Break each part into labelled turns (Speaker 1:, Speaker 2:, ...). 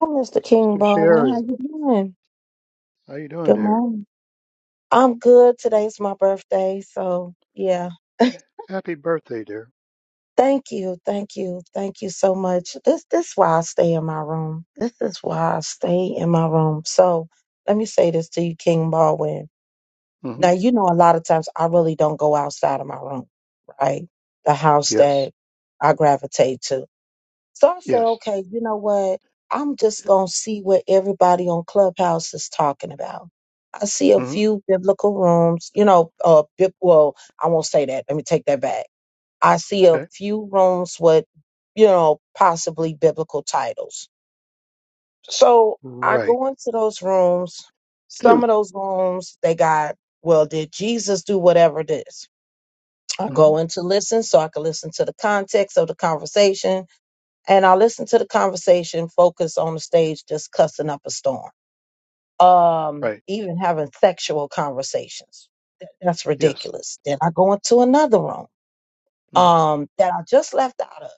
Speaker 1: Hi, Mr. King
Speaker 2: Sister
Speaker 1: Baldwin. How
Speaker 2: Sherry,
Speaker 1: you doing?
Speaker 2: how you doing,
Speaker 1: Good
Speaker 2: dear?
Speaker 1: morning. I'm good. Today's my birthday, so yeah.
Speaker 2: Happy birthday, dear.
Speaker 1: Thank you, thank you, thank you so much. This this is why I stay in my room. This is why I stay in my room. So let me say this to you, King Baldwin.
Speaker 2: hmm
Speaker 1: Now you know a lot of times I really don't go outside of my room, right? The house
Speaker 2: Yes.
Speaker 1: that I gravitate to. So I said,
Speaker 2: Yes.
Speaker 1: okay, you know what? I'm just going to see what everybody on Clubhouse is talking about. I see a
Speaker 2: hmm
Speaker 1: few biblical rooms, you know, uh, bib- well, I won't say that. Let me take that back. I see a
Speaker 2: Okay.
Speaker 1: few rooms with, you know, possibly biblical titles. So I
Speaker 2: Right.
Speaker 1: go into those rooms.
Speaker 2: hmm
Speaker 1: Some of those rooms, they got, well, did Jesus do whatever this? I go in to listen so I can listen to the context of the conversation and I listened to the conversation focus on the stage just cussing up a storm. Um,
Speaker 2: Right.
Speaker 1: even having sexual conversations. Th- That's
Speaker 2: Yes.
Speaker 1: ridiculous. Then I go into another room
Speaker 2: hmm
Speaker 1: um that I just left out of.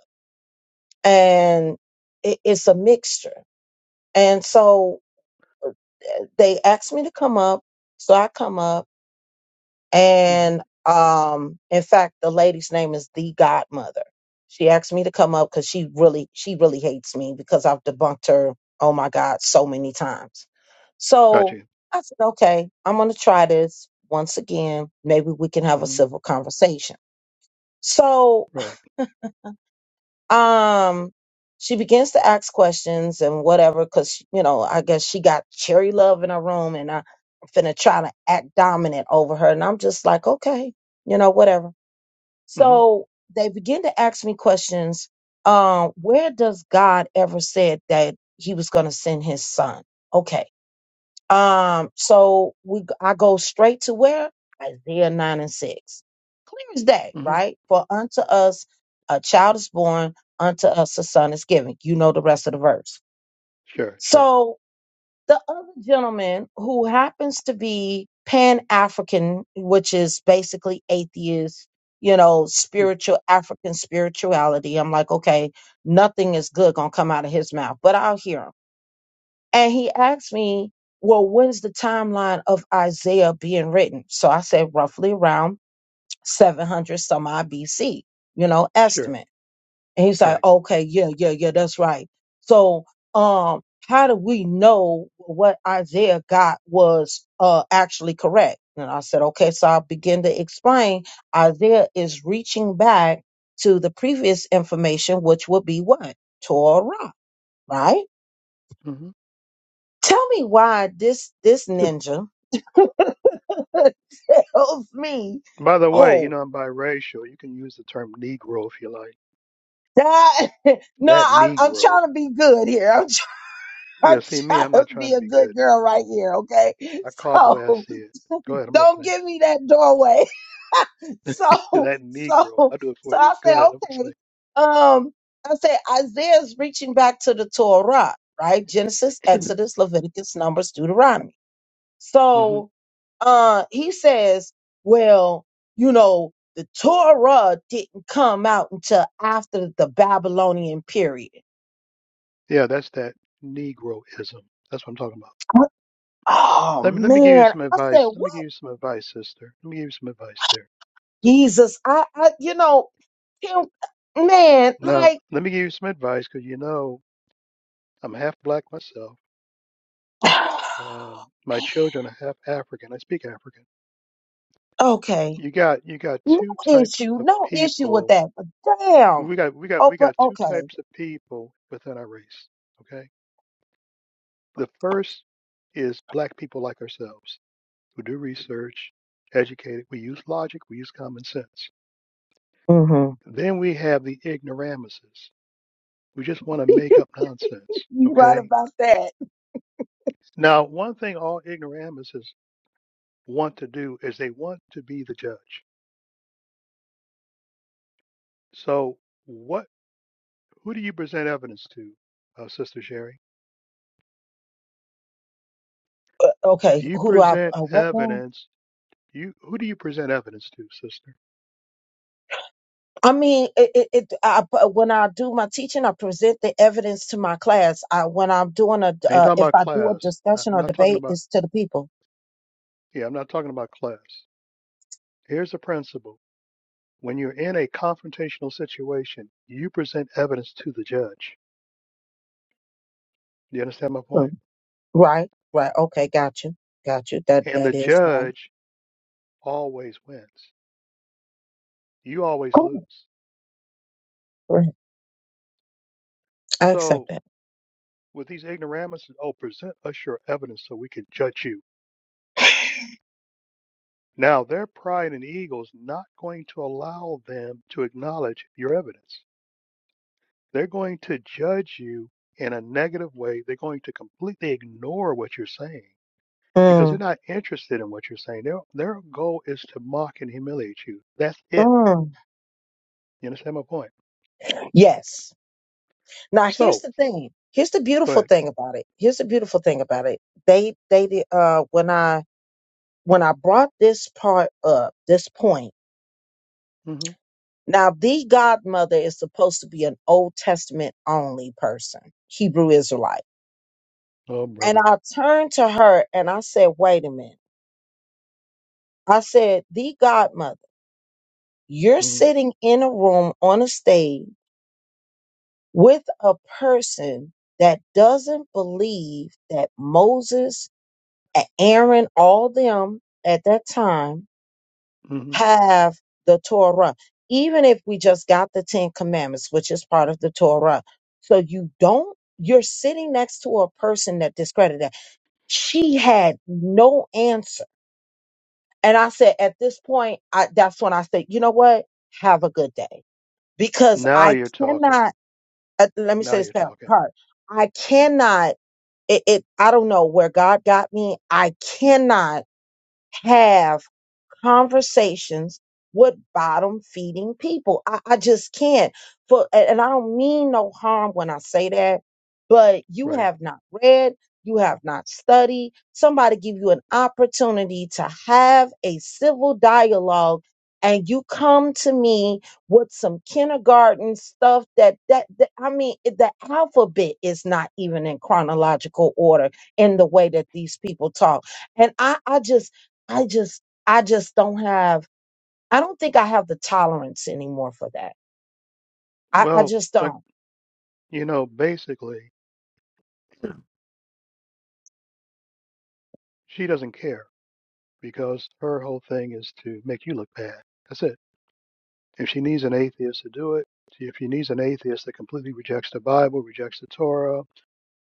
Speaker 1: And it, it's a mixture. And so eh, they asked me to come up. So I come up
Speaker 2: hmm
Speaker 1: and um in fact the lady's name is the godmother she asked me to come up because she really she really hates me because i've debunked her oh my god so many times
Speaker 2: Got
Speaker 1: so
Speaker 2: you.
Speaker 1: i said okay i'm going to try this once again maybe we can have a
Speaker 2: hmm
Speaker 1: civil conversation so
Speaker 2: Right.
Speaker 1: um she begins to ask questions and whatever because you know i guess she got cherry love in her room and I- i'm finna try to act dominant over her and i'm just like okay you know whatever
Speaker 2: hmm
Speaker 1: so they begin to ask me questions. Um, where does God ever said that He was going to send His Son? Okay. Um, so we I go straight to where Isaiah nine and six, clear as day,
Speaker 2: hmm
Speaker 1: right? For unto us a child is born, unto us a son is given. You know the rest of the verse.
Speaker 2: Sure. Sure.
Speaker 1: So the other gentleman who happens to be Pan African, which is basically atheist, you know,
Speaker 2: mm
Speaker 1: spiritual African spirituality. I'm like, okay, nothing is good gonna come out of his mouth, but I'll hear him. And he asked me, well, when's the timeline of Isaiah being written? So I said roughly around 700 some odd BC, you know,
Speaker 2: Sure.
Speaker 1: estimate. And he's like,
Speaker 2: Right.
Speaker 1: okay, yeah, yeah, yeah, that's right. So, um, how do we know what Isaiah got was uh, actually correct? And I said, okay, so I'll begin to explain. Isaiah is reaching back to the previous information, which would be what? Torah, right?
Speaker 2: hmm
Speaker 1: Tell me why this this ninja tells me,
Speaker 2: By the way, you
Speaker 1: oh,
Speaker 2: know I'm biracial. You can use the term Negro if you like.
Speaker 1: that no,
Speaker 2: That
Speaker 1: I'm I'm
Speaker 2: Negro.
Speaker 1: trying to be good here. I'm
Speaker 2: Yeah.
Speaker 1: I'm
Speaker 2: See me.
Speaker 1: trying
Speaker 2: I'm
Speaker 1: to
Speaker 2: not trying
Speaker 1: be
Speaker 2: to
Speaker 1: a
Speaker 2: be
Speaker 1: good
Speaker 2: good,
Speaker 1: girl
Speaker 2: dear.
Speaker 1: right here, okay?
Speaker 2: I call it the way I
Speaker 1: So
Speaker 2: see it. Go ahead. I'm
Speaker 1: don't
Speaker 2: listening.
Speaker 1: give me that doorway. so
Speaker 2: That
Speaker 1: so
Speaker 2: Negro. I'll do it
Speaker 1: so
Speaker 2: for you.
Speaker 1: I
Speaker 2: Go
Speaker 1: say,
Speaker 2: ahead.
Speaker 1: okay.
Speaker 2: I'm
Speaker 1: Um, I say Isaiah's reaching back to the Torah, right? Genesis,
Speaker 2: listening.
Speaker 1: Exodus, Leviticus, Numbers, Deuteronomy. So uh he says, Well, you know, the Torah didn't come out until after the Babylonian period.
Speaker 2: Yeah, that's that Negroism. That's what I'm talking about.
Speaker 1: Oh
Speaker 2: Let me let me give you
Speaker 1: man.
Speaker 2: some
Speaker 1: I said,
Speaker 2: advice. Let
Speaker 1: what?
Speaker 2: me give you some advice, sister. Let me give you some advice there.
Speaker 1: Jesus, I, I you know, him, man,
Speaker 2: Now,
Speaker 1: like,
Speaker 2: let me give you some advice because you know I'm half black myself.
Speaker 1: man,
Speaker 2: Uh, my children are half African. I speak African.
Speaker 1: okay,
Speaker 2: You got you got
Speaker 1: no
Speaker 2: two types
Speaker 1: issue,
Speaker 2: of
Speaker 1: no issue with
Speaker 2: people.
Speaker 1: that. But damn,
Speaker 2: We got we got
Speaker 1: oh,
Speaker 2: we
Speaker 1: but
Speaker 2: got two
Speaker 1: okay,
Speaker 2: types of people within our race. Okay. The first is black people like ourselves who do research, educated. We use logic. We use common sense
Speaker 1: hmm
Speaker 2: Then we have the ignoramuses. We just want to make up nonsense.
Speaker 1: you right
Speaker 2: Okay.
Speaker 1: about that.
Speaker 2: Now, one thing all ignoramuses want to do is they want to be the judge. So, what? Who do you present evidence to, uh, Sister Sherry?
Speaker 1: Okay,
Speaker 2: You
Speaker 1: who do I?
Speaker 2: present
Speaker 1: Uh, what now?
Speaker 2: evidence. You who do you present evidence to, Sister?
Speaker 1: I mean, it, it, it I, when I do my teaching, I present the evidence to my class. I, when I'm doing a,
Speaker 2: I ain't
Speaker 1: uh,
Speaker 2: talking
Speaker 1: if
Speaker 2: about
Speaker 1: I do a
Speaker 2: class. I-
Speaker 1: discussion
Speaker 2: I'm
Speaker 1: or
Speaker 2: not talking
Speaker 1: debate,
Speaker 2: about.
Speaker 1: it's to the people.
Speaker 2: Yeah, I'm not talking about class. Here's the principle: when you're in a confrontational situation, you present evidence to the judge. Do you understand my
Speaker 1: Hmm.
Speaker 2: point?
Speaker 1: Right, right. Okay, got you, got you. That
Speaker 2: and
Speaker 1: that
Speaker 2: the
Speaker 1: is right.
Speaker 2: judge always wins. You always
Speaker 1: Cool.
Speaker 2: lose.
Speaker 1: Right. I accept
Speaker 2: So
Speaker 1: that.
Speaker 2: with these ignoramuses, oh, present us your evidence so we can judge you. Now their pride and ego is not going to allow them to acknowledge your evidence. They're going to judge you in a negative way. They're going to completely ignore what you're saying because they're
Speaker 1: Mm,
Speaker 2: not interested in what you're saying. Their their goal is to mock and humiliate you. That's it.
Speaker 1: mm,
Speaker 2: You understand my point?
Speaker 1: yes. Now here's
Speaker 2: So
Speaker 1: the thing. Here's the
Speaker 2: go
Speaker 1: beautiful
Speaker 2: ahead.
Speaker 1: thing about it. Here's the beautiful thing about it. They they did uh when I when I brought this part up, this point.
Speaker 2: hmm
Speaker 1: Now the godmother is supposed to be an Old Testament only person, Hebrew Israelite.
Speaker 2: Oh,
Speaker 1: And
Speaker 2: brother.
Speaker 1: I turned to her and I said, "Wait a minute." I said, "The godmother, you're
Speaker 2: hmm
Speaker 1: sitting in a room on a stage with a person that doesn't believe that Moses, A- Aaron, all them at that time
Speaker 2: hmm
Speaker 1: have the Torah, even if we just got the Ten Commandments, which is part of the Torah. So you don't, you're sitting next to a person that discredited that. She had no answer. And I said, at this point, I, that's when I said, you know what? Have a good day. Because
Speaker 2: Now
Speaker 1: I
Speaker 2: you're talking.
Speaker 1: cannot, uh, let me
Speaker 2: Now
Speaker 1: say this
Speaker 2: you're
Speaker 1: part.
Speaker 2: talking.
Speaker 1: part. I cannot It, it I don't know where God got me. I cannot have conversations with bottom feeding people. I, I just can't. For and and I don't mean no harm when I say that, but you
Speaker 2: Right.
Speaker 1: have not read, you have not studied. Somebody give you an opportunity to have a civil dialogue and you come to me with some kindergarten stuff that that, that I mean it- the alphabet is not even in chronological order in the way that these people talk. And I, I just I just I just don't have I don't think I have the tolerance anymore for that. I, I
Speaker 2: Well,
Speaker 1: just
Speaker 2: like,
Speaker 1: don't.
Speaker 2: you know, basically, she doesn't care because her whole thing is to make you look bad. That's it. If she needs an atheist to do it, if she needs an atheist that completely rejects the Bible, rejects the Torah,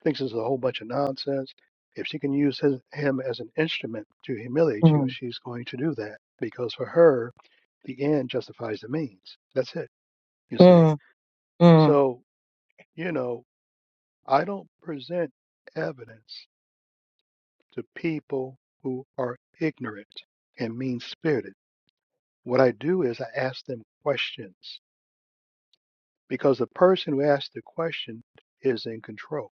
Speaker 2: thinks it's a whole bunch of nonsense, if she can use his, him as an instrument to humiliate you,
Speaker 1: Mm,
Speaker 2: she's going to do that because for her, the end justifies the means. That's it, you see.
Speaker 1: mm, mm,
Speaker 2: So, you know. I don't present evidence to people who are ignorant and mean spirited. What I do is I ask them questions because the person who asks the question is in control.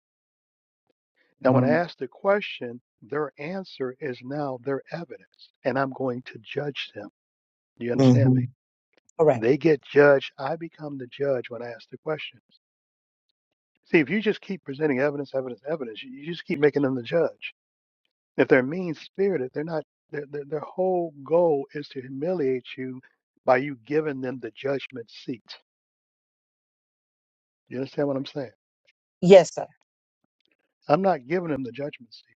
Speaker 2: Now, when I
Speaker 1: mm,
Speaker 2: ask the question, their answer is now their evidence, and I'm going to judge them. Do you understand
Speaker 1: hmm
Speaker 2: me?
Speaker 1: Correct.
Speaker 2: They get judged. I become the judge when I ask the questions. See, if you just keep presenting evidence, evidence, evidence, you you just keep making them the judge. If they're mean spirited, they're not. Their, their, their whole goal is to humiliate you by you giving them the judgment seat. You understand what I'm saying?
Speaker 1: Yes, sir.
Speaker 2: I'm not giving them the judgment seat.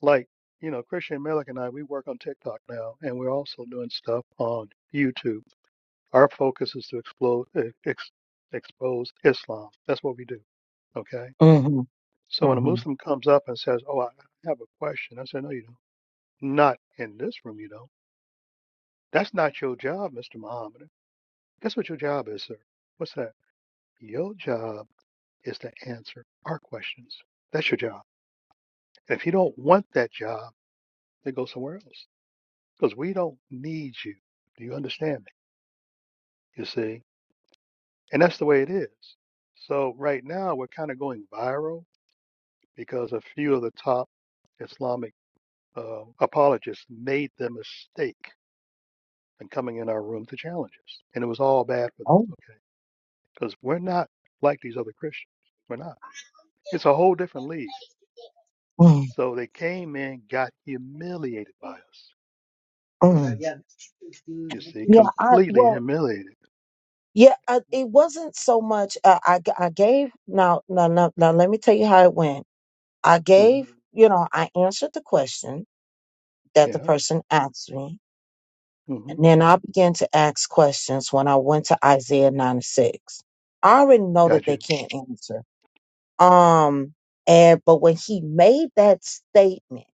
Speaker 2: Like you know, Christian Malik and I, we work on TikTok now, and we're also doing stuff on YouTube. Our focus is to explode, ex, expose Islam. That's what we do. Okay.
Speaker 1: hmm
Speaker 2: So when a
Speaker 1: hmm
Speaker 2: Muslim comes up and says, Oh, I have a question, I say, No, you don't. Not in this room, you don't. That's not your job, Mr. Muhammad. Guess what your job is, sir? What's that? Your job is to answer our questions. That's your job. And if you don't want that job, then go somewhere else. Because we don't need you. Do you understand me? You see? And that's the way it is. So right now we're kind of going viral because a few of the top Islamic uh, apologists made the mistake in coming in our room to challenge us. And it was all bad for them,
Speaker 1: Oh.
Speaker 2: okay? Because we're not like these other Christians. We're not. It's a whole different league.
Speaker 1: Mm,
Speaker 2: So they came in, got humiliated by us.
Speaker 1: mm.
Speaker 2: You see,
Speaker 1: Yeah. I
Speaker 2: completely
Speaker 1: well.
Speaker 2: humiliated.
Speaker 1: Yeah. I, it wasn't so much. Uh, I g- I gave now now now now. Let me tell you how it went. I
Speaker 2: hmm
Speaker 1: gave. You know, I answered the question that the
Speaker 2: Yeah.
Speaker 1: person asked me
Speaker 2: hmm
Speaker 1: And then I began to ask questions when I went to Isaiah 96. I already know that
Speaker 2: Got
Speaker 1: they
Speaker 2: you.
Speaker 1: can't answer. Um, and but when he made that statement,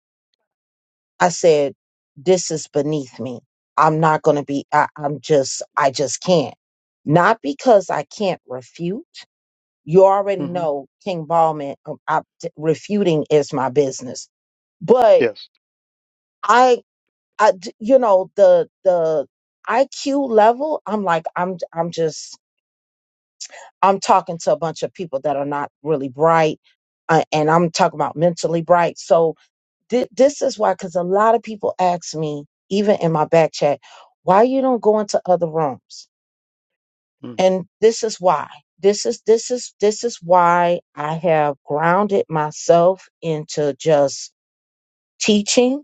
Speaker 1: I said, This is beneath me. I'm not gonna be I, I'm just I just can't. Not because I can't refute. You already
Speaker 2: hmm
Speaker 1: know King Ballman um, I, t- refuting is my business. But
Speaker 2: Yes.
Speaker 1: I I d you know the the IQ level I'm like I'm I'm just I'm talking to a bunch of people that are not really bright uh, and I'm talking about mentally bright so thi- this is why cuz a lot of people ask me even in my back chat why you don't go into other rooms
Speaker 2: Mm-hmm.
Speaker 1: and this is why this is this is this is why I have grounded myself into just teaching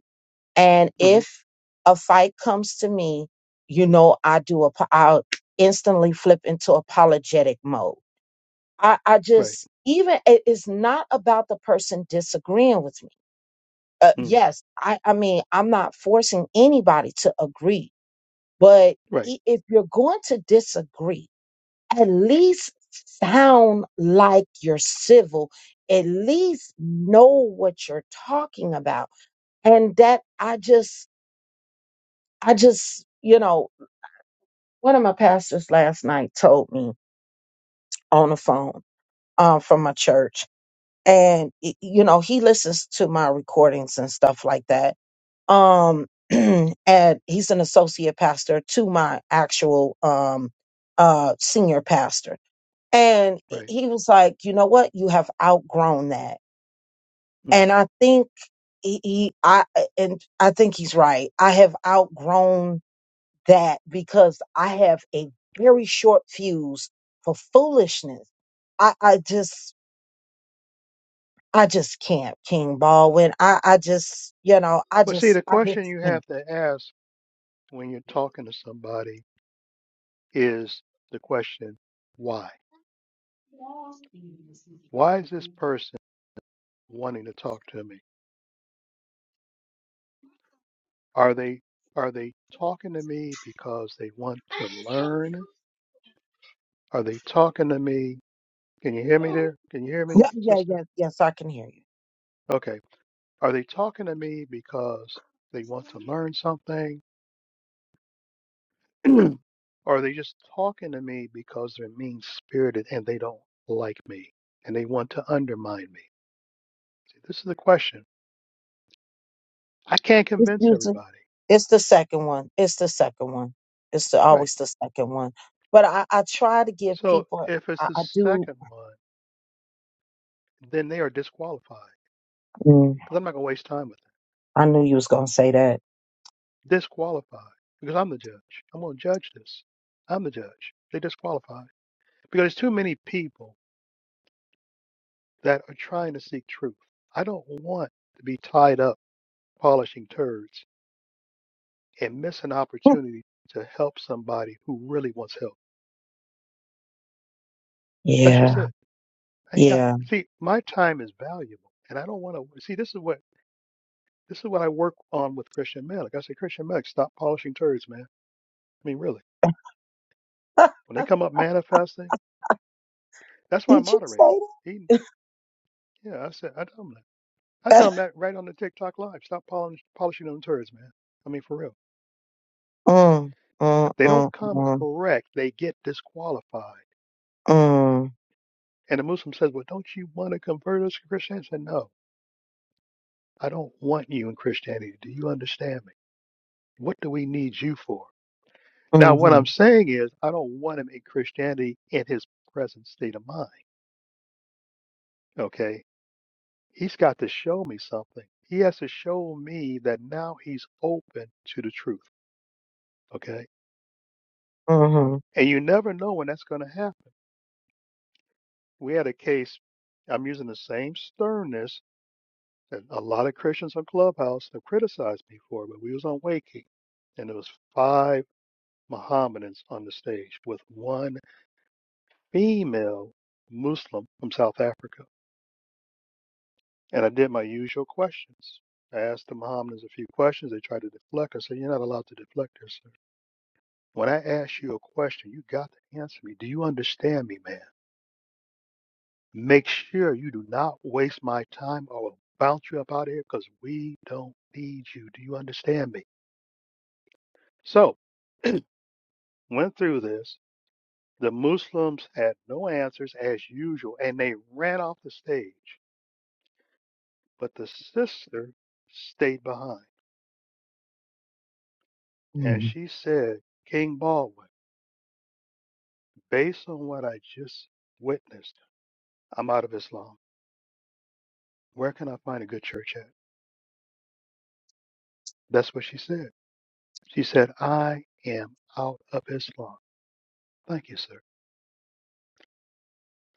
Speaker 1: And
Speaker 2: Mm-hmm.
Speaker 1: if a fight comes to me, you know, I do, ap- I'll instantly flip into apologetic mode. I, I
Speaker 2: Right.
Speaker 1: just, even it is not about the person disagreeing with me. Uh,
Speaker 2: Mm.
Speaker 1: yes, I, I mean, I'm not forcing anybody to agree, but
Speaker 2: Right.
Speaker 1: i- if you're going to disagree, at least sound like you're civil, at least know what you're talking about. And that I just, I just, you know, one of my pastors last night told me on the phone um, from my church and y- you know he listens to my recordings and stuff like that um and he's an associate pastor to my actual um uh senior pastor and he
Speaker 2: Right.
Speaker 1: he was like you know what you have outgrown that
Speaker 2: Mm.
Speaker 1: and i think he, he i and i think he's right i have outgrown that because I have a very short fuse for foolishness. I, I just I just can't, King Baldwin. I, I just you know, I
Speaker 2: Well, see,
Speaker 1: just
Speaker 2: the
Speaker 1: I just
Speaker 2: question you
Speaker 1: can't.
Speaker 2: have to ask when you're talking to somebody is the question, why? Why is this person wanting to talk to me? Are they are they talking to me because they want to learn? Are they talking to me? Can you hear me there? Can you hear me,
Speaker 1: Yeah, yeah,
Speaker 2: sister?
Speaker 1: yeah, yes, I can hear you.
Speaker 2: Okay. Are they talking to me because they want to learn something? or are they just talking to me because they're mean spirited and they don't like me and they want to undermine me? See, this is the question. I can't
Speaker 1: It's
Speaker 2: convince
Speaker 1: usually
Speaker 2: everybody.
Speaker 1: it's the second one. It's the second one. It's the,
Speaker 2: Right.
Speaker 1: always the second one. But I, I try to give
Speaker 2: So
Speaker 1: people
Speaker 2: if it's
Speaker 1: I,
Speaker 2: the
Speaker 1: I do
Speaker 2: second one, then they are disqualified
Speaker 1: mm,
Speaker 2: because I'm not going to waste time with
Speaker 1: I knew you was gonna say that.
Speaker 2: it. Disqualified because I'm the judge. I'm going to judge this. I'm the judge. They disqualified because there's too many people that are trying to seek truth. I don't want to be tied up polishing turds and miss an opportunity to help somebody who really wants help. That's just
Speaker 1: Yeah,
Speaker 2: it. I ain't got
Speaker 1: yeah.
Speaker 2: see, my time is valuable and I don't want to see this is what this is what I work on with Christian men. Like I say, Christian men, stop polishing turds, man. I mean really. When they come up manifesting, that's my
Speaker 1: Did you
Speaker 2: moderator.
Speaker 1: say
Speaker 2: He yeah, I said I tell him that. I tell
Speaker 1: that?
Speaker 2: him that right on the TikTok live. Stop polishing polishing them turds, man. I mean for real.
Speaker 1: mm, mm,
Speaker 2: If they don't
Speaker 1: mm,
Speaker 2: come
Speaker 1: mm.
Speaker 2: correct, they get disqualified.
Speaker 1: Mm,
Speaker 2: And the Muslim says, Well, don't you want to convert us to Christianity? I said, No, I don't want you in Christianity. Do you understand me? What do we need you for? Now, what I'm
Speaker 1: mhm,
Speaker 2: saying is, I don't want him in Christianity in his present state of mind. Okay. He's got to show me something. He has to show me that now he's open to the truth. Okay.
Speaker 1: mhm,
Speaker 2: And you never know when that's going to happen. We had a case, I'm using the same sternness that a lot of Christians on Clubhouse have criticized me for, but we was on Waking, and there was five Mohammedans on the stage with one female Muslim from South Africa. And I did my usual questions. I asked the Mohammedans a few questions. They tried to deflect. I said, "You're not allowed to deflect here, sir. When I ask you a question, you got to answer me. Do you understand me, man? Make sure you do not waste my time or I'll bounce you up out of here because we don't need you. Do you understand me?" So went through this. The Muslims had no answers as usual, and they ran off the stage. But the sister stayed behind, and
Speaker 1: mm,
Speaker 2: she said, King Baldwin, based on what I just witnessed, I'm out of Islam. Where can I find a good church at? That's what she said. She said, I am out of Islam. Thank you, sir.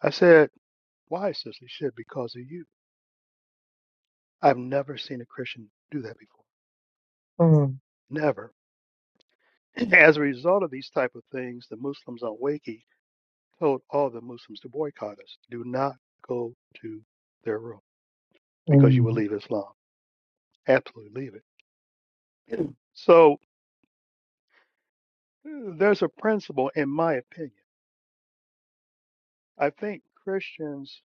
Speaker 2: I said, Why, sister? She said, Because of you. I've never seen a Christian do that before.
Speaker 1: mm,
Speaker 2: Never. As a result of these type of things, the Muslims on Wakey told all the Muslims to boycott us. Do not go to their room because you will
Speaker 1: mm,
Speaker 2: leave Islam. Absolutely leave it. So uh, there's a principle, in my opinion. I think Christians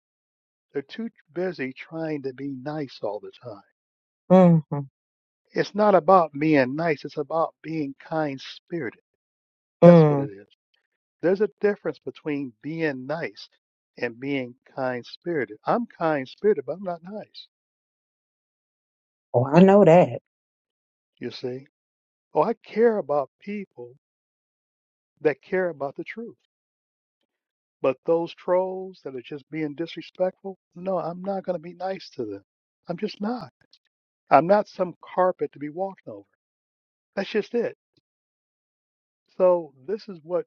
Speaker 2: they're too busy trying to be nice all the time.
Speaker 1: mhm,
Speaker 2: It's not about being nice. It's about being kind spirited. That's what
Speaker 1: mm.
Speaker 2: it is. There's a difference between being nice and being kind spirited. I'm kind spirited, but I'm not nice.
Speaker 1: Oh, I know that.
Speaker 2: You see? Oh, I care about people that care about the truth. But those trolls that are just being disrespectful, no, I'm not going to be nice to them. I'm just not. I'm not some carpet to be walked over. That's just it. So, this is what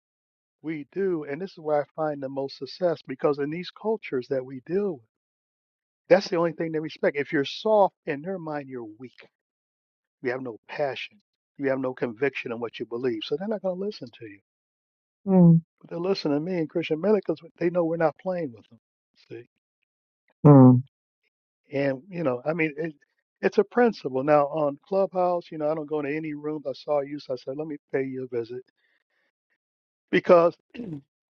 Speaker 2: we do, and this is where I find the most success because in these cultures that we deal with, that's the only thing they respect. If you're soft, in their mind, you're weak. You have no passion. You have no conviction in what you believe. So, they're not going to listen to you.
Speaker 1: Mm,
Speaker 2: they listen to me and Christian Minute because they know we're not playing with them. See,
Speaker 1: mm.
Speaker 2: and you know, I mean, it, it's a principle. Now on Clubhouse, you know, I don't go into any rooms. I saw you, so I said, let me pay you a visit because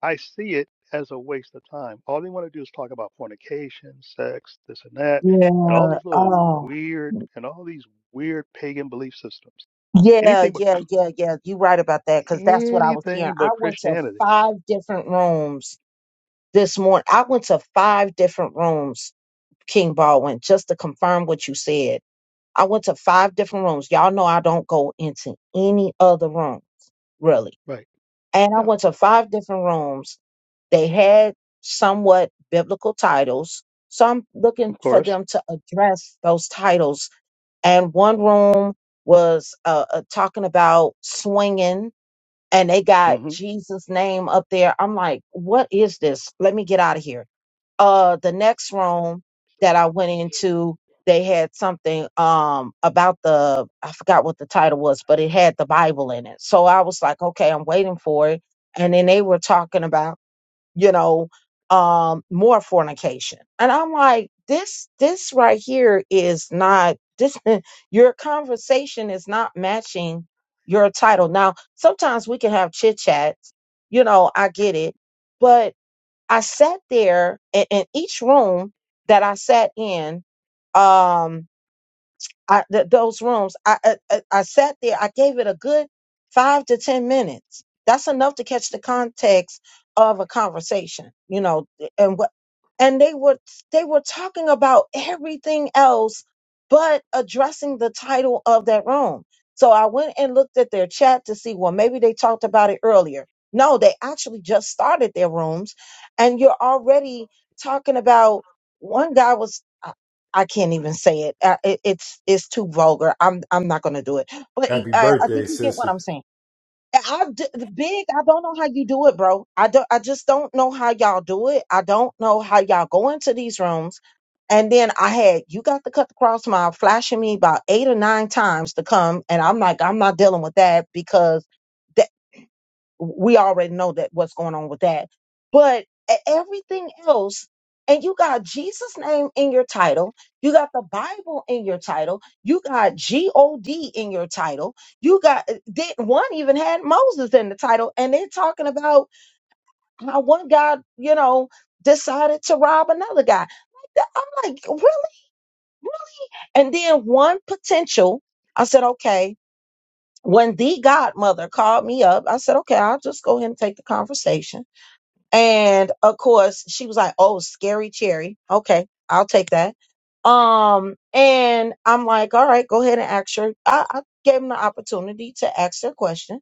Speaker 2: I see it as a waste of time. All they want to do is talk about fornication, sex, this and that,
Speaker 1: Yeah.
Speaker 2: and all these little
Speaker 1: Oh,
Speaker 2: weird and all these weird pagan belief systems.
Speaker 1: yeah,
Speaker 2: Anything but
Speaker 1: yeah, yeah, yeah. You're right about that because that's what I was hearing.
Speaker 2: anything
Speaker 1: I
Speaker 2: but
Speaker 1: went to
Speaker 2: Christianity,
Speaker 1: five different rooms this morning. I went to five different rooms, King Baldwin, just to confirm what you said. I went to five different rooms. Y'all know I don't go into any other room, really.
Speaker 2: right?
Speaker 1: And I
Speaker 2: Yeah,
Speaker 1: went to five different rooms They had somewhat biblical titles. So I'm looking
Speaker 2: of
Speaker 1: for
Speaker 2: course.
Speaker 1: them to address those titles. And one room was uh, uh, talking about swinging, and they got
Speaker 2: hmm
Speaker 1: Jesus' name up there. I'm like, what is this? Let me get out of here. Uh, the next room that I went into, they had something um about the I forgot what the title was, but it had the Bible in it. So I was like, okay, I'm waiting for it. And then they were talking about you know, um, more fornication. And I'm like, this, this right here is not this. Your conversation is not matching your title. Now, sometimes we can have chit chats, you know, I get it, but I sat there in, in each room that I sat in. Um, I, th- those rooms. I, I I I sat there. I gave it a good five to ten minutes. That's enough to catch the context of a conversation, you know, and what and they were they were talking about everything else but addressing the title of that room so i went and looked at their chat to see well maybe they talked about it earlier no they actually just started their rooms and you're already talking about one guy was i I can't even say it. Uh, it it's it's too vulgar i'm i'm not gonna do it but
Speaker 3: Happy
Speaker 1: i i
Speaker 3: birthday,
Speaker 1: think you get what
Speaker 3: sister.
Speaker 1: i'm saying I d- the big. I don't know how you do it, bro. I don't. I just don't know how y'all do it. I don't know how y'all go into these rooms. And then I had you got to cut the cross mile flashing me about eight or nine times to come, and I'm like, I'm not dealing with that because we already know that what's going on with that. But e- everything else, and you got Jesus' name in your title, you got the Bible in your title, you got G O D in your title, you got did one even had Moses in the title, and they're talking about how one guy, you know, decided to rob another guy. Like, I'm like, really? And then one potential, I said, okay. When the godmother called me up, I said, okay, I'll just go ahead and take the conversation And of course, she was like, "Oh, scary cherry. Okay, I'll take that." Um, and I'm like, "All right, go ahead and ask her." I, I gave them the opportunity to ask their question,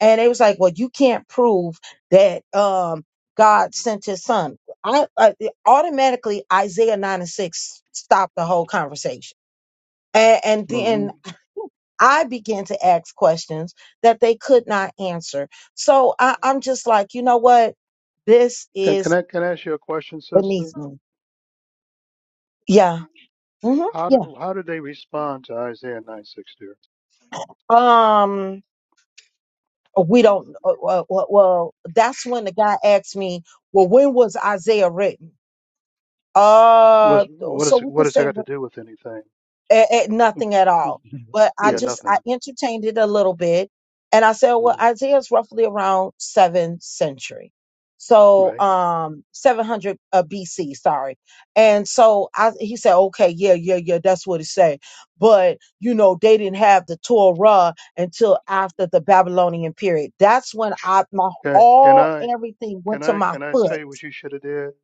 Speaker 1: and they was like, "Well, you can't prove that um God sent His Son." I, I automatically Isaiah nine and six stopped the whole conversation, and, and
Speaker 2: hmm
Speaker 1: then I began to ask questions that they could not answer. So I, I'm just like, you know what? This
Speaker 2: Can,
Speaker 1: is
Speaker 2: can I can I ask you a question, sister?
Speaker 1: beneath me. Yeah. hmm
Speaker 2: How
Speaker 1: Yeah.
Speaker 2: do, how did they respond to Isaiah nine six, dear?
Speaker 1: Um, we don't, uh, well, well, well, that's when the guy asked me, well, when was Isaiah written?
Speaker 2: Was
Speaker 1: Uh,
Speaker 2: what
Speaker 1: so
Speaker 2: is
Speaker 1: we can
Speaker 2: what has that
Speaker 1: say
Speaker 2: got to do with anything?
Speaker 1: at, at
Speaker 2: Who-
Speaker 1: nothing at
Speaker 2: who-
Speaker 1: all. But I
Speaker 2: Yeah,
Speaker 1: just I
Speaker 2: nothing.
Speaker 1: entertained it a little bit, and I said, well,
Speaker 2: hmm
Speaker 1: Isaiah's roughly around seventh century, so
Speaker 2: Right?
Speaker 1: um, seven hundred uh, BC, sorry. And so I he said, okay, yeah, yeah, yeah, that's what it said. But you know, they didn't have the Torah until after the Babylonian period. That's when I my
Speaker 2: Can can
Speaker 1: all
Speaker 2: I
Speaker 1: everything went
Speaker 2: can
Speaker 1: to
Speaker 2: I
Speaker 1: my
Speaker 2: can I
Speaker 1: foot
Speaker 2: tell you what you should have did?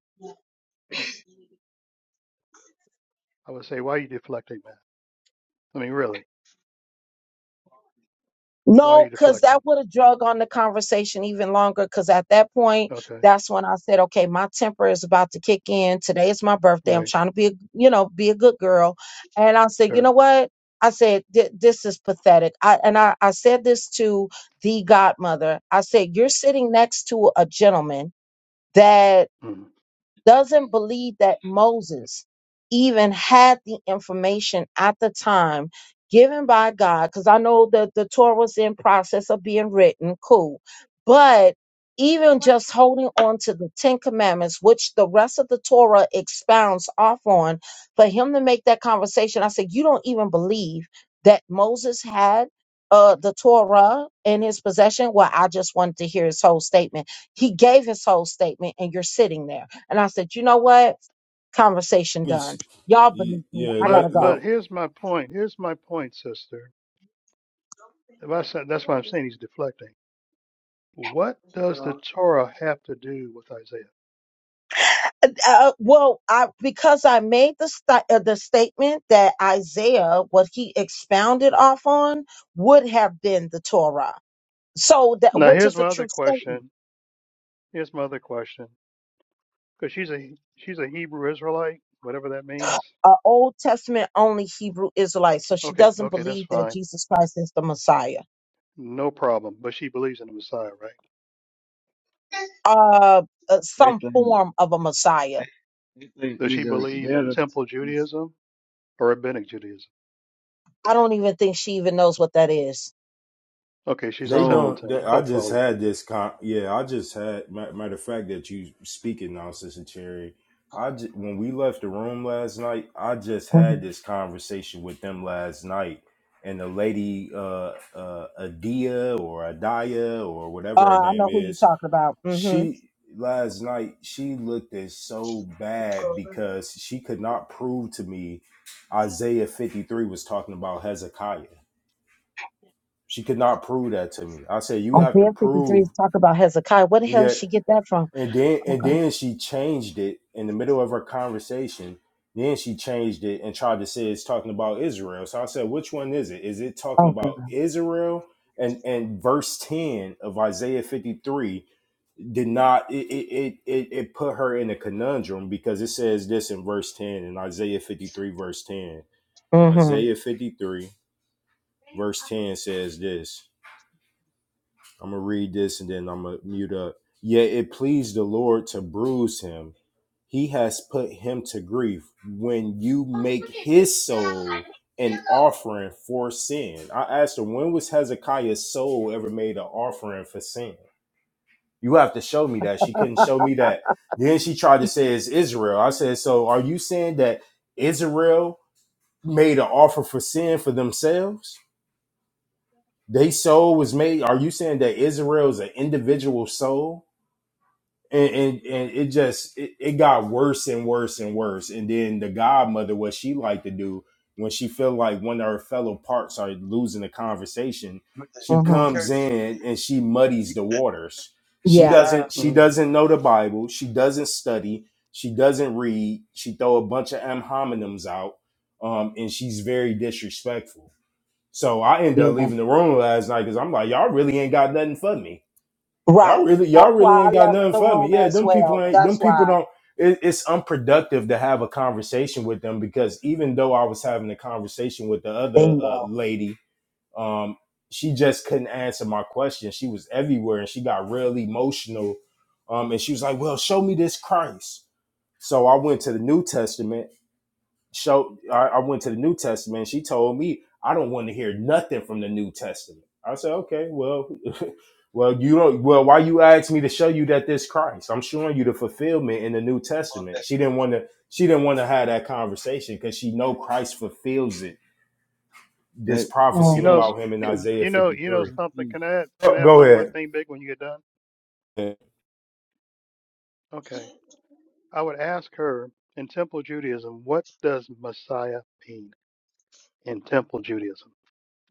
Speaker 2: I would say, why are you deflecting, man? I mean, really, why are
Speaker 1: No,
Speaker 2: you
Speaker 1: because that
Speaker 2: deflecting?
Speaker 1: would have drug on the conversation even longer. Because at that point,
Speaker 2: Okay,
Speaker 1: that's when I said, okay, my temper is about to kick in. Today is my birthday. I'm
Speaker 2: right,
Speaker 1: trying to be, a, you know, be a good girl. And I said, you
Speaker 2: sure.
Speaker 1: know what? I said, "Th- this is pathetic. I, and I, I said this to the godmother. I said, you're sitting next to a gentleman that
Speaker 2: hmm
Speaker 1: doesn't believe that Moses even had the information at the time given by God, because I know that the Torah was in process of being written, cool. But even just holding on to the Ten Commandments, which the rest of the Torah expounds off on, for him to make that conversation, I said, You don't even believe that Moses had uh, the Torah in his possession? Well, I just wanted to hear his whole statement. He gave his whole statement, and you're sitting there. And I said, you know what? Conversation
Speaker 3: Let me,
Speaker 1: done. Y'all beneath me.
Speaker 3: yeah,
Speaker 1: I gotta
Speaker 2: But
Speaker 3: let, let,
Speaker 1: go.
Speaker 2: but here's my point. Here's my point, sister. If I said that's why I'm saying he's deflecting. What does the Torah have to do with Isaiah?
Speaker 1: Uh, uh, well, I because I made the sti- uh, the statement that Isaiah, what he expounded off on, would have been the Torah. So that
Speaker 2: Now
Speaker 1: which
Speaker 2: here's
Speaker 1: is a
Speaker 2: my other
Speaker 1: true statement.
Speaker 2: question. Here's my other question, because she's a she's a Hebrew Israelite, whatever that means.
Speaker 1: Uh, Old Testament only Hebrew Israelite. So she
Speaker 2: Okay,
Speaker 1: doesn't
Speaker 2: okay, that's
Speaker 1: believe that
Speaker 2: fine,
Speaker 1: Jesus Christ is the Messiah.
Speaker 2: no problem. But she believes in the Messiah, right?
Speaker 1: Uh, uh
Speaker 4: They
Speaker 1: some
Speaker 4: think
Speaker 1: form of a Messiah.
Speaker 4: they think
Speaker 2: Does she
Speaker 4: either
Speaker 2: believe
Speaker 4: they're
Speaker 2: in
Speaker 4: the
Speaker 2: Temple Judaism or Rabbinic Judaism?
Speaker 1: I don't even think she even knows what that is.
Speaker 2: Okay, she's a
Speaker 3: they
Speaker 4: so
Speaker 3: don't,
Speaker 2: simpleton,
Speaker 3: they,
Speaker 2: a
Speaker 3: I
Speaker 2: cult
Speaker 3: just
Speaker 2: follower.
Speaker 3: had this, con, yeah, I just had, matter of fact, that you speaking now, Sister Cherry. I ju- when we left the room last night, I just
Speaker 1: Mhm.
Speaker 3: had this conversation with them last night. And the lady, uh, uh, Adia or Adaya or whatever her
Speaker 1: Uh, I
Speaker 3: name
Speaker 1: know who you're
Speaker 3: is,
Speaker 1: talking about. Mm-hmm.
Speaker 3: she last night she looked at so bad because she could not prove to me Isaiah 53 was talking about Hezekiah. She could not prove that to me. I said, you have to
Speaker 1: Isaiah 53
Speaker 3: prove
Speaker 1: is talk about Hezekiah. Where the hell
Speaker 3: yet
Speaker 1: she get that from?
Speaker 3: and then
Speaker 1: Oh
Speaker 3: and
Speaker 1: God.
Speaker 3: then she changed it in the middle of her conversation. Then she changed it and tried to say it's talking about Israel. So I said, which one is it? Is it talking
Speaker 1: Oh God.
Speaker 3: about Israel? And and verse 10 of Isaiah 53 did not it it, it it put her in a conundrum because it says this in verse 10 in isaiah 53 verse 10
Speaker 1: Mm-hmm.
Speaker 3: isaiah 53 verse 10 says this i'm gonna read this and then i'm gonna mute up yet it pleased the lord to bruise him he has put him to grief when you make his soul an offering for sin i asked her when was hezekiah's soul ever made an offering for sin You have to show me that. She couldn't show me that. Then she tried to say it's Israel. I said, so are you saying that Israel made an offer for sin for themselves? They soul was made. Are you saying that Israel is an individual soul? and and, and it just it, it got worse and worse and worse and then the godmother what she liked to do when she felt like one of her fellow parts are losing the conversation
Speaker 4: with the,
Speaker 3: she
Speaker 4: with the
Speaker 1: Mm-hmm.
Speaker 3: comes
Speaker 4: church
Speaker 3: in and she muddies the waters she
Speaker 1: Yeah.
Speaker 4: design
Speaker 3: doesn't she
Speaker 2: Mm.
Speaker 3: doesn't know the bible she doesn't study she doesn't read she throw a bunch of am hominems out um, and she's very disrespectful so i end up
Speaker 1: Yeah.
Speaker 3: leaving the room last night because i'm like y'all really ain't got nothing for me Y'all
Speaker 1: Right.
Speaker 3: really, y'all
Speaker 1: That's why
Speaker 3: really
Speaker 1: I
Speaker 3: ain't got
Speaker 1: left
Speaker 3: nothing
Speaker 1: the
Speaker 3: for me.
Speaker 1: room
Speaker 3: Yeah,
Speaker 1: as
Speaker 3: them people
Speaker 1: well.
Speaker 3: ain't.
Speaker 1: That's
Speaker 3: Them people
Speaker 1: why.
Speaker 3: don't. It, it's unproductive to have a conversation with them because even though I was having a conversation with the other uh,
Speaker 1: Bingo.
Speaker 3: lady, um, she just couldn't answer my question. She was everywhere and she got real emotional. Um, and she was like, "Well, show me this Christ." So I went to the New Testament show I, I went to the New Testament. She told me I don't want to hear nothing from the New Testament. I said, okay, well, well, you don't. Well, why you asked me to show you that this Christ? I'm showing you the fulfillment in the New Testament. She didn't want to. She didn't want to have that conversation because she know Christ fulfills it. This
Speaker 4: they
Speaker 2: You
Speaker 3: prophecy
Speaker 1: Mm.
Speaker 2: know,
Speaker 4: hey
Speaker 3: about
Speaker 4: big
Speaker 3: him in
Speaker 4: G
Speaker 3: Isaiah
Speaker 2: you know, you know
Speaker 3: 53.
Speaker 4: big
Speaker 2: something.
Speaker 4: G
Speaker 2: Can I add, can
Speaker 3: Go
Speaker 2: I add
Speaker 3: go
Speaker 2: one more
Speaker 3: ahead.
Speaker 2: thing big when you get done? Okay, I would ask her in Temple Judaism, what does Messiah mean in Temple Judaism?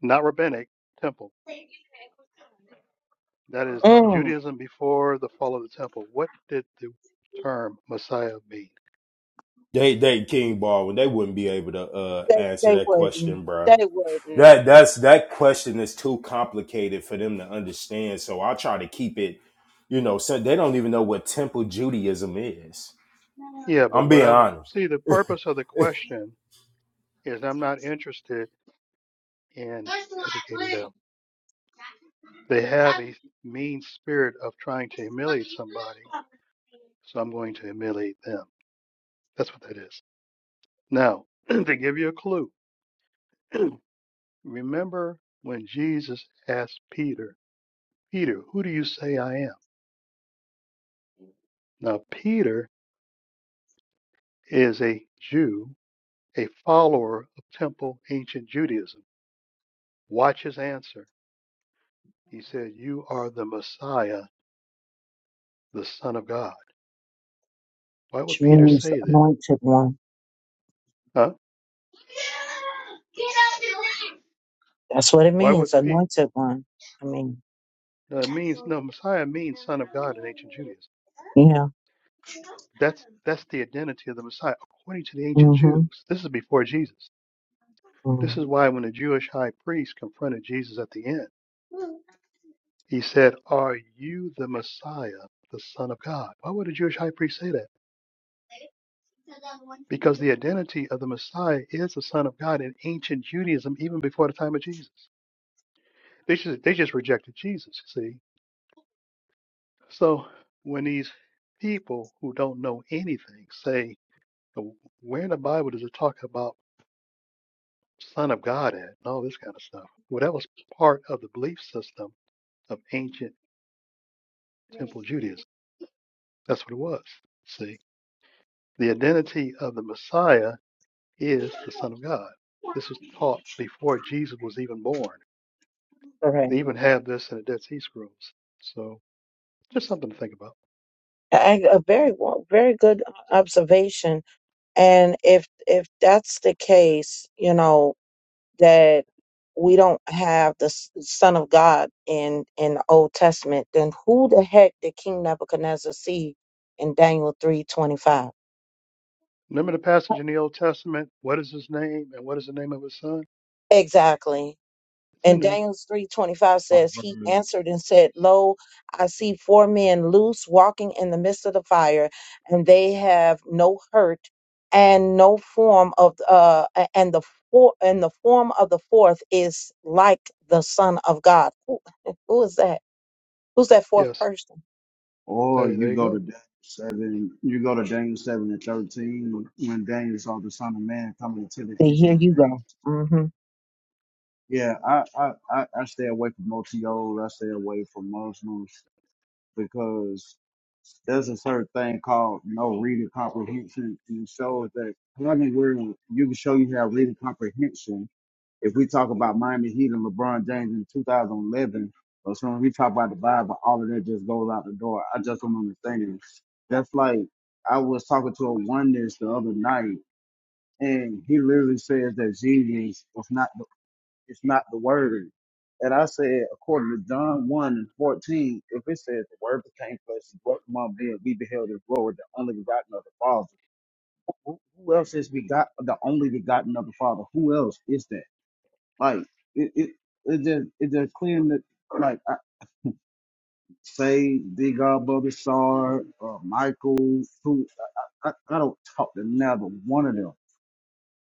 Speaker 2: Not Rabbinic, Temple. That is
Speaker 1: Mm.
Speaker 2: Judaism before the fall of the temple. What did the term Messiah mean?
Speaker 3: They they King Baldwin. They wouldn't be able to uh,
Speaker 1: They
Speaker 3: answer
Speaker 1: they
Speaker 3: that
Speaker 1: wouldn't.
Speaker 3: question, bro.
Speaker 1: They wouldn't.
Speaker 3: That that's that question is too complicated for them to understand. So I try to keep it, you know, so they don't even know what temple Judaism is.
Speaker 2: Yeah, but
Speaker 3: I'm
Speaker 2: what
Speaker 3: being
Speaker 2: I would
Speaker 3: honest.
Speaker 2: see the purpose of the question is I'm not interested in educating them. They have a mean spirit of trying to humiliate somebody, so I'm going to humiliate them. That's what that is. Now, to give you a clue, remember when Jesus asked Peter, Peter, who do you say I am? Now, Peter is a Jew A follower of temple ancient Judaism, watch his answer. He said, You are the Messiah, the Son of God. Why
Speaker 1: Which
Speaker 2: would Peter
Speaker 1: means the
Speaker 2: say that?
Speaker 1: anointed one.
Speaker 2: Huh?
Speaker 1: That's what it
Speaker 2: Why
Speaker 1: means,
Speaker 2: would Peter?
Speaker 1: anointed one. I mean,
Speaker 2: No, it means, no, Messiah means Son of God in ancient Judaism.
Speaker 1: yeah.
Speaker 2: That's, that's the identity of the Messiah according to the ancient
Speaker 1: Mm-hmm.
Speaker 2: Jews. This is before Jesus. This
Speaker 1: Mm-hmm.
Speaker 2: is why when the Jewish high priest confronted Jesus at the end, he said, Are you the Messiah, the Son of God? Why would a Jewish high priest say that? because the identity of the Messiah is the Son of God in ancient Judaism, even before the time of Jesus. They just they just rejected Jesus. See, so when these people who don't know anything say, "Well, "Where in the Bible does it talk about Son of God at?" and all this kind of stuff, well, that was part of the belief system of ancient Temple Judaism. That's what it was. See, the identity of the Messiah is the Son of God. This was taught before Jesus was even born
Speaker 1: Correct.
Speaker 2: They even have this in the Dead Sea Scrolls. So just something to think about.
Speaker 1: I, a very wa- very good uh, observation. And if if that's the case, you know. that we don't have the S- Son of God in in the Old Testament, then who the heck did King Nebuchadnezzar see in Daniel three twenty five?
Speaker 2: Remember the passage in the Old Testament? What is his name and what is the name of his son?
Speaker 1: Exactly.
Speaker 2: It's in
Speaker 1: And
Speaker 2: there.
Speaker 1: Daniel three twenty five says he
Speaker 4: Proverbs
Speaker 1: answered and said, "Lo, I see four men loose walking in the midst of the fire, and they have no hurt and no form of uh a- and the four and the form of the fourth is like the Son of God." Who, who is that? Who's that fourth
Speaker 2: Yes.
Speaker 1: person?
Speaker 4: or
Speaker 2: There, there
Speaker 4: you
Speaker 2: you
Speaker 4: go to
Speaker 2: go.
Speaker 4: Daniel seven you go to Daniel seven and thirteen when Daniel saw the Son of Man coming to the
Speaker 1: Then here
Speaker 4: ancient of
Speaker 1: you go.
Speaker 4: days.
Speaker 1: hmm
Speaker 4: Yeah, I I I, I stay away from multi old. I stay away from Muslims. because there's a certain thing called no reading comprehension and shows that plenty where you can show you have reading comprehension. If we talk about Miami Heat and LeBron James in 2011, or so when we talk about the Bible, all of that just goes out the door. I just don't understand That's like I was talking to a oneness the other night, and he literally says that Jesus was not. It's not the word. And I said, according to John 1 and 14, if it says the word became flesh and dwelt among men, we beheld his glory, the only begotten of the Father. Who, who else is begot the only begotten of the Father? Who else is that? Like it, it, it just it just Clear that like I, say the God Bubba Sard or Michael who I, I, I don't talk to neither one of them.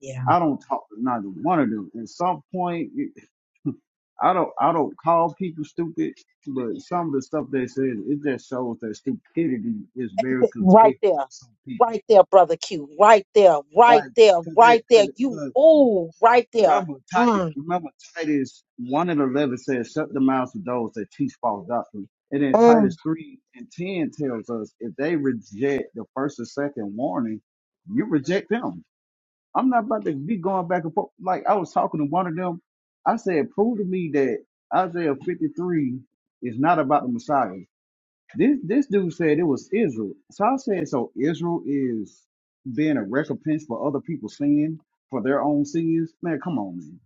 Speaker 1: Yeah.
Speaker 4: I don't talk to neither one of them. At some point I don't I don't call people stupid, but some of the stuff they said it just shows that stupidity is very
Speaker 1: Right
Speaker 4: contagious
Speaker 1: there.
Speaker 4: to some people.
Speaker 1: Right there, brother Q. Right there. Right
Speaker 4: Like,
Speaker 1: there.
Speaker 4: cause they,
Speaker 1: Right there.
Speaker 4: cause,
Speaker 1: You
Speaker 4: cause
Speaker 1: ooh, right there.
Speaker 4: remember Titus,
Speaker 1: Mm.
Speaker 4: remember Titus one and eleven says, "Shut the mouths of those that teach false doctrine," and then
Speaker 1: Mm.
Speaker 4: Titus three and ten tells us if they reject the first and second warning, you reject them. I'm not about to be going back and forth. Like I was talking to one of them. I said, prove to me that Isaiah 53 is not about the Messiah. This this dude said it was Israel. So I said, so Israel is being a recompense for other people's sin, for their own sins. Man, come on, man.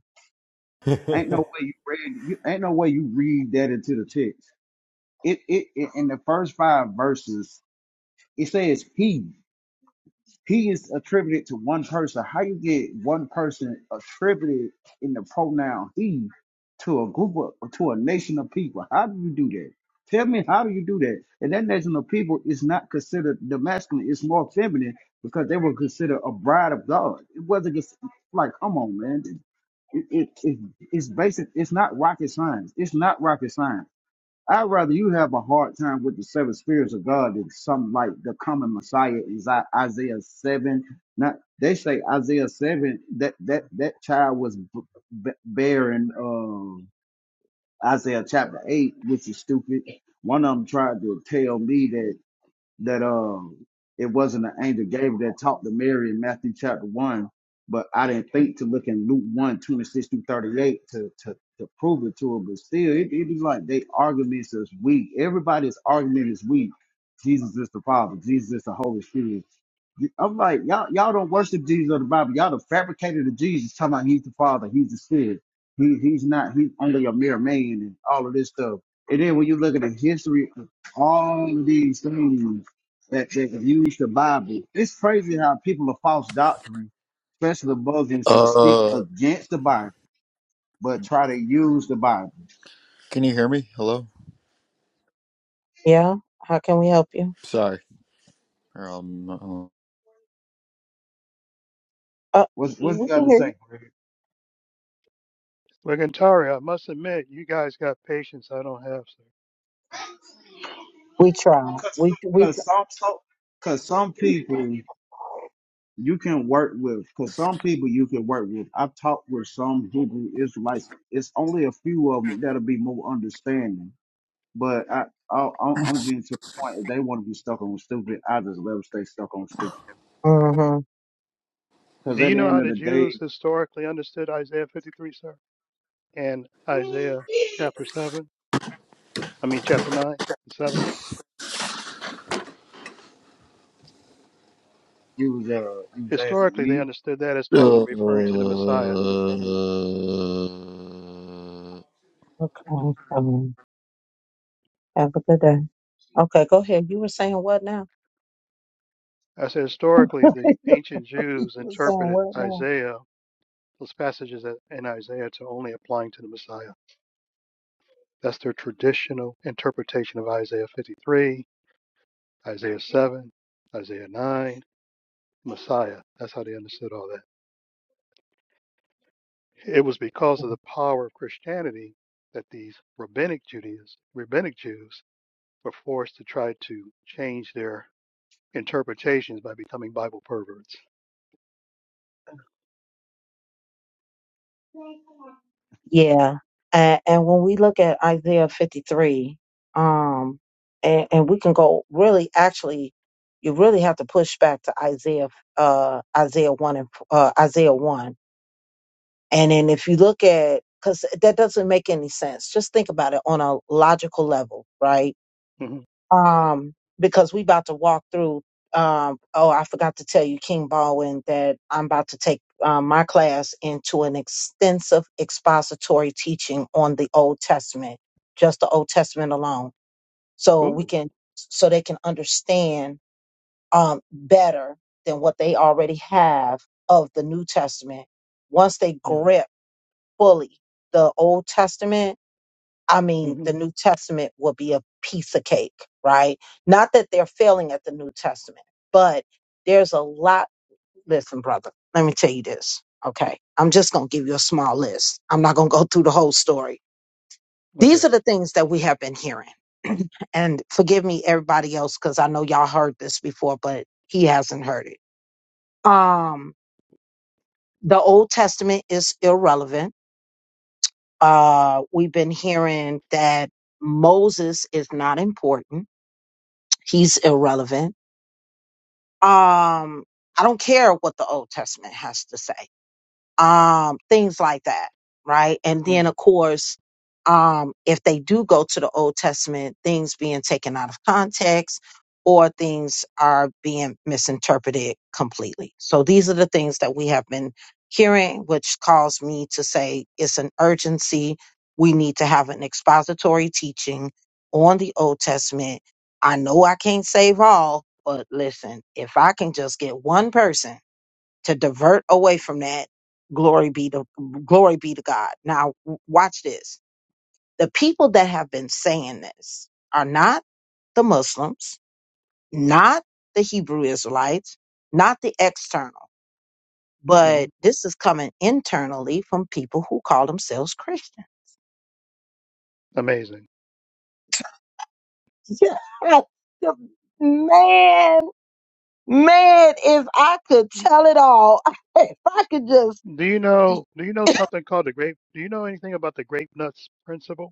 Speaker 4: Ain't no
Speaker 3: I
Speaker 4: way you read you ain't no way you read that into the text. It it, it in the first five verses, it says he. He is attributed to one person. How you get one person attributed in the pronoun he to a group of or to a nation of people? How do you do that? Tell me how do you do that? And that nation of people is not considered the masculine, it's more feminine because they were considered a bride of God. It wasn't just like, come on, man. It, it, it, it's basic, it's not rocket science. It's not rocket science. I'd rather you have a hard time with the seven spirits of God than some like the common Messiah is I- Isaiah seven. Not they say Isaiah seven that that that child was b- b- bearing uh, Isaiah chapter eight, which is stupid. One of them tried to tell me that that um it wasn't an angel Gabriel that talked to Mary in Matthew chapter one, but I didn't think to look in Luke one 26 through 38 to to to prove it to her. But still, it, it is like they arguments is weak. Everybody's argument is weak. Jesus is the Father. Jesus is the Holy Spirit. I'm like, y'all, y'all don't worship Jesus of the Bible. Y'all the fabricated of Jesus, talking about he's the Father, he's the Spirit, he, he's not, he's only a mere man, and all of this stuff. And then when you look at the history of all of these things that that use the Bible, it's crazy how people of false doctrine, especially Muslims, will speak
Speaker 5: Uh,
Speaker 4: against the Bible but try to use the Bible.
Speaker 5: can you hear me? Hello.
Speaker 1: Yeah. How can we help you?
Speaker 5: Sorry. Um.
Speaker 1: Uh,
Speaker 4: What's
Speaker 1: y-
Speaker 4: what's
Speaker 1: we
Speaker 4: the
Speaker 1: can
Speaker 4: other
Speaker 1: hear you.
Speaker 4: say?
Speaker 2: Well, Gantari, I must admit, you guys got patience I don't have, sir.
Speaker 1: We try.
Speaker 4: Because
Speaker 1: We we
Speaker 4: cause
Speaker 1: try.
Speaker 4: some, so- cause some people. you can work with because some people you can work with. I've talked with some Hebrew Israelites. It's only a few of them that'll be more understanding. But I, I I'm I'm getting to a point. If they want to be stuck on stupid, I just let them stay stuck on stupid.
Speaker 1: hmm
Speaker 4: Because
Speaker 2: Do
Speaker 4: at
Speaker 2: you
Speaker 4: the
Speaker 2: know
Speaker 4: end
Speaker 2: how
Speaker 4: of
Speaker 2: the
Speaker 4: the
Speaker 2: Jews
Speaker 4: day,
Speaker 2: historically understood Isaiah 53, sir? And Isaiah chapter 7? I mean, chapter 9 and 7?
Speaker 4: you was uh, you was asking
Speaker 2: Historically, they
Speaker 4: me.
Speaker 2: understood that as talking and
Speaker 5: Uh,
Speaker 2: referring to the Messiah.
Speaker 1: Okay. Um, Have a good day. Okay, go ahead. You were saying what now?
Speaker 2: I said historically, the ancient
Speaker 1: you
Speaker 2: Jews
Speaker 1: were saying
Speaker 2: interpreted
Speaker 1: what now?
Speaker 2: Isaiah those passages in Isaiah to only applying to the Messiah. That's their traditional interpretation of Isaiah 53, Isaiah 7, Isaiah 9, Messiah. That's how they understood all that. It was because of the power of Christianity that these rabbinic Judaism, rabbinic Jews were forced to try to change their interpretations by becoming Bible perverts.
Speaker 1: Yeah. And, and when we look at Isaiah 53, um, and, and we can go really actually, you really have to push back to Isaiah, uh, Isaiah 1 and, uh, Isaiah 1. And then if you look at, cause that doesn't make any sense. Just think about it on a logical level, right?
Speaker 2: hmm
Speaker 1: um, because we about to walk through. Um, oh, I forgot to tell you, King Baldwin, that I'm about to take um, my class into an extensive expository teaching on the Old Testament, just the Old Testament alone, so we
Speaker 2: Ooh.
Speaker 1: can, so they can understand um, better than what they already have of the New Testament. Once they
Speaker 2: Mm-hmm.
Speaker 1: grip fully the Old Testament I mean,
Speaker 2: Mm-hmm.
Speaker 1: the New Testament will be a piece of cake, right? Not that they're failing at the New Testament, but there's a lot. Listen, brother, let me tell you this. Okay. I'm just going to give you a small list. I'm not going to go through the whole story.
Speaker 2: Okay.
Speaker 1: These are the things that we have been hearing. and forgive me, everybody else, because I know y'all heard this before, but he hasn't heard it. Um, the Old Testament is irrelevant. Uh, we've been hearing that Moses is not important He's irrelevant. Um, I don't care what the Old Testament has to say um, things like that, right? And then, of
Speaker 2: Mm-hmm.
Speaker 1: course, um, if they do go to the Old Testament, things being taken out of context or things are being misinterpreted completely. So these are the things that we have been hearing, which caused me to say it's an urgency. We need to have an expository teaching on the Old Testament. I know I can't save all, but listen, if I can just get one person to divert away from that glory be to glory be to god now w- watch this the people that have been saying this are not the muslims not the hebrew israelites not the external
Speaker 2: Mm-hmm.
Speaker 1: but this is coming internally from people who call themselves christians
Speaker 2: Amazing.
Speaker 1: yeah. man man if i could tell it all if i could just
Speaker 2: Do you know do you know something called the grape do you know anything about the grape nuts principle?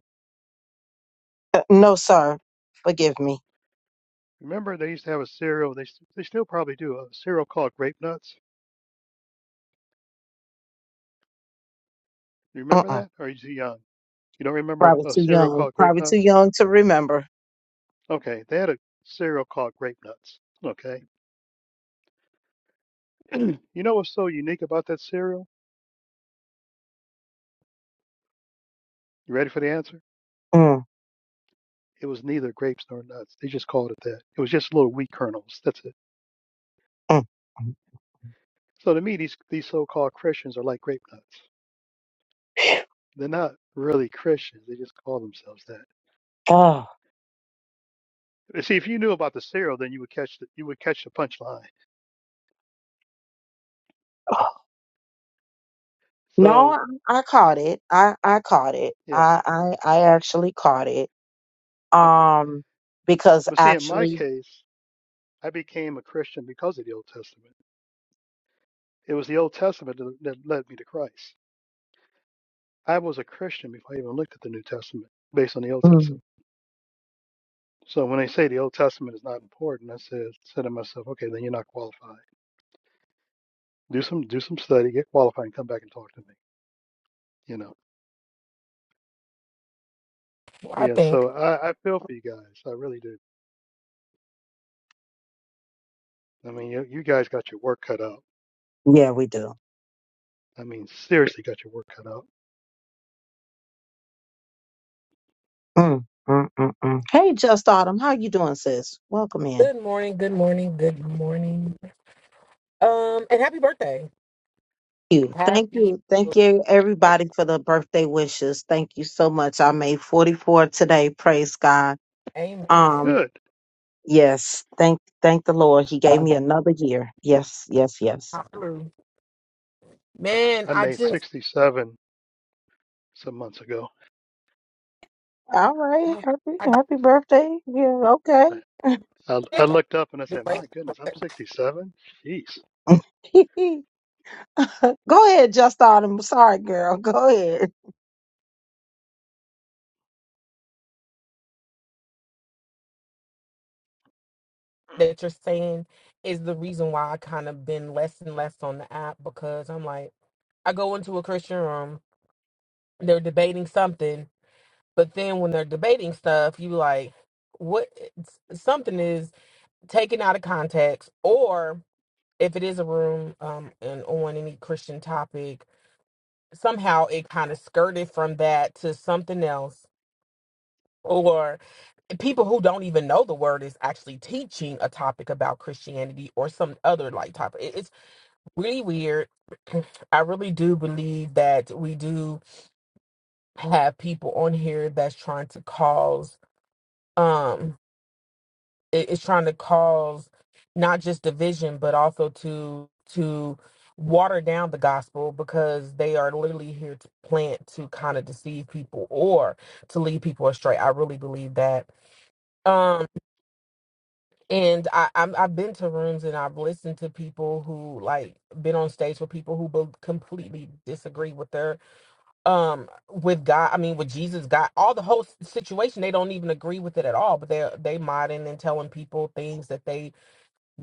Speaker 1: Uh, no, sir. Forgive me.
Speaker 2: Remember they used to have a cereal, they s- they still probably do a cereal called grape nuts. You remember
Speaker 1: Mm-mm.
Speaker 2: that? Or are you too young? You don't remember
Speaker 1: Probably
Speaker 2: a
Speaker 1: too
Speaker 2: cereal
Speaker 1: young.
Speaker 2: called grape
Speaker 1: Probably too
Speaker 2: nuts?
Speaker 1: young to remember.
Speaker 2: Okay, they had a cereal called grape nuts. Okay. you know what's so unique about that cereal? You ready for the answer?
Speaker 1: Mm,
Speaker 2: It was neither grapes nor nuts. They just called it that. It was just little wheat kernels. That's it.
Speaker 1: mm, mm.
Speaker 2: So to me, these these so-called Christians are like grape nuts. They're not really Christians. They just call themselves that.
Speaker 1: Oh.
Speaker 2: Uh, See, if you knew about the serial, then you would catch the, you would catch the punchline.
Speaker 1: oh. No,
Speaker 2: So,
Speaker 1: I, I caught it. I, I caught it.
Speaker 2: yeah,
Speaker 1: I, I I actually caught it.
Speaker 2: okay.
Speaker 1: Um, because
Speaker 2: But see, in my
Speaker 1: actually,
Speaker 2: case, I became a Christian because of the Old Testament. It was the Old Testament that, that led me to Christ. I was a Christian before I even looked at the New Testament, based on the Old
Speaker 1: mm,
Speaker 2: Testament. So when they say the Old Testament is not important, I said said to myself, okay, then you're not qualified. Do some do some study, get qualified, and come back and talk to me. You know,
Speaker 6: I
Speaker 2: yeah.
Speaker 6: think.
Speaker 2: So I, I feel for you guys. I really do. I mean, you, you guys got your work cut out.
Speaker 1: yeah, we do.
Speaker 2: I mean, seriously, got your work cut out
Speaker 1: Mm, mm, mm, mm. Hey, Just Autumn, how you doing, sis? Welcome in.
Speaker 6: Good morning, good morning, good morning. Um, and happy birthday.
Speaker 1: You. Thank
Speaker 6: Happy
Speaker 1: you. Thank you, everybody, for the birthday wishes. Thank you so much. I made 44 today. Praise God.
Speaker 6: amen.
Speaker 1: Um.
Speaker 2: Good.
Speaker 1: Yes, thank thank the Lord. He gave me another year. Yes, yes, yes.
Speaker 6: Hallelujah. Man,
Speaker 2: I
Speaker 6: I
Speaker 2: made
Speaker 6: just
Speaker 2: 67 some months ago.
Speaker 1: All right. Happy
Speaker 6: I
Speaker 1: happy birthday. Yeah,
Speaker 2: I,
Speaker 1: okay.
Speaker 2: I, I
Speaker 6: think
Speaker 2: looked up and I
Speaker 6: the
Speaker 2: said,
Speaker 6: way
Speaker 2: "My goodness, I'm 67." Jeez,
Speaker 1: Go ahead, just autumn. Sorry, girl. Go ahead.
Speaker 6: that you're saying is the reason why I kind of been less and less on the app because I'm like, I go into a Christian room, they're debating something, but then when they're debating stuff, you like what something is taken out of context or if it is a room um and on any Christian topic somehow it kind of skirted from that to something else or people who don't even know the word is actually teaching a topic about christianity or some other like topic It- it's really weird i really do believe that we do have people on here that's trying to cause um, it- it's trying to cause not just division but also to to water down the gospel because they are literally here to plant to kind of deceive people or to lead people astray i really believe that um and i I'm, i've been to rooms and i've listened to people who like been on stage with people who be- completely disagree with their um with god i mean with jesus god all the whole s- situation they don't even agree with it at all but they're they modding and telling people things that they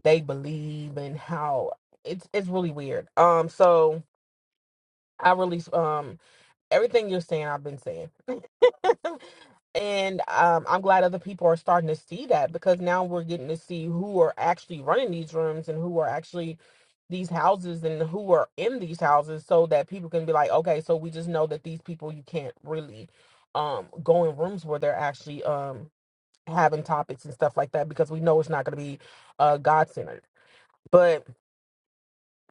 Speaker 6: they believe and how it's it's really weird. Um, so I really um everything you're saying, I've been saying, and um, I'm glad other people are starting to see that because now we're getting to see who are actually running these rooms and who are actually these houses and who are in these houses, so that people can be like, okay, so we just know that these people you can't really um go in rooms where they're actually um having topics and stuff like that because we know it's not going to be uh God centered, but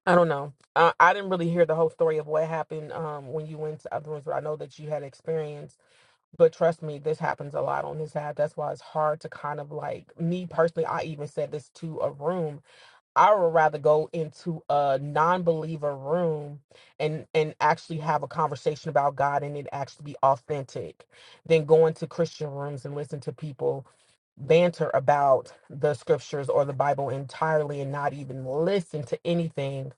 Speaker 6: I don't know. Uh, I didn't really hear the whole story of what happened um, when you went to other rooms, but I know that you had experience. But trust me, this happens a lot on this app. That's why it's hard to kind of like me personally. I even said this to a room. I would rather go into a non-believer room and and actually have a conversation about God and it actually be authentic, than go into Christian rooms and listen to people banter about the scriptures or the Bible entirely and not even listen to anything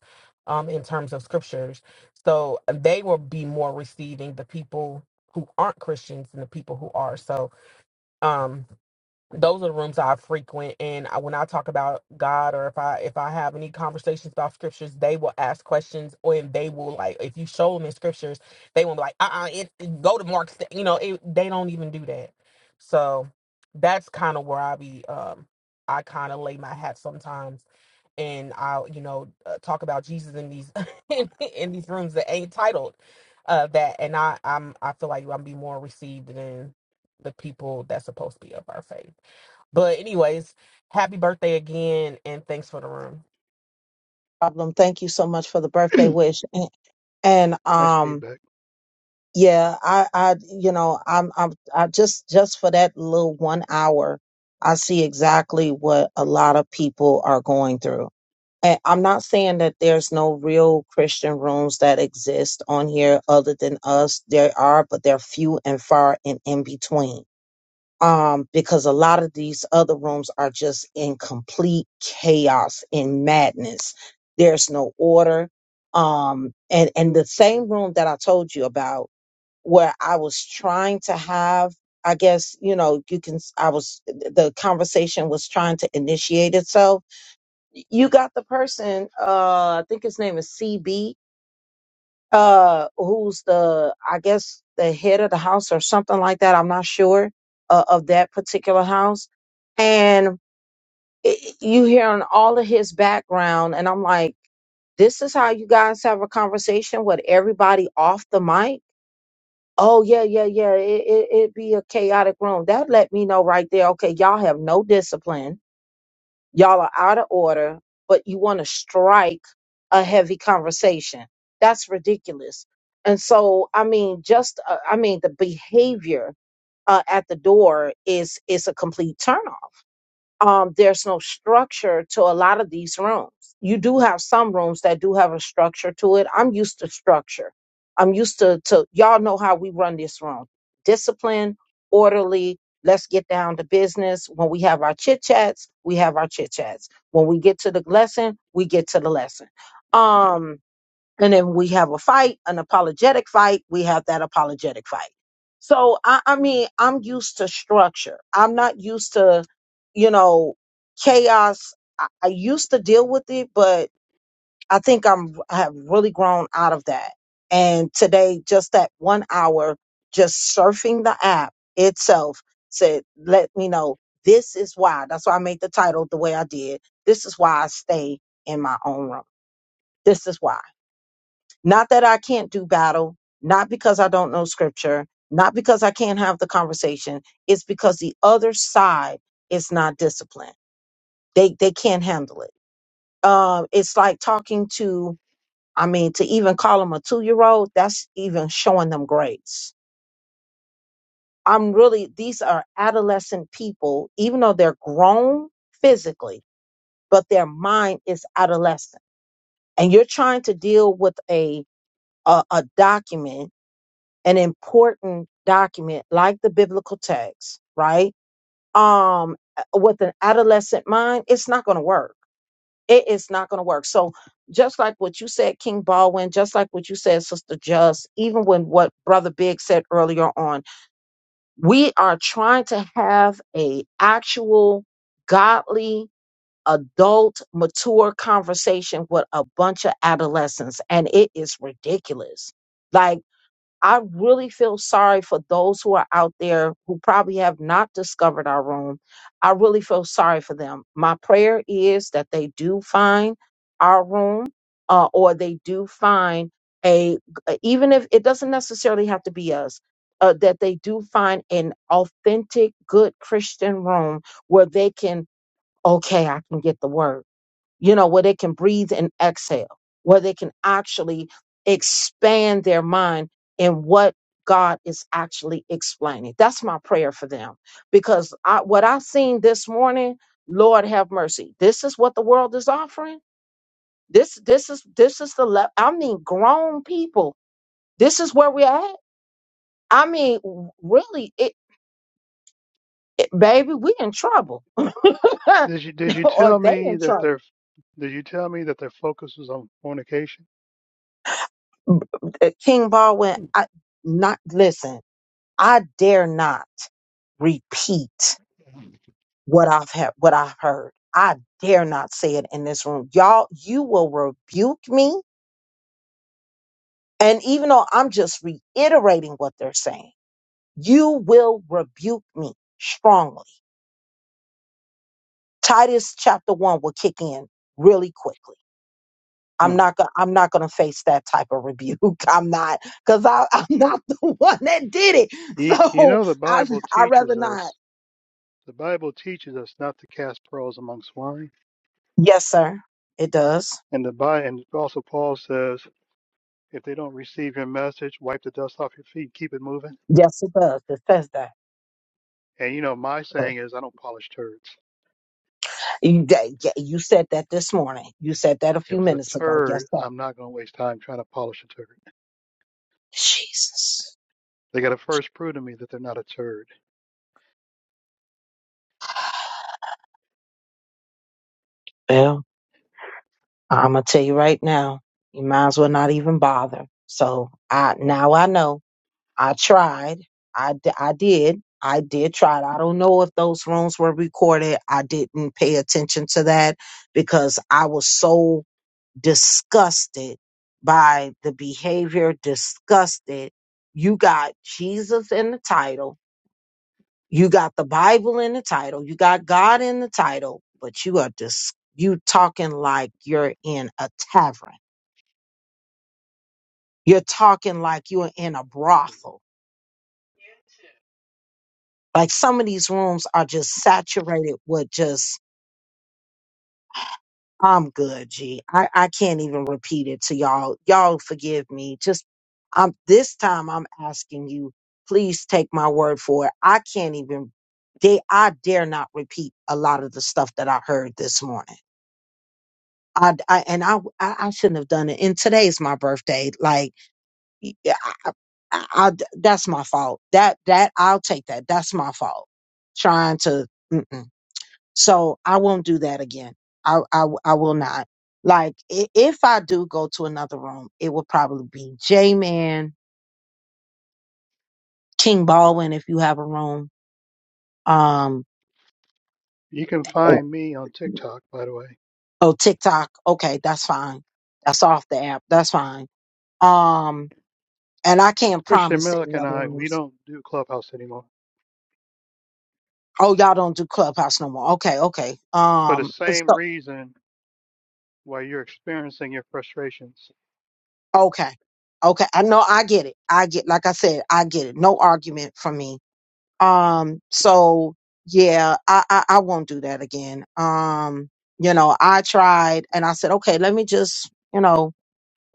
Speaker 6: um, in terms of scriptures. So uh, they will be more receiving the people who aren't Christians and the people who are. So, um, those are the rooms I frequent, and I, when I talk about God or if I if I have any conversations about scriptures, they will ask questions, or and they will like if you show them in scriptures, they will be like, uh, uh it, it- go to Mark, st- you know, it, they don't even do that. So that's kind of where I be, um, I kind of lay my hat sometimes, and I'll you know uh, talk about Jesus in these in, in these rooms that ain't titled uh that, and I I'm I feel like I'm be more received than the people that's supposed to be of our faith. But anyways, happy birthday again and thanks for the room.
Speaker 1: Problem. Thank you so much for the birthday wish. And, and
Speaker 2: nice
Speaker 1: um
Speaker 2: feedback.
Speaker 1: yeah, I I you know, I'm I'm I just just for that little 1 hour, I see exactly what a lot of people are going through. I, I'm not saying that there's no real Christian rooms that exist on here other than us. There are, but they're few and far and in between. Um, because a lot of these other rooms are just in complete chaos and madness. There's no order. Um, and, and the same room that I told you about where I was trying to have, I guess, you know, you can, s- I was, the conversation was trying to initiate itself you got the person uh i think his name is cb uh who's the i guess the head of the house or something like that i'm not sure uh, of that particular house and it, you hear on all of his background and i'm like this is how you guys have a conversation with everybody off the mic oh yeah yeah yeah it, it, it'd be a chaotic room that let me know right there okay y'all have no discipline y'all are out of order, but you want to strike a heavy conversation. That's ridiculous. And so, I mean, just uh, I mean, the behavior uh, at the door is is a complete turnoff um, there's no structure to a lot of these rooms. You do have some rooms that do have a structure to it. I'm used to structure. I'm used to, to y'all know how we run this room discipline, orderly. Let's get down to business. When we have our chit chats, we have our chit chats. When we get to the lesson, we get to the lesson. Um, and then we have a fight, an apologetic fight. We have that apologetic fight. So, I, I mean, I'm used to structure. I'm not used to, you know, chaos. I, I used to deal with it, but I think I'm, I have really grown out of that. And today, just that one hour, just surfing the app itself said, let me know this is why. That's why I made the title the way I did. This is why I stay in my own room. This is why. Not that I can't do battle, not because I don't know scripture, not because I can't have the conversation. It's because the other side is not disciplined. They they can't handle it. Um, it's like talking to, I mean, to even call them a two year old, that's even showing them grace. I'm really, these are adolescent people, even though they're grown physically, but their mind is adolescent. And you're trying to deal with a, a, a document an important document like the biblical text, right? Um, with an adolescent mind, it's not going to work. It is not going to work. So, just like what you said, King Baldwin, just like what you said, Sister Just, even when what Brother Big said earlier on, we are trying to have a actual godly adult mature conversation with a bunch of adolescents and it is ridiculous Like. I really feel sorry for those who are out there who probably have not discovered our room. I really feel sorry for them. My prayer is that they do find our room uh, or they do find a, uh, even if it doesn't necessarily have to be us, uh, that they do find an authentic, good Christian room where they can, okay, I can get the word you know, where they can breathe and exhale, where they can actually expand their mind in what God is actually explaining. That's my prayer for them because I, what I seen this morning, Lord have mercy. This is what the world is offering. This, this is, this is the, le- I mean, grown people. This is where we're at. I mean, w- really, it, it, baby, we in trouble or
Speaker 2: Did you did you tell
Speaker 1: they
Speaker 2: me
Speaker 1: in
Speaker 2: that their
Speaker 1: trouble.
Speaker 2: did you tell me that their focus was on fornication?
Speaker 1: B- uh, King Baldwin, I, not listen. I dare not repeat what I've had, what I've heard. I dare not say it in this room. Y'all, you will rebuke me. And even though I'm just reiterating what they're saying, you will rebuke me strongly. Titus chapter one will kick in really quickly. I'm
Speaker 2: Hmm.
Speaker 1: not gonna I'm not gonna face that type of rebuke. I'm not because I I'm not the one that did it.
Speaker 2: You, you
Speaker 1: So
Speaker 2: know the
Speaker 1: I
Speaker 2: Bible
Speaker 1: I rather
Speaker 2: teaches
Speaker 1: not.
Speaker 2: us the Bible teaches us not to cast pearls among swine,
Speaker 1: Yes, sir. It does.
Speaker 2: and the Bible and also Paul says if they don't receive your message, wipe the dust off your feet, keep it moving.
Speaker 1: Yes, it does. It says that.
Speaker 2: And you know my
Speaker 1: Uh,
Speaker 2: saying is I don't polish turds.
Speaker 1: You, that- yeah, you said that this morning. You said that a
Speaker 2: If
Speaker 1: few
Speaker 2: it's a
Speaker 1: minutes ago. Yes,
Speaker 2: turd,
Speaker 1: sir.
Speaker 2: I'm not going to waste time trying to polish a turd.
Speaker 1: Jesus.
Speaker 2: They got to first prove to me that they're not a turd.
Speaker 1: Well, I'm gonna tell you right now. You might as well not even bother. So I now I know. I tried. I d- I did. I did try it. I don't know if those rooms were recorded. I didn't pay attention to that because I was so disgusted by the behavior, disgusted. You got Jesus in the title, you got the Bible in the title, you got God in the title, but you are dis- you talking like you're in a tavern. You're talking like you're in a brothel. Like some of these rooms are just saturated with just I'm good, G. I, I can't even repeat it to y'all. Y'all forgive me. Just I'm this time I'm asking you, please take my word for it. I can't even they I dare not repeat a lot of the stuff that I heard this morning. I, I and I, I I shouldn't have done it. And today's my birthday. Like y- yeah, I, I, I- that's my fault. That that I'll take that. That's my fault. Trying to. So I won't do that again. I, I, I will not. Like, i- if I do go to another room, it will probably be J Man, King Baldwin, if you have a room. Um,
Speaker 2: You can find me on TikTok, by the way.
Speaker 1: oh, TikTok. Okay, that's fine. That's off the app. That's fine. Um, and I
Speaker 2: 'Cause
Speaker 1: can't
Speaker 2: Christian
Speaker 1: promise
Speaker 2: Millick
Speaker 1: any
Speaker 2: and
Speaker 1: other
Speaker 2: I, we
Speaker 1: rooms.
Speaker 2: don't do Clubhouse anymore
Speaker 1: Oh, y'all don't do Clubhouse no more. Okay, okay.
Speaker 2: for the
Speaker 1: Um,
Speaker 2: same
Speaker 1: so,
Speaker 2: reason why you're experiencing your frustrations.
Speaker 1: okay. Okay. I know I get it. I get, like I said, I get it. No argument from me Um, so yeah, I, I, I won't do that again. Um, you know, I tried and I said, okay, let me just, you know,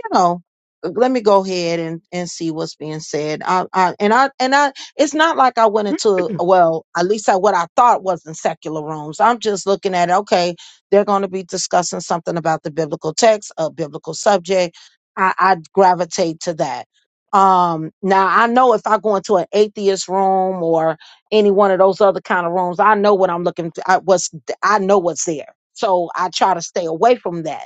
Speaker 1: you know, uh, let me go ahead and, and see what's being said. I, I, and I, and I, it's not like I went into, well, at least I, what I thought wasn't secular rooms. I'm just looking at, okay, they're going to be discussing something about the biblical text, a biblical subject. I, I gravitate to that. Um, now I know if I go into an atheist room or any one of those other kind of rooms, I know what I'm looking, I, what's, I know what's there. So I try to stay away from that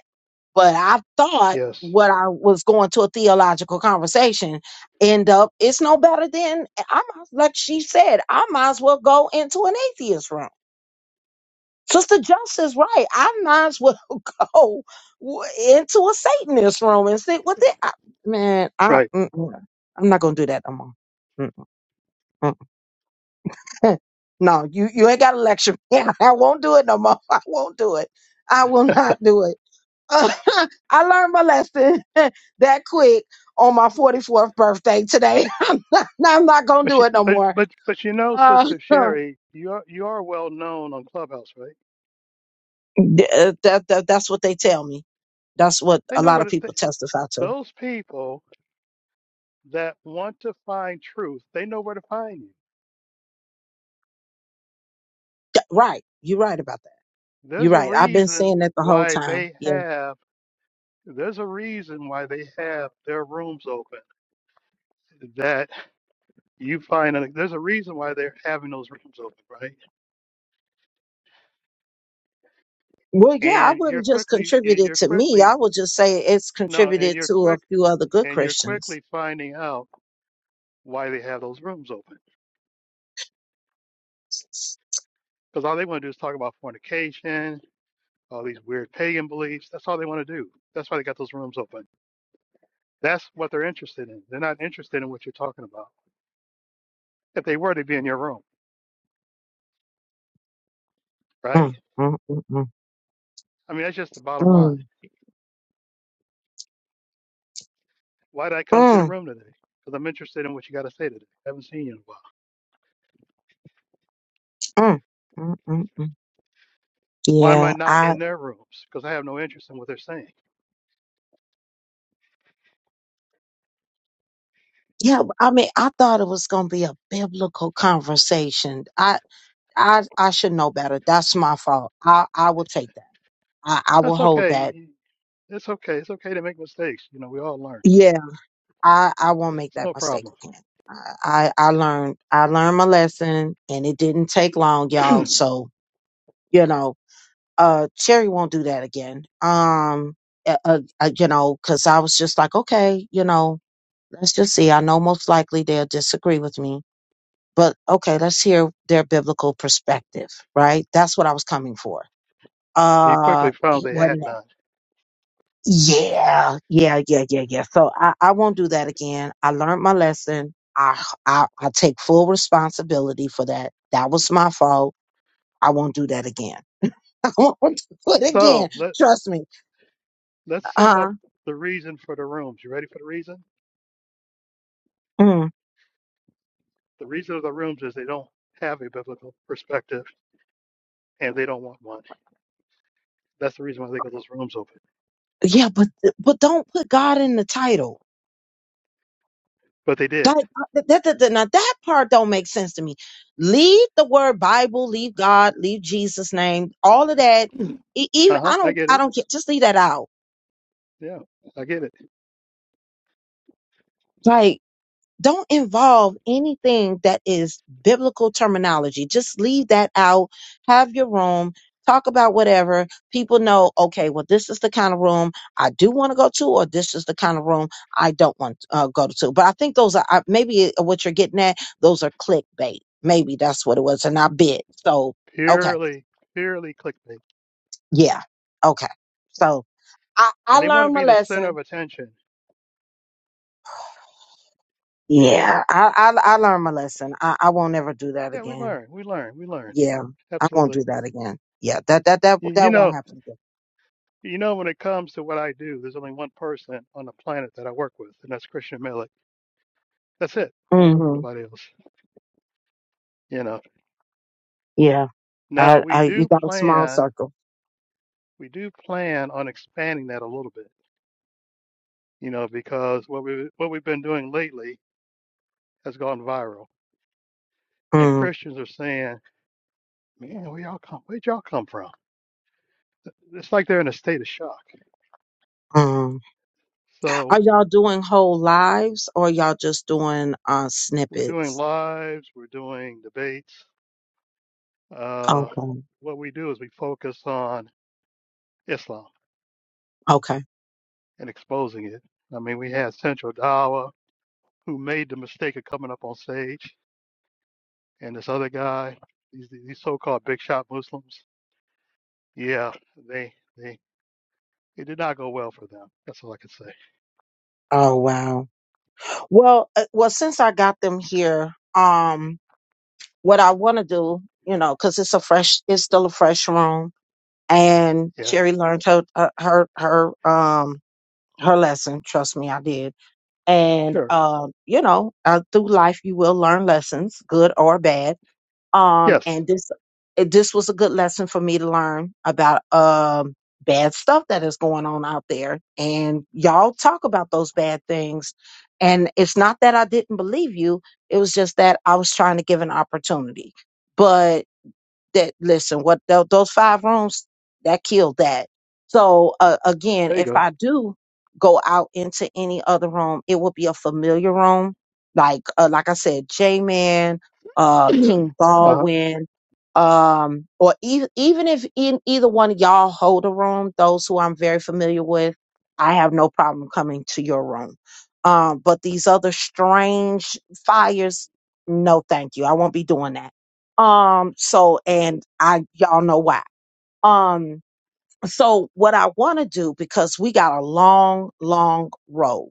Speaker 1: but I thought
Speaker 2: Yes,
Speaker 1: what I was going to a theological conversation end up it's no better than I might like she said, I might as well go into an atheist room. Sister Justice, right? I might as well go w- into a Satanist room and see what they. I, man, I
Speaker 2: right.
Speaker 1: mm-mm, I'm not gonna do that no more. Mm-mm. mm. mm. no, you you ain't got a lecture. Yeah, I won't do it no more. I won't do it. I will not do it. I learned my lesson that quick on my 44th birthday today. I'm not, I'm not gonna
Speaker 2: But
Speaker 1: do
Speaker 2: you,
Speaker 1: it no
Speaker 2: but
Speaker 1: more.
Speaker 2: but but you know,
Speaker 1: Uh,
Speaker 2: Sister Sherry, you are you are well known on Clubhouse, right?
Speaker 1: that, that, that- that's what they tell me. That's what
Speaker 2: They
Speaker 1: a
Speaker 2: know
Speaker 1: lot
Speaker 2: where
Speaker 1: of
Speaker 2: to, they,
Speaker 1: people testify to.
Speaker 2: those people that want to find truth. They know where to find you.
Speaker 1: Yeah, Right. You're right about that. You're
Speaker 2: There's a
Speaker 1: right. I've been
Speaker 2: reason
Speaker 1: saying that the whole
Speaker 2: why
Speaker 1: time.
Speaker 2: they
Speaker 1: Yeah.
Speaker 2: have There's a reason why they have their rooms open. That you find a, there's a reason why they're having those rooms open, right?
Speaker 1: Well, yeah, I
Speaker 2: And you're
Speaker 1: wouldn't just
Speaker 2: quickly
Speaker 1: contribute
Speaker 2: and
Speaker 1: it
Speaker 2: you're
Speaker 1: to me.
Speaker 2: quickly
Speaker 1: I would just say it's
Speaker 2: no, and
Speaker 1: contributed
Speaker 2: you're
Speaker 1: to a
Speaker 2: quick
Speaker 1: few other good
Speaker 2: and you're
Speaker 1: Christians.
Speaker 2: quickly finding out why they have those rooms open. Because all they want to do is talk about fornication, all these weird pagan beliefs. That's all they want to do. That's why they got those rooms open. That's what they're interested in. They're not interested in what you're talking about. If they were, they'd be in your room, right?
Speaker 1: Mm, mm, mm,
Speaker 2: I mean, that's just the
Speaker 1: mm,
Speaker 2: bottom line.
Speaker 1: mm,
Speaker 2: Why did I come to the
Speaker 1: mm,
Speaker 2: room today? Because I'm interested in what you got to say today. I haven't seen you in a while.
Speaker 1: mm, mm, mm, mm.
Speaker 2: Why am I not
Speaker 1: Yeah,
Speaker 2: in their rooms? Because I have no interest in what they're saying.
Speaker 1: Yeah, I mean, I thought it was going to be a biblical conversation. I, I, I should know better. That's my fault. I, I will take that. I, I will
Speaker 2: That's
Speaker 1: hold
Speaker 2: okay.
Speaker 1: that.
Speaker 2: It's okay. It's okay to make mistakes. You know, we all learn.
Speaker 1: Yeah, I, I won't
Speaker 2: It's,
Speaker 1: make
Speaker 2: it's
Speaker 1: that
Speaker 2: no
Speaker 1: mistake
Speaker 2: problem.
Speaker 1: again. I, I, I learned, I learned my lesson, and it didn't take long, y'all. So you know, uh, Cherry won't do that again. Um, uh, uh, uh, you know, because I was just like, okay, you know, let's just see. I know most likely they'll disagree with me But okay, let's hear their biblical perspective, right? That's what I was coming for.
Speaker 2: You
Speaker 1: Uh,
Speaker 2: quickly found
Speaker 1: it
Speaker 2: they had
Speaker 1: wasn't that.
Speaker 2: none.
Speaker 1: Yeah, yeah, yeah, yeah, yeah. So I, I won't do that again. I learned my lesson. I, I, I take full responsibility for that. That was my fault. I won't do that again. I won't do it again.
Speaker 2: So let
Speaker 1: Trust me.
Speaker 2: let's sum up
Speaker 1: Uh,
Speaker 2: the reason for the rooms. You ready for the reason?
Speaker 1: mm.
Speaker 2: The reason of the rooms is they don't have a biblical perspective and they don't want one. That's the reason why they got those rooms open.
Speaker 1: yeah, but, but don't put God in the title
Speaker 2: But they
Speaker 1: That,
Speaker 2: did.
Speaker 1: that, that, that- that- now that part don't make sense to me. Leave the word Bible, leave God, leave Jesus' name, all of that. E- Even
Speaker 2: Uh huh.
Speaker 1: I
Speaker 2: I
Speaker 1: don't,
Speaker 2: get
Speaker 1: I
Speaker 2: it.
Speaker 1: don't get. Just leave that out.
Speaker 2: Yeah, I get it.
Speaker 1: Like don't involve anything that is biblical terminology. Just leave that out. Have your room. Talk about whatever. People know, okay, well, this is the kind of room I do want to go to, or this is the kind of room I don't want to uh, go to. But I think those are I- maybe uh, what you're getting at. Those are clickbait. Maybe that's what it was. And I bit. So, okay.
Speaker 2: Purely, purely clickbait.
Speaker 1: Yeah. Okay. So I, I
Speaker 2: and they want to
Speaker 1: learned my
Speaker 2: be the center
Speaker 1: lesson.
Speaker 2: of attention.
Speaker 1: Yeah. I, I, I learned my lesson. I, I won't ever do that
Speaker 2: Yeah, we
Speaker 1: again.
Speaker 2: learn, we learn, we learn. Yeah,
Speaker 1: Yeah, I won't
Speaker 2: absolutely.
Speaker 1: do that again. Yeah, that that that
Speaker 2: You, you
Speaker 1: that won't
Speaker 2: know,
Speaker 1: happen
Speaker 2: you know, when it comes to what I do, there's only one person on the planet that I work with, and that's Christian Millick. That's it. I don't
Speaker 1: again.
Speaker 2: work with
Speaker 1: hmm
Speaker 2: nobody else. You know.
Speaker 1: Yeah,
Speaker 2: Now
Speaker 1: I
Speaker 2: we
Speaker 1: I you
Speaker 2: do
Speaker 1: got a small
Speaker 2: plan,
Speaker 1: circle.
Speaker 2: we do plan on expanding that a little bit. You know, because what we what we've been doing lately has gone viral, and
Speaker 1: mm
Speaker 2: Christians are saying, "Man, where y'all come? Where'd y'all come from?" It's like they're in a state of shock.
Speaker 1: mm.
Speaker 2: So.
Speaker 1: Are y'all doing whole lives or y'all just doing uh
Speaker 2: We're doing
Speaker 1: snippets?
Speaker 2: lives, we're doing debates. Uh,
Speaker 1: Okay.
Speaker 2: what we do is we focus on Islam
Speaker 1: Okay.
Speaker 2: and exposing it. I mean, we had Central Dawah who made the mistake of coming up on stage, and this other guy, these, these so-called big shot Muslims. Yeah, they they it did not go well for them. That's all I can say.
Speaker 1: Oh wow. Well, uh, well, since I got them here, um, what I want to do, you know, because it's a fresh, it's still a fresh room, and
Speaker 2: Yeah,
Speaker 1: Sherry learned her uh, her her um her lesson. Trust me, I did and
Speaker 2: sure.
Speaker 1: um, you know, uh, through life you will learn lessons, good or bad. Um,
Speaker 2: Yes,
Speaker 1: and this it, this was a good lesson for me to learn about um bad stuff that is going on out there. And y'all talk about those bad things. And it's not that I didn't believe you; it was just that I was trying to give an opportunity. but that listen what tho- those five rooms that killed that so uh, again
Speaker 2: there you
Speaker 1: if
Speaker 2: go.
Speaker 1: i do go out into any other room it will be a familiar room like uh, like i said j-man uh king
Speaker 2: uh-huh.
Speaker 1: baldwin um or even even if in either one of y'all hold a room those who i'm very familiar with i have no problem coming to your room um but these other strange fires no thank you i won't be doing that um, so, and I, y'all know why. Um, so what I want to do, because we got a long, long road,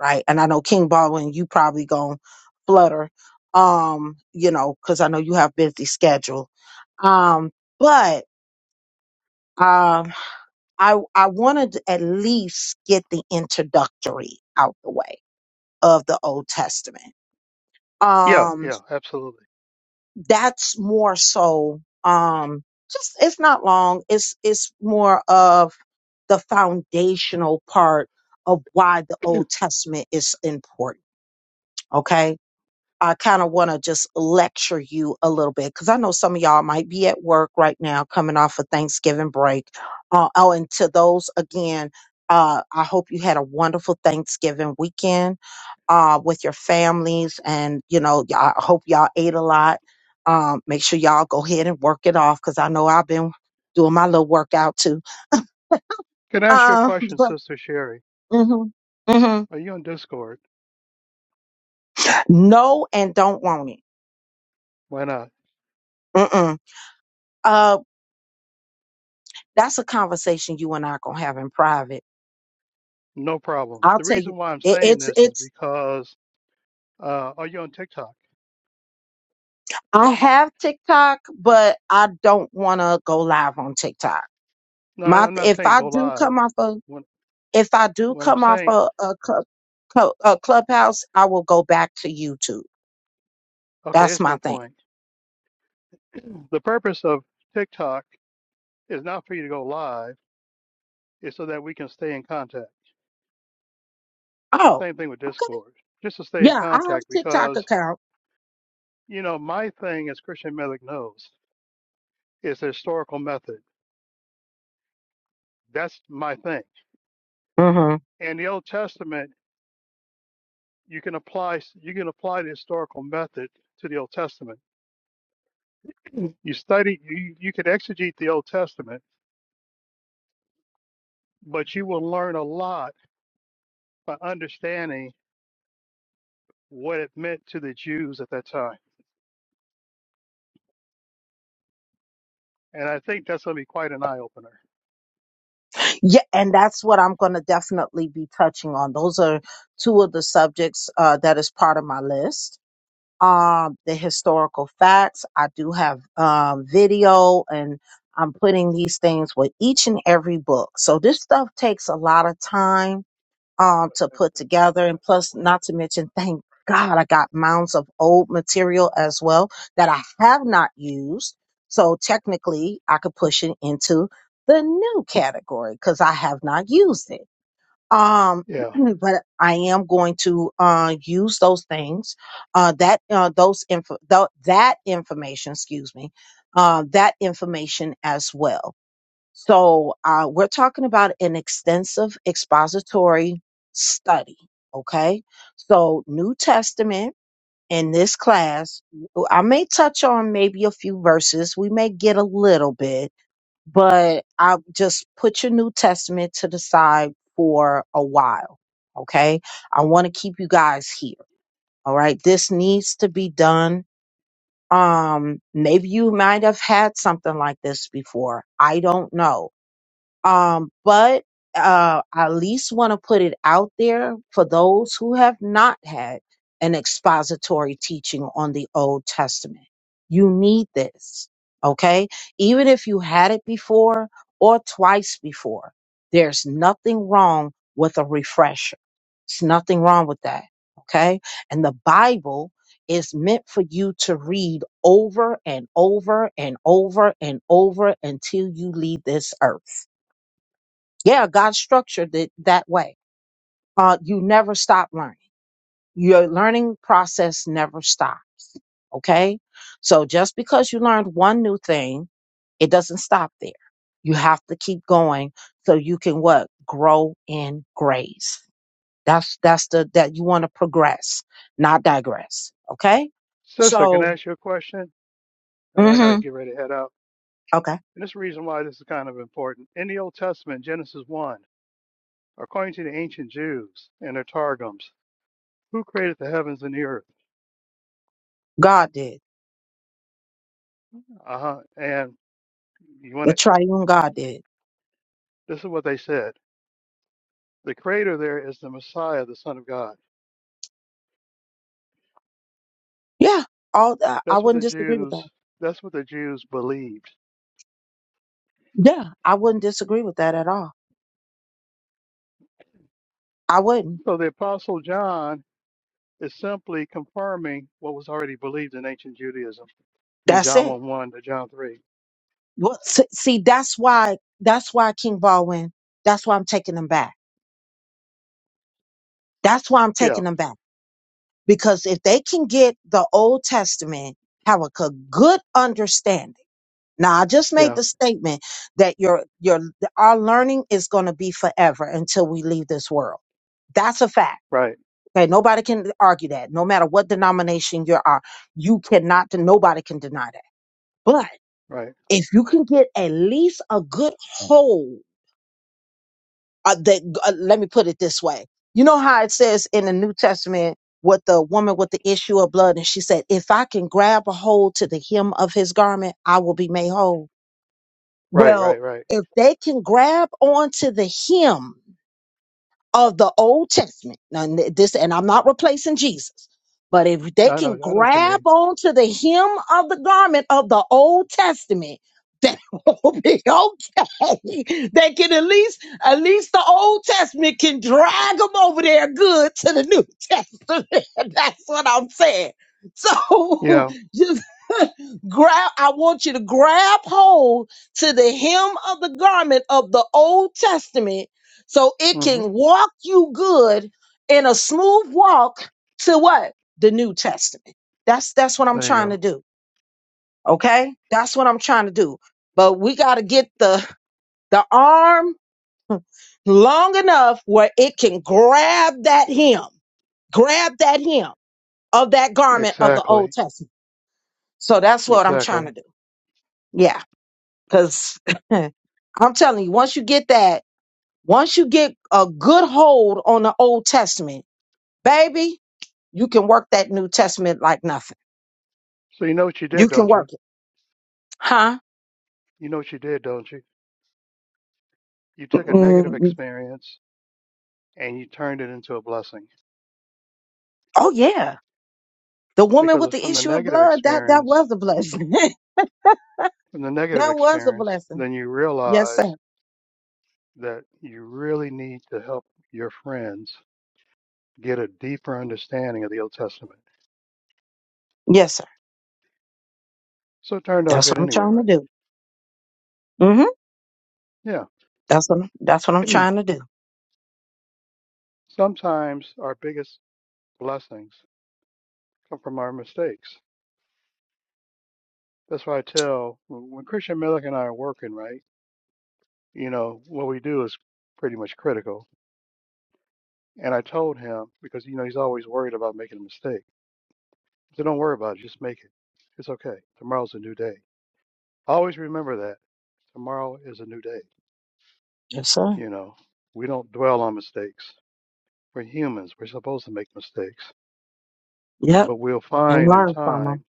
Speaker 1: right? And I know King Baldwin, you probably gonna flutter, um, you know, cause I know you have busy schedule. Um, but, um, I, I wanted to at least get the introductory out the way of the Old Testament.
Speaker 2: Yeah,
Speaker 1: Um,
Speaker 2: yeah, absolutely.
Speaker 1: that's more so um just it's not long it's it's more of the foundational part of why the old testament is important okay I kind of want to just lecture you a little bit because I know some of y'all might be at work right now, coming off a Thanksgiving break. Uh, oh, and to those again, uh, I hope you had a wonderful Thanksgiving weekend uh, with your families, and you know, y- I hope y'all ate a lot. Um, make sure y'all go ahead and work it off because I know I've been doing my little workout too.
Speaker 2: Can I ask you a
Speaker 1: Um,
Speaker 2: question,
Speaker 1: but
Speaker 2: Sister Sherry?
Speaker 1: hmm hmm
Speaker 2: Are you on Discord?
Speaker 1: no, and don't want it.
Speaker 2: Why not?
Speaker 1: Mm-mm. uh, That's a conversation you and I are gonna have in private.
Speaker 2: No problem.
Speaker 1: I'll
Speaker 2: The
Speaker 1: tell you,
Speaker 2: reason why I'm
Speaker 1: it,
Speaker 2: saying
Speaker 1: it's
Speaker 2: this is
Speaker 1: it's.
Speaker 2: because uh, are you on TikTok?
Speaker 1: I have TikTok, but I don't want to go live on TikTok.
Speaker 2: No,
Speaker 1: My
Speaker 2: I'm not
Speaker 1: if
Speaker 2: saying
Speaker 1: I
Speaker 2: go
Speaker 1: do
Speaker 2: live.
Speaker 1: come off of
Speaker 2: When
Speaker 1: if I do
Speaker 2: when I'm
Speaker 1: come off
Speaker 2: saying
Speaker 1: a a, club, cl- a clubhouse, I will go back to YouTube.
Speaker 2: okay,
Speaker 1: That's
Speaker 2: here's my
Speaker 1: my thing.
Speaker 2: point. The purpose of TikTok is not for you to go live. It's so that we can stay in contact.
Speaker 1: Oh,
Speaker 2: Same thing with
Speaker 1: okay,
Speaker 2: Discord, just to stay in
Speaker 1: yeah, I have
Speaker 2: contact
Speaker 1: a TikTok
Speaker 2: because
Speaker 1: account.
Speaker 2: you know my thing, as Christian Millick knows, is the historical method. That's my thing.
Speaker 1: hmm
Speaker 2: And the Old Testament, you can apply you can apply the historical method to the Old Testament You study, you, you could exegete the Old Testament, but you will learn a lot by understanding what it meant to the Jews at that time. And I think that's going to be quite an eye opener.
Speaker 1: Yeah, and that's what I'm gonna definitely be touching on. Those are two of the subjects uh, that is part of my list um, the historical facts. I do have um, video, and I'm putting these things with each and every book. So this stuff takes a lot of time um, to put together, and plus, not to mention, thank God I got mounds of old material as well that I have not used. So technically, I could push it into the new category because I have not used it um
Speaker 2: Yeah.
Speaker 1: but i am going to uh use those things uh that uh those info th- that information excuse me uh that information as well so uh we're talking about an extensive expository study okay so new testament in this class I may touch on maybe a few verses we may get a little bit but I just put your New Testament to the side for a while. Okay. I want to keep you guys here. All right. This needs to be done. Um, maybe you might have had something like this before. I don't know um, but uh, I at least want to put it out there for those who have not had an expository teaching on the Old Testament. You need this, okay? Even if you had it before or twice before, there's nothing wrong with a refresher. It's nothing wrong with that, okay? And the Bible is meant for you to read over and over and over and over until you leave this earth yeah, God structured it that way. Uh, you never stop learning. Your learning process never stops. Okay. So just because you learned one new thing, it doesn't stop there. You have to keep going so you can what? Grow in grace. That's, that's the, that you want to progress, not digress. Okay.
Speaker 2: Sister, can
Speaker 1: So,
Speaker 2: I ask you a question? And I got
Speaker 1: hmm
Speaker 2: to get ready to head out.
Speaker 1: okay.
Speaker 2: And this is the reason why this is kind of important. In the Old Testament, Genesis 1, according to the ancient Jews and their Targums, who created the heavens and the earth?
Speaker 1: God did.
Speaker 2: Uh huh. And you want
Speaker 1: The
Speaker 2: to,
Speaker 1: triune God did.
Speaker 2: this is what they said. The creator there is the Messiah, the Son of God.
Speaker 1: Yeah. All, I I
Speaker 2: That's what
Speaker 1: wouldn't
Speaker 2: the
Speaker 1: disagree with
Speaker 2: Jews
Speaker 1: that.
Speaker 2: that's what the Jews believed.
Speaker 1: Yeah. I wouldn't disagree with that at all. I wouldn't.
Speaker 2: So the apostle John is simply confirming what was already believed in ancient Judaism in
Speaker 1: That's
Speaker 2: John
Speaker 1: it.
Speaker 2: 1 1 to John 3.
Speaker 1: Well, s- see, that's why, that's why King Baldwin, that's why I'm taking them back. That's why I'm
Speaker 2: Yeah,
Speaker 1: taking them back. Because if they can get the Old Testament, have a co- good understanding. Now, I just made
Speaker 2: yeah,
Speaker 1: the statement that your, your, our learning is going to be forever until we leave this world. That's a fact.
Speaker 2: right,
Speaker 1: Okay. Nobody can argue that. No matter what denomination you are, you cannot, nobody can deny that. But
Speaker 2: right,
Speaker 1: if you can get at least a good hold uh, that uh, let me put it this way you know how it says in the new testament with the woman with the issue of blood and she said if i can grab a hold to the hem of his garment i will be made whole
Speaker 2: right,
Speaker 1: well
Speaker 2: right, right.
Speaker 1: if they can grab onto the hem of the Old Testament. Now, n- this, and I'm not replacing Jesus, but if they
Speaker 2: I know,
Speaker 1: can
Speaker 2: I know what you
Speaker 1: grab
Speaker 2: mean.
Speaker 1: onto the hem of the garment of the Old Testament, that will be okay. They can at least, at least the Old Testament can drag them over there good to the New Testament. That's what I'm saying. So
Speaker 2: Yeah,
Speaker 1: just grab, I want you to grab hold to the hem of the garment of the Old Testament so it
Speaker 2: hmm
Speaker 1: can walk you good in a smooth walk to what? The New Testament. That's that's what I'm
Speaker 2: there you
Speaker 1: trying to
Speaker 2: go.
Speaker 1: do. Okay? That's what I'm trying to do. But we got to get the the arm long enough where it can grab that hem, grab that hem of that garment of the Old
Speaker 2: Exactly,
Speaker 1: Testament. So that's what I'm trying to
Speaker 2: exactly.
Speaker 1: do. Yeah, cuz I'm telling you, once you get that, once you get a good hold on the Old Testament, baby, You can work that New Testament like nothing.
Speaker 2: So you know what you
Speaker 1: You
Speaker 2: did,
Speaker 1: can
Speaker 2: don't
Speaker 1: work
Speaker 2: you?
Speaker 1: it. Huh?
Speaker 2: You know what you did, don't you? You took a negative
Speaker 1: Mm,
Speaker 2: experience and you turned it into a blessing
Speaker 1: oh, yeah. The woman
Speaker 2: because
Speaker 1: with
Speaker 2: it's
Speaker 1: the
Speaker 2: from the
Speaker 1: issue of
Speaker 2: negative
Speaker 1: blood, that, that
Speaker 2: experience
Speaker 1: was a blessing.
Speaker 2: and the negative
Speaker 1: that was a
Speaker 2: experience,
Speaker 1: blessing.
Speaker 2: then you
Speaker 1: Yes, sir.
Speaker 2: realize that you really need to help your friends get a deeper understanding of the Old Testament.
Speaker 1: Yes, sir.
Speaker 2: So it turned out
Speaker 1: That's
Speaker 2: good
Speaker 1: what I'm
Speaker 2: anyway,
Speaker 1: trying
Speaker 2: right?
Speaker 1: to do. hmm
Speaker 2: Yeah.
Speaker 1: That's what, that's what I'm trying to do.
Speaker 2: Sometimes our biggest blessings come from our mistakes. That's why I tell when Christian Millick and I are working, right? You know, what we do is pretty much critical. And I told him because, you know, he's always worried about making a mistake. So don't worry about it. Just make it. It's okay. Tomorrow's a new day. Always remember that. Tomorrow is a new day.
Speaker 1: Yes, sir.
Speaker 2: You know, we don't dwell on mistakes. We're humans. We're supposed to make mistakes.
Speaker 1: Yep.
Speaker 2: But we'll
Speaker 1: And
Speaker 2: find in
Speaker 1: learn from
Speaker 2: time
Speaker 1: them.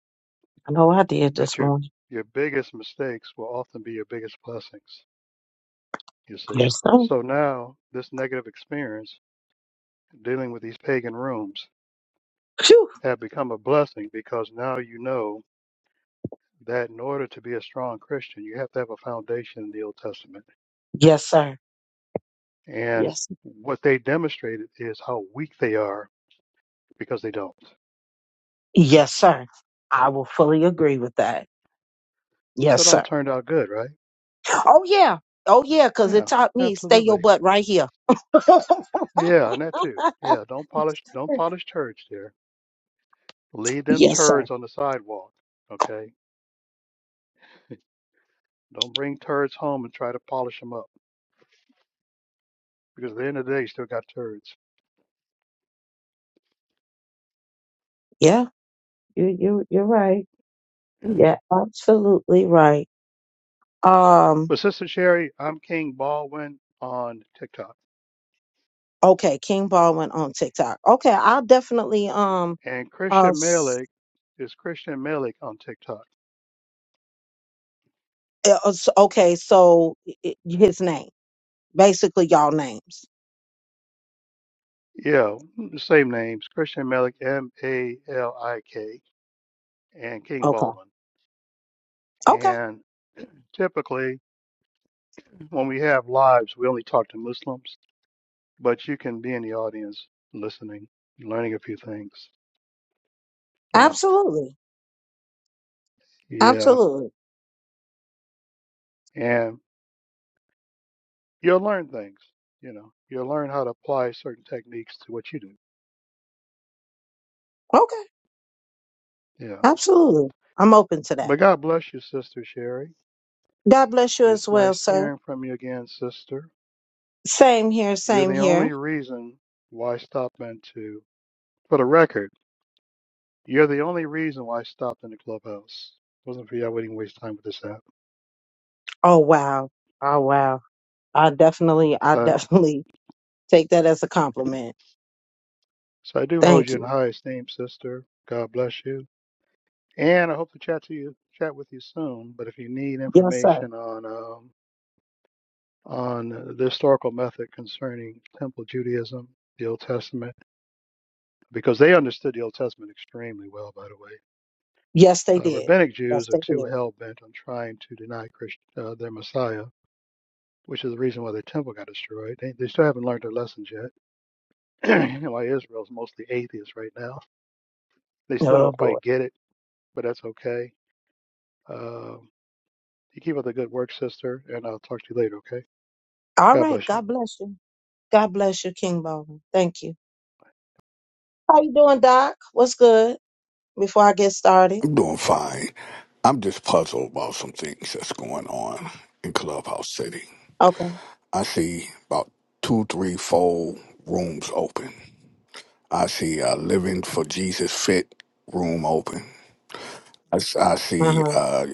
Speaker 1: I know I did
Speaker 2: that
Speaker 1: this
Speaker 2: your
Speaker 1: morning.
Speaker 2: your biggest mistakes will often be your biggest blessings, you see.
Speaker 1: Yes, sir.
Speaker 2: So now this negative experience dealing with these pagan rooms
Speaker 1: Phew.
Speaker 2: have become a blessing because now you know that in order to be a strong Christian, you have to have a foundation in the Old Testament.
Speaker 1: Yes, sir.
Speaker 2: And
Speaker 1: Yes.
Speaker 2: what they demonstrated is how weak they are because they don't.
Speaker 1: Yes, sir. I will fully agree with that.
Speaker 2: So
Speaker 1: Yes,
Speaker 2: it all
Speaker 1: sir.
Speaker 2: turned out good, right?
Speaker 1: Oh, yeah. Oh yeah, because it
Speaker 2: Yeah,
Speaker 1: taught me stay your
Speaker 2: absolutely.
Speaker 1: butt right here.
Speaker 2: Yeah, and that too. Yeah, don't polish don't polish turds there. Leave them
Speaker 1: Yes, sir.
Speaker 2: turds on the sidewalk. Okay? Don't bring turds home and try to polish them up because at the end of the day you still got turds.
Speaker 1: Yeah, you you you're right. Yeah, absolutely right. Um,
Speaker 2: But Sister Sherry, I'm King Baldwin on TikTok.
Speaker 1: okay, King Baldwin on TikTok. Okay, I'll definitely um
Speaker 2: And
Speaker 1: uh
Speaker 2: Christian
Speaker 1: s-
Speaker 2: Malik is Christian Malik on TikTok.
Speaker 1: uh, uh, s- okay, so i- i- his name. Basically y'all names.
Speaker 2: Yeah, the same names, Christian Malik M A L I K and King
Speaker 1: Okay.
Speaker 2: Baldwin.
Speaker 1: Okay.
Speaker 2: And typically When we have lives, we only talk to Muslims, but you can be in the audience listening, learning a few things, you know.
Speaker 1: Absolutely.
Speaker 2: Yeah.
Speaker 1: Absolutely.
Speaker 2: And you'll learn things, you know. You'll learn how to apply certain techniques to what you do.
Speaker 1: Okay.
Speaker 2: Yeah.
Speaker 1: Absolutely. I'm open to that.
Speaker 2: But God bless you, Sister Sherry.
Speaker 1: God bless you as
Speaker 2: It's
Speaker 1: well,
Speaker 2: nice
Speaker 1: sir.
Speaker 2: hearing from you again, sister.
Speaker 1: Same here,
Speaker 2: You're
Speaker 1: same
Speaker 2: the
Speaker 1: here.
Speaker 2: only reason why I stopped into, for the record, you're the only reason why I stopped in the clubhouse. It Wasn't for you, I wouldn't waste time with this app.
Speaker 1: Oh wow. Oh wow. I definitely I
Speaker 2: So
Speaker 1: definitely take that as a compliment
Speaker 2: So I do hold
Speaker 1: Thank
Speaker 2: you in
Speaker 1: you.
Speaker 2: high esteem, sister. God bless you. And I hope to chat to you, chat with you soon. But if you need
Speaker 1: Yes, sir.
Speaker 2: information on um, on the historical method concerning Temple Judaism, the Old Testament, because they understood the Old Testament extremely well, by the way.
Speaker 1: Yes, they
Speaker 2: Uh,
Speaker 1: did.
Speaker 2: rabbinic
Speaker 1: Yes,
Speaker 2: Jews are
Speaker 1: they
Speaker 2: too
Speaker 1: did.
Speaker 2: hell bent on trying to deny Christ, uh, their Messiah, which is the reason why the temple got destroyed. They, they still haven't learned their lessons yet. you know why Israel's mostly atheist right now. They still
Speaker 1: Oh
Speaker 2: don't
Speaker 1: boy.
Speaker 2: quite get it, but that's okay. Uh, You keep up the good work, sister, and I'll talk to you later, okay?
Speaker 1: All
Speaker 2: God
Speaker 1: right.
Speaker 2: bless you.
Speaker 1: God bless you. God bless you, King Baldwin. Thank you. How you doing, Doc? What's good? Before I get started.
Speaker 7: I'm doing fine. I'm just puzzled about some things that's going on in Clubhouse City.
Speaker 1: Okay.
Speaker 7: I see about two, three, four rooms open. I see a Living for Jesus Fit room open. I, s- I
Speaker 1: Uh
Speaker 7: see
Speaker 1: huh.
Speaker 7: uh,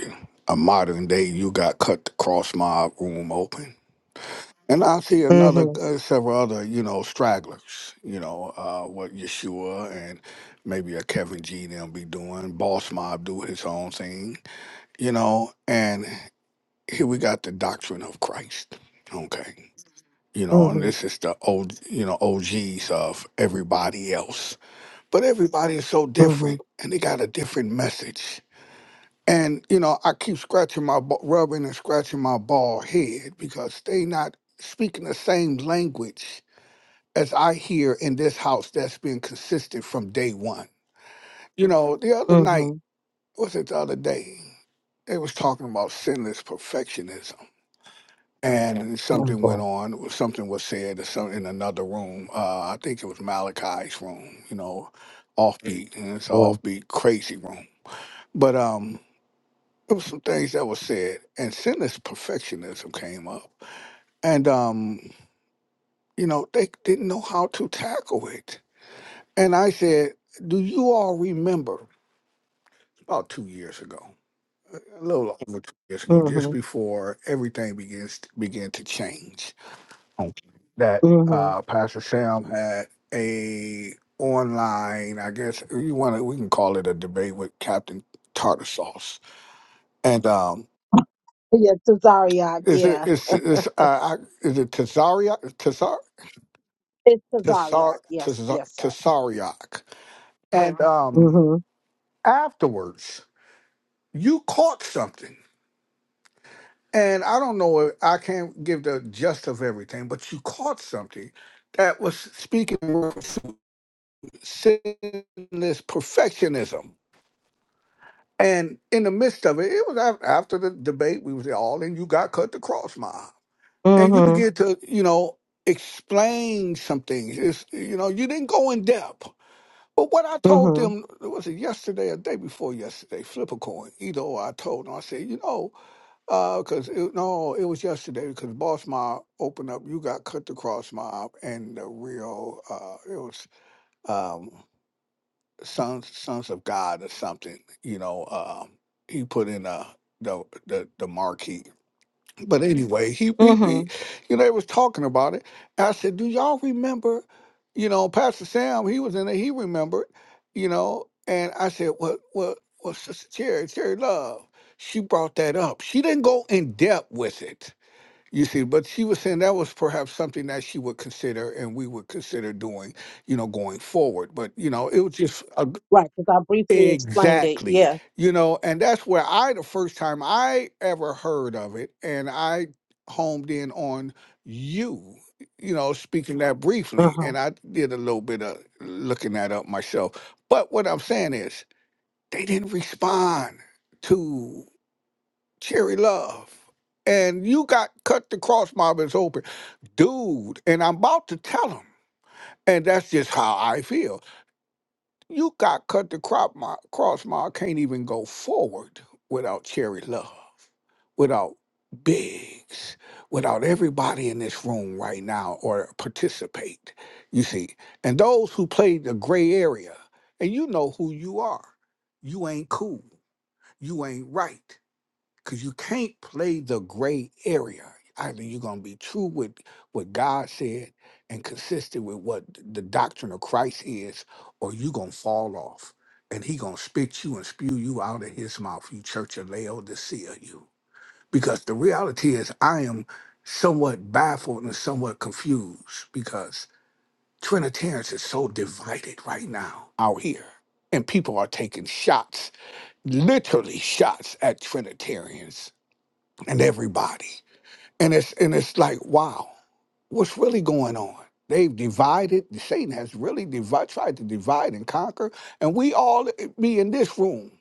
Speaker 7: a modern day You Got Cut the Cross Mob room open. And I see another,
Speaker 1: Mhm.
Speaker 7: uh, several other, you know, stragglers, you know, uh, what Yeshua and maybe a Kevin G. them be doing. Boss Mob do his own thing you know, and here we got the doctrine of Christ, okay, you know, and
Speaker 1: Mhm.
Speaker 7: this is the old, you know, OGs of everybody else, but everybody is so
Speaker 1: Mhm.
Speaker 7: different, and they got a different message, and you know, I keep scratching my, ba- rubbing and scratching my bald head because they not speaking the same language as I hear in this house that's been consistent from day one. You know, the other night,
Speaker 1: Mhm.
Speaker 7: was it the other day? They was talking about sinless perfectionism and
Speaker 1: Oh
Speaker 7: something
Speaker 1: boy.
Speaker 7: went on. Something was said or some- in another room. Uh, I think it was Malachi's room. You know, offbeat, and it's an
Speaker 1: Boy.
Speaker 7: offbeat crazy room. But um, there was some things that were said, and sinless perfectionism came up, and um, you know, they didn't know how to tackle it. And I said, "Do you all remember about two years ago?" A little over two years ago, just
Speaker 1: Mhm.
Speaker 7: before everything begins began to change, that
Speaker 1: Mhm.
Speaker 7: uh, Pastor Sam had a online, I guess you want to, we can call it a debate with Captain Tartar Sauce. And um,
Speaker 1: Yeah, Tazariak.
Speaker 7: is it
Speaker 1: Yeah,
Speaker 7: is is uh, I, is it Tazaria Tazar
Speaker 1: it's Tazariak.
Speaker 7: Tazar
Speaker 1: Yes,
Speaker 7: Tazar
Speaker 1: yes, sir.
Speaker 7: Tazariak? And um,
Speaker 1: Mhm.
Speaker 7: afterwards, you caught something. And I don't know, if- I can't give the gist of everything, but you caught something that was speaking of sinless perfectionism And in the midst of it, it was af- after the debate, we was all in you got cut the cross mob. And you
Speaker 1: Mhm.
Speaker 7: begin to, you know, explain some things. It's, you know, you didn't go in depth. But what I told
Speaker 1: Mhm.
Speaker 7: them, was it yesterday or day before yesterday, flip a coin. Either or I told them, I said, you know, because, it no, it was yesterday because Boss Mob opened up, you got cut the cross mob and the real, uh, it was um, sons sons of God or something. You know, um, he put in uh the the the marquee. But anyway, he we we
Speaker 1: Mhm.
Speaker 7: you know they was talking about it. I said, do y'all remember? You know, Pastor Sam, he was in there. He remembered. You know, and I said, well, well, well, Sister Cherry, Cherry Love, she brought that up. She didn't go in depth with it. You see, but she was saying that was perhaps something that she would consider and we would consider doing you know, going forward. But you know, it was just a
Speaker 1: Right, because I briefly explained it.
Speaker 7: Exactly.
Speaker 1: Yes.
Speaker 7: You know, and that's where I, the first time I ever heard of it, and I homed in on you, you know, speaking that
Speaker 1: Uh
Speaker 7: briefly.
Speaker 1: huh.
Speaker 7: And I did a little bit of looking that up myself. But what I'm saying is, they didn't respond to Cherry Love. And you got cut the cross mob is open. Dude, and I'm about to tell him. And that's just how I feel. You got cut the crop mile, cross mile, can't even go forward without Cherry Love, without Biggs, without everybody in this room right now or participate, you see. And those who played the gray area, and you know who you are. You ain't cool. You ain't right because you can't play the gray area. Either you're gonna be true with what God said and consistent with what the doctrine of Christ is, or you gonna fall off, and He gonna spit you and spew you out of His mouth, you Church of Laodicea, you. Because the reality is, I am somewhat baffled and somewhat confused because Trinitarians is so divided right now out here, and people are taking shots, literally shots at Trinitarians and everybody. And it's and it's like, wow, what's really going on? They've divided. Satan has really divide, tried to divide and conquer, and we all eh, be in this room.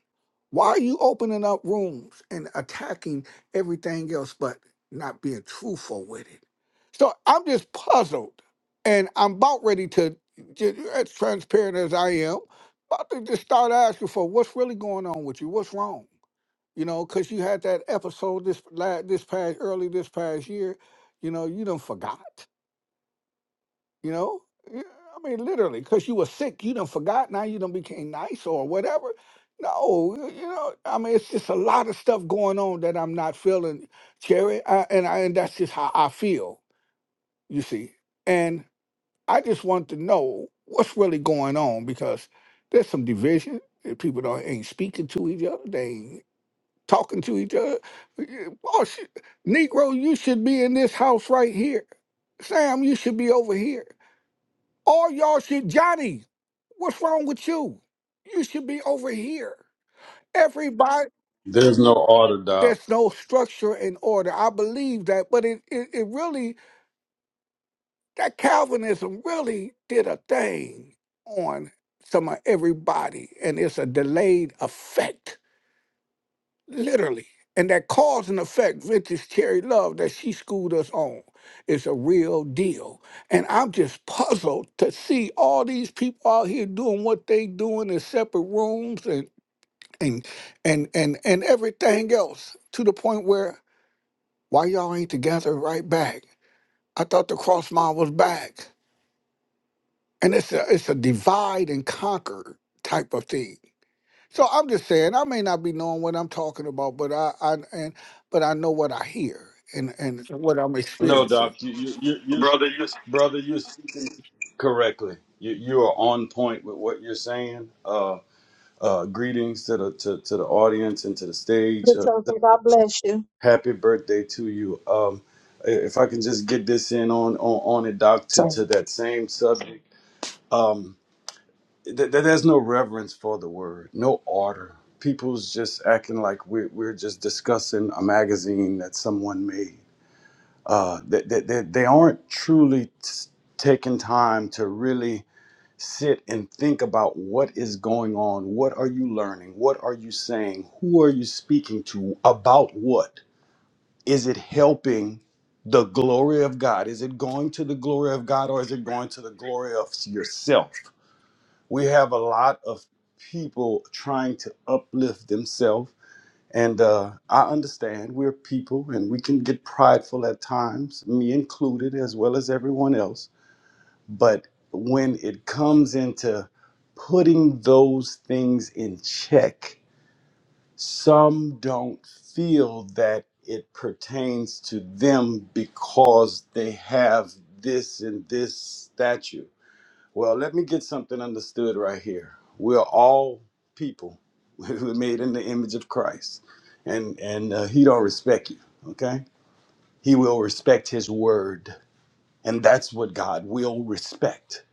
Speaker 7: Why are you opening up rooms and attacking everything else, but not being truthful with it? So I'm just puzzled, and I'm about ready to, ju- as transparent as I am, about to just start asking for what's really going on with you. What's wrong? you know, because you had that episode this la this past early this past year, you know, you done forgot, you know. Yeah, I mean, literally, because you were sick, you done forgot. Now you done became nice or whatever. No, y- you know, I mean, it's just a lot of stuff going on that I'm not feeling, Jerry, I, and I, and that's just how I feel, you see. And I just want to know what's really going on because there's some division. and People don't ain't speaking to each other. They ain't talking to each other. Oh, shit. Negro, you should be in this house right here. Sam, you should be over here. All y'all should, Johnny, what's wrong with you? You should be over here. Everybody,
Speaker 8: There's no order, Doc.
Speaker 7: there's no structure and order. I believe that, but it, it, it really, that Calvinism really did a thing on some of everybody, and it's a delayed effect Literally. And that cause and effect, vintage cherry love that she schooled us on, is a real deal. And I'm just puzzled to see all these people out here doing what they doing in separate rooms and and and and and everything else to the point where why y'all ain't together right back? I thought the cross mile was back. And it's a it's a divide and conquer type of thing. So I'm just saying, I may not be knowing what I'm talking about, but I, I and but I know what I hear and and what I'm
Speaker 8: No,
Speaker 7: experiencing.
Speaker 8: Doc. You, you, you, you
Speaker 7: brother. You
Speaker 8: brother, you're speaking correctly. You, you are on point with what you're saying. Uh, uh, greetings to the to, to the audience and to the stage.
Speaker 1: Good
Speaker 8: Uh,
Speaker 1: chosen. God bless you.
Speaker 8: happy birthday to you. Um, if I can just get this in on on, on it, Doc, to, to that same subject. Um, th- th- there's no reverence for the word, no order. People's just acting like we're, we're just discussing a magazine that someone made uh, they, they, they aren't truly t- taking time to really sit and think about what is going on. What are you learning? What are you saying? Who are you speaking to? About what? Is it helping the glory of God? Is it going to the glory of God or is it going to the glory of yourself? We have a lot of people trying to uplift themselves and uh, I understand we're people and we can get prideful at times, me included, as well as everyone else. But when it comes into putting those things in check, some don't feel that it pertains to them because they have this and this statue. Well, let me get something understood right here. We are all people who are made in the image of Christ, and and uh, He don't respect you. Okay, He will respect His word, and that's what God will respect.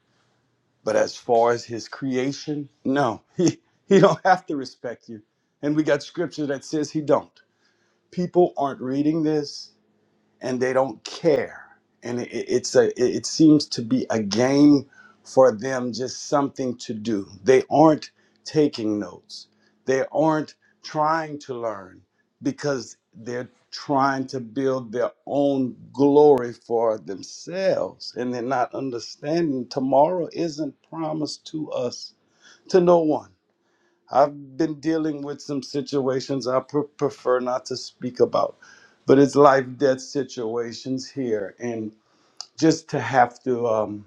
Speaker 8: But as far as His creation, no, He He don't have to respect you. And we got scripture that says He don't. People aren't reading this and they don't care and it, it- it's a it it seems to be a game for them just something to do they aren't taking notes they aren't trying to learn because they're trying to build their own glory for themselves and they're not understanding tomorrow isn't promised to us to no one I've been dealing with some situations I pre- prefer not to speak about, but it's life death situations here, and just to have to um,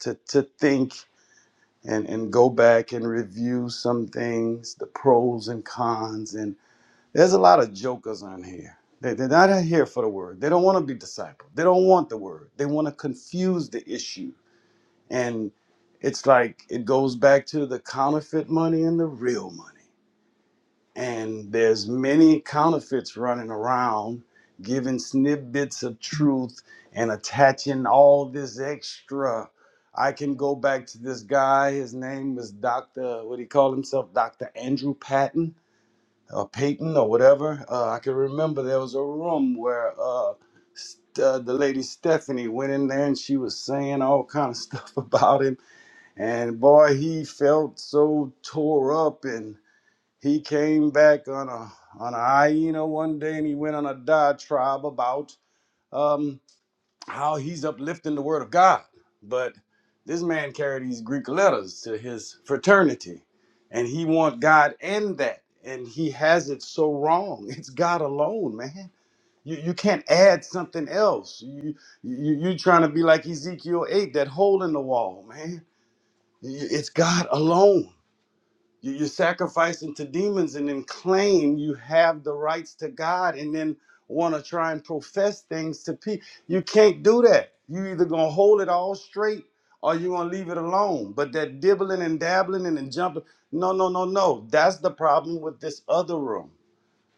Speaker 8: to to think and and go back and review some things, the pros and cons, and there's a lot of jokers on here. They, they're not here for the word. They don't want to be discipled. They don't want the word. They want to confuse the issue, and it's like it goes back to the counterfeit money and the real money and there's many counterfeits running around giving snippets of truth and attaching all this extra i can go back to this guy his name was dr what he called himself dr andrew patton or peyton or whatever uh, i can remember there was a room where uh, st- uh, the lady stephanie went in there and she was saying all kind of stuff about him and boy he felt so tore up and he came back on a on a hyena one day and he went on a diatribe about um, how he's uplifting the word of God. But this man carried these Greek letters to his fraternity, and he want God in that, and he has it so wrong. It's God alone, man. You, you can't add something else. You, you you trying to be like Ezekiel eight, that hole in the wall, man. You- It's God alone. You- You're sacrificing to demons and then claim you have the rights to God and then want to try and profess things to people. You can't do that. You either gonna hold it all straight or you gonna leave it alone. But that dibbling and dabbling and then jumping, no, no, no, no. That's the problem with this other room.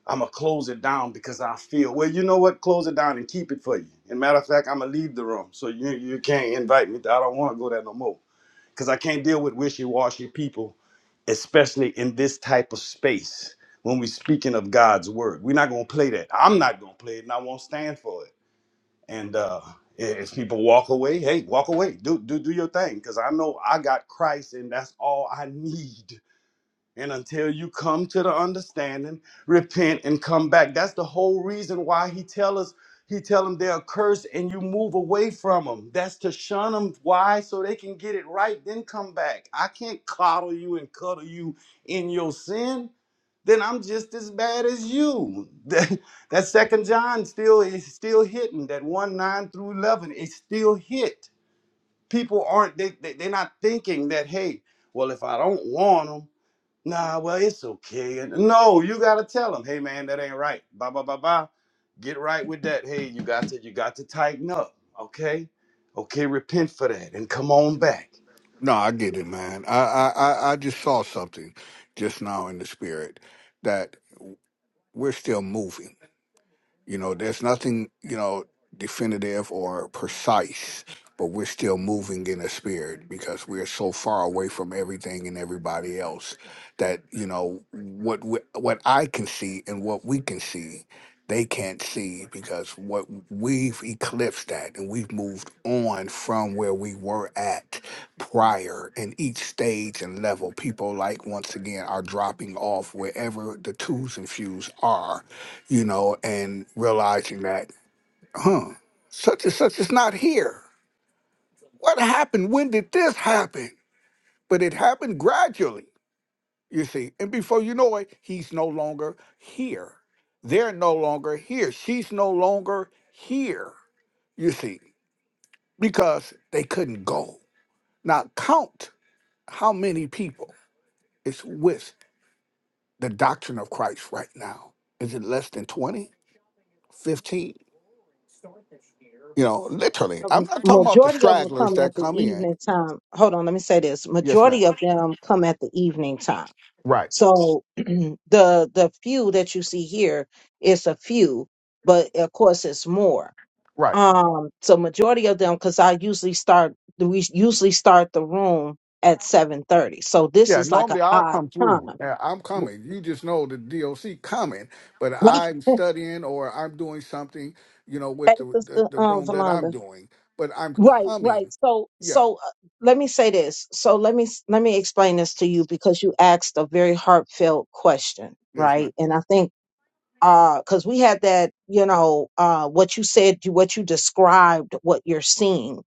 Speaker 8: I'ma close it down because I feel well. You know what? Close it down and keep it for you. And matter of fact, I'ma leave the room so you you can't invite me. I don't want to go there no more because I can't deal with wishy-washy people, especially in this type of space when we're speaking of God's word. We're not gonna play that. I'm not gonna play it, and I won't stand for it. And uh, if people walk away, hey, walk away. Do do do your thing, because I know I got Christ, and that's all I need. And until you come to the understanding, repent and come back. That's the whole reason why he tell us, he tell them they're cursed and you move away from them. That's to shun them. Why? So they can get it right, then come back. I can't coddle you and cuddle you in your sin. Then I'm just as bad as you. That, that second John still is still hitting. That one nine through eleven is still hit. People aren't they, they they're not thinking that hey, well if I don't want them. Nah, well, it's okay. And no, you gotta tell him, hey man, that ain't right. Ba ba ba ba. Get right with that. Hey, you got to you got to tighten up. Okay? Okay, repent for that and come on back.
Speaker 7: No, I get it, man. I I I I just saw something just now in the spirit that we're still moving. You know, there's nothing, you know, definitive or precise, but we're still moving in a spirit because we're so far away from everything and everybody else that, you know, what we, what I can see and what we can see, they can't see because what we've eclipsed that and we've moved on from where we were at prior in each stage and level. People like once again are dropping off wherever the twos and fews are you know, and realizing that, huh, such and such is not here. What happened? When did this happen? But it happened gradually, you see. And before you know it, he's no longer here. They're no longer here. She's no longer here, you see, because they couldn't go. Now, count how many people is with the doctrine of Christ right now. Is it less than 20, 15? You know, literally.
Speaker 1: a
Speaker 7: I'm not talking about the
Speaker 1: majority of them
Speaker 7: stragglers
Speaker 1: come
Speaker 7: that
Speaker 1: at the
Speaker 7: come in.
Speaker 1: evening time. Hold on, let me say this.
Speaker 7: Yes, ma'am.
Speaker 1: Majority of them come at the evening time.
Speaker 7: Right,
Speaker 1: So the the few that you see here is a few, but of course it's more.
Speaker 7: right.
Speaker 1: Um, so majority of them, because I usually start we usually start the room at seven thirty. So this
Speaker 7: Yeah,
Speaker 1: is like an
Speaker 7: normally I
Speaker 1: odd
Speaker 7: come
Speaker 1: time.
Speaker 7: through. Yeah, I'm coming. You just know the DOC coming, but I'm studying or I'm doing something, you know,
Speaker 1: Hey,
Speaker 7: with the the,
Speaker 1: sister
Speaker 7: the
Speaker 1: um,
Speaker 7: room that
Speaker 1: Valanda.
Speaker 7: I'm doing. But I'm
Speaker 1: Right, right.
Speaker 7: coming.
Speaker 1: So,
Speaker 7: Yeah.
Speaker 1: so uh, let me say this. So let me s- let me explain this to you because you asked a very heartfelt question,
Speaker 7: Yes, ma'am.
Speaker 1: right? And I think uh because we had that, you know, uh what you said, you- what you described, what you're seeing.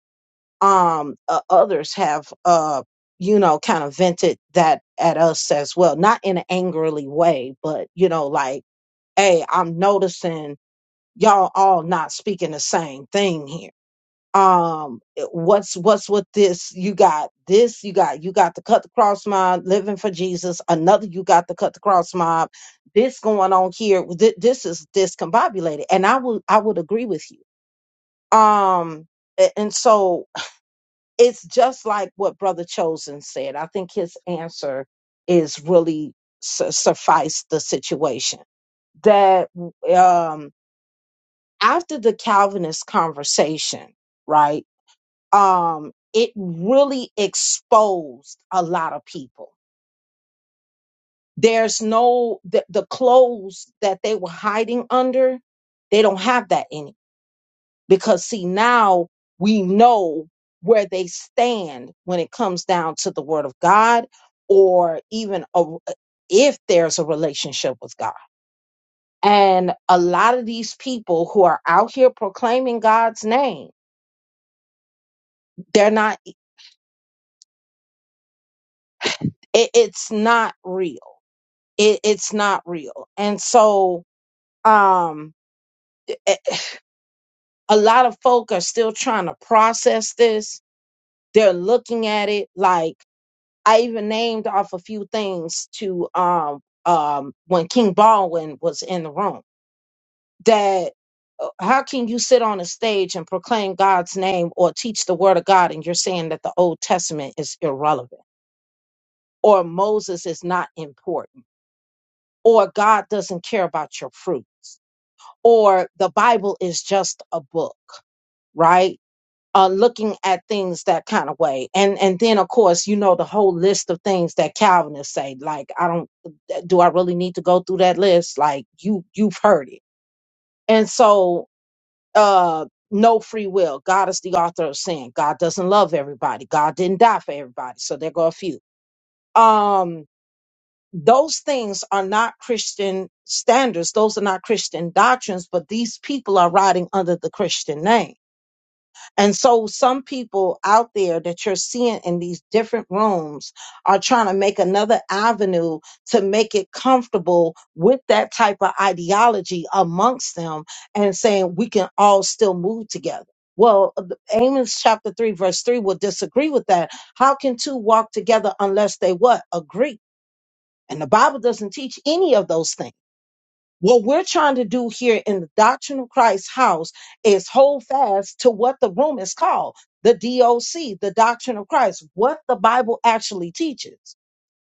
Speaker 1: Um, uh, others have uh, you know, kind of vented that at us as well, not in an angrily way, but you know, like, hey, I'm noticing y'all all not speaking the same thing here um what's what's with this you got this you got you got the cut the cross mob living for jesus another you got the cut the cross mob this going on here th- this is discombobulated and i would i would agree with you um a- and so it's just like what brother chosen said i think his answer is really su- suffice the situation that um after the calvinist conversation right um, it really exposed a lot of people. There's no the, the clothes that they were hiding under. They don't have that any because see now we know where they stand when it comes down to the Word of God, or even a, if there's a relationship with God. And a lot of these people who are out here proclaiming God's name, they're not. It, it's not real it, it's not real and so um a a lot of folk are still trying to process this they're looking at it like i even named off a few things to um um when king baldwin was in the room that uh, how can you sit on a stage and proclaim god's name or teach the word of god and you're saying that the old testament is irrelevant or moses is not important or god doesn't care about your fruits or the Bible is just a book, right? Uh, looking at things that kind of way, and and then of course you know the whole list of things that Calvinists say. Like I don't, uh, do I really need to go through that list? Like you you've heard it, and so uh, no free will. God is the author of sin. God doesn't love everybody. God didn't die for everybody, so there go a few. Um, those things are not Christian standards. Those are not Christian doctrines, but these people are riding under the Christian name. And so some people out there that you're seeing in these different rooms are trying to make another avenue to make it comfortable with that type of ideology amongst them and saying we can all still move together. Well, the- Amos chapter 3, verse 3 will disagree with that. How can two walk together unless they what? Agree? And the Bible doesn't teach any of those things. What we're trying to do here in the Doctrine of Christ house is hold fast to what the room is called the DOC, the Doctrine of Christ, what the Bible actually teaches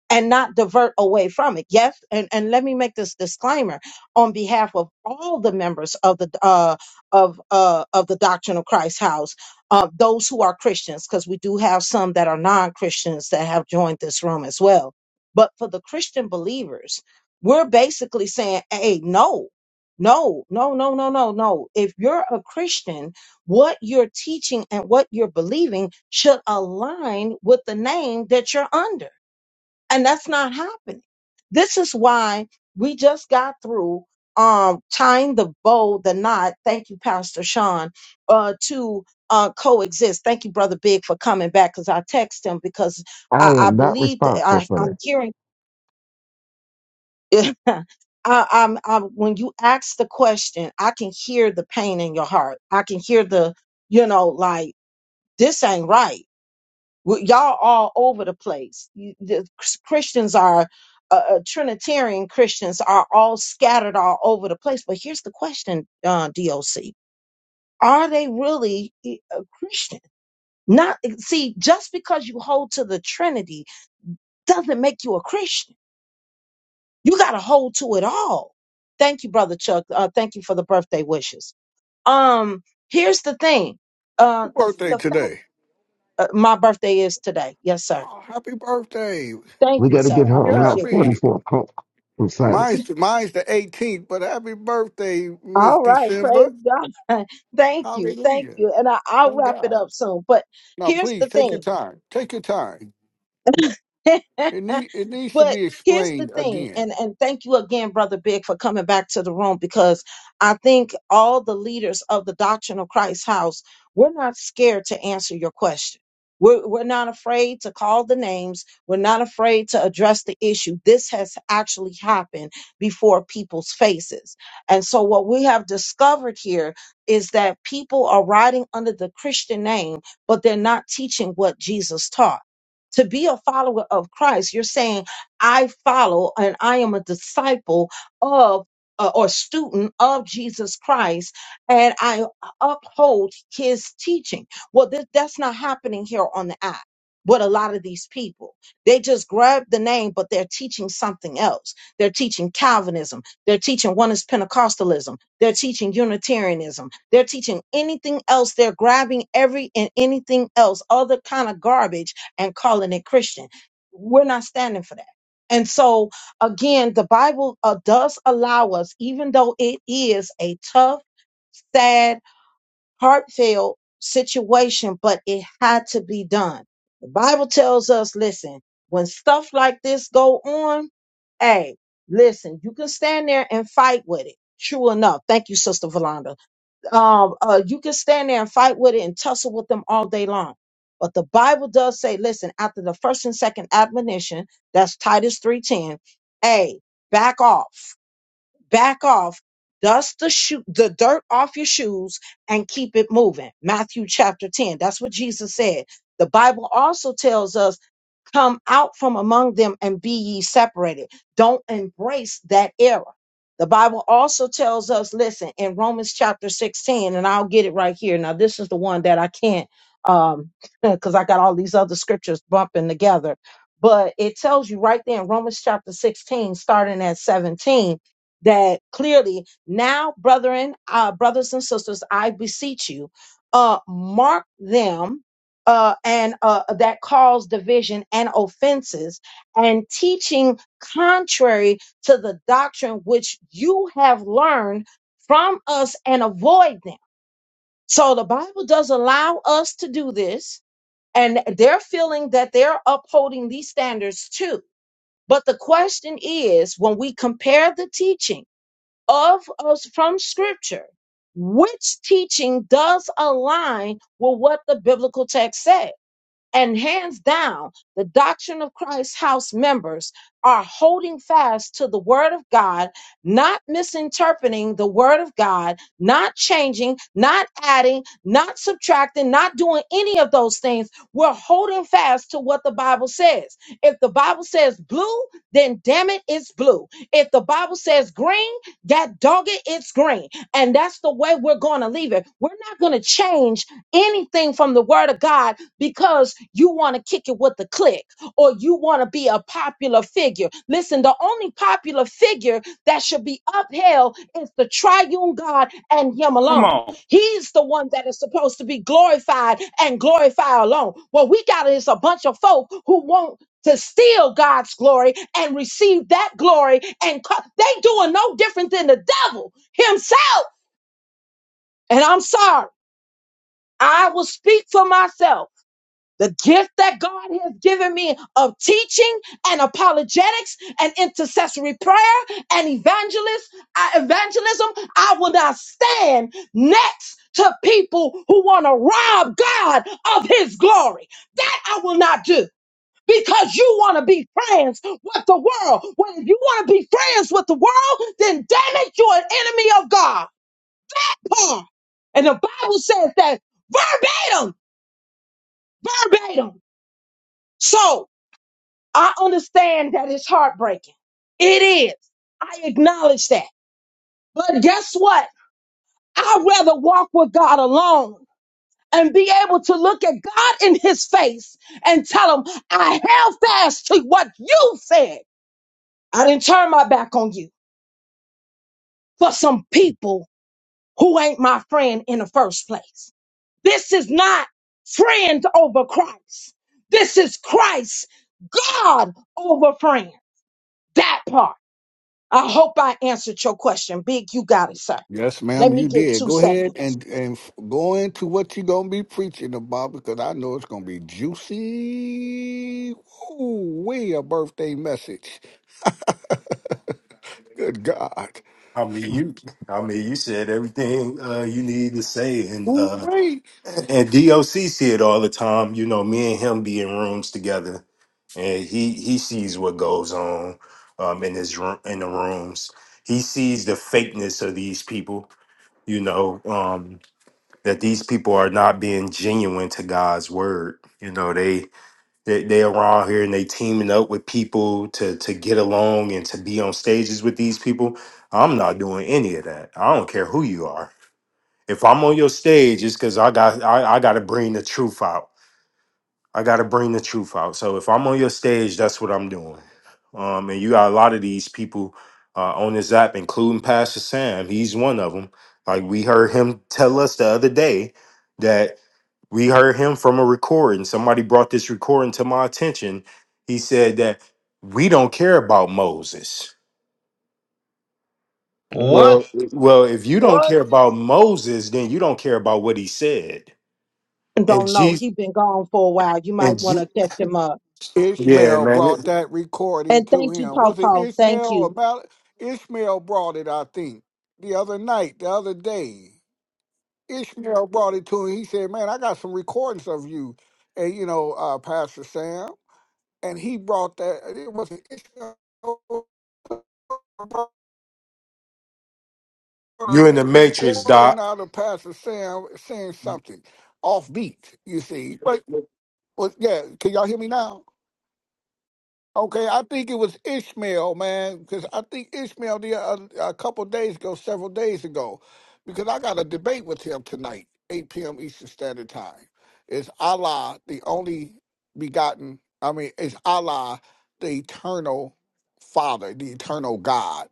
Speaker 1: and not divert away from it. Yes, and, and let me make this disclaimer on behalf of all the members of the uh, of uh, of the Doctrine of Christ House, uh, those who are Christians, because we do have some that are non Christians that have joined this room as well. But for the Christian believers, we're basically saying, "Hey, no." No, no, no, no, no, no. If you're a Christian, what you're teaching and what you're believing should align with the name that you're under and that's not happening. This is why we just got through um, tying the bow, the knot. Thank you, Pastor Sean, uh, to uh, coexist. Thank you, Brother Big, for coming back because I text him because
Speaker 9: I
Speaker 1: I, I
Speaker 9: am not
Speaker 1: believe that
Speaker 9: responsible
Speaker 1: I,
Speaker 9: for that.
Speaker 1: I'm hearing. I, I'm, I'm, when you ask the question, I can hear the pain in your heart. I can hear the, you know, like this ain't right we- Y'all all over the place. You- The Christians are, uh, uh, Trinitarian Christians are all scattered all over the place. But here's the question, uh, DOC. Are they really eh, a Christian? Not, eh, see, just because you hold to the Trinity doesn't make you a Christian. You got to hold to it all. Thank you, brother Chuck. Uh, thank you for the birthday wishes. Um, here's the thing. Uh, the
Speaker 7: Birthday
Speaker 1: the fact
Speaker 7: today.
Speaker 1: uh, my birthday is today. Yes, sir.
Speaker 7: Oh, happy birthday.
Speaker 1: Thank
Speaker 9: We
Speaker 1: you,
Speaker 9: got to
Speaker 1: sir.
Speaker 9: get
Speaker 1: I
Speaker 9: her
Speaker 7: Happy,
Speaker 9: on Route
Speaker 1: appreciate that.
Speaker 7: happy.
Speaker 9: 44 pump from Sonic.
Speaker 7: Mine's, mine's the 18th, but happy birthday, Miss
Speaker 1: All right,
Speaker 7: December.
Speaker 1: praise God. Thank you, thank
Speaker 7: Hallelujah.
Speaker 1: you. And I, I'll
Speaker 7: Thank
Speaker 1: wrap
Speaker 7: God.
Speaker 1: it up soon. But
Speaker 7: No,
Speaker 1: here's the
Speaker 7: please take
Speaker 1: thing
Speaker 7: your time. Take your time. It need it needs to
Speaker 1: but
Speaker 7: be
Speaker 1: here's the
Speaker 7: explained
Speaker 1: thing,
Speaker 7: again.
Speaker 1: and and thank you again, brother Big, for coming back to the room because I think all the leaders of the Doctrine of Christ house, we're not scared to answer your question. We're, we're not afraid to call the names. We're not afraid to address the issue. This has actually happened before people's faces. And so, what we have discovered here is that people are riding under the Christian name, but they're not teaching what Jesus taught to be a follower of Christ, you're saying, I follow and I am a disciple of uh, or student of Jesus Christ and I uphold his teaching. Well, th- that's not happening here on the app. What a lot of these people, they just grab the name, but they're teaching something else. They're teaching Calvinism. They're teaching one is Pentecostalism. They're teaching Unitarianism. They're teaching anything else. They're grabbing every and anything else, other kind of garbage and calling it Christian. We're not standing for that. And so, again, the Bible uh, does allow us, even though it is a tough, sad, heartfelt situation, but it had to be done. The Bible tells us, listen, when stuff like this go on, hey, listen, you can stand there and fight with it. True enough. Thank you, Sister Valanda um, uh, you can stand there and fight with it and tussle with them all day long. But the Bible does say, listen, after the first and second admonition, that's Titus 3:10, hey, back off, back off, dust the shoe, the dirt off your shoes and keep it moving. Matthew chapter 10. That's what Jesus said. The Bible also tells us Come out from among them and be ye separated. Don't embrace that error. The Bible also tells us, listen, in Romans chapter 16, and I'll get it right here. Now, this is the one that I can't, um, because I got all these other scriptures bumping together. But it tells you right there in Romans chapter 16, starting at 17, that clearly, now, brethren, uh, brothers and sisters, I beseech you, uh, mark them uh, and uh, that cause division and offenses, and teaching contrary to the doctrine which you have learned from us and avoid them. So the Bible does allow us to do this, and they're feeling that they're upholding these standards too. But the question is when we compare the teaching of us from Scripture, which teaching does align with what the biblical text says? And hands down, the Doctrine of Christ House members are holding fast to the Word of God, not misinterpreting the Word of God, not changing, not adding, not subtracting, not doing any of those things. We're holding fast to what the Bible says. If the Bible says blue, then damn it, it's blue. If the Bible says green, that dog it, it's green. And that's the way we're going to leave it. We're not going to change anything from the Word of God because you want to kick it with the clique, or you want to be a popular figure. Listen, the only popular figure that should be upheld is the triune God and Him
Speaker 8: Come
Speaker 1: alone.
Speaker 8: on.
Speaker 1: He's the one that is supposed to be glorified and glorified alone. What we got is a bunch of folk who want to steal God's glory and receive that glory, and co- they doing no different than the devil himself. And I'm sorry, I will speak for myself the gift that God has given me of teaching and apologetics and intercessory prayer and evangelist, uh, evangelism, I will not stand next to people who want to rob God of his glory. That I will not do. Because you want to be friends with the world. Well, if you want to be friends with the world, then damn it, you're an enemy of God. Paul. And the Bible says that verbatim, verbatim. So I understand that it's heartbreaking. It is. I acknowledge that. But guess what? I'd rather walk with God alone and be able to look at God in his face and tell him, I held fast to what you said. I didn't turn my back on you for some people who ain't my friend in the first place. This is not friend over Christ. This is Christ, God over friend. That part. I hope I answered your question. Big, you got it, sir.
Speaker 7: Yes,
Speaker 1: Let
Speaker 7: ma'am,
Speaker 1: me
Speaker 7: you
Speaker 1: get
Speaker 7: did.
Speaker 1: two
Speaker 7: Go ahead
Speaker 1: seconds.
Speaker 7: and and f- go into what you're gonna be preaching about because I know it's gonna be juicy. Ooh, way a birthday message. Good God.
Speaker 3: mean, you. I mean, you said everything uh, you need to say, and
Speaker 7: Ooh,
Speaker 3: uh,
Speaker 7: wait.
Speaker 3: and DOC see it all the time. You know, me and him be in rooms together, and he he sees what goes on um, in his room in the rooms. He sees the fakeness of these people. you know um that these people are not being genuine to god's word you know they they they around here and they teaming up with people to to get along and to be on stages with these people i'm not doing any of that i don't care who you are if i'm on your stage it's because i got I, I gotta bring the truth out I gotta bring the truth out. So if I'm on your stage, that's what I'm doing. Um, and you got a lot of these people uh, on this app, including Pastor Sam. He's one of them. Like we heard him tell us the other day that we heard him from a recording. Somebody brought this recording to my attention. He said that we don't care about Moses.
Speaker 8: What?
Speaker 3: Well, well, if you don't
Speaker 8: What?
Speaker 3: care about Moses, then you don't care about what he said. And
Speaker 1: Don't know.
Speaker 3: Jesus,
Speaker 1: He been gone for a while. You
Speaker 3: and
Speaker 1: might want
Speaker 3: Je-
Speaker 1: to catch him up.
Speaker 3: yeah,
Speaker 7: Ishmael
Speaker 3: man,
Speaker 7: brought
Speaker 3: it-
Speaker 7: that recording
Speaker 1: And
Speaker 7: to
Speaker 1: thank you,
Speaker 7: him.
Speaker 1: Paul
Speaker 7: Was it
Speaker 1: Paul.
Speaker 7: Ishmael
Speaker 1: Thank
Speaker 7: or
Speaker 1: you.
Speaker 7: Mal? Ishmael brought it, I think, the other night, the other day. Ishmael brought it to him. He said, "Man, I got some recordings of you, and you know, uh, Pastor Sam." And he brought that. It was Ishmael brought a
Speaker 3: you in the matrix, Doc.
Speaker 7: recording out of Pastor Sam saying something off beat. You see, but, but yeah, can y'all hear me now? Okay, I think it was Ishmael, man, because I think Ishmael the uh, a couple days ago, several days ago, because I got a debate with him tonight, 8 p.m. Eastern Standard Time. Is Allah the only begotten? I mean, is Allah the eternal Father, the eternal God?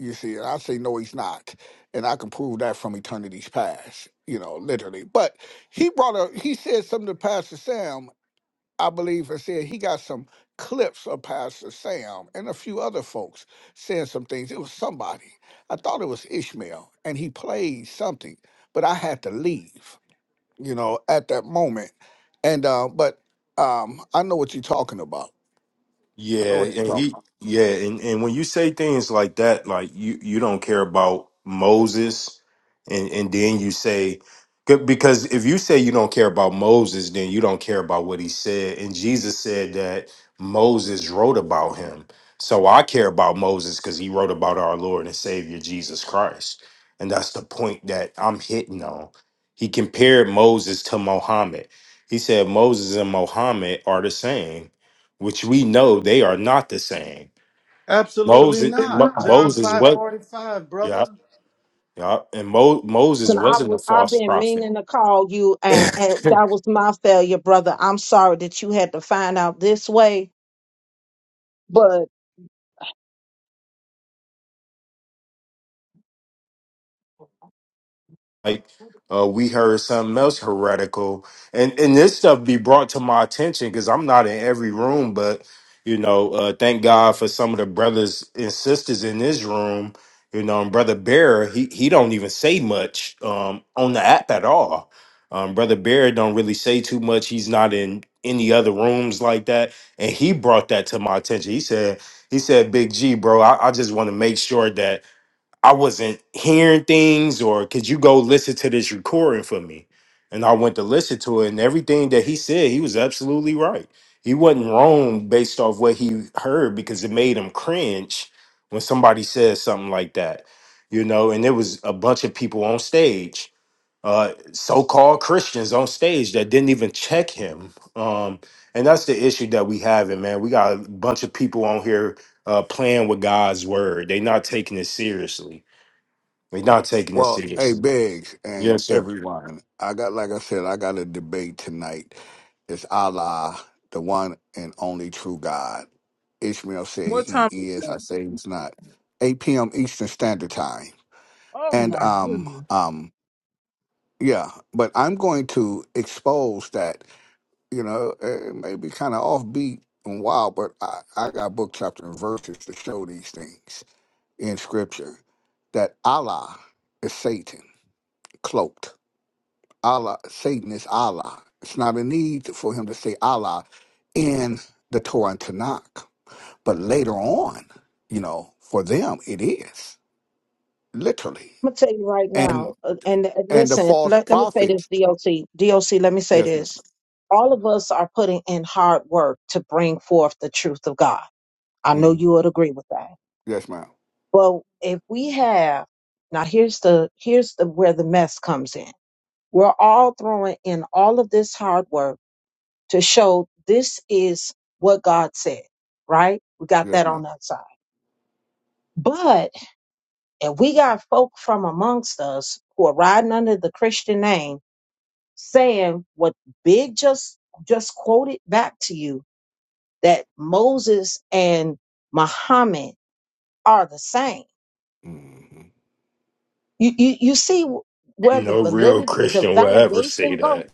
Speaker 7: You see, and I say no, he's not, and I can prove that from eternity's past, you know, literally. But he brought a he said something to Pastor Sam, I believe it said he got some clips of Pastor Sam and a few other folks saying some things. It was somebody. I thought it was Ishmael, and he played something, but I had to leave, you know, at that moment. And uh, but um, I know what you're talking about.
Speaker 3: Yeah, and he yeah, and, and when you say things like that, like you you don't care about Moses, and and then you say good- because if you say you don't care about Moses, then you don't care about what he said. And Jesus said that Moses wrote about him. So I care about Moses because he wrote about our Lord and Savior Jesus Christ. And that's the point that I'm hitting on. He compared Moses to Mohammed. He said Moses and Mohammed are the same which we know they are not the same.
Speaker 8: Absolutely
Speaker 3: Moses, They're Mo-
Speaker 8: not.
Speaker 3: not.
Speaker 8: John
Speaker 3: Moses was,
Speaker 8: 5:45,
Speaker 3: yeah,
Speaker 8: brother.
Speaker 3: yeah, and Mo, Moses
Speaker 1: And I
Speaker 3: wasn't a
Speaker 1: was I've
Speaker 3: false
Speaker 1: been
Speaker 3: prophet.
Speaker 1: meaning to call you and, and that was my failure, brother. I'm sorry that you had to find out this way.
Speaker 3: like uh, we heard something else heretical, and and this stuff be brought to my attention because I'm not in every room, but you know, uh, thank God for some of the brothers and sisters in this room. You know, and brother Bear, he he don't even say much um, on the app at all. Um, brother Bear don't really say too much. He's not in any other rooms like that, and he brought that to my attention. He said he said, "Big G, bro, I, I just want to make sure that." I wasn't hearing things, or could you go listen to this recording for me? And I went to listen to it, and everything that he said, he was absolutely right. He wasn't wrong based off what he heard because it made him cringe when somebody says something like that, you know. And there was a bunch of people on stage, uh, so-called Christians on stage that didn't even check him. Um, and that's the issue that we having, man. We got a bunch of people on here uh, playing with God's word; they not taking it seriously we're not taking it
Speaker 7: Well, hey,
Speaker 3: seriously.
Speaker 7: Biggs and
Speaker 3: Yes, sir.
Speaker 7: everyone, I got, like I said, I got a debate tonight. It's Allah, the one and only true God. Ishmael said
Speaker 10: What
Speaker 7: he
Speaker 10: time is
Speaker 7: is. I
Speaker 10: that?
Speaker 7: say he's not. 8 p.m. Eastern Standard Time.
Speaker 10: Oh
Speaker 7: And
Speaker 10: my
Speaker 7: um
Speaker 10: goodness.
Speaker 7: um yeah, but I'm going to expose that. You know, it may be kind of offbeat and wild, but I, I got book chapter and verses to show these things in Scripture that Allah is Satan cloaked. Allah, Satan is Allah. It's not a need for him to say Allah in the Torah and Tanakh. But later on, you know, for them it is literally.
Speaker 1: I'm gonna tell you right now,
Speaker 7: And
Speaker 1: uh, and uh,
Speaker 7: and the
Speaker 1: listen,
Speaker 7: false
Speaker 1: let, let me say this,
Speaker 7: prophets.
Speaker 1: DOC, DOC, let me say
Speaker 7: Yes, madam
Speaker 1: this. All of us are putting in hard work to bring forth the truth of God. I know
Speaker 7: Mm-hmm.
Speaker 1: you would agree with that.
Speaker 7: Yes, ma'am.
Speaker 1: Well, if we have now here's the here's the where the mess comes in. We're all throwing in all of this hard work to show this is what God said, right? We got
Speaker 7: Yes,
Speaker 1: that on
Speaker 7: madam
Speaker 1: that side. But if we got folk from amongst us who are riding under the Christian name saying what Big just just quoted back to you that Moses and Muhammad are the same.
Speaker 7: Mm-hmm.
Speaker 1: You you, you see where the
Speaker 3: No real
Speaker 1: validity, the
Speaker 3: Christian will ever say
Speaker 1: validation goes.
Speaker 3: that.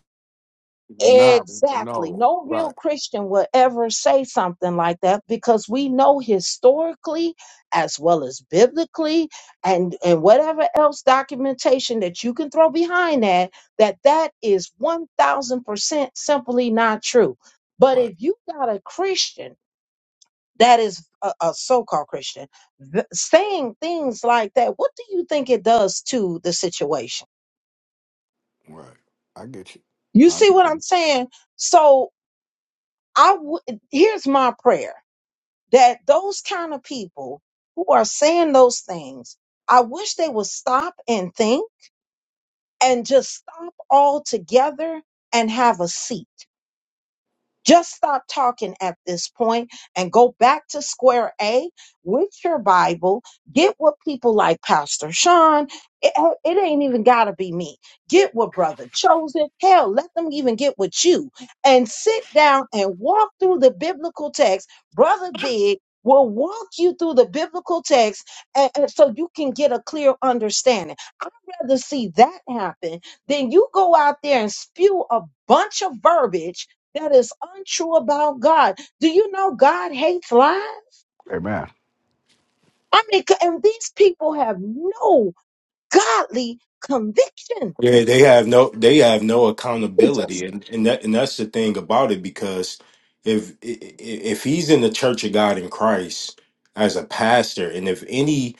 Speaker 7: Not
Speaker 1: Exactly.
Speaker 7: no.
Speaker 1: No real
Speaker 7: Right.
Speaker 1: Christian would ever say something like that because we know historically, as well as biblically, and, and whatever else documentation that you can throw behind that, that that is 1000% simply not true. But
Speaker 7: Right.
Speaker 1: if you got a Christian that is a, a so called Christian th- saying things like that, what do you think it does to the situation?
Speaker 7: Right. I get you.
Speaker 1: You
Speaker 7: I,
Speaker 1: see what I'm saying? So I w- here's my prayer that those kind of people who are saying those things, I wish they would stop and think and just stop altogether and have a seat. Just stop talking at this point and go back to square A with your Bible. Get what people like Pastor Sean, it, uh, it ain't even got to be me. Get what Brother Chosen, hell, let them even get with you and sit down and walk through the biblical text. Brother Big will walk you through the biblical text and, and so you can get a clear understanding. I'd rather see that happen than you go out there and spew a bunch of verbiage that is untrue about God. Do you know God hates lies?
Speaker 7: amen.
Speaker 1: I mean, c- and these people have no godly conviction.
Speaker 3: Yeah, they have no they have no
Speaker 1: Jesus,
Speaker 3: accountability and, and that and that's the thing about it because if i- i- if he's in the church of God in Christ as a pastor and if any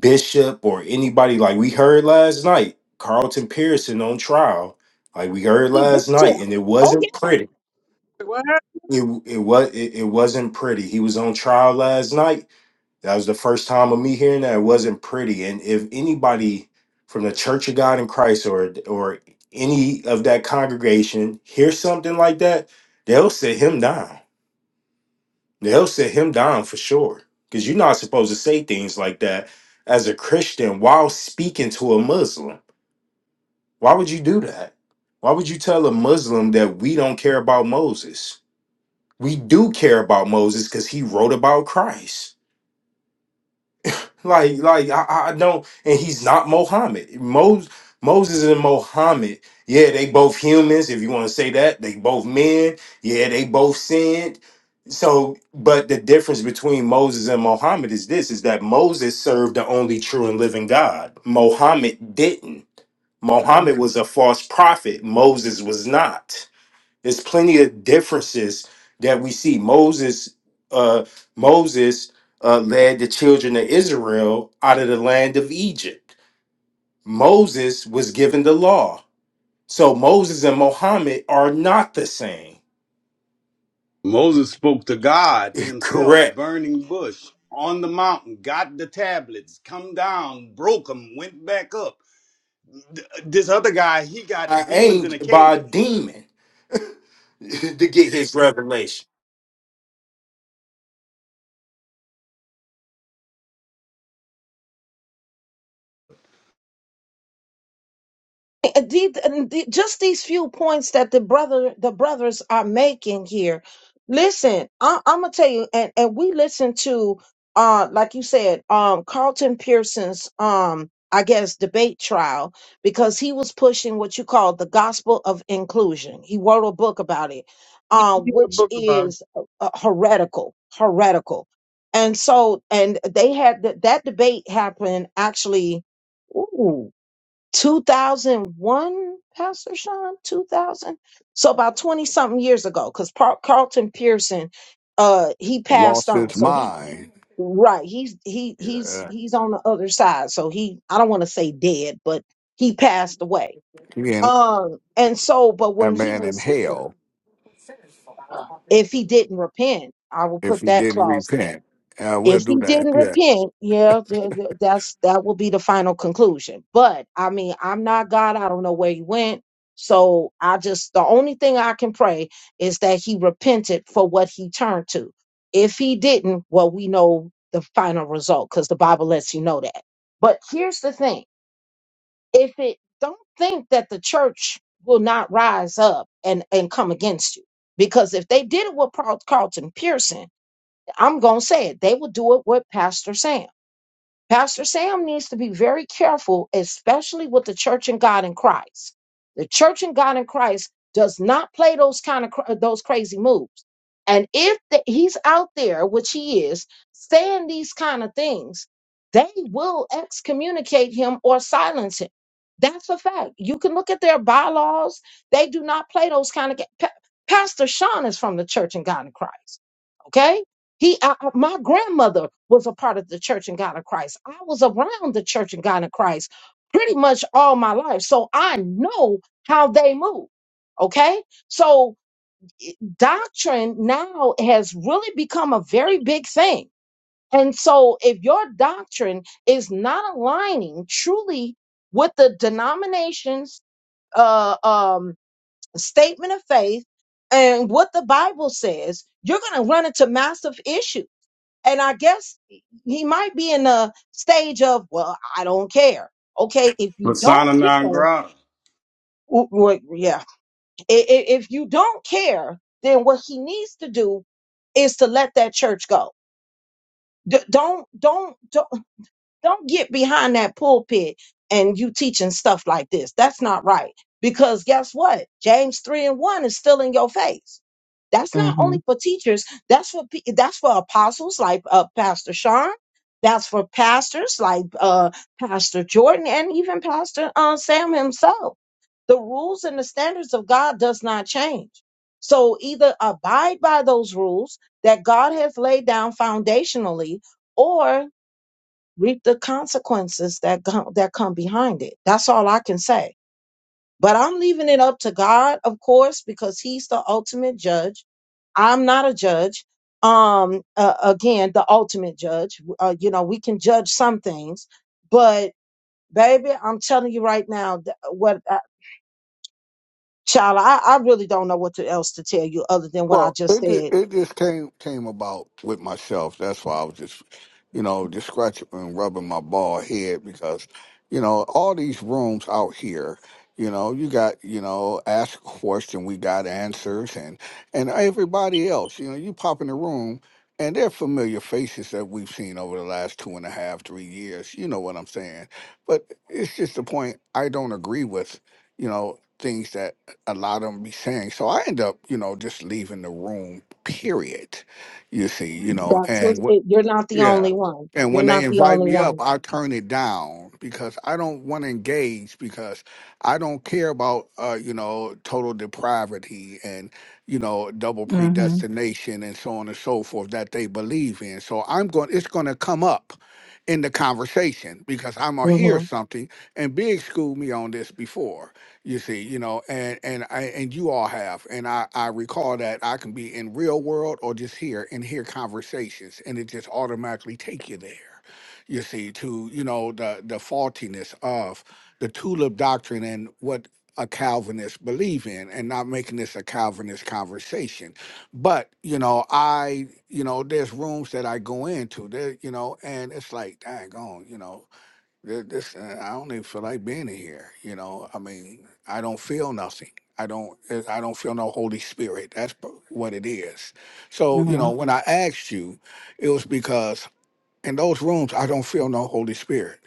Speaker 3: bishop or anybody like we heard last night, Carlton Pearson on trial, like we heard last
Speaker 1: evict him.
Speaker 3: night and it
Speaker 1: Oh,
Speaker 3: wasn't
Speaker 1: yeah.
Speaker 3: pretty.
Speaker 10: What happened?
Speaker 3: It it was it, it wasn't pretty. He was on trial last night That was the first time of me hearing that. It wasn't pretty. And if anybody from the Church of God in Christ or or any of that congregation hears something like that, they'll sit him down. They'll sit him down for sure. Because you're not supposed to say things like that as a Christian while speaking to a Muslim. Why would you do that? Why would you tell a Muslim that we don't care about Moses? We do care about Moses because he wrote about Christ Like, like I, I don't, and he's not Mohammed. Moses, Moses and Mohammed, yeah, they both humans. If you want to say that, they both men. Yeah, they both sinned. So, but the difference between Moses and Mohammed is this: is that Moses served the only true and living God. Mohammed didn't.
Speaker 10: I was
Speaker 3: Mohammed was a false prophet. Moses was not. There's plenty of differences that we see. Moses, uh, Moses uh, led the children of Israel out of the land of Egypt. Moses was given the law. So Moses and Muhammad are not the same.
Speaker 8: Moses spoke to God himself,
Speaker 3: Correct.
Speaker 8: burning bush on the mountain, got the tablets, come down, broke them, went back up. Th- This other guy, he got
Speaker 3: By
Speaker 8: demons in a
Speaker 3: angel, by a
Speaker 8: cave.
Speaker 3: demon to get his revelation.
Speaker 1: Uh, the- and the- just these few points that the brother the brothers are making here listen I, i'm gonna tell you and, and we listened to uh like you said um carlton pearson's um i guess debate trial because he was pushing what you call the gospel of inclusion he wrote a book about it
Speaker 10: you
Speaker 1: uh,
Speaker 10: you had a
Speaker 1: which
Speaker 10: book about it.
Speaker 1: is uh, uh, heretical heretical and so and they had that that debate happen actually Ooh, 2001, Pastor Sean, 2000. So about 20 something years ago, because Carlton Pearson, uh, he passed
Speaker 7: Lost
Speaker 1: on.
Speaker 7: his
Speaker 1: So he,
Speaker 7: mind.
Speaker 1: right. He's, he, he's,
Speaker 7: Yeah.
Speaker 1: he's on the other side. So he, I don't want to say dead, but he passed away.
Speaker 7: He in
Speaker 1: Um, and so, but
Speaker 7: a
Speaker 1: when he
Speaker 7: man in
Speaker 1: was here,
Speaker 7: hell
Speaker 1: uh, if he didn't repent, I will
Speaker 7: if
Speaker 1: put
Speaker 7: he
Speaker 1: that
Speaker 7: didn't
Speaker 1: clause there
Speaker 7: repent. Uh, we'll
Speaker 1: if
Speaker 7: do
Speaker 1: he
Speaker 7: that.
Speaker 1: didn't
Speaker 7: Yeah.
Speaker 1: repent, yeah, th- th- that's that will be the final conclusion. But I mean, I'm not God. I don't know where he went. So I just the only thing I can pray is that he repented for what he turned to. If he didn't, well, we know the final result because the Bible lets you know that. But here's the thing: if it don't think that the church will not rise up and and come against you, because if they did it with Paul- Carlton Pearson I'm going to say it. They will do it with Pastor Sam. Pastor Sam needs to be very careful, especially with the church and God in Christ. The church and God in Christ does not play those kind of cra- those crazy moves. And if the, he's out there, which he is, saying these kind of things, they will excommunicate him or silence him. That's a fact. You can look at their bylaws. They do not play those kind of. ga- Pa- Pastor Sean is from the church and God in Christ. Okay he, I, I- my grandmother was a part of the Church and God of Christ. I was around the Church and God of Christ pretty much all my life, so I know how they move. Okay, so i- doctrine now has really become a very big thing, and so if your doctrine is not aligning truly with the denomination's uh, um, statement of faith and what the Bible says, you're going to run into massive issues and I guess he might be in a stage of, well, I don't care. Okay, if you don't
Speaker 8: Persona non
Speaker 1: care,
Speaker 8: grata.
Speaker 1: w- w- yeah, I- i- if you don't care, then what he needs to do is to let that church go. D- don't, don't, don't don't get behind that pulpit and you teaching stuff like this. That's not right. Because guess what? James 3 and 1 is still in your face. That's not only
Speaker 10: Mhm.
Speaker 1: for teachers, that's for pe- that's for apostles like uh, Pastor Sean. That's for pastors like uh, Pastor Jordan and even Pastor uh, Sam himself. The rules and the standards of God does not change. So either abide by those rules that God has laid down foundationally, or reap the consequences that come, that come behind it. That's all I can say. But I'm leaving it up to God, of course, because He's the ultimate judge. I'm not a judge. Um, uh, again, the ultimate judge. Uh, you know, we can judge some things, but baby, I'm telling you right now, th- what Child, I, I really don't know what to, else to tell you other than what I
Speaker 7: Well,
Speaker 1: just
Speaker 7: it ju-
Speaker 1: said.
Speaker 7: it just came came about with myself. That's why I was just, you know, just scratching and rubbing my bald head because, you know, all these rooms out here, you know, you got you know, ask a question, we got answers, and and everybody else, you know, you pop in the room. And they're familiar faces that we've seen over the last two and a half, three years. You know what I'm saying? But it's just the point I don't agree with, you know, things that a lot of them be saying. So I end up, you know, just leaving the room, period. You see, you know,
Speaker 1: That's what
Speaker 7: and what
Speaker 1: it, you're not the
Speaker 7: yeah.
Speaker 1: only one.
Speaker 7: And
Speaker 1: You're
Speaker 7: when they
Speaker 1: not the
Speaker 7: invite
Speaker 1: only
Speaker 7: me up,
Speaker 1: one.
Speaker 7: I turn it down because I don't want to engage because I don't care about uh, you know, total depravity and, you know, double
Speaker 10: Mhm.
Speaker 7: predestination and so on and so forth that they believe in. So I'm going it's gonna come up in the conversation because I'm gonna
Speaker 1: Mm-hmm.
Speaker 7: hear something and Big schooled me on this before you see you know and and i and you all have and i i recall that i can be in real world or just here and hear conversations and it just automatically take you there you see to you know the the faultiness of the tulip doctrine and what a calvinist believe in and not making this a calvinist conversation but you know i you know there's rooms that i go into there you know and it's like dang on you know Th- This, uh, I don't even feel like being in here. You know, I mean, I don't feel nothing. I don't. uh, I don't feel no Holy Spirit. That's p- what it is. So, you know,
Speaker 10: Mhm.
Speaker 7: when I asked you, it was because in those rooms i don't feel no holy spirit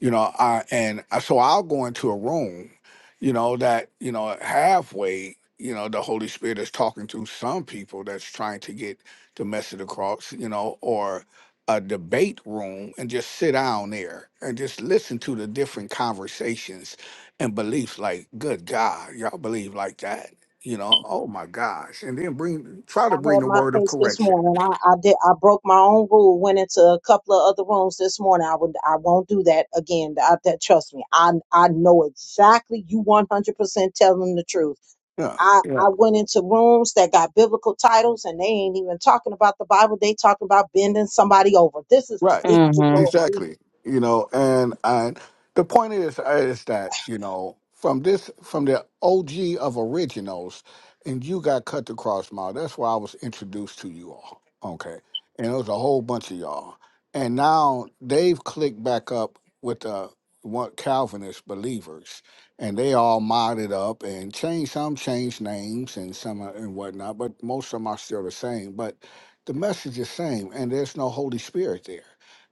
Speaker 7: you know i and I- so i'll go into a room you know that you know halfway you know the holy spirit is talking to some people that's trying to get the message across you know or a debate room and just sit down there and just listen to the different conversations and beliefs like good god y'all believe like that you know oh my gosh and then bring try
Speaker 1: I
Speaker 7: to bring
Speaker 1: had
Speaker 7: the
Speaker 1: my
Speaker 7: word of
Speaker 1: pace this
Speaker 7: correction
Speaker 1: morning. I, I did. I broke my own rule. Went into a couple of other rooms this morning. I would. I won't do that again. I, that trust me. I I know exactly. You one hundred percent telling the truth.
Speaker 7: yeah
Speaker 1: I
Speaker 7: yeah.
Speaker 1: I went into rooms that got biblical titles and they ain't even talking about the Bible. They talking about bending somebody over. This is
Speaker 7: Right.
Speaker 1: ridiculous,
Speaker 10: Mhm.
Speaker 1: Lord. Jesus.
Speaker 7: Exactly. You know, and and the point is is that, you know, from this from the OG of originals and you got cut the cross mile. That's why I was introduced to you all. Okay. And it was a whole bunch of y'all. And now they've clicked back up with the what Calvinist believers. And they all modded up and changed some changed names and some uh, and whatnot, but most of them are still the same. But the message is same and there's no holy spirit there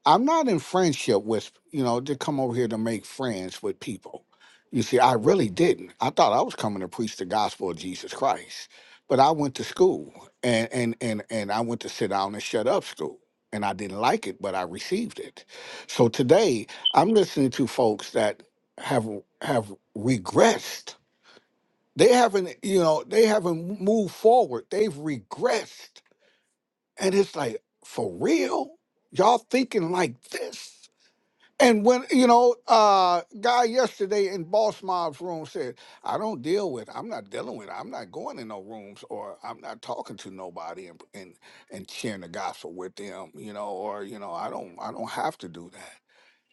Speaker 7: i'm not in friendship with you know to come over here to make friends with people you see i really didn't i thought i was coming to preach the gospel of jesus christ but i went to school and and and, and i went to sit down and shut up school and i didn't like it but i received it so today i'm listening to folks that have have regressed they haven't you know they haven't moved forward they've regressed and it's like, for real? Y'all thinking like this? And when, you know, uh guy yesterday in Boss Mob's room said, I don't deal with, I'm not dealing with, I'm not going in no rooms or I'm not talking to nobody and and, and sharing the gospel with them, you know, or you know, I don't I don't have to do that.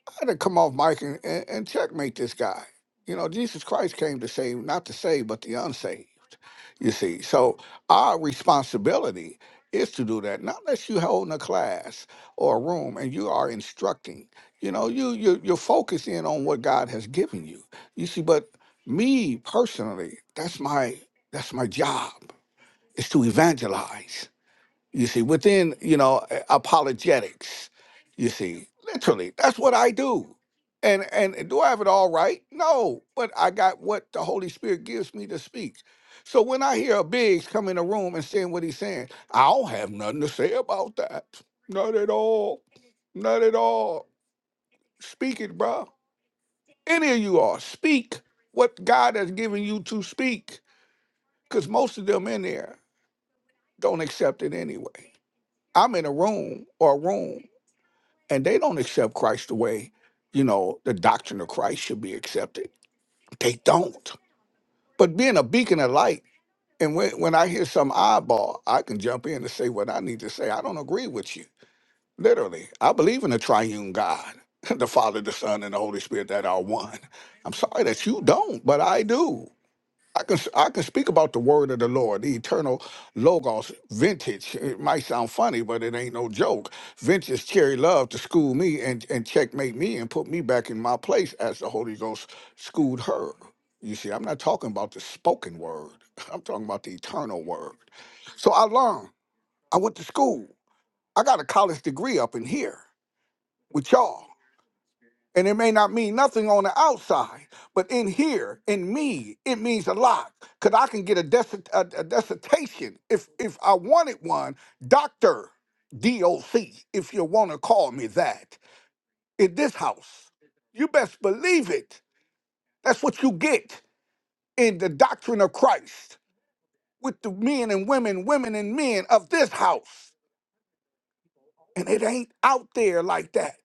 Speaker 7: I had to come off mic and, and, and checkmate this guy. You know, Jesus Christ came to save, not to save, but the unsaved. You see, so our responsibility is to do that. Not unless you holding a class or a room and you are instructing. You know, you you you're focused in on what God has given you. You see, but me personally, that's my that's my job is to evangelize you see, within, you know, a- apologetics, you see, literally, that's what I do. And and do I have it all right? No, but I got what the Holy Spirit gives me to speak. So when I hear a Biggs come in a room and saying what he's saying, I don't have nothing to say about that. Not at all. Not at all. Speak it, bro. Any of you are, speak what God has given you to speak. Because most of them in there don't accept it anyway. I'm in a room or a room and they don't accept Christ the way, you know, the doctrine of Christ should be accepted. They don't. But being a beacon of light, and when, when I hear some eyeball, I can jump in and say what I need to say. I don't agree with you. Literally, I believe in the triune God, the Father, the Son, and the Holy Spirit that are one. I'm sorry that you don't, but I do. I can I can speak about the word of the Lord, the eternal logos, vintage. It might sound funny, but it ain't no joke. Vintage Cherry Love to school me and and checkmate me and put me back in my place as the Holy Ghost schooled her. You see, I'm not talking about the spoken word. I'm talking about the eternal word. So I learned. I went to school. I got a college degree up in here with y'all. And it may not mean nothing on the outside, but in here, in me, it means a lot. Cause I can get a, desi- a, a dissertation if if I wanted one, doctor, DOC, if you want to call me that, in this house. You best believe it. That's what you get in the doctrine of Christ with the men and women, women and men of this house. And it ain't out there like that.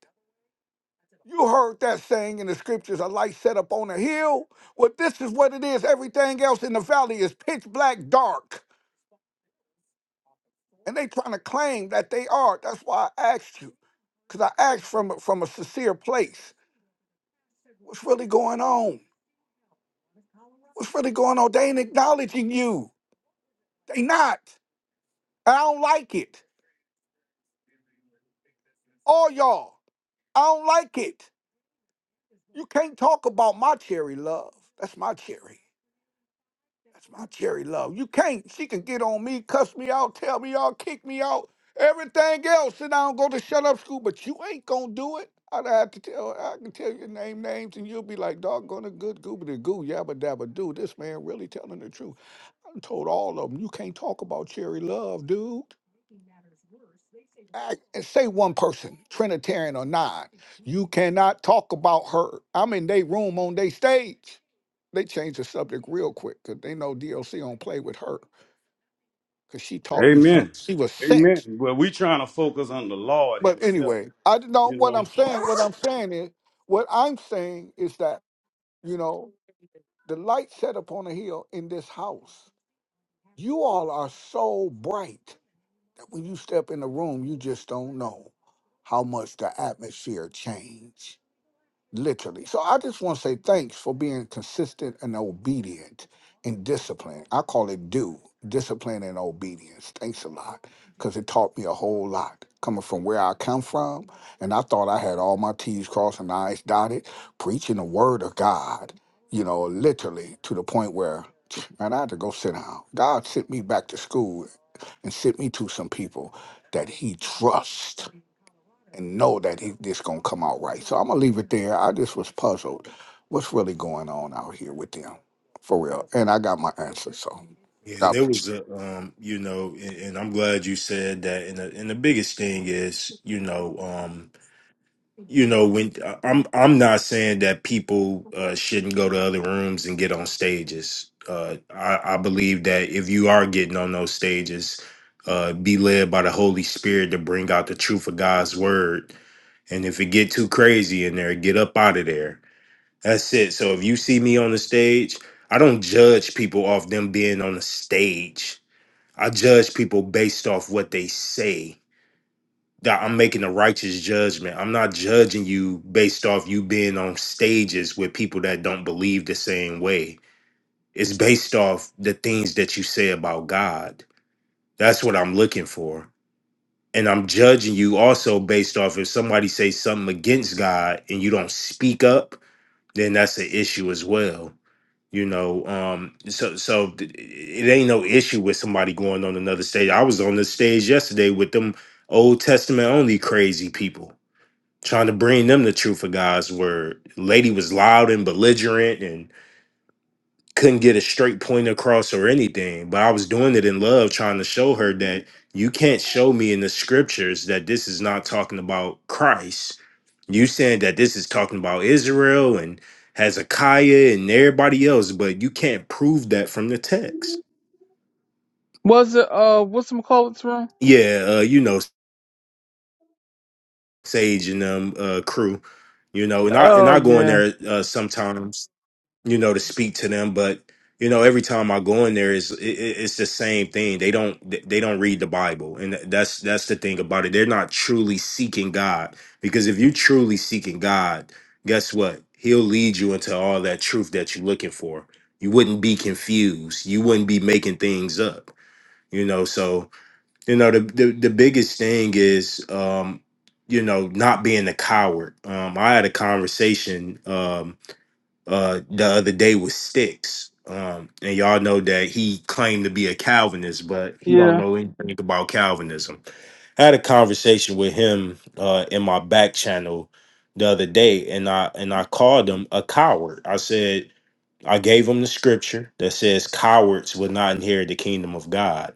Speaker 7: You heard that saying in the scriptures, a light set up on a hill. Well, this is what it is. Everything else in the valley is pitch black dark. And they trying to claim that they are. That's why I asked you. Because I asked from, a- from a sincere place. What's really going on? What's really going on? They ain't acknowledging you. They not. And I don't like it. All y'all. I don't like it. You can't talk about my cherry, love. That's my cherry. That's my cherry love. You can't. She can get on me, cuss me out, tell me out, kick me out, everything else, and I don't go to shut up school. But you ain't gonna do it. I'd have to tell. I can tell you name names, and you'll be like, "Doggone a good goobity goo, yabba dabba do." This man really telling the truth. I done told all of them, you can't talk about cherry love, dude. I, and say one person, Trinitarian or not, you cannot talk about her. I'm in their room on their stage. They change the subject real quick because they know DLC don't play with her. because she taught me something.
Speaker 8: Amen.
Speaker 7: She was six.
Speaker 8: Amen. Well, we trying to focus on the Lord
Speaker 7: But
Speaker 8: Himself,
Speaker 7: anyway, I don't know
Speaker 8: you
Speaker 7: what
Speaker 8: know.
Speaker 7: I'm saying. What I'm saying is, what I'm saying is that, you know, the light set upon a hill in this house, you all are so bright that when you step in the room, you just don't know how much the atmosphere changed. literally. So I just want to say thanks for being consistent and obedient and disciplined. I call it do discipline and obedience. Thanks a lot because it taught me a whole lot coming from where I come from. And I thought I had all my T's crossed and I's dotted, preaching the word of God, you know, literally to the point where, man, I had to go sit down. God sent me back to school and sent me to some people that he trusts and know that he this gonna come out right. So I'm gonna leave it there. I just was puzzled. What's really going on out here with them, for real? And I got my answer. So
Speaker 3: Yeah, and
Speaker 7: God
Speaker 3: it
Speaker 7: bless
Speaker 3: was a, um, you know, and, and I'm glad you said that. And the, and the biggest thing is, you know, you know when I- am i'm not saying that people uh shouldn't go to other rooms and get on stages uh i i believe that if you are getting on those stages uh be led by the holy spirit to bring out the truth of god's word and if it get too crazy in there get up out of there that's it so if you see me on the stage i don't judge people off them being on the stage i judge people based off what they say that I'm making a righteous judgment. I'm not judging you based off you being on stages with people that don't believe the same way. It's based off the things that you say about God. That's what I'm looking for. And I'm judging you also based off if somebody says something against God and you don't speak up, then that's an issue as well. You know, um, so so th- it ain't no issue with somebody going on another stage. I was on the stage yesterday with them Old Testament only crazy people trying to bring them the truth of God's word. Lady was loud and belligerent and couldn't get a straight point across or anything. But I was doing it in love, trying to show her that you can't show me in the scriptures that this is not talking about Christ. You saying that this is talking about Israel and Hezekiah and everybody else, but you can't prove that from the text.
Speaker 10: Was it uh what's some quotes room?
Speaker 3: Yeah, uh, you know, Sage and um uh crew, you know, and I and
Speaker 10: Oh
Speaker 3: I go in
Speaker 10: yeah.
Speaker 3: there uh sometimes you know, to speak to them. But you know, every time I go in there, is it, it- it's the same thing. They don't they don't read the Bible, and that's that's the thing about it. They're not truly seeking God because if you're truly seeking God, guess what? He'll lead you into all that truth that you're looking for. You wouldn't be confused. You wouldn't be making things up. You know, so you know the the, the biggest thing is um, you know not being a coward. Um, I had a conversation. Um, uh the other day with Sticks. Um, and y'all know that he claimed to be a Calvinist, but he don't
Speaker 10: Yeah.
Speaker 3: know anything about Calvinism. I had a conversation with him uh in my back channel the other day and I and I called him a coward. I said I gave him the scripture that says cowards will not inherit the kingdom of God.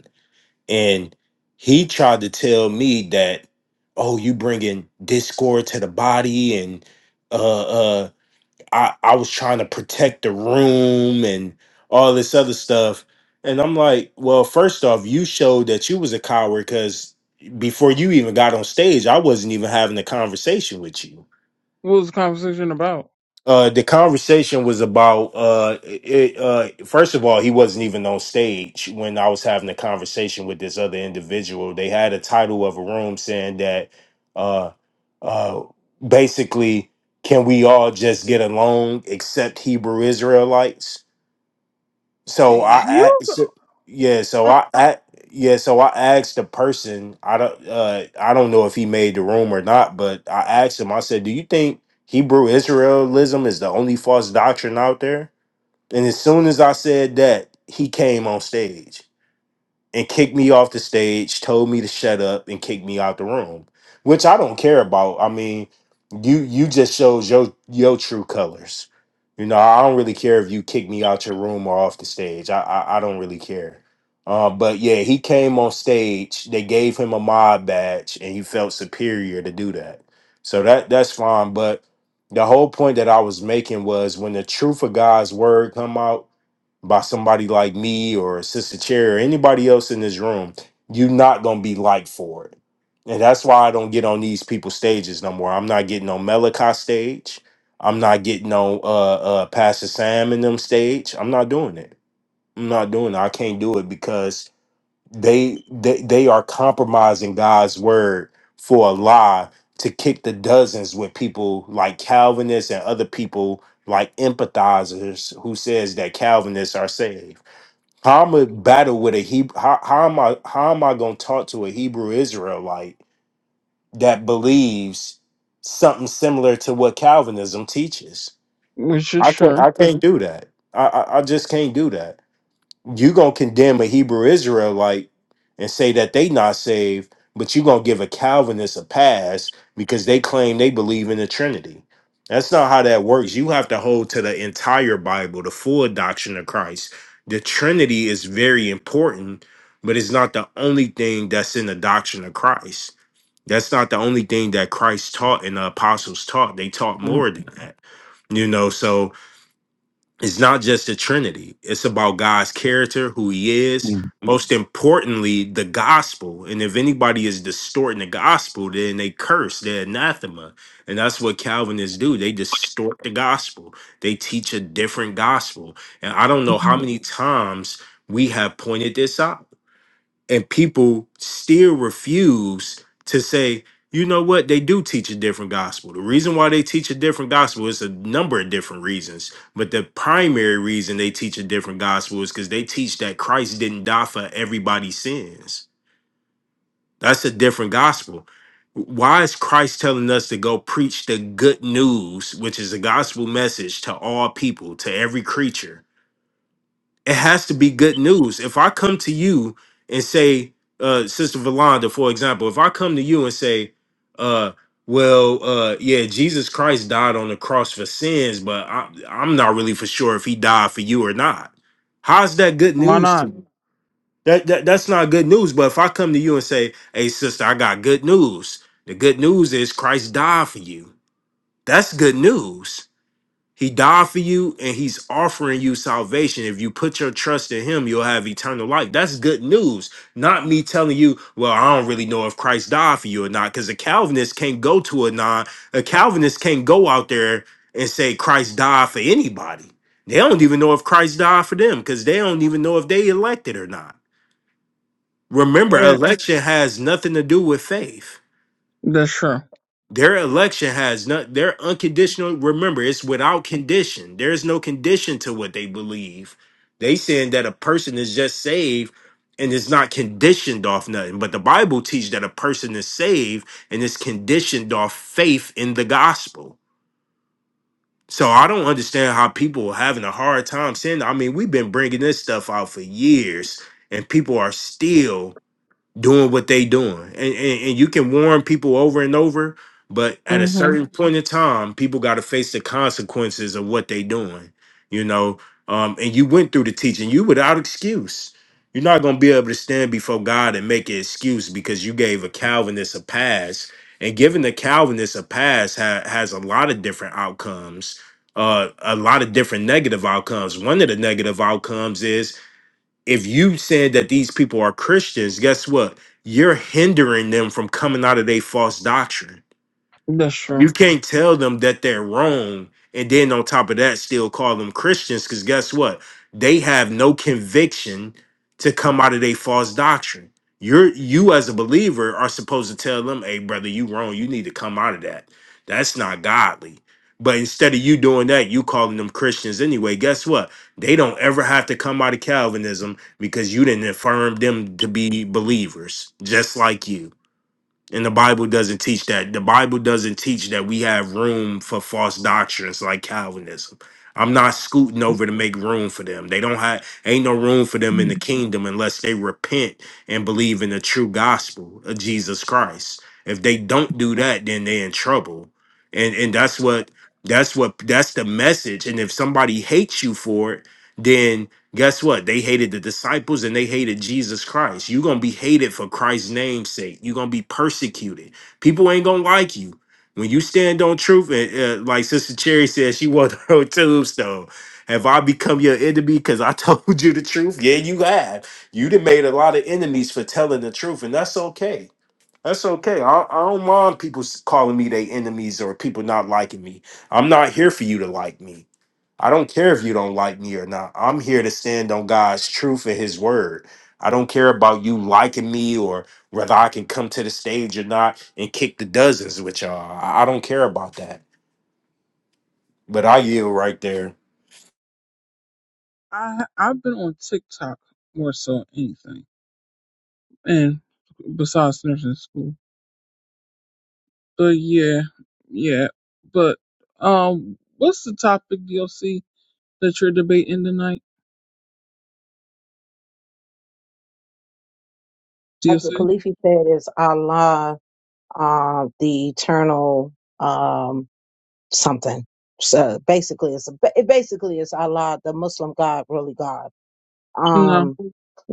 Speaker 3: And he tried to tell me that oh you bringing discord to the body and uh uh, I I was trying to protect the room and all this other stuff. And I'm like, well, first off, you showed that you was a coward because before you even got on stage, I wasn't even having a conversation with you
Speaker 10: What was the conversation about?
Speaker 3: uh the conversation was about uh it, uh first of all he wasn't even on stage when i was having a conversation with this other individual they had a title of a room saying that uh uh basically can we all just get along except hebrew israelites so I, I
Speaker 10: You
Speaker 3: so, yeah, so
Speaker 10: uh,
Speaker 3: I, I yeah, so I asked the person. I don't uh I don't know if he made the room or not, but I asked him. I said, "Do you think Hebrew Israelism is the only false doctrine out there?" And as soon as I said that, he came on stage and kicked me off the stage, told me to shut up and kicked me out the room, which I don't care about. I mean, you you just shows your your true colors. You know, I don't really care if you kick me out your room or off the stage. I I, I don't really care. Uh, but yeah, he came on stage. They gave him a mod badge, and he felt superior to do that. So that that's fine. But the whole point that I was making was when the truth of God's word come out by somebody like me or Sister Cherry or anybody else in this room, you're not gonna be liked for it. And that's why I don't get on these people's stages no more. I'm not getting on Melica stage. I'm not getting on uh uh Pastor Sam and them stage. I'm not doing it. I'm not doing it. I can't do it because they they they are compromising God's word for a lie to kick the dozens with people like Calvinists and other people like empathizers who says that Calvinists are saved. How am I battle with a Hebrew? How, how am I? How am I going to talk to a Hebrew Israelite that believes something similar to what Calvinism teaches?
Speaker 10: which is
Speaker 3: I can't.
Speaker 10: sure.
Speaker 3: I can't do that. I, I I just can't do that you gonna condemn a Hebrew Israelite and say that they not saved, but you gonna give a Calvinist a pass because they claim they believe in the Trinity. That's not how that works. You have to hold to the entire Bible, the full doctrine of Christ. The Trinity is very important, but it's not the only thing that's in the doctrine of Christ. That's not the only thing that Christ taught and the apostles taught. They taught more than that. You know, so it's not just the Trinity. It's about God's character, who He is.
Speaker 10: Mm-hmm.
Speaker 3: Most importantly, the gospel. And if anybody is distorting the gospel, then they curse, they're anathema. And that's what Calvinists do. They distort the gospel, they teach a different gospel. And I don't know how many times we have pointed this out and people still refuse to say, you know what, they do teach a different gospel. The reason why they teach a different gospel is a number of different reasons, but the primary reason they teach a different gospel is because they teach that Christ didn't die for everybody's sins. That's a different gospel. Why is Christ telling us to go preach the good news, which is a gospel message to all people, to every creature? it has to be good news. If I come to you and say, uh, Sister Valanda, for example, if I come to you and say, uh, well, uh, yeah, Jesus Christ died on the cross for sins, but I, I'm not really for sure if he died for you or not. How's that good
Speaker 10: Why
Speaker 3: news to
Speaker 10: not?
Speaker 3: me? That, that that's not good news. But if I come to you and say, "Hey, sister, I got good news. The good news is Christ died for you. That's good news." He died for you and he's offering you salvation. If you put your trust in him, you'll have eternal life. That's good news. Not me telling you, well, I don't really know if Christ died for you or not, because a Calvinist can't go to a non, a Calvinist can't go out there and say Christ died for anybody. They don't even know if Christ died for them because they don't even know if they elected or not. Remember,
Speaker 10: Eh,
Speaker 3: election has nothing to do with faith.
Speaker 10: that's sure.
Speaker 3: Their election has not their unconditional remember, it's without condition. There's no condition to what they believe. They saying that a person is just saved and is not conditioned off nothing. But the Bible teaches that a person is saved and is conditioned off faith in the gospel. So I don't understand how people are having a hard time saying. that. I mean, we've been bringing this stuff out for years, and people are still doing what they doing. And, and and you can warn people over and over, but at a
Speaker 10: Mhm.
Speaker 3: certain point in time, people got to face the consequences of what they doing. You know, um, and you went through the teaching. You without excuse. You're not gonna be able to stand before God and make an excuse because you gave a Calvinist a pass. And giving the Calvinist a pass ha- has a lot of different outcomes, uh, a lot of different negative outcomes. One of the negative outcomes is if you saying that these people are Christians, guess what? You're hindering them from coming out of their false doctrine
Speaker 10: That's
Speaker 3: you
Speaker 10: sure.
Speaker 3: can't tell them that they're wrong, and then on top of that, still call them Christians. Because guess what? They have no conviction to come out of their false doctrine. You're you as a believer are supposed to tell them, "Hey, brother, you wrong. You need to come out of that. That's not godly." But instead of you doing that, you calling them Christians anyway. Guess what? They don't ever have to come out of Calvinism because you didn't affirm them to be believers, just like you. And the Bible doesn't teach that. The Bible doesn't teach that we have room for false doctrines like Calvinism. I'm not scooting over to make room for them. They don't have ain't no room for them in the
Speaker 10: Mhm.
Speaker 3: kingdom unless they repent and believe in the true gospel of Jesus Christ. If they don't do that, then they're in trouble. And and that's what that's what that's the message. And if somebody hates you for it, then. Guess what? They hated the disciples and they hated Jesus Christ. You're going to be hated for Christ's name's sake. You're going to be persecuted. People ain't going to like you. When you stand on truth, and, uh, like Sister Cherry said, she wore her own tombstone. Have I become your enemy because I told you the truth? Yeah, you have. You done made a lot of enemies for telling the truth, and that's okay. That's okay. I, I don't mind people s- calling me their enemies or people not liking me. I'm not here for you to like me. I don't care if you don't like me or not. I'm here to stand on God's truth and his word. I don't care about you liking me or whether I can come to the stage or not and kick the dozens with y'all. I I don't care about that. But I yield right there.
Speaker 10: I I've been on TikTok more so than anything. And besides nursing school. But yeah, yeah. But um, what's the topic, DLC, that you're debating tonight,
Speaker 1: I
Speaker 10: DLC?
Speaker 1: believe he said is Allah, uh, the eternal. Um, something. So basically, it's a, it basically is Allah, the Muslim God, really God.
Speaker 10: No,
Speaker 1: Um,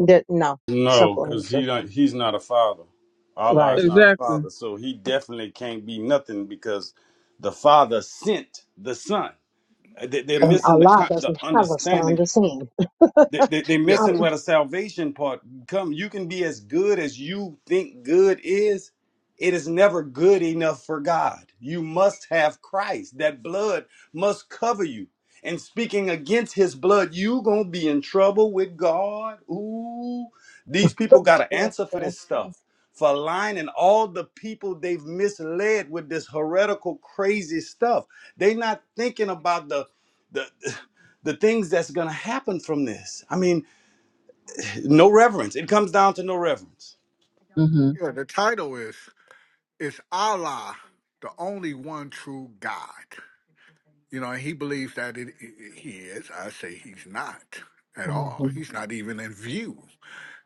Speaker 1: that no
Speaker 8: No,
Speaker 1: simple
Speaker 8: because he
Speaker 1: answer,
Speaker 8: not, He's not a father. Allah
Speaker 1: right?
Speaker 8: is not a
Speaker 10: exactly.
Speaker 8: father, so He definitely can't be nothing because the Father sent the Son. They-
Speaker 7: you.
Speaker 8: They're
Speaker 7: Yeah.
Speaker 1: And
Speaker 8: missing the
Speaker 1: Allah
Speaker 8: con- the
Speaker 1: doesn't have a son
Speaker 8: understanding
Speaker 1: to sin.
Speaker 8: they, they, they're missing where the salvation part come you can be as good as you think good is it is never good enough for god you must have christ that blood must cover you and speaking against his blood you gonna be in trouble with god ooh these people gotta answer for this stuff for lying and all the people they've misled with this heretical crazy stuff they not thinking about the the the things that's going to happen from this. I mean, no reverence. It comes down to no reverence.
Speaker 10: hmm
Speaker 7: The title is is Allah the only one true God. You know, and he believes that it, it he is. I say he's not at all.
Speaker 1: Mhm.
Speaker 7: He's not even in view.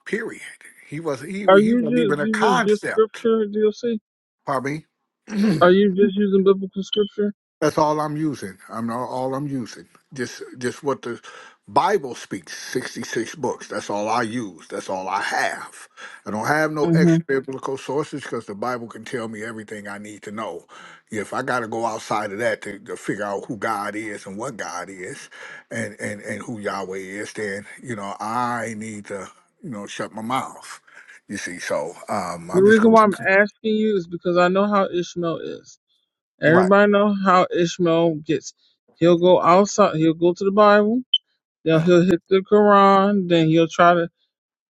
Speaker 7: Period. He was he
Speaker 10: Are
Speaker 7: he
Speaker 10: you
Speaker 7: wasn't even
Speaker 10: just
Speaker 7: a
Speaker 10: using just
Speaker 7: concept.
Speaker 10: scripture, DLC?
Speaker 7: Pardon me.
Speaker 10: Are you just using biblical scripture?
Speaker 7: That's all I'm using. I'm not all I'm using. Just just what the Bible speaks, 66 books. That's all I use. That's all I have. I don't have no
Speaker 10: hmm
Speaker 7: extra biblical sources because the Bible can tell me everything I need to know. If I got to go outside of that to, to figure out who God is and what God is and, and, and who Yahweh is, then, you know, I need to, you know, shut my mouth. You see, so um,
Speaker 10: The
Speaker 7: I'm just
Speaker 10: reason
Speaker 7: going
Speaker 10: why I'm
Speaker 7: to.
Speaker 10: asking you is because I know how Ishmael is.
Speaker 7: Right.
Speaker 10: Everybody know how Ishmael gets. He'll go outside. He'll go to the Bible. Then
Speaker 7: Yeah.
Speaker 10: he'll hit the Quran. Then he'll try to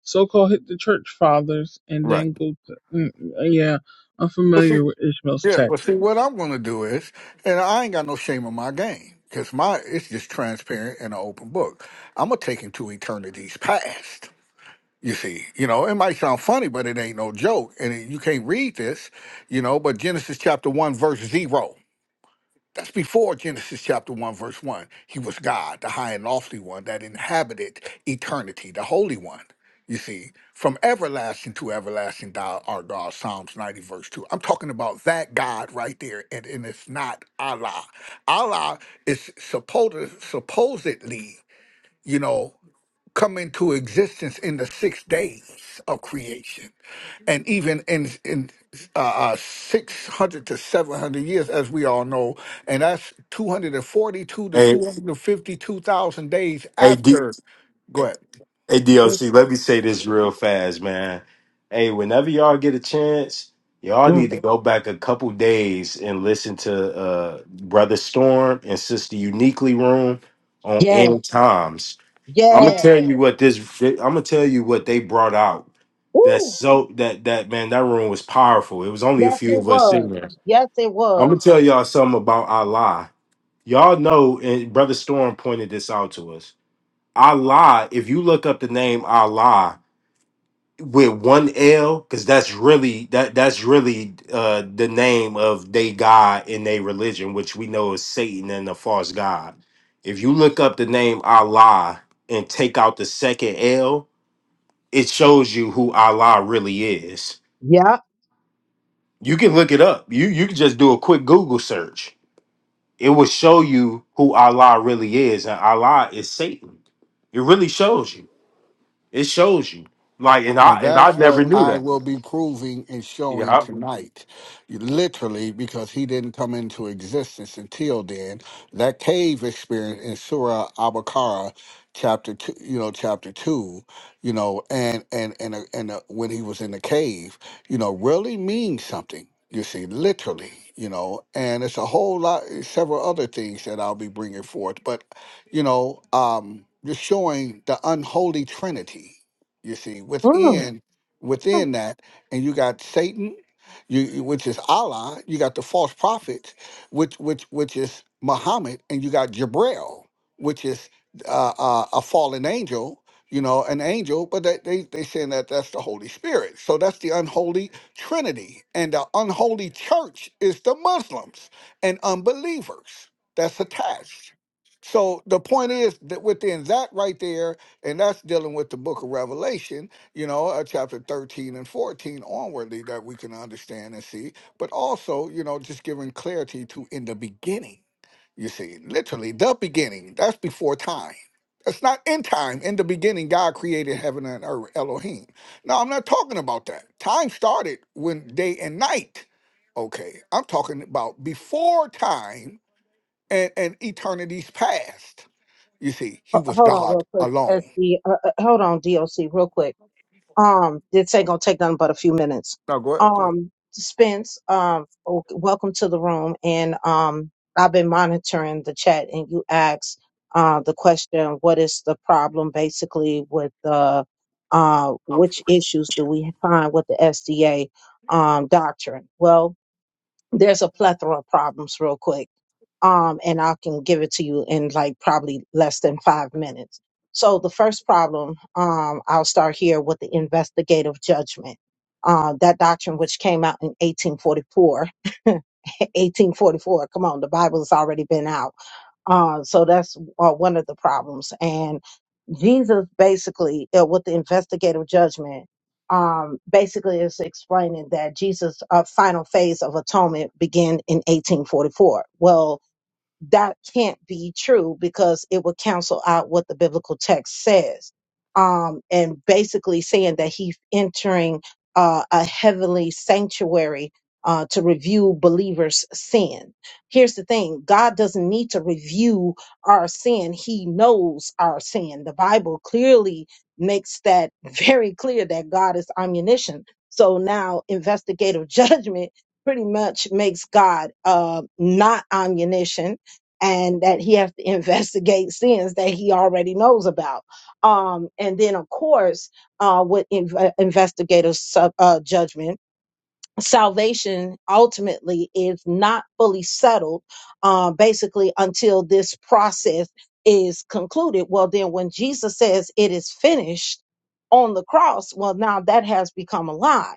Speaker 10: so-called hit the church fathers and then
Speaker 7: Right.
Speaker 10: go to mm, yeah i'm familiar with ishmael's
Speaker 7: Yeah, but
Speaker 10: tactics
Speaker 7: see, what I'm going to do is, and I ain't got no shame in my game because my it's just transparent and an open book. I'm gonna take him to eternities past. You see, you know, it might sound funny, but it ain't no joke, and it, you can't read this, you know. But Genesis chapter one verse zero. That's before Genesis chapter 1, verse 1. He was God, the high and lofty one that inhabited eternity, the Holy One. You see, from everlasting to everlasting, thou art God, Psalms 90, verse 2. I'm talking about that God right there, and, and it's not Allah. Allah is supposed, supposedly you know, come into existence in the six days of creation, and even in in uh, uh, six hundred to seven hundred years, as we all know, and that's two hundred and forty-two to
Speaker 3: Hey,
Speaker 7: two hundred and fifty-two thousand days
Speaker 3: hey, D-
Speaker 7: after. Go
Speaker 3: hey,
Speaker 7: ahead.
Speaker 3: DLC, let me say this real fast, man. Hey, whenever y'all get a chance, y'all need
Speaker 1: Mm.
Speaker 3: to go back a couple days and listen to uh Brother Storm and Sister Uniquely Room on
Speaker 1: Yeah,
Speaker 3: End Times I'm gonna
Speaker 1: yeah.
Speaker 3: tell you what this. I'm gonna tell you what they brought out. That's
Speaker 1: Woo.
Speaker 3: so that that man that room was powerful. It was only a
Speaker 1: Yes,
Speaker 3: few
Speaker 1: it
Speaker 3: of us in
Speaker 1: was.
Speaker 3: there.
Speaker 1: Yes, it
Speaker 3: I'm
Speaker 1: was.
Speaker 3: gonna tell y'all something about Allah. Y'all know, and Brother Storm pointed this out to us. Allah, if you look up the name Allah with one L, because that's really that that's really uh the name of they God in their religion, which we know is Satan and the false God. If you look up the name Allah and take out the second L, it shows you who Allah really is.
Speaker 1: Yeah.
Speaker 3: You can look it up. You you can just do a quick Google search. It will show you who Allah really is, and Allah is Satan. It really shows you. It shows you. Like and I
Speaker 7: And
Speaker 3: and I
Speaker 7: that's
Speaker 3: never
Speaker 7: what
Speaker 3: knew
Speaker 7: I
Speaker 3: that.
Speaker 7: will be proving and
Speaker 3: Yeah.
Speaker 7: showing
Speaker 3: I-
Speaker 7: tonight. Literally, because he didn't come into existence until then. That cave experience in Surah Abakara, chapter two, you know, chapter two, you know, and and and uh, and uh, when he was in the cave, you know, really means something. You see, literally, you know, and it's a whole lot, several other things that I'll be bringing forth, but you know, um, just showing the unholy Trinity you see
Speaker 1: Mm.
Speaker 7: within
Speaker 1: Ho-
Speaker 7: within that and you got satan you you- which is allah you got the false prophets which which which is muhammad and you got jabril which is uh, uh, a fallen angel you know an angel but they, they they saying that that's the holy spirit so that's the unholy trinity and the unholy church is the muslims and unbelievers that's attached so the point is that within that right there and that's dealing with the book of revelation you know uh, chapter 13 and 14 onwardly that we can understand and see but also you know just giving clarity to in the beginning you see literally the beginning that's before time that's not in time in the beginning god created heaven and earth elohim now i'm not talking about that time started when day and night okay i'm talking about before time and, and eternities past you see he was
Speaker 1: Hold on,
Speaker 7: god
Speaker 1: real quick.
Speaker 7: alone
Speaker 1: SD, uh, uh, hold on, DOC, real quick. Um, this ain't gonna take nothing but a few minutes.
Speaker 7: No, go ahead, please.
Speaker 1: Um, Spence, um, o- welcome to the room, and um, I've been monitoring the chat, and you asked uh the question, "What is the problem?" Basically, with the uh, which issues do we find with the SDA um doctrine? Well, there's a plethora of problems real quick um and i can give it to you in like probably less than five minutes so the first problem um i'll start here with the investigative judgment uh, that doctrine which came out in 1844 1844 come on the bible has already been out uh, so that's uh, one of the problems. And Jesus basically, uh, with the investigative judgment, um, basically is explaining that Jesus' uh, final phase of atonement began in 1844. Well, that can't be true because it would cancel out what the biblical text says. Um, and basically saying that he's entering uh, a heavenly sanctuary uh, to review believers' sin. Here's the thing God doesn't need to review our sin, He knows our sin. The Bible clearly makes that very clear that God is omniscient. So now, investigative judgment pretty much makes God uh, not omniscient and that he has to investigate sins that he already knows about. Um, and then, of course, uh, with inv- investigative sub, uh, judgment salvation ultimately is not fully settled uh, basically until this process is concluded well then when jesus says it is finished on the cross well now that has become a lie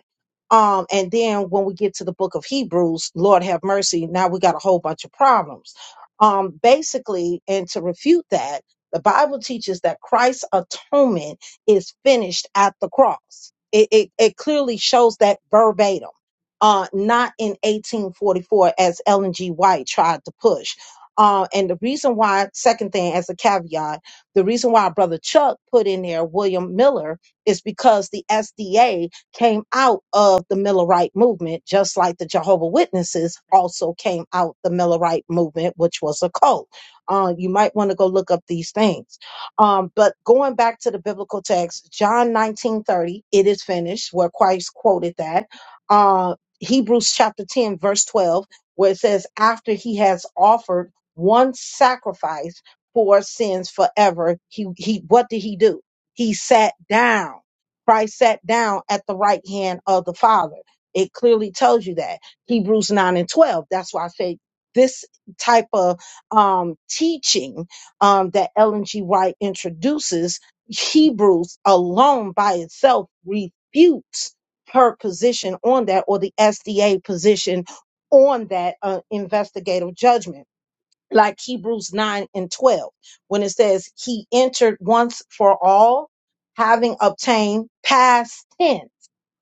Speaker 1: um, and then when we get to the book of hebrews lord have mercy now we got a whole bunch of problems um, basically and to refute that the bible teaches that christ's atonement is finished at the cross it, it, it clearly shows that verbatim uh, not in 1844 as Ellen G. White tried to push. Uh, and the reason why, second thing as a caveat, the reason why Brother Chuck put in there William Miller is because the SDA came out of the Millerite movement, just like the Jehovah Witnesses also came out the Millerite movement, which was a cult. Uh, you might want to go look up these things. Um, but going back to the biblical text, John 19:30, it is finished, where Christ quoted that Uh, Hebrews chapter 10, verse 12, where it says, After he has offered one sacrifice for sins forever, he, he what did he do? He sat down. Christ sat down at the right hand of the Father. It clearly tells you that. Hebrews 9 and 12. That's why I say this type of um, teaching um, that Ellen G. White introduces, Hebrews alone by itself refutes her position on that or the SDA position on that uh, investigative judgment. Like Hebrews 9 and 12, when it says, He entered once for all, having obtained past tense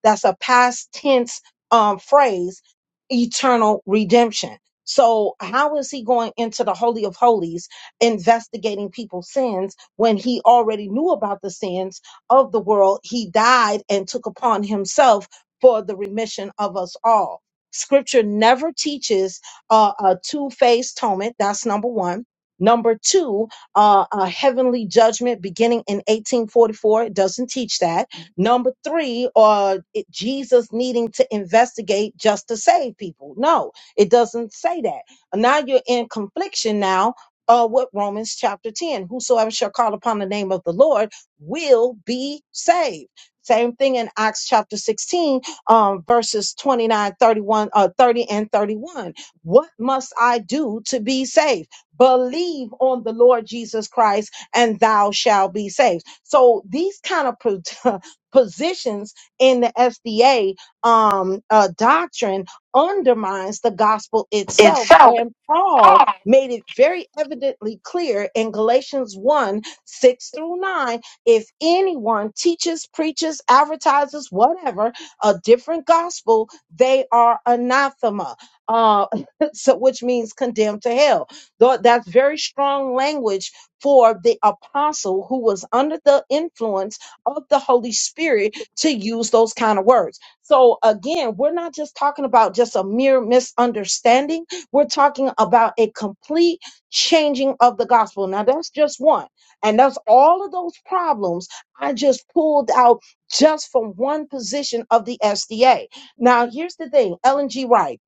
Speaker 1: that's a past tense um, phrase, eternal redemption. So, how is he going into the Holy of Holies investigating people's sins when he already knew about the sins of the world? He died and took upon himself for the remission of us all. Scripture never teaches uh, a two phase atonement. That's number one. Number two, uh, a heavenly judgment beginning in 1844. It doesn't teach that Number three, or it, Jesus needing to investigate just to save people. No, it doesn't say that. Now you're in confliction now uh, with Romans chapter 10. Whosoever shall call upon the name of the Lord will be saved. Same thing in Acts chapter 16, um, verses 29, thirty-one, uh, 30 and 31. What must I do to be saved? Believe on the Lord Jesus Christ and thou shalt be saved. So these kind of positions in the SDA um, uh, doctrine undermines the gospel itself. And Paul made it very evidently clear in Galatians 1 6 through 9 if anyone teaches, preaches, advertises, whatever, a different gospel, they are anathema, uh, so, which means condemned to hell. Though That's very strong language for the apostle who was under the influence of the Holy Spirit to use those kind of words. So again, we're not just talking about just a mere misunderstanding. We're talking about a complete changing of the gospel. Now that's just one. And that's all of those problems I just pulled out just from one position of the SDA. Now here's the thing, Ellen G. Wright,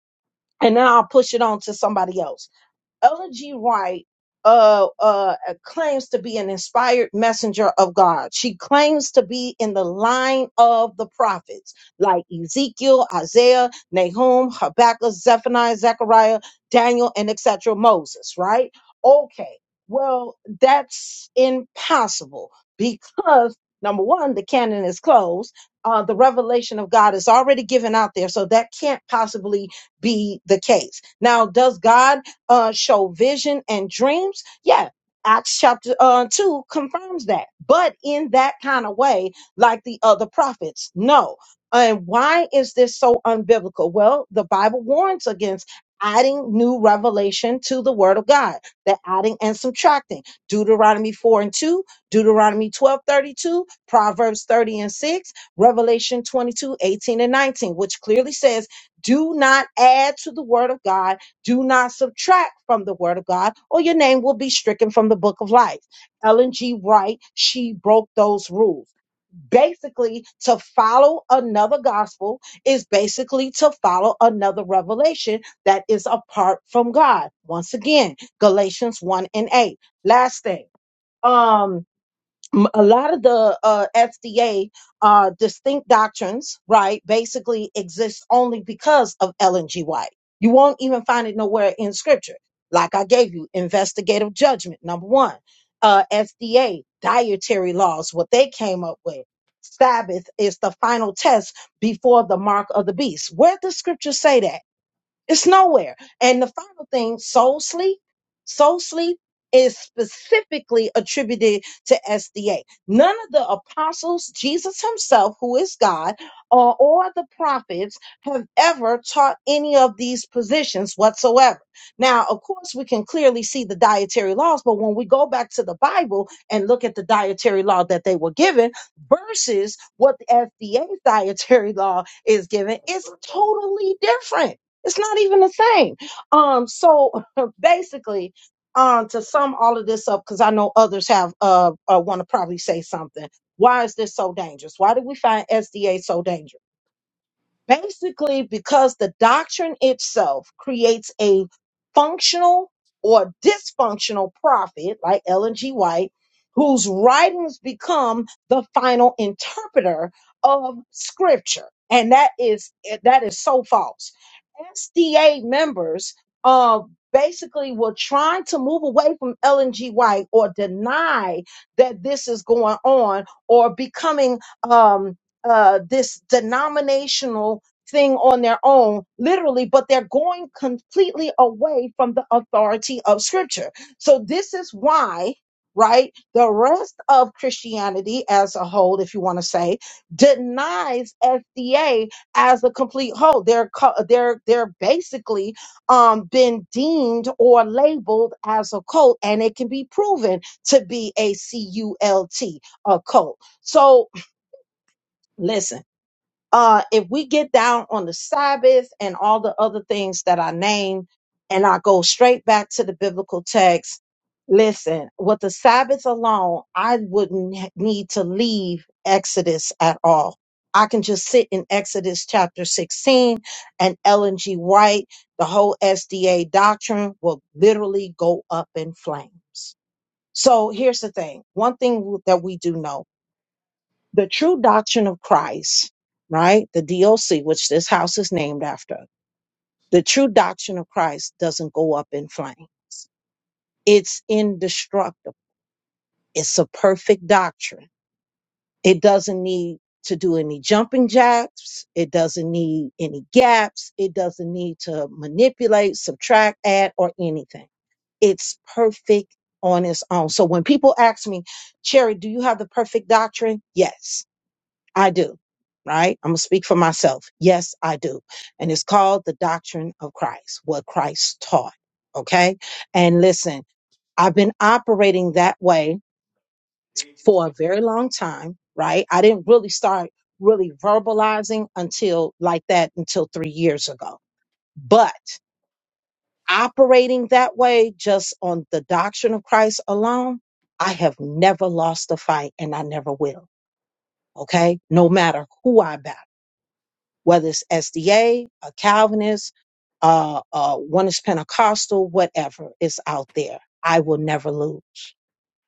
Speaker 1: and then I'll push it on to somebody else. Ellen G. Wright uh, uh, claims to be an inspired messenger of God. She claims to be in the line of the prophets like Ezekiel, Isaiah, Nahum, Habakkuk, Zephaniah, Zechariah, Daniel, and etc. Moses, right? Okay. Well, that's impossible because number one, the canon is closed. Uh, the revelation of God is already given out there, so that can't possibly be the case. Now, does God uh, show vision and dreams. Yeah, Acts chapter uh, 2 confirms that, but in that kind of way, like the other prophets. No. And why is this so unbiblical? Well, the Bible warns against adding new revelation to the word of God, the adding and subtracting. Deuteronomy 4 and 2, Deuteronomy 12 32, Proverbs 30 and 6, Revelation 22 18 and 19, which clearly says, do not add to the word of God do not subtract from the word of God, or your name will be stricken from the book of life. Ellen G. Wright, she broke those rules. Basically, to follow another gospel is basically to follow another revelation that is apart from God. Once again, Galatians 1 and 8. Last thing. Um, m- a lot of the uh, FDA uh, distinct doctrines, right, basically exist only because of Ellen G. White. You won't even find it nowhere in scripture. Like I gave you, investigative judgment, number one, uh, FDA, dietary laws, what they came up with. Sabbath is the final test before the mark of the beast. Where does scripture say that? It's nowhere. And the final thing, soul sleep. Soul sleep is specifically attributed to SDA. None of the apostles, Jesus himself, who is God, or, or the prophets have ever taught any of these positions whatsoever. Now, of course, we can clearly see the dietary laws, but when we go back to the Bible and look at the dietary law that they were given versus what the SDA's dietary law is given, it's totally different. It's not even the same. Um, so basically, um, to sum all of this up, because I know others have uh, uh want to probably say something. Why is this so dangerous? Why did we find SDA so dangerous? basically because the doctrine itself creates a functional or dysfunctional prophet like Ellen G. White, whose writings become the final interpreter of scripture. And that is that is so false. SDA members uh, basically were trying to move away from Ellen G. White or deny that this is going on or becoming um, uh, this denominational thing on their own, literally, but they're going completely away from the authority of scripture. So this is why, right, the rest of Christianity as a whole, if you want to say, denies FDA as a complete whole. They're co- they're they're basically um been deemed or labeled as a cult, and it can be proven to be a CULT, a cult. So listen uh, if we get down on the Sabbath and all the other things that I named, and I go straight back to the biblical text, listen, with the Sabbath alone, I wouldn't h- need to leave Exodus at all. I can just sit in Exodus chapter 16 and Ellen G. White, the whole SDA doctrine will literally go up in flames. So here's the thing. One thing w- that we do know the true doctrine of Christ, right? The DOC, which this house is named after, the true doctrine of Christ doesn't go up in flames. It's indestructible. It's a perfect doctrine. It doesn't need to do any jumping jacks. It doesn't need any gaps. It doesn't need to manipulate, subtract, add, or anything. It's perfect on its own. So when people ask me, Cherry, do you have the perfect doctrine? Yes. I do, right? I'm going to speak for myself. Yes, I do. And it's called the doctrine of Christ, what Christ taught. Okay. And listen, I've been operating that way for a very long time, right? I didn't really start really verbalizing until like that until three years ago. But operating that way just on the doctrine of Christ alone, I have never lost a fight and I never will. Okay. No matter who I battle. whether it's SDA, a a Calvinist, uh, uh, one is Pentecostal, whatever is out there. I will never lose.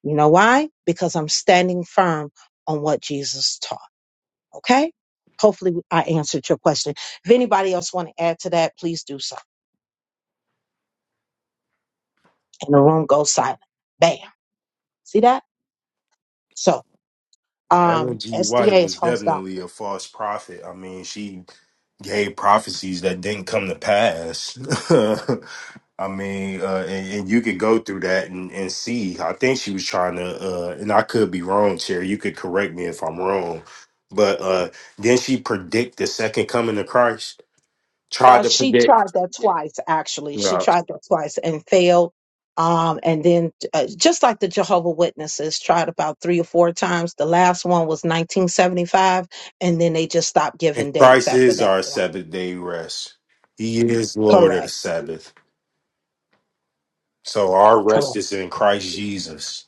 Speaker 1: You know why? Because I'm standing firm on what Jesus taught. Okay. Hopefully I answered your question. If anybody else want to add to that, please do so. And the room goes silent. Bam. See that? So,
Speaker 3: Ellen
Speaker 1: um,
Speaker 3: G. White
Speaker 1: SDA is
Speaker 3: was
Speaker 1: false doctrine.
Speaker 3: definitely a false prophet. I mean, she Yay, prophecies that didn't come to pass. I mean, uh, and, and you could go through that and, and see. I think she was trying to, uh, and I could be wrong, Cherry. You could correct me if I'm wrong. But uh, then she predict the second coming of Christ, tried
Speaker 1: Yeah,
Speaker 3: to
Speaker 1: she
Speaker 3: predict.
Speaker 1: tried that twice, actually. She
Speaker 3: Yeah.
Speaker 1: tried that twice and failed. Um, and then, uh, just like the Jehovah Witnesses, tried about three or four times. The last one was 1975, and then they just stopped
Speaker 3: And
Speaker 1: giving dates
Speaker 3: Christ
Speaker 1: after
Speaker 3: is
Speaker 1: that
Speaker 3: our
Speaker 1: point.
Speaker 3: Sabbath day rest. He is Lord of the
Speaker 1: Correct.
Speaker 3: Sabbath. So our
Speaker 1: Correct.
Speaker 3: rest is in Christ Jesus.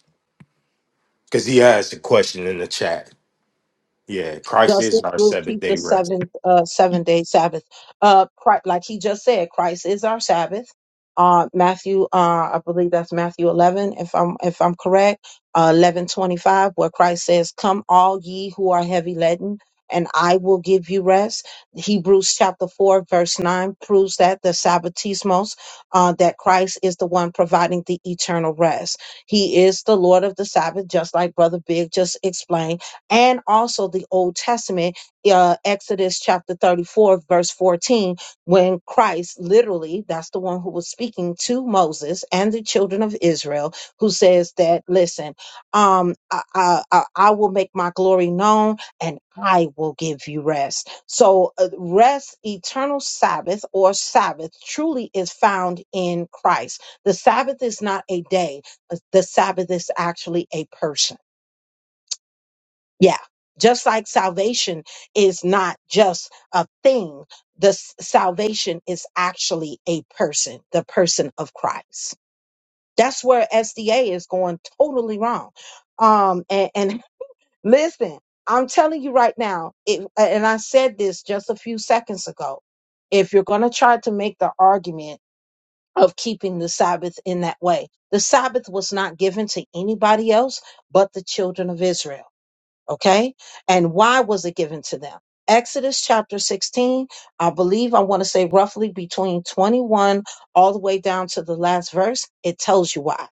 Speaker 3: Because he asked the question in the chat. Yeah, Christ
Speaker 1: Does
Speaker 3: is
Speaker 1: this
Speaker 3: our
Speaker 1: group
Speaker 3: Sabbath
Speaker 1: keep
Speaker 3: day
Speaker 1: the
Speaker 3: rest.
Speaker 1: seventh uh seven day Sabbath? Uh Christ, like he just said, Christ is our Sabbath. Uh Matthew uh I believe that's Matthew eleven, if I'm if I'm correct, uh eleven twenty five, where Christ says, Come all ye who are heavy laden, and I will give you rest. Hebrews chapter four, verse nine proves that the Sabbatismos, uh, that Christ is the one providing the eternal rest. He is the Lord of the Sabbath, just like Brother Big just explained and also the Old Testament, uh, Exodus chapter 34, verse 14, when Christ literally, that's the one who was speaking to Moses and the children of Israel, who says that, listen, um, I, I, I I will make my glory known and I will give you rest. So, uh, rest, eternal Sabbath or Sabbath, truly is found in Christ. The Sabbath is not a day, uh, the Sabbath is actually a person. Yeah. Just like salvation is not just a thing, the s- salvation is actually a person, the person of Christ. That's where SDA is going totally wrong. Um, and, and listen, I'm telling you right now, it, and I said this just a few seconds ago. If you're going to try to make the argument of keeping the Sabbath in that way, the Sabbath was not given to anybody else but the children of Israel. Okay. And why was it given to them? Exodus chapter 16, I believe I want to say roughly between 21 all the way down to the last verse, it tells you why.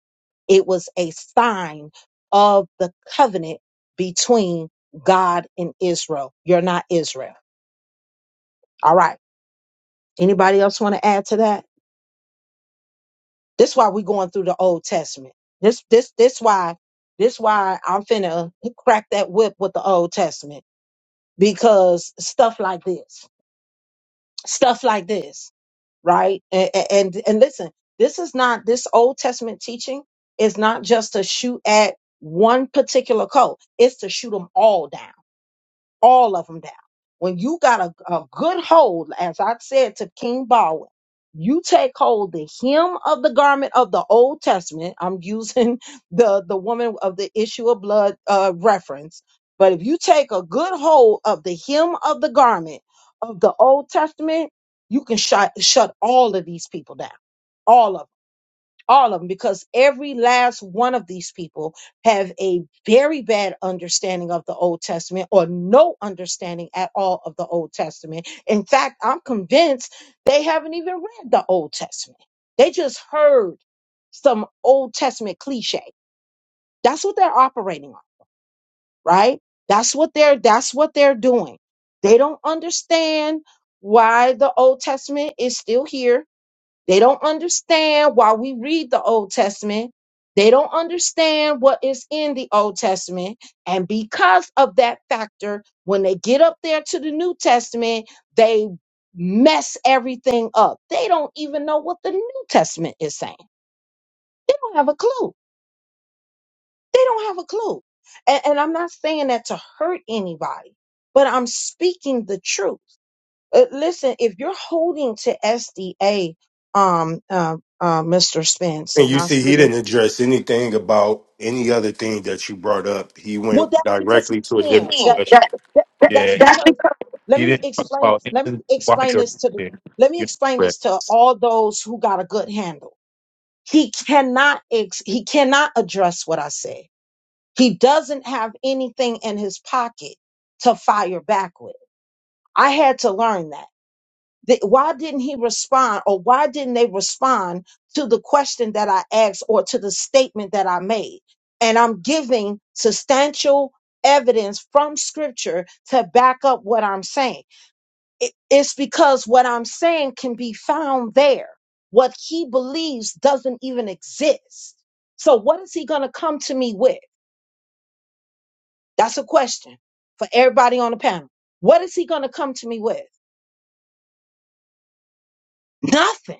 Speaker 1: It was a sign of the covenant between God and Israel. You're not Israel. All right. Anybody else want to add to that? This why we going through the Old Testament. This this this why this why I'm finna crack that whip with the Old Testament because stuff like this. stuff like this, right? And, and and listen, this is not this Old Testament teaching is not just to shoot at one particular cult; it's to shoot them all down all of them down. When you got a, a good hold, as I said to King Baldwin, you take hold the hem of the garment of the Old Testament. I'm using the the woman of the issue of blood uh, reference, but if you take a good hold of the hem of the garment of the Old Testament, you can shut shut all of these people down, all of 'em all of them because every last one of these people have a very bad understanding of the old testament or no understanding at all of the old testament in fact i'm convinced they haven't even read the old testament they just heard some old testament cliche that's what they're operating on right that's what they're that's what they're doing they don't understand why the old testament is still here they don't understand why we read the Old Testament. They don't understand what is in the Old Testament. And because of that factor, when they get up there to the New Testament, they mess everything up. They don't even know what the New Testament is saying. They don't have a clue. They don't have a clue. And, and I'm not saying that to hurt anybody, but I'm speaking the truth. Uh, listen, if you're holding to SDA, um, uh, uh, Mr. Spence,
Speaker 3: And
Speaker 1: and
Speaker 3: you
Speaker 1: I s-
Speaker 3: see, he
Speaker 1: it is
Speaker 3: didn't address anything about any other thing that you brought up. He
Speaker 1: well,
Speaker 3: went
Speaker 1: that's because
Speaker 3: directly to a
Speaker 1: he
Speaker 3: different
Speaker 1: can't. That,
Speaker 3: question. That,
Speaker 1: that
Speaker 3: that, Yeah.
Speaker 1: that's
Speaker 3: that's
Speaker 1: because. Let me explain. Let me explain this to the. Let me explain
Speaker 3: Right.
Speaker 1: this to all those who got a good handle. He cannot. Ex, he cannot address what I said. He doesn't have anything in his pocket to fire back with. I had to learn that. Th- why didn't he respond or why didn't they respond to the question that I asked or to the statement that I made? And I'm giving substantial evidence from scripture to back up what I'm saying. It- It's because what I'm saying can be found there. What he believes doesn't even exist. So, what is he going to come to me with? That's a question for everybody on the panel. What is he going to come to me with? Nothing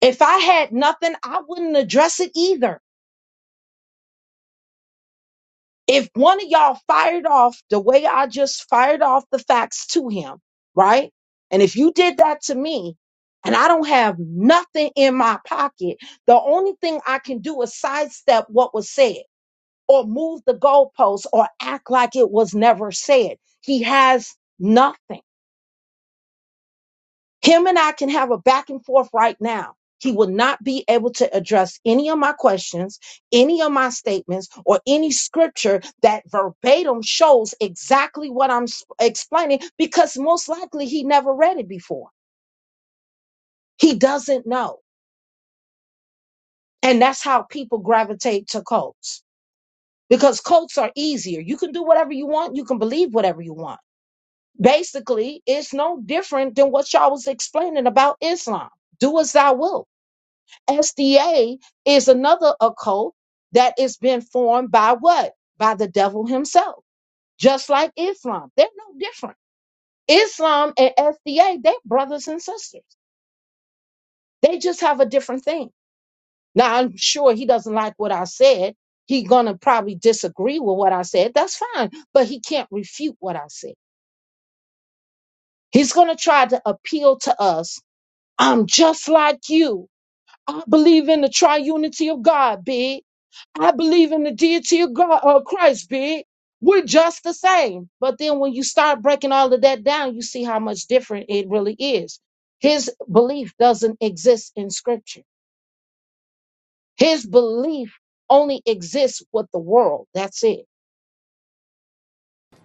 Speaker 1: If I had nothing, I wouldn't address it either. If one of y'all fired off the way I just fired off the facts to him, right? And if you did that to me and I don't have nothing in my pocket, the only thing I can do is sidestep what was said or move the goalpost or act like it was never said. He has nothing. Him and I can have a back and forth right now. He will not be able to address any of my questions, any of my statements, or any scripture that verbatim shows exactly what I'm s- explaining because most likely he never read it before. He doesn't know. And that's how people gravitate to cults because cults are easier. You can do whatever you want, you can believe whatever you want. Basically, it's no different than what y'all was explaining about Islam. Do as thou wilt SDA is another occult that is being formed by what? By the devil himself, just like Islam. They're no different. Islam and SDA, they're brothers and sisters. They just have a different thing. Now, I'm sure he doesn't like what I said. He's going to probably disagree with what I said. That's fine. But he can't refute what I said. He's going to try to appeal to us. I'm just like you. I believe in the triunity of God, big. I believe in the deity of God, uh, Christ, big. We're just the same. But then when you start breaking all of that down, you see how much different it really is. His belief doesn't exist in scripture. His belief only exists with the world. That's it.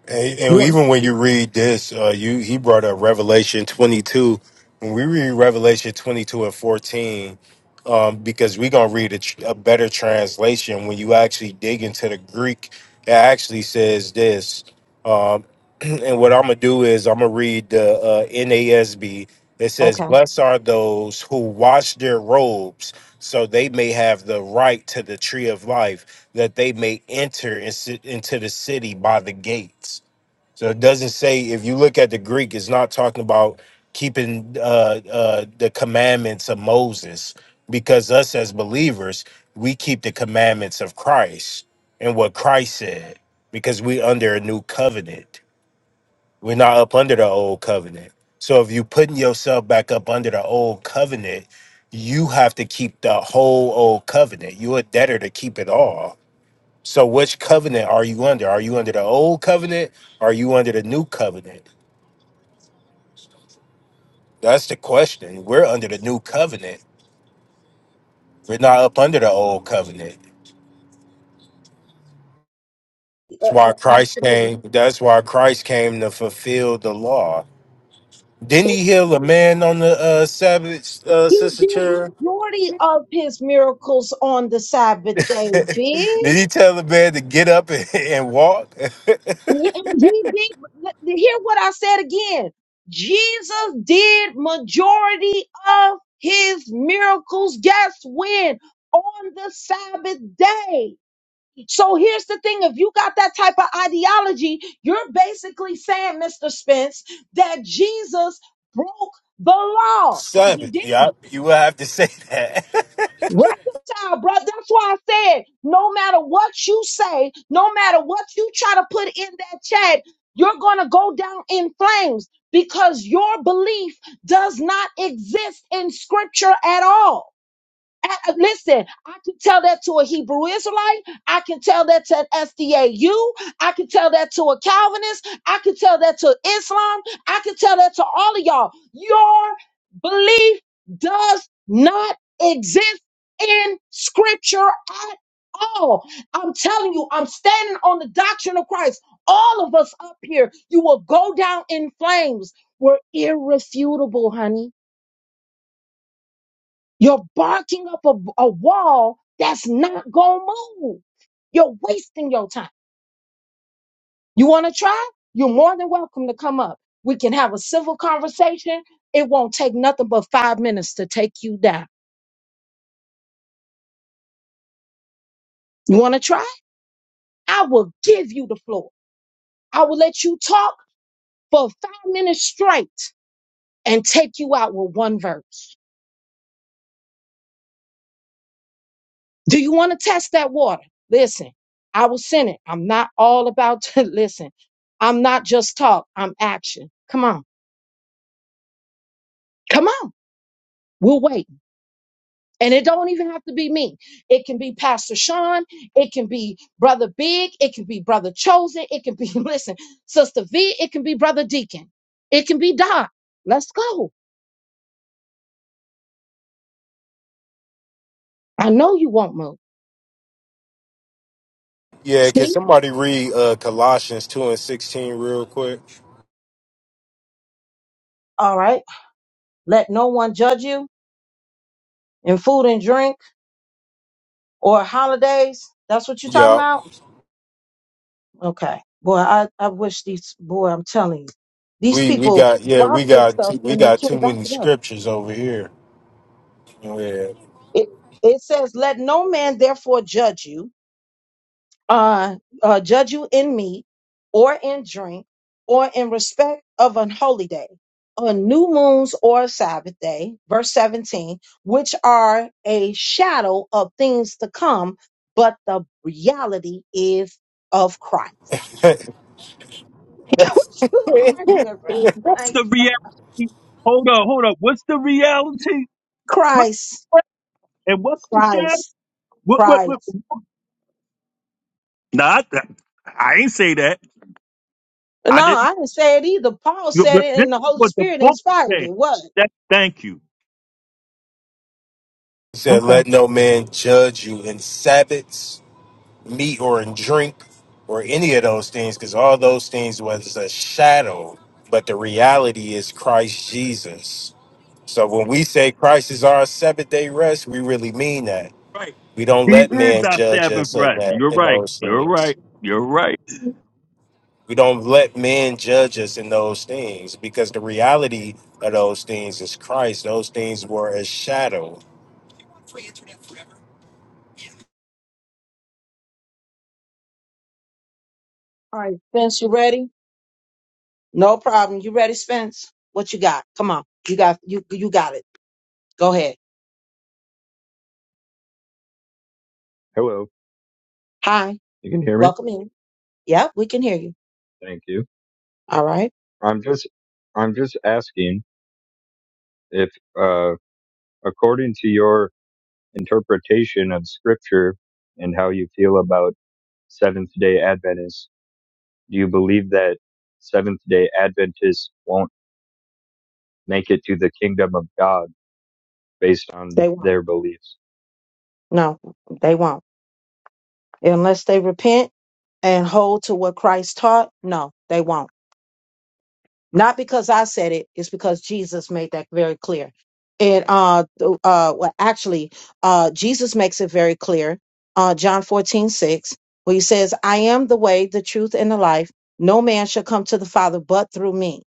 Speaker 3: And,
Speaker 1: You
Speaker 3: and
Speaker 1: want-
Speaker 3: even when you read this, uh, you he brought up Revelation 22. When we read Revelation 22 and 14, um, because we're gonna read a, tr- a better translation. When you actually dig into the Greek, it actually says this. um, And what I'm gonna do is I'm gonna read the uh, NASB. It says,
Speaker 1: okay. Uh,
Speaker 3: "Blessed are those who wash their robes, so they may have the right to the tree of life, that they may enter in ci- into the city by the gates." So it doesn't say if you look at the Greek, it's not talking about keeping uh, uh, the commandments of Moses, because us as believers, we keep the commandments of Christ and what Christ said, because we under a new covenant. We're not up under the old covenant. So if you putting yourself back up under the old covenant, you have to keep the whole old covenant. You're a debtor to keep it all. So which covenant are you under? Are you under the old covenant? Or are you under the new covenant? That's the question. We're under the new covenant. We're not up under the old covenant. That's
Speaker 1: uh,
Speaker 3: why Christ
Speaker 1: absolutely.
Speaker 3: came. That's why Christ came to fulfill the law. Didn't he
Speaker 1: It-
Speaker 3: heal a man on the uh, Sabbath, uh,
Speaker 1: he
Speaker 3: Sister
Speaker 1: did
Speaker 3: Chair?
Speaker 1: majority of his miracles on the Sabbath day, big.
Speaker 3: Did he tell the man to get up and, and walk?
Speaker 1: And he and he did, let- hear what I said again. Jesus did majority of his miracles. Guess when? On the Sabbath day. So here's the thing. If you got that type of ideology, you're basically saying, Mr. Spence, that Jesus broke the law, but
Speaker 3: Son,
Speaker 1: he didn't.
Speaker 3: yeah, you will have to say that.
Speaker 1: Reconcile, bro. That's why I said, no matter what you say, no matter what you try to put in that chat, you're going to go down in flames because your belief does not exist in scripture at all. And, uh, Listen, I can tell that to a Hebrew Israelite. I can tell that to an SDAU. I can tell that to a Calvinist. I can tell that to Islam. I can tell that to all of y'all. Your belief does not exist in scripture at all. I'm telling you, I'm standing on the doctrine of Christ. All of us up here, you will go down in flames. We're irrefutable, honey. You're barking up a, a wall that's not going to move. You're wasting your time. You want to try? You're more than welcome to come up. We can have a civil conversation. It won't take nothing but five minutes to take you down. You want to try? I will give you the floor. I will let you talk for five minutes straight and take you out with one verse. Do you want to test that water? Listen, I will send it. I'm not all about to listen. I'm not just talk, I'm action. Come on. Come on, we'll wait. And it don't even have to be me. It can be Pastor Sean. It can be Brother Big. It can be Brother Chosen. It can be, listen, Sister V. It can be Brother Deacon. It can be Doc. Let's go. I know you won't move.
Speaker 3: yeah, can
Speaker 1: See?
Speaker 3: somebody read uh, Colossians two and sixteen real quick?
Speaker 1: All right. Let no one judge you in food and drink or holidays. That's what you're talking
Speaker 3: Yeah,
Speaker 1: about? Okay. Boy, I, I wish these, boy, I'm telling you, these
Speaker 3: we we
Speaker 1: people
Speaker 3: got yeah
Speaker 1: brought
Speaker 3: we
Speaker 1: this
Speaker 3: got
Speaker 1: stuff
Speaker 3: too, we
Speaker 1: and they
Speaker 3: got
Speaker 1: can't
Speaker 3: too
Speaker 1: back
Speaker 3: many
Speaker 1: it up.
Speaker 3: scriptures over here. Yeah.
Speaker 1: it, it says let no man therefore judge you uh, uh judge you in meat or in drink or in respect of an holy day on new moons or sabbath day verse 17 which are a shadow of things to come but the reality is of christ what you arguing bro
Speaker 3: he
Speaker 11: What's
Speaker 1: like
Speaker 11: the reality? Hold up, hold up. What's the reality? What
Speaker 1: christ
Speaker 11: and what's the shadow?
Speaker 1: christ
Speaker 11: What what what?
Speaker 1: christ
Speaker 11: Nah, I, I ain't say that. I
Speaker 1: no
Speaker 11: didn't.
Speaker 1: i didn't say it either paul
Speaker 11: you-
Speaker 1: said
Speaker 11: but
Speaker 1: it
Speaker 11: This
Speaker 1: and the
Speaker 11: is
Speaker 1: holy
Speaker 11: what the
Speaker 1: spirit
Speaker 11: book is
Speaker 1: inspired
Speaker 11: saying.
Speaker 1: it what
Speaker 11: That thank you.
Speaker 3: said, "Let no man judge you in Sabbaths." meat or in drink or any of those things, because all those things was a shadow, but the reality is Christ Jesus. So when we say Christ is our seventh day rest, we really mean that.
Speaker 11: Right.
Speaker 3: We don't
Speaker 11: He
Speaker 3: let
Speaker 11: is
Speaker 3: man
Speaker 11: our
Speaker 3: judge
Speaker 11: Sabbath
Speaker 3: us in
Speaker 11: rest.
Speaker 3: that
Speaker 11: You're
Speaker 3: in
Speaker 11: right.
Speaker 3: those
Speaker 11: You're
Speaker 3: things.
Speaker 11: right. You're right.
Speaker 3: We don't let man judge us in those things because the reality of those things is Christ. Those things were a shadow
Speaker 1: All right, Spence, you ready? No problem. You ready, Spence? What you got? Come on. You got you you got it. Go ahead.
Speaker 12: Hello,
Speaker 1: Hi.
Speaker 12: you can hear me?
Speaker 1: Welcome in. Yep, we can hear you.
Speaker 12: Thank you.
Speaker 1: All right.
Speaker 12: I'm just I'm just asking if uh according to your interpretation of scripture and how you feel about Seventh-day Adventists, do you believe that Seventh-day Adventists won't make it to the kingdom of God based on
Speaker 1: They won't.
Speaker 12: their beliefs?
Speaker 1: No, they won't. Unless they repent and hold to what Christ taught, no, they won't. Not because I said it, it's because Jesus made that very clear. And uh, th- uh, well, actually, uh, Jesus makes it very clear. Uh, John 14 6, where he says, I am the way, the truth, and the life. No man shall come to the Father but through me.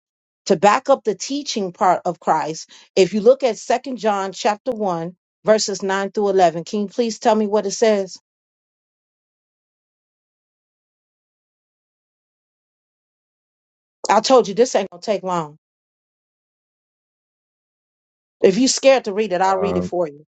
Speaker 1: To back up the teaching part of Christ, if you look at Second John chapter 1, verses 9 through 11, can you please tell me what it says? I told you this ain't going to take long. If you're scared to read it, I'll read
Speaker 12: Uh,
Speaker 1: it for you.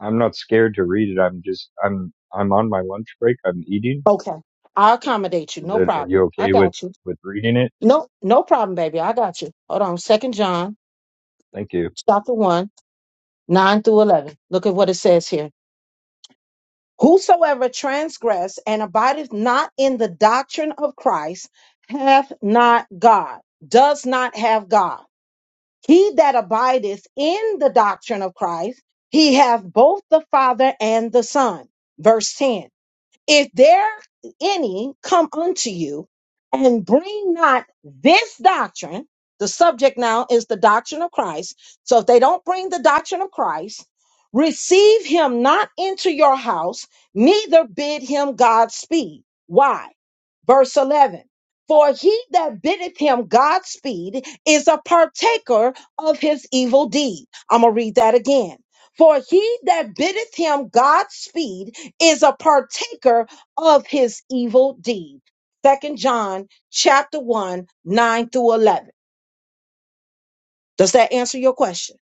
Speaker 12: I'm not scared to read it. I'm just I'm I'm on my lunch break. I'm eating.
Speaker 1: Okay. I'll accommodate you.
Speaker 12: Is
Speaker 1: No
Speaker 12: it are
Speaker 1: problem.
Speaker 12: you
Speaker 1: I
Speaker 12: okay with
Speaker 1: got you.
Speaker 12: with reading it?
Speaker 1: No, no problem, baby. I got you. Hold on. Second John
Speaker 12: Thank you.
Speaker 1: chapter one, nine through eleven. Look at what it says here. Whosoever transgress and abideth not in the doctrine of Christ hath not God, does not have God. He that abideth in the doctrine of Christ, he hath both the Father and the Son. Verse 10. If there any come unto you and bring not this doctrine, the subject now is the doctrine of Christ. So if they don't bring the doctrine of Christ, receive him not into your house, neither bid him Godspeed. Why? verse 11 for he that biddeth him godspeed is a partaker of his evil deed i'm gonna read that again for he that biddeth him godspeed is a partaker of his evil deed. Second John chapter 1, 9 through 11. Does that answer your question?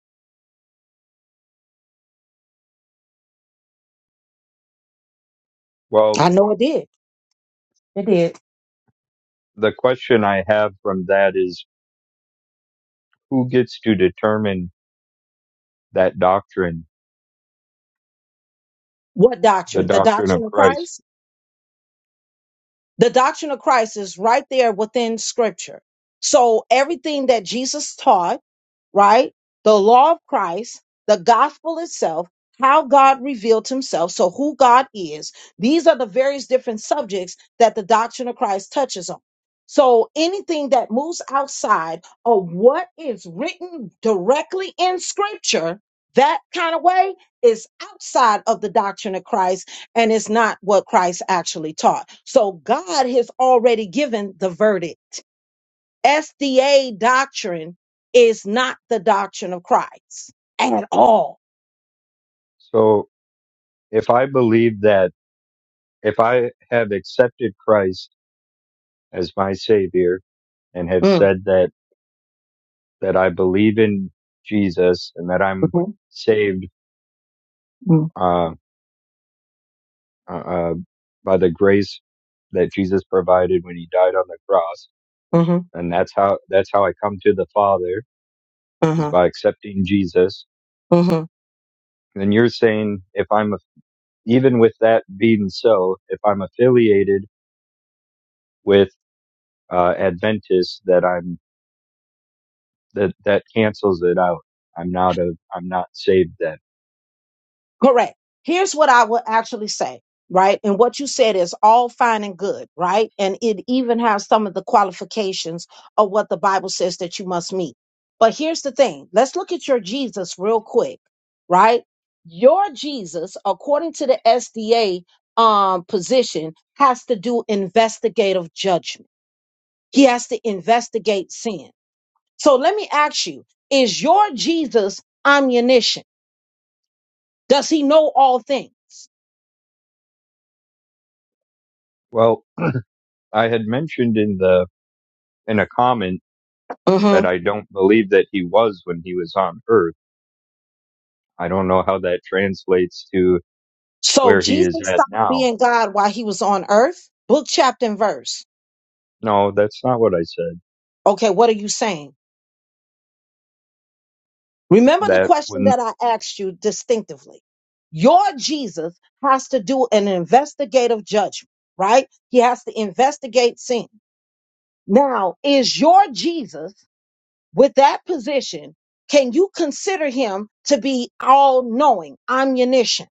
Speaker 12: Well,
Speaker 1: I know it did. It did.
Speaker 12: the question I have from that is who gets to determine that doctrine,
Speaker 1: What
Speaker 12: the
Speaker 1: doctrine? The
Speaker 12: doctrine of
Speaker 1: doctrine of
Speaker 12: Christ?
Speaker 1: Christ? The doctrine of Christ is right there within scripture. So everything that Jesus taught right? The law of Christ, the gospel itself, how God revealed himself, so who God is. These are the various different subjects that the doctrine of Christ touches on. So anything that moves outside of what is written directly in scripture, that kind of way is outside of the doctrine of Christ and is not what Christ actually taught. So God has already given the verdict SDA doctrine is not the doctrine of Christ at all.
Speaker 12: So if I believe that, if I have accepted Christ as my savior and have
Speaker 1: Mm,
Speaker 12: said that, that I believe in Jesus and that I'm
Speaker 1: mhm,
Speaker 12: saved,
Speaker 1: mm,
Speaker 12: uh, uh, uh, by the grace that Jesus provided when he died on the cross.
Speaker 1: mhm,
Speaker 12: And that's how, that's how I come to the Father is
Speaker 1: mhm,
Speaker 12: by accepting Jesus.
Speaker 1: mhm.
Speaker 12: Then you're saying if I'm a even with that being so, if I'm affiliated with uh, Adventist, that I'm that that cancels it out. I'm not a I'm not saved then.
Speaker 1: Correct. Here's what I would actually say, right? And what you said is all fine and good, right? And it even has some of the qualifications of what the Bible says that you must meet. But here's the thing let's look at your Jesus real quick, right? Your Jesus, according to the SDA um, position, has to do investigative judgment, he has to investigate sin. So let me ask you is your Jesus omniscient? Does he know all things?
Speaker 12: Well, I had mentioned in the in a comment
Speaker 1: Mhm.
Speaker 12: that I don't believe that he was when he was on Earth. I don't know how that translates to
Speaker 1: So
Speaker 12: where he
Speaker 1: Jesus
Speaker 12: is at
Speaker 1: stopped
Speaker 12: now.
Speaker 1: being God while he was on earth? Book, chapter, and verse.
Speaker 12: No, that's not what I said.
Speaker 1: Okay, what are you saying? Remember the
Speaker 12: That
Speaker 1: question
Speaker 12: when
Speaker 1: that I asked you distinctively. Your Jesus has to do an investigative judgment, right? He has to investigate sin. Now, is your Jesus with that position, can you consider him to be all knowing, omniscient?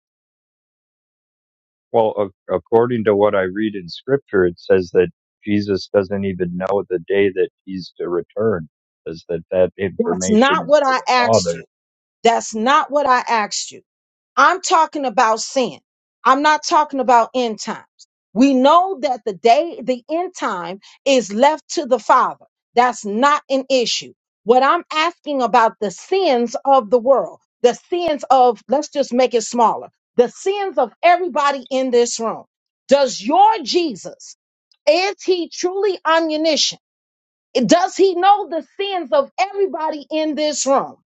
Speaker 12: Well, a- according to what I read in scripture, it says that Jesus doesn't even know the day that he's to return. It Says that that
Speaker 1: That's
Speaker 12: information
Speaker 1: not
Speaker 12: is
Speaker 1: what
Speaker 12: for
Speaker 1: I
Speaker 12: the
Speaker 1: asked
Speaker 12: Father.
Speaker 1: you. That's not what I asked you. I'm talking about sin. I'm not talking about end times. We know that the day, the end time is left to the Father. That's not an issue. What I'm asking about the sins of the world, the sins of, let's just make it smaller, the sins of everybody in this room. Does your Jesus, is he truly omniscient? Does he know the sins of everybody in this room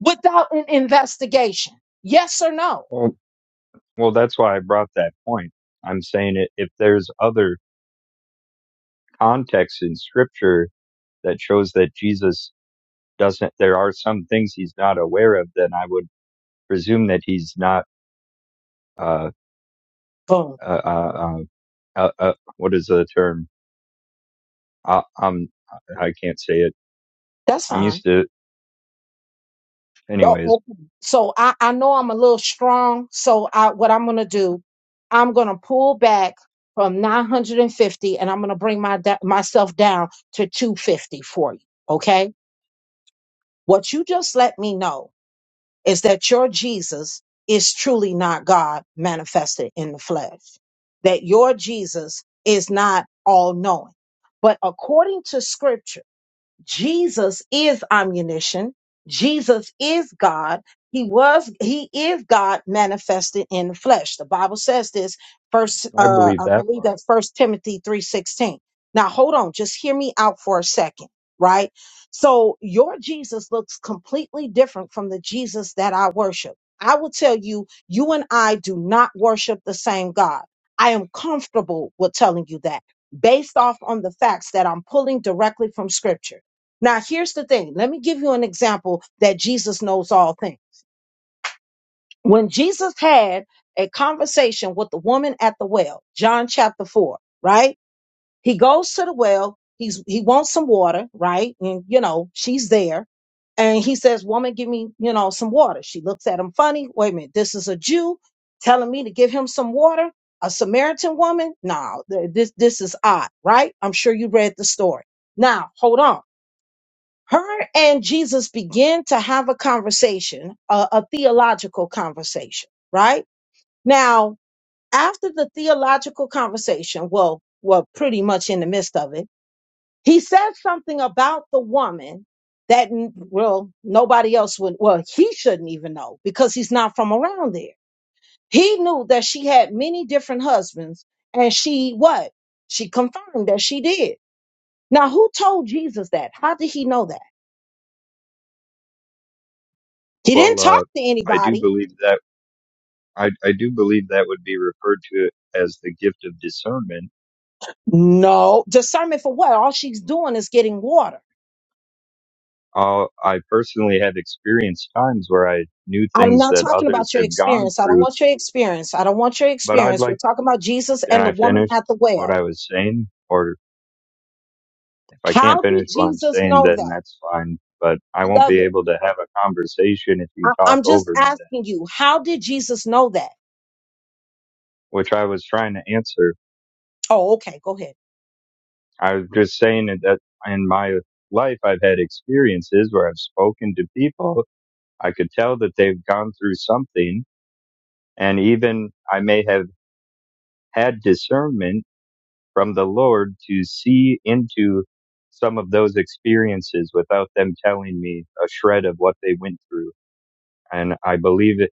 Speaker 1: without an investigation? Yes or no?
Speaker 12: Well, well, that's why I brought that point. I'm saying it, if there's other context in scripture that shows that Jesus doesn't, there are some things he's not aware of, then I would presume that he's not, uh, uh, uh, uh, uh, uh what is the term? Uh, um, I can't say it.
Speaker 1: That's
Speaker 12: I'm
Speaker 1: fine.
Speaker 12: used to,
Speaker 1: Oh,
Speaker 12: anyways
Speaker 1: okay. So I, I know I'm a little strong. So I, what I'm going to do, I'm going to pull back from 950 and fifty, and I'm going to bring my da- myself down to 250 for you. Okay. What you just let me know is that your Jesus is truly not God manifested in the flesh, that your Jesus is not all knowing. But according to scripture, Jesus is omniscient. Jesus is God. He was, he is God manifested in the flesh. The Bible says this
Speaker 12: Yeah,
Speaker 1: first,
Speaker 12: I
Speaker 1: uh,
Speaker 12: believe
Speaker 1: I
Speaker 12: that
Speaker 1: believe
Speaker 12: part.
Speaker 1: that first Timothy 3.16. Now hold on, just hear me out for a second, right? So your Jesus looks completely different from the Jesus that I worship. I will tell you, you and I do not worship the same God. I am comfortable with telling you that based off on the facts that I'm pulling directly from scripture. Now, here's the thing. Let me give you an example that Jesus knows all things. When Jesus had a conversation with the woman at the well, John chapter 4, right? He goes to the well, he's he wants some water, right? And you know, she's there. And he says, Woman, give me, you know, some water. She looks at him funny. Wait a minute, this is a Jew telling me to give him some water. A Samaritan woman? No, th- this this is odd, right? I'm sure you read the story. Now, hold on her and Jesus begin to have a conversation, a, a theological conversation, right? Now, after the theological conversation, well, well, pretty much in the midst of it, he says something about the woman that, n- well, nobody else would, well, he shouldn't even know because he's not from around there. He knew that she had many different husbands and she, what? She confirmed that she did. Now, who told Jesus that? How did he know that? He didn't
Speaker 12: Well, uh,
Speaker 1: talk to
Speaker 12: I do
Speaker 1: anybody.
Speaker 12: believe that I, I do believe that would be referred to as the gift of discernment.
Speaker 1: No, discernment for what? All she's doing is getting water.
Speaker 12: Uh, I personally have experienced times where I knew
Speaker 1: I'm
Speaker 12: things
Speaker 1: not
Speaker 12: that
Speaker 1: talking
Speaker 12: others
Speaker 1: about your
Speaker 12: have gone
Speaker 1: experience. I don't
Speaker 12: through,
Speaker 1: want your experience. I don't want your
Speaker 12: but I'd
Speaker 1: experience. We're
Speaker 12: like,
Speaker 1: talking about Jesus
Speaker 12: can
Speaker 1: and the
Speaker 12: I
Speaker 1: woman
Speaker 12: finish
Speaker 1: at the
Speaker 12: what
Speaker 1: well.
Speaker 12: I was saying? Or if I can't
Speaker 1: How
Speaker 12: finish
Speaker 1: did
Speaker 12: what I'm
Speaker 1: Jesus
Speaker 12: saying,
Speaker 1: know
Speaker 12: then
Speaker 1: that?
Speaker 12: that's fine, but I won't be
Speaker 1: Beloved,
Speaker 12: able to have a conversation if you
Speaker 1: I-
Speaker 12: talk
Speaker 1: I'm just
Speaker 12: over me then,
Speaker 1: asking you, how did Jesus know that?
Speaker 12: which I was trying to answer
Speaker 1: Oh, okay. Go ahead.
Speaker 12: I'm just saying that that in my life, I've had experiences where I've spoken to people. I could tell that they've gone through something. And even I may have had discernment from the Lord to see into some of those experiences without them telling me a shred of what they went through. And I believe it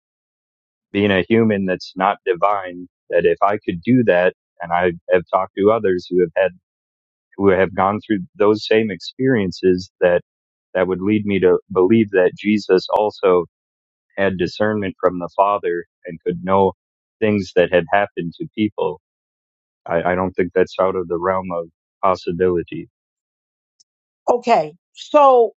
Speaker 12: being a human that's not divine, that if I could do that, and I have talked to others who have had who have gone through those same experiences that that would lead me to believe that Jesus also had discernment from the Father and could know things that had happened to people. I, I don't think that's out of the realm of possibility.
Speaker 1: Okay. So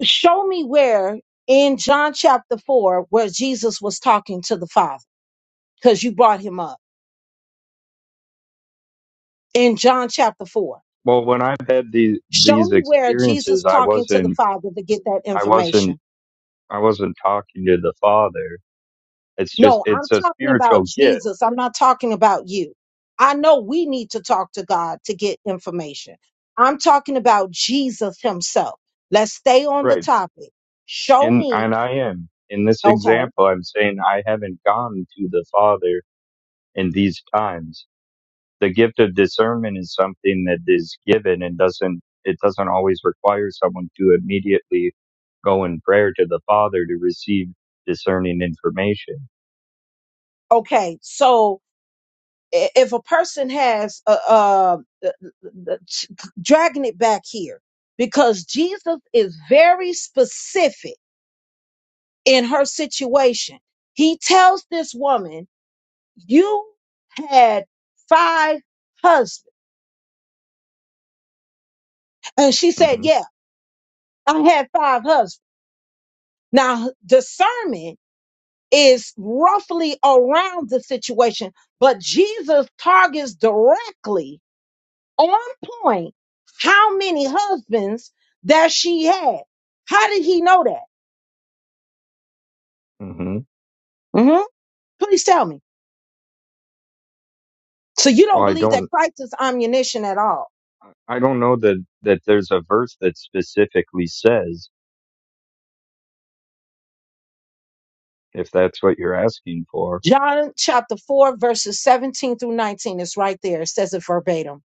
Speaker 1: show me where in John chapter 4 where Jesus was talking to the Father because you brought him up in John chapter 4.
Speaker 12: Well, when I've had these
Speaker 1: Show
Speaker 12: these
Speaker 1: me where Jesus
Speaker 12: experiences, I
Speaker 1: talking to the
Speaker 12: wasn't
Speaker 1: Father to get that
Speaker 12: I wasn't
Speaker 1: information.
Speaker 12: I wasn't talking to the Father. It's just
Speaker 1: No, I'm
Speaker 12: it's a
Speaker 1: talking about
Speaker 12: spiritual gift,
Speaker 1: Jesus. I'm not talking about you. I know we need to talk to God to get information. I'm talking about Jesus himself. Let's stay on the
Speaker 12: right?
Speaker 1: topic. Show
Speaker 12: And
Speaker 1: me.
Speaker 12: and I am in this
Speaker 1: Okay.
Speaker 12: example. I'm saying I haven't gone to the Father in these times. The gift of discernment is something that is given and doesn't, it doesn't always require someone to immediately go in prayer to the Father to receive discerning information.
Speaker 1: Okay. So i- if a person has uh, uh th- th- th- dragging it back here because Jesus is very specific in her situation. He tells this woman, You had five husbands. And she said,
Speaker 12: hmm
Speaker 1: Yeah, I had five husbands. Now, discernment is roughly around the situation, but Jesus targets directly on point how many husbands that she had. How did he know that?
Speaker 12: hmm
Speaker 1: hmm Please tell me. So you
Speaker 12: Well,
Speaker 1: don't
Speaker 12: I
Speaker 1: believe
Speaker 12: don't,
Speaker 1: that Christ is omniscient at all?
Speaker 12: I don't know that, that there's a verse that specifically says, if that's what you're asking for.
Speaker 1: John chapter 4, verses 17 through 19 is right there. It says it verbatim.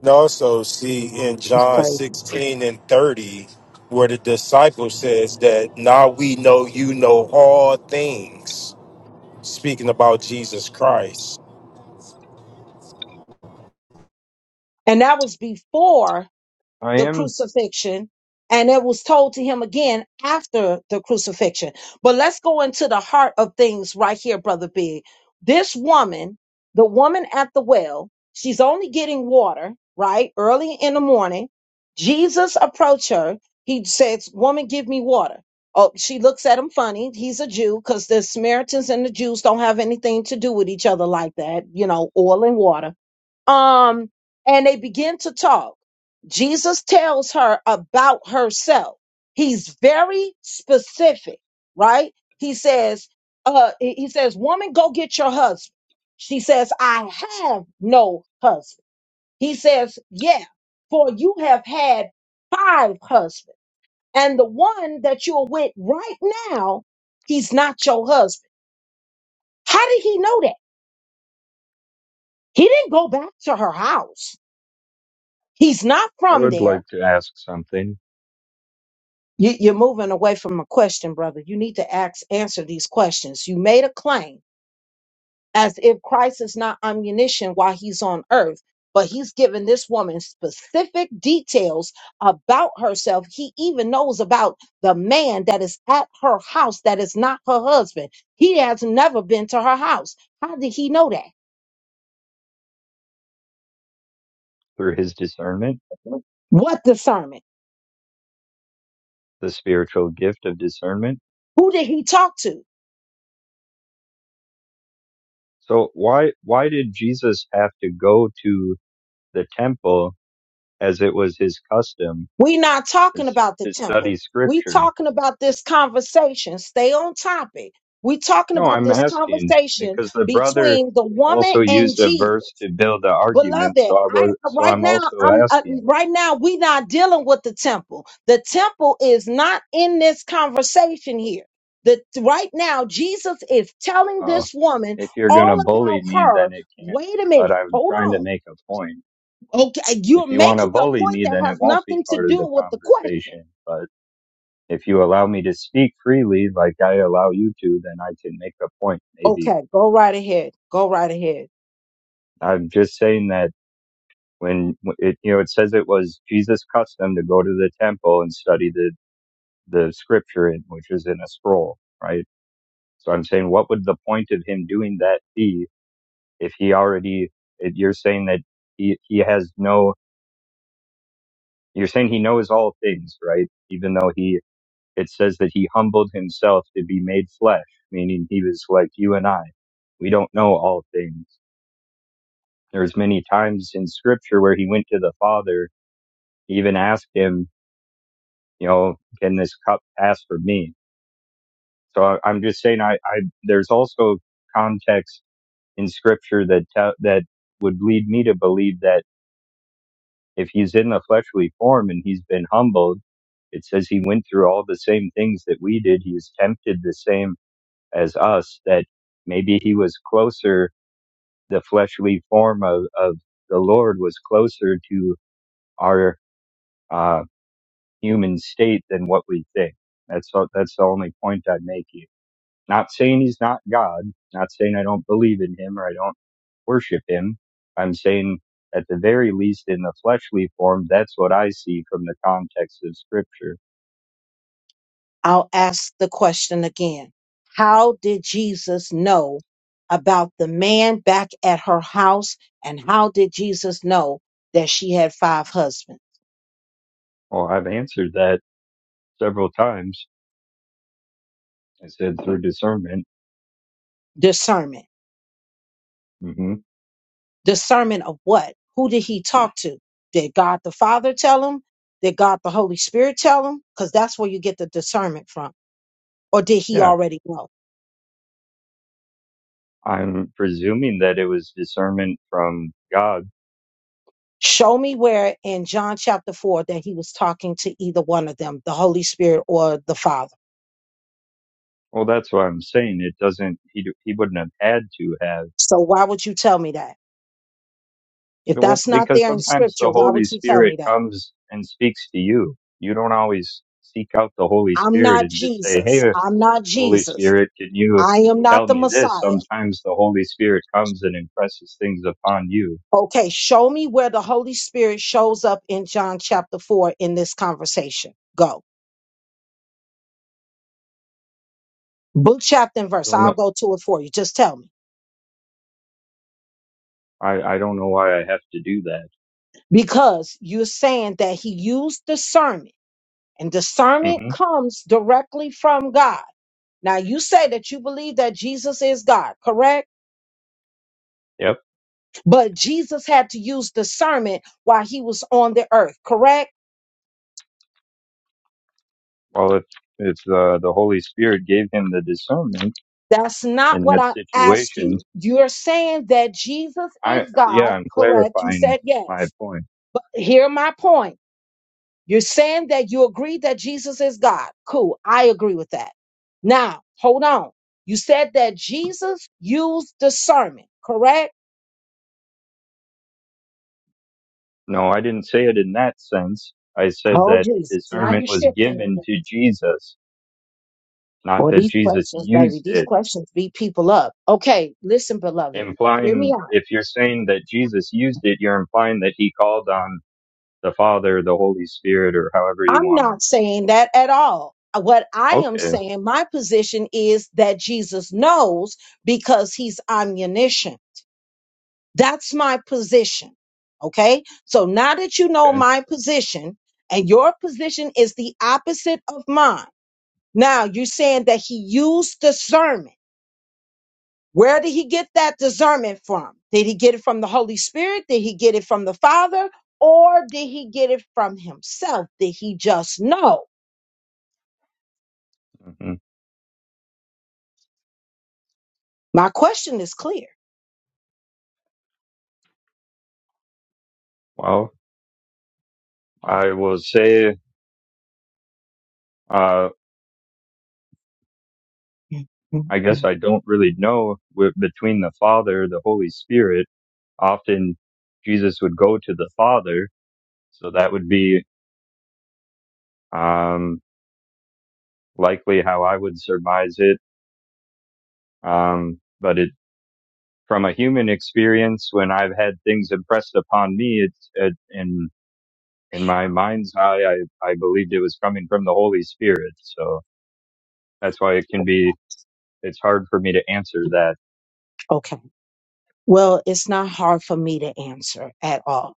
Speaker 3: And also see in
Speaker 1: That's
Speaker 3: John
Speaker 1: crazy.
Speaker 3: 16 and 30, where the disciple says that now we know you know all things, speaking about Jesus Christ.
Speaker 1: And that was before
Speaker 12: I
Speaker 1: the
Speaker 12: am,
Speaker 1: crucifixion and it was told to him again after the crucifixion. But let's go into the heart of things right here, Brother Big. This woman, the woman at the well, she's only getting water, right? Early in the morning. Jesus approached her. He says, Woman, give me water. Oh, she looks at him funny. He's a Jew because the Samaritans and the Jews don't have anything to do with each other like that, you know, oil and water. Um, and they begin to talk. Jesus tells her about herself. He's very specific, right? He says, uh, he he says, woman, go get your husband. She says, I have no husband. He says, yeah, for you have had five husbands and the one that you're with right now, he's not your husband. How did he know that? He didn't go back to her house. He's not
Speaker 12: I
Speaker 1: from
Speaker 12: would
Speaker 1: there.
Speaker 12: like to ask something
Speaker 1: You, you're moving away from a question, brother. You need to ask, answer these questions. You made a claim as if Christ is not omniscient while he's on earth, but he's given this woman specific details about herself. He even knows about the man that is at her house that is not her husband. He has never been to her house. How did he know that?
Speaker 12: through his discernment,
Speaker 1: What discernment?
Speaker 12: the spiritual gift of discernment.
Speaker 1: Who did he talk to?
Speaker 12: So why, why did Jesus have to go to the temple, as it was his custom,
Speaker 1: We not
Speaker 12: to,
Speaker 1: talking about the
Speaker 12: to study
Speaker 1: temple. We
Speaker 12: scripture?
Speaker 1: talking about this conversation. Stay on topic. We talking
Speaker 12: No,
Speaker 1: about
Speaker 12: I'm
Speaker 1: this
Speaker 12: asking
Speaker 1: conversation
Speaker 12: because the brother
Speaker 1: between the woman
Speaker 12: also
Speaker 1: and
Speaker 12: used a
Speaker 1: Jesus.
Speaker 12: verse to build an argument.
Speaker 1: Beloved,
Speaker 12: So I
Speaker 1: I
Speaker 12: was, so
Speaker 1: right
Speaker 12: I'm
Speaker 1: now
Speaker 12: also
Speaker 1: I'm uh,
Speaker 12: asking,
Speaker 1: right now we not dealing with the temple. The temple is not in this conversation here. The right now Jesus is telling
Speaker 12: Oh,
Speaker 1: this woman
Speaker 12: if you're going to
Speaker 1: all
Speaker 12: bully
Speaker 1: about
Speaker 12: me, then
Speaker 1: her.
Speaker 12: it can't
Speaker 1: Wait
Speaker 12: be,
Speaker 1: a
Speaker 12: but
Speaker 1: minute.
Speaker 12: I'm
Speaker 1: Hold
Speaker 12: trying to
Speaker 1: on.
Speaker 12: make a point.
Speaker 1: Okay,
Speaker 12: If
Speaker 1: you're
Speaker 12: you want to
Speaker 1: making a
Speaker 12: bully
Speaker 1: point
Speaker 12: me,
Speaker 1: that
Speaker 12: then it
Speaker 1: has
Speaker 12: won't be
Speaker 1: nothing to
Speaker 12: part of
Speaker 1: do
Speaker 12: the
Speaker 1: with the question.
Speaker 12: conversation. But if you allow me to speak freely, like I allow you to, then I can make a point. Maybe
Speaker 1: Okay, go right ahead. Go right ahead.
Speaker 12: I'm just saying that when it you know it says it was Jesus' custom to go to the temple and study the the scripture in, which is in a scroll, right? So I'm saying, what would the point of him doing that be if he already? If you're saying that he he has no. You're saying he knows all things, right? Even though he it says that he humbled himself to be made flesh, meaning he was like you and I. We don't know all things. There's many times in scripture where he went to the Father, he even asked him you know, can this cup pass for me? So I, I'm just saying, I, I, there's also context in scripture that, te- that would lead me to believe that if he's in the fleshly form and he's been humbled, it says he went through all the same things that we did. He was tempted the same as us, that maybe he was closer, the fleshly form of, of the Lord was closer to our, uh, human state than what we think. That's, all- that's the only point I'm making. Not saying he's not God, not saying I don't believe in him or I don't worship him. I'm saying at the very least in the fleshly form, that's what I see from the context of scripture.
Speaker 1: I'll ask the question again. How did Jesus know about the man back at her house? And how did Jesus know that she had five husbands?
Speaker 12: Well, I've answered that several times. I said through discernment.
Speaker 1: Discernment.
Speaker 12: hmm
Speaker 1: Discernment of what? Who did he talk to? Did God the Father tell him? Did God the Holy Spirit tell him? Because that's where you get the discernment from. Or did he
Speaker 12: Yeah.
Speaker 1: already know?
Speaker 12: I'm presuming that it was discernment from God.
Speaker 1: Show me where in John chapter 4 that he was talking to either one of them, the Holy Spirit or the Father.
Speaker 12: Well, that's what I'm saying. It doesn't, he, he wouldn't have had to have.
Speaker 1: So why would you tell me that? If
Speaker 12: Well,
Speaker 1: that's not
Speaker 12: because
Speaker 1: there in
Speaker 12: sometimes the
Speaker 1: scripture, why
Speaker 12: Holy
Speaker 1: would you tell
Speaker 12: Spirit
Speaker 1: me that?
Speaker 12: comes and speaks to you. You don't always seek out the Holy
Speaker 1: I'm
Speaker 12: Spirit
Speaker 1: not
Speaker 12: and just say, Hey,
Speaker 1: Jesus. I'm not
Speaker 12: Holy
Speaker 1: Jesus.
Speaker 12: Spirit, can you
Speaker 1: I am not
Speaker 12: tell
Speaker 1: the
Speaker 12: me this?
Speaker 1: Messiah.
Speaker 12: Sometimes the Holy Spirit comes and impresses things upon you.
Speaker 1: Okay, show me where the Holy Spirit shows up in John chapter 4 in this conversation. Go. Book, chapter, and
Speaker 12: I
Speaker 1: verse.
Speaker 12: don't
Speaker 1: I'll
Speaker 12: know.
Speaker 1: go to it for you. Just tell me.
Speaker 12: I, I don't know why I have to do that.
Speaker 1: Because you're saying that he used discernment And discernment
Speaker 12: hmm
Speaker 1: comes directly from God. Now, you say that you believe that Jesus is God, correct?
Speaker 12: Yep.
Speaker 1: But Jesus had to use discernment while he was on the earth, correct?
Speaker 12: Well, if, if uh, the Holy Spirit gave him the discernment
Speaker 1: That's not
Speaker 12: in
Speaker 1: what
Speaker 12: that
Speaker 1: I asked
Speaker 12: situation,
Speaker 1: you. You're saying that Jesus
Speaker 12: I,
Speaker 1: is
Speaker 12: yeah,
Speaker 1: God,
Speaker 12: I'm
Speaker 1: correct? You
Speaker 12: clarifying
Speaker 1: said
Speaker 12: my
Speaker 1: yes.
Speaker 12: point.
Speaker 1: But hear my point. You're saying that you agree that Jesus is God. Cool. I agree with that. Now, hold on. You said that Jesus used discernment, correct?
Speaker 12: No, I didn't say it in that sense. I said
Speaker 1: Oh,
Speaker 12: that
Speaker 1: Jesus. Now
Speaker 12: discernment
Speaker 1: you're
Speaker 12: was
Speaker 1: shifting
Speaker 12: given
Speaker 1: again.
Speaker 12: to Jesus, not
Speaker 1: Well,
Speaker 12: that
Speaker 1: these
Speaker 12: Jesus
Speaker 1: questions, baby,
Speaker 12: used
Speaker 1: these
Speaker 12: it.
Speaker 1: questions beat people up. Okay, listen, beloved, hear me
Speaker 12: Implying,
Speaker 1: out.
Speaker 12: if you're saying that Jesus used it, you're implying that he called on the Father, the Holy Spirit, or however you
Speaker 1: I'm
Speaker 12: want
Speaker 1: not saying that at all. Uh, What I
Speaker 12: to.
Speaker 1: am
Speaker 12: Okay,
Speaker 1: saying, my position is that Jesus knows because he's omniscient. That's my position. Okay, so now that you know
Speaker 12: okay.
Speaker 1: my position and your position is the opposite of mine, now you're saying that he used discernment. Where did he get that discernment from? Did he get it from the Holy Spirit? Did he get it from the Father? Or did he get it from himself? Did he just know?
Speaker 12: hmm
Speaker 1: My question is clear.
Speaker 12: Well, I will say, uh, I guess I don't really know with, between the Father, the Holy Spirit. Often Jesus would go to the Father, so that would be. Um, likely how I would surmise it. Um, but it, from a human experience, when I've had things impressed upon me, it's it, in in my mind's eye, I I believed it was coming from the Holy Spirit. So that's why it can be. It's hard for me to answer that.
Speaker 1: Okay. Well, it's not hard for me to answer at all.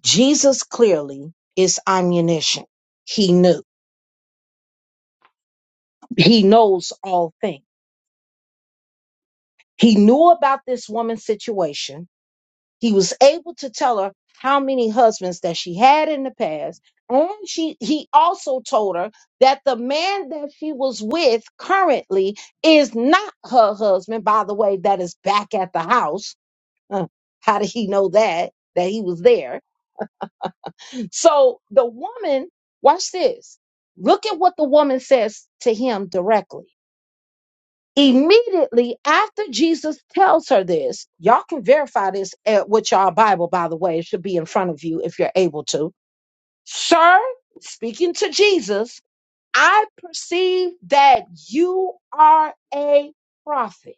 Speaker 1: Jesus clearly is omniscient. He knew. He knows all things. He knew about this woman's situation. He was able to tell her how many husbands that she had in the past. And she he also told her that the man that she was with currently is not her husband, by the way, that is back at the house. Uh, How did he know that? That he was there. So the woman, watch this. Look at what the woman says to him directly. Immediately after Jesus tells her this, y'all can verify this at, with y'all Bible, by the way. It should be in front of you if you're able to. Sir, speaking to Jesus, I perceive that you are a prophet.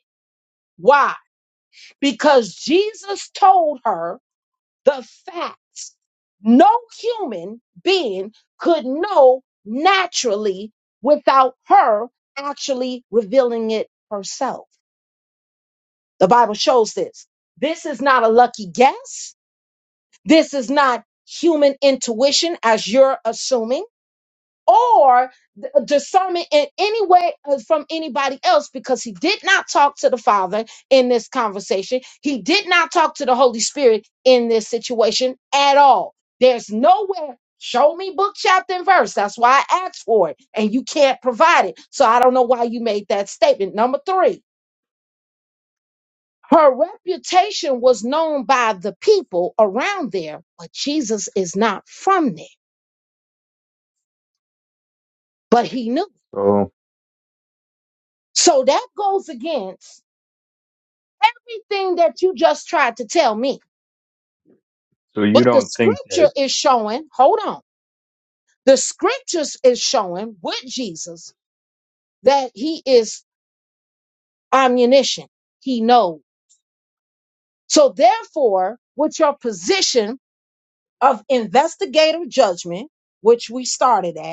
Speaker 1: Why? Because Jesus told her the facts. No human being could know naturally without her actually revealing it herself. The Bible shows this. This is not a lucky guess. This is not human intuition, as you're assuming, or th- discernment in any way uh, from anybody else, because he did not talk to the Father in this conversation. He did not talk to the Holy Spirit in this situation at all. There's nowhere. Show me book, chapter, and verse. That's why I asked for it. And you can't provide it. So I don't know why you made that statement. Number three, Her reputation was known by the people around there, but Jesus is not from there, but he knew.
Speaker 12: So
Speaker 1: So that goes against everything that you just tried to tell me.
Speaker 12: so you
Speaker 1: But the
Speaker 12: don't think that?
Speaker 1: scripture is showing, hold on, the scriptures is showing with Jesus that he is omniscient. He knows. So therefore, with your position of investigative judgment, which we started at,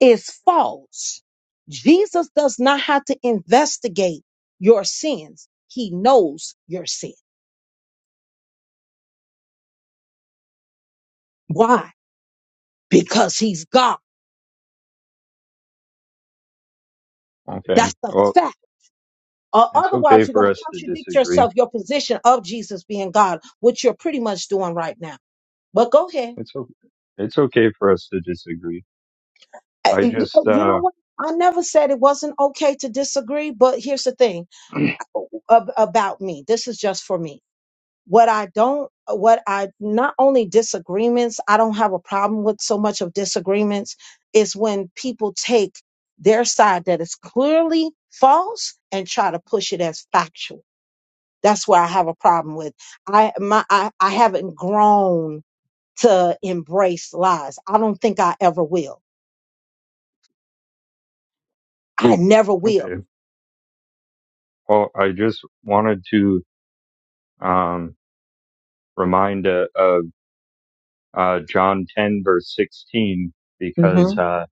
Speaker 1: is false. Jesus does not have to investigate your sins. He knows your sin. Why? Because he's God.
Speaker 12: Okay.
Speaker 1: That's the
Speaker 12: Well,
Speaker 1: fact. Or
Speaker 12: it's okay
Speaker 1: otherwise, you're
Speaker 12: for
Speaker 1: going to
Speaker 12: us to
Speaker 1: contradict
Speaker 12: disagree.
Speaker 1: yourself, your position of Jesus being God, which you're pretty much doing right now. But go ahead.
Speaker 12: It's okay. It's okay for us to disagree.
Speaker 1: Uh,
Speaker 12: I
Speaker 1: You
Speaker 12: just
Speaker 1: you know
Speaker 12: uh
Speaker 1: what? I never said it wasn't okay to disagree, but here's the thing uh, ab- about me. This is just for me what I don't, uh, what I not only disagreements, I don't have a problem with so much of disagreements, is when people take their side that is clearly false and try to push it as factual. That's where I have a problem with. I my I, I haven't grown to embrace lies. I don't think I ever will. I never will.
Speaker 12: okay. Well, I just wanted to um remind a, a uh, John 10 verse 16 because
Speaker 1: Mhm.
Speaker 12: uh,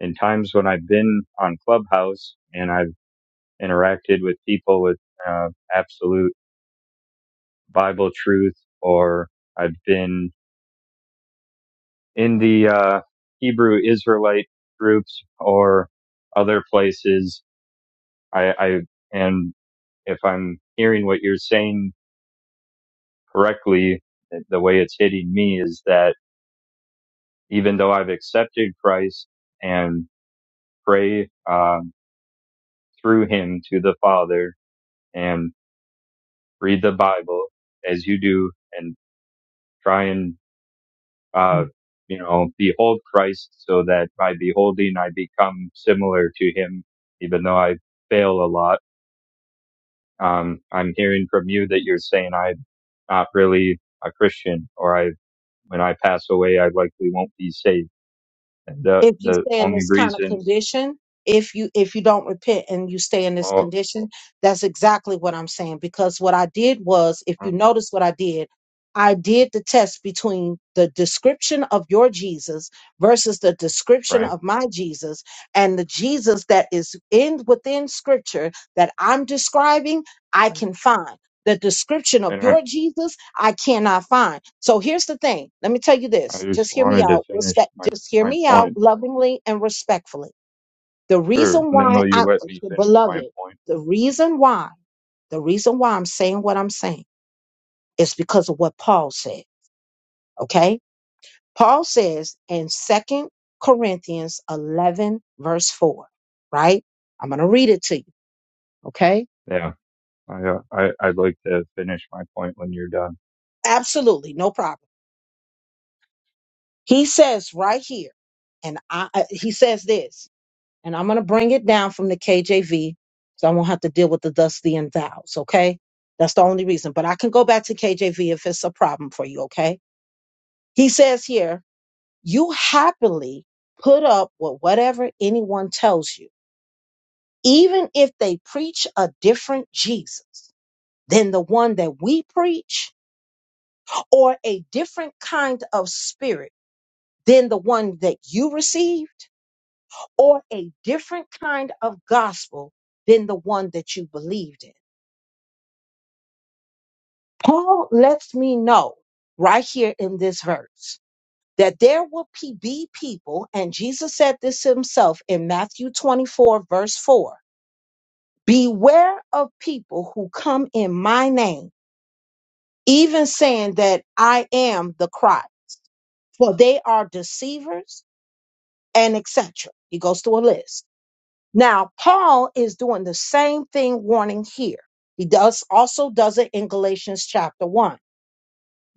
Speaker 12: in times when I've been on Clubhouse and I've interacted with people with uh, absolute Bible truth, or I've been in the uh, Hebrew Israelite groups or other places, I, I and if I'm hearing what you're saying correctly, the way it's hitting me is that even though I've accepted Christ and pray. Um, through him to the Father and read the Bible as you do and try and, uh, you know, behold Christ so that by beholding I become similar to him, even though I fail a lot. Um, I'm hearing from you that you're saying I'm not really a Christian or I, when I pass away, I likely won't be saved. And the,
Speaker 1: if you
Speaker 12: the
Speaker 1: stay in
Speaker 12: only
Speaker 1: this kind of
Speaker 12: reason,
Speaker 1: condition if you if you don't repent and you stay in this
Speaker 12: well,
Speaker 1: condition that's exactly what i'm saying because what i did was if
Speaker 12: uh,
Speaker 1: you notice what i did i did the test between the description of your jesus versus the description
Speaker 12: right,
Speaker 1: of my jesus and the jesus that is in within scripture that i'm describing i
Speaker 12: right.
Speaker 1: can find the description of
Speaker 12: And I,
Speaker 1: your Jesus, I cannot find. So here's the thing. Let me tell you
Speaker 12: I
Speaker 1: this.
Speaker 12: just
Speaker 1: Just hear me
Speaker 12: wanted to
Speaker 1: out.
Speaker 12: finish
Speaker 1: Respect.
Speaker 12: my,
Speaker 1: Just hear
Speaker 12: my
Speaker 1: me out
Speaker 12: point
Speaker 1: lovingly and respectfully. The
Speaker 12: Sure.
Speaker 1: reason
Speaker 12: And then
Speaker 1: why
Speaker 12: will you
Speaker 1: I,
Speaker 12: let me finish my
Speaker 1: beloved,
Speaker 12: point?
Speaker 1: the reason why, the reason why I'm saying what I'm saying is because of what Paul said. Okay. Paul says in Second Corinthians 11, verse 4, right? I'm going to read it to you. Okay.
Speaker 12: Yeah. I, uh, I, I'd like to finish my point when you're done.
Speaker 1: Absolutely. No problem. He says right here, and I, I- he says this, and I'm going to bring it down from the KJV so I won't have to deal with the thus, thee, and thous, okay? That's the only reason. But I can go back to KJV if it's a problem for you, okay? He says here, you happily put up with whatever anyone tells you, even if they preach a different Jesus than the one that we preach or a different kind of spirit than the one that you receive or a different kind of gospel than the one that you believed in. Paul lets me know right here in this verse that there will pe- be people, and Jesus said this himself in Matthew 24, verse 4 Beware of people who come in my name, even saying that I am the Christ, for they are deceivers and etc. He goes through a list. Now, Paul is doing the same thing warning here. He does also does it in Galatians chapter 1.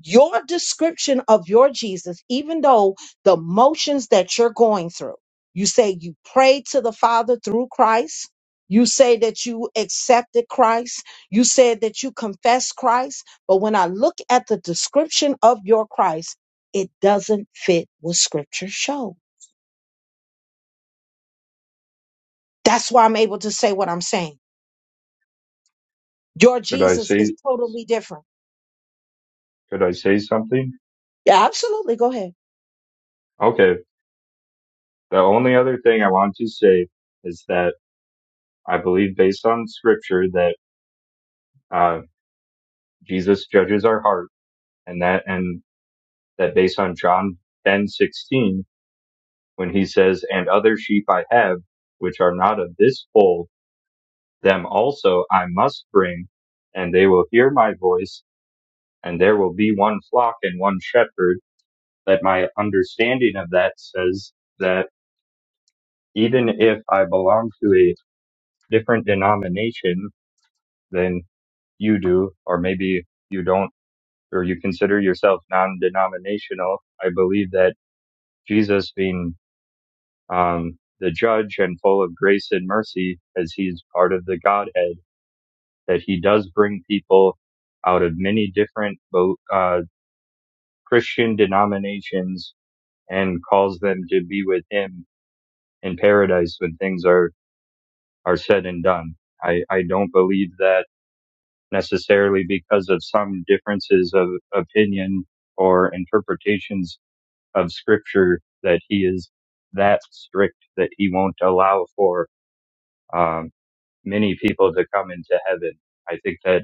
Speaker 1: Your description of your Jesus, even though the motions that you're going through, you say you pray to the Father through Christ. You say that you accepted Christ. You said that you confess Christ. But when I look at the description of your Christ, it doesn't fit what scripture showed. That's why I'm able to say what I'm saying Your
Speaker 12: Could I
Speaker 1: Jesus is
Speaker 12: say,
Speaker 1: totally different.
Speaker 12: could I say something?
Speaker 1: Yeah, absolutely. Go ahead.
Speaker 12: Okay. The only other thing I want to say is that I believe based on scripture that, uh, Jesus judges our heart and that, and that based on John 10 16, when he says, and other sheep I have, which are not of this fold, them also I must bring and they will hear my voice and there will be one flock and one shepherd. That my understanding of that says that even if I belong to a different denomination than you do, or maybe you don't, or you consider yourself non-denominational, I believe that Jesus being um, the judge and full of grace and mercy, as he's part of the Godhead, that he does bring people out of many different uh, Christian denominations and calls them to be with him in paradise when things are, are said and done. I, I don't believe that necessarily because of some differences of opinion or interpretations of scripture that he is that strict that he won't allow for um, many people to come into heaven. I think that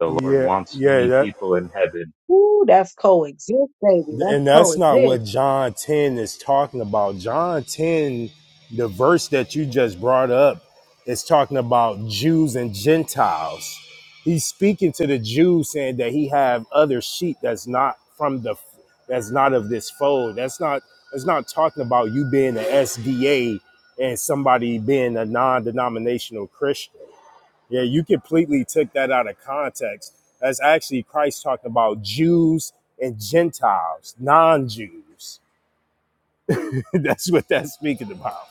Speaker 12: the Lord
Speaker 3: Yeah,
Speaker 12: wants
Speaker 3: yeah,
Speaker 12: many
Speaker 3: that
Speaker 12: people in heaven.
Speaker 1: Ooh, that's coexist, baby. That's
Speaker 3: And that's not
Speaker 1: coexist.
Speaker 3: what John 10 is talking about. John 10, the verse that you just brought up, is talking about Jews and Gentiles. He's speaking to the Jews saying that he have other sheep that's not from the that's not of this fold. That's not that's not talking about you being an SDA and somebody being a non-denominational Christian. Yeah, you completely took that out of context. That's actually Christ talking about Jews and Gentiles, non-Jews. that's what that's speaking about.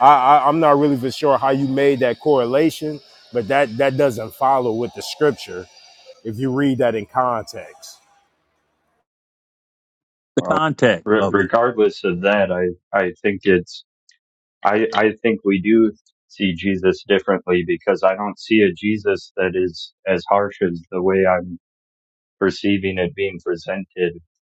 Speaker 3: I, I, I'm not really for sure how you made that correlation, but that that doesn't follow with the scripture if you read that in context.
Speaker 11: The
Speaker 12: Well,
Speaker 11: context
Speaker 12: re-
Speaker 11: of it.
Speaker 12: regardless of that, I, I think it's I, I think we do see Jesus differently because I don't see a Jesus that is as harsh as the way I'm perceiving it being presented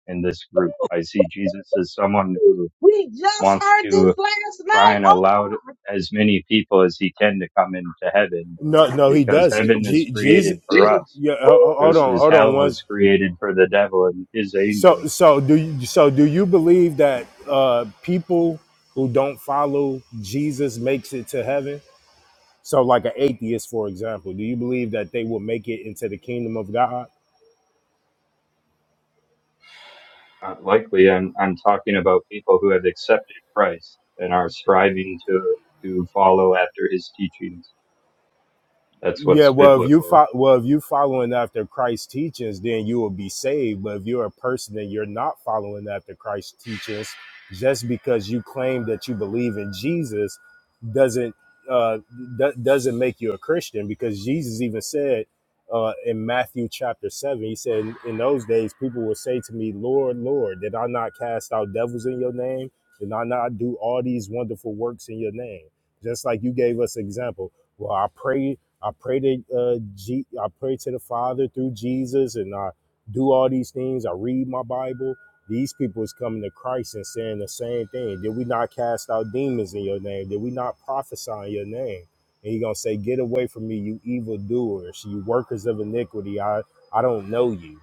Speaker 12: in this group. I see Jesus as someone
Speaker 1: Ooh,
Speaker 12: who
Speaker 1: We just
Speaker 12: wants
Speaker 1: heard this
Speaker 12: to
Speaker 1: last
Speaker 12: try
Speaker 1: night.
Speaker 12: and
Speaker 1: Oh,
Speaker 12: allow as many people as he can to come into heaven
Speaker 3: No, no, he
Speaker 12: because
Speaker 3: doesn't.
Speaker 12: heaven is
Speaker 3: Je- Jesus,
Speaker 12: created for us,
Speaker 3: yeah,
Speaker 1: my-
Speaker 3: ho- ho- hold
Speaker 12: just
Speaker 1: ooh.
Speaker 3: on,
Speaker 12: as
Speaker 3: hold on.
Speaker 12: hell was
Speaker 3: Once,
Speaker 12: created for the devil and his
Speaker 3: so,
Speaker 12: angels.
Speaker 3: so do you, so do you believe that uh, people who don't follow Jesus makes it to heaven? So, like an atheist, for example, do you believe that they will make it into the kingdom of God?
Speaker 12: Uh, likely, I'm, I'm talking about people who have accepted Christ and are striving to, to follow after his teachings. That's
Speaker 3: Yeah,
Speaker 12: what's
Speaker 3: well, if you
Speaker 12: biblical.
Speaker 3: fo- well, if you following after Christ's teachings, then you will be saved. But if you're a person and you're not following after Christ's teachings, just because you claim that you believe in Jesus, doesn't uh, do- doesn't make you a Christian. Because Jesus even said uh, in Matthew chapter seven, he said, "In those days, people will say to me, Lord, Lord, did I not cast out devils in your name? Did I not do all these wonderful works in your name?" Just like you gave us example. Well, I pray. I pray to uh, G- I pray to the Father through Jesus, and I do all these things. I read my Bible. These people is coming to Christ and saying the same thing. Did we not cast out demons in your name? Did we not prophesy in your name? And you're gonna say, "Get away from me, you evildoers, you workers of iniquity. I I don't know you."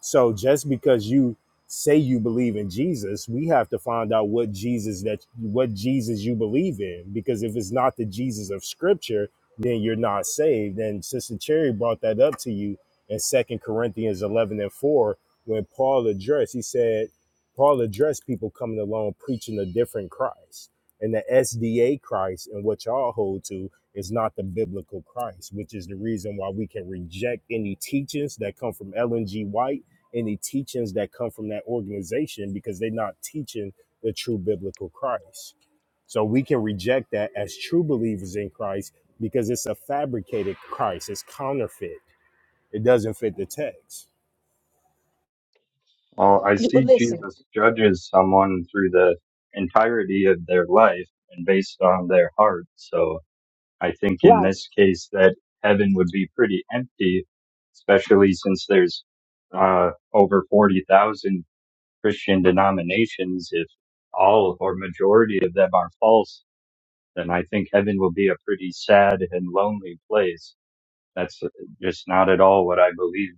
Speaker 3: So just because you say you believe in Jesus, we have to find out what Jesus that what Jesus you believe in. Because if it's not the Jesus of Scripture, then you're not saved. And Sister Cherry brought that up to you in Second Corinthians eleven and four when Paul addressed. He said Paul addressed people coming along preaching a different Christ. And the SDA Christ and what y'all hold to is not the biblical Christ, which is the reason why we can reject any teachings that come from Ellen G. White any teachings that come from that organization because they're not teaching the true biblical Christ. So we can reject that as true believers in Christ because it's a fabricated Christ, it's counterfeit. It doesn't fit the text.
Speaker 12: Well, I
Speaker 1: You- But
Speaker 12: see
Speaker 1: listen,
Speaker 12: Jesus judges someone through the entirety of their life and based on their heart. So I think in
Speaker 1: right.
Speaker 12: this case that heaven would be pretty empty, especially since there's uh, over 40,000 Christian denominations. If all or majority of them are false, then I think heaven will be a pretty sad and lonely place. That's just not at all what I believe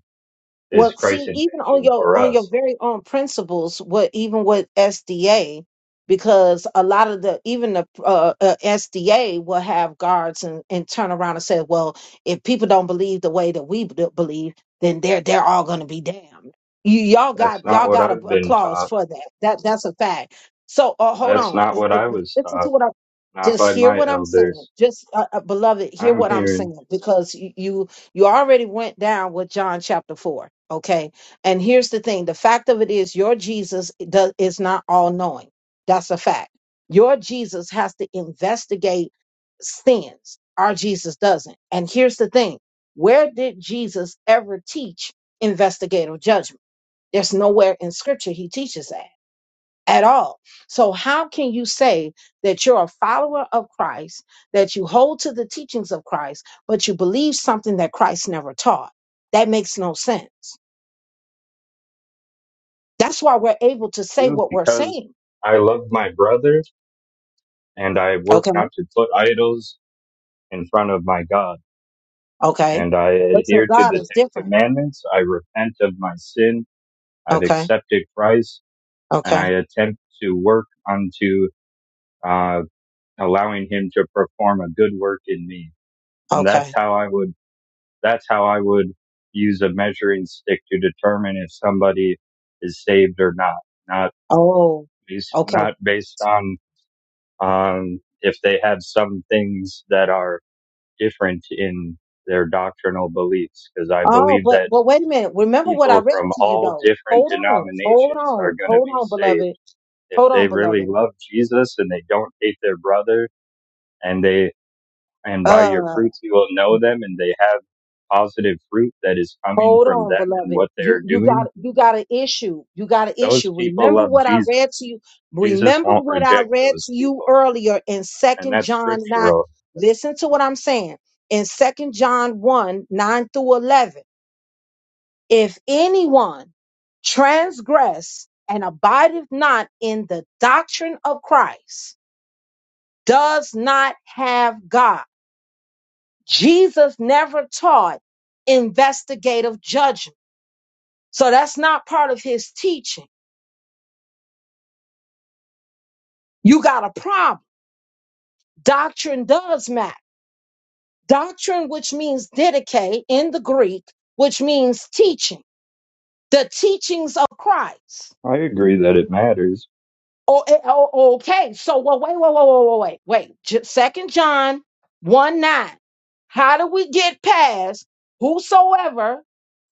Speaker 12: is
Speaker 1: Well,
Speaker 12: Christ's
Speaker 1: see, even on
Speaker 12: intention
Speaker 1: your
Speaker 12: for
Speaker 1: on your
Speaker 12: us.
Speaker 1: very own principles, what even with SDA, because a lot of the even the uh, uh, SDA will have guards and, and turn around and say, well, if people don't believe the way that we b- believe, then they're they're all going to be damned. You y'all
Speaker 12: That's
Speaker 1: got
Speaker 12: not
Speaker 1: y'all
Speaker 12: what
Speaker 1: got a,
Speaker 12: I've
Speaker 1: a
Speaker 12: been
Speaker 1: clause
Speaker 12: taught.
Speaker 1: for that. That that's a fact. So uh, hold
Speaker 12: That's
Speaker 1: on,
Speaker 12: not
Speaker 1: Uh,
Speaker 12: what
Speaker 1: uh,
Speaker 12: I was
Speaker 1: listen to
Speaker 12: taught,
Speaker 1: what I
Speaker 12: not
Speaker 1: just
Speaker 12: by
Speaker 1: hear
Speaker 12: my
Speaker 1: what I'm saying.
Speaker 12: elders.
Speaker 1: Just uh, uh, beloved, hear
Speaker 12: I'm
Speaker 1: what I'm
Speaker 12: here in
Speaker 1: saying because you. you you already went down with John chapter 4, okay? And here's the thing the fact of it is, your Jesus does, is not all knowing. That's a fact. Your Jesus has to investigate sins. Our Jesus doesn't. And here's the thing where did Jesus ever teach investigative judgment? There's nowhere in scripture he teaches that at all. So, how can you say that you're a follower of Christ, that you hold to the teachings of Christ, but you believe something that Christ never taught? That makes no sense. That's why we're able to say
Speaker 12: you
Speaker 1: what we're
Speaker 12: because
Speaker 1: saying.
Speaker 12: I love my brother and I work
Speaker 1: Okay.
Speaker 12: not to put idols in front of my God.
Speaker 1: Okay.
Speaker 12: And I
Speaker 1: But your
Speaker 12: adhere to
Speaker 1: God
Speaker 12: the
Speaker 1: is
Speaker 12: Ten
Speaker 1: different.
Speaker 12: Commandments. I repent of my sin. I've
Speaker 1: Okay.
Speaker 12: accepted Christ and I
Speaker 1: Okay.
Speaker 12: attempt to work unto uh, allowing him to perform a good work in me. And that's
Speaker 1: Okay.
Speaker 12: how I would, that's how I would use a measuring stick to determine if somebody is saved or not. Not
Speaker 1: Oh,
Speaker 12: based,
Speaker 1: okay.
Speaker 12: not based on, um, if they have some things that are different in their doctrinal beliefs. Cause I
Speaker 1: Oh,
Speaker 12: believe
Speaker 1: but
Speaker 12: that
Speaker 1: but wait a minute. Remember what I
Speaker 12: people
Speaker 1: read
Speaker 12: from
Speaker 1: to you
Speaker 12: all
Speaker 1: though.
Speaker 12: different
Speaker 1: Hold on. Hold
Speaker 12: denominations are
Speaker 1: on.
Speaker 12: going to
Speaker 1: Hold
Speaker 12: be
Speaker 1: on,
Speaker 12: saved.
Speaker 1: beloved.
Speaker 12: If
Speaker 1: Hold on,
Speaker 12: they really
Speaker 1: beloved.
Speaker 12: love Jesus and they don't hate their brother, and they and by your
Speaker 1: Uh,
Speaker 12: fruits you will know them and they have positive fruit that is coming
Speaker 1: Hold
Speaker 12: from
Speaker 1: on,
Speaker 12: them and
Speaker 1: beloved.
Speaker 12: what
Speaker 1: You
Speaker 12: they're
Speaker 1: you got
Speaker 12: doing
Speaker 1: you got an issue. You got an
Speaker 12: those
Speaker 1: issue.
Speaker 12: people
Speaker 1: Remember
Speaker 12: love
Speaker 1: what I read
Speaker 12: jesus
Speaker 1: to you.
Speaker 12: jesus
Speaker 1: Remember
Speaker 12: won't
Speaker 1: what I
Speaker 12: reject
Speaker 1: read
Speaker 12: those
Speaker 1: to you
Speaker 12: people
Speaker 1: earlier in
Speaker 12: and
Speaker 1: Second
Speaker 12: that's
Speaker 1: John 9.
Speaker 12: scriptural
Speaker 1: Listen to what I'm saying. In Second John 1, 9 through 11. If anyone transgress and abideth not in the doctrine of Christ, does not have God. Jesus never taught investigative judgment. So that's not part of his teaching. You got a problem. Doctrine does matter. Doctrine, which means dedicate in the Greek, which means teaching, the teachings of Christ.
Speaker 12: i agree that it matters
Speaker 1: Oh, eh, oh, oh, okay. So, well, wait, wait, wait, wait, wait, wait, wait. J- Second John 1 9. How do we get past whosoever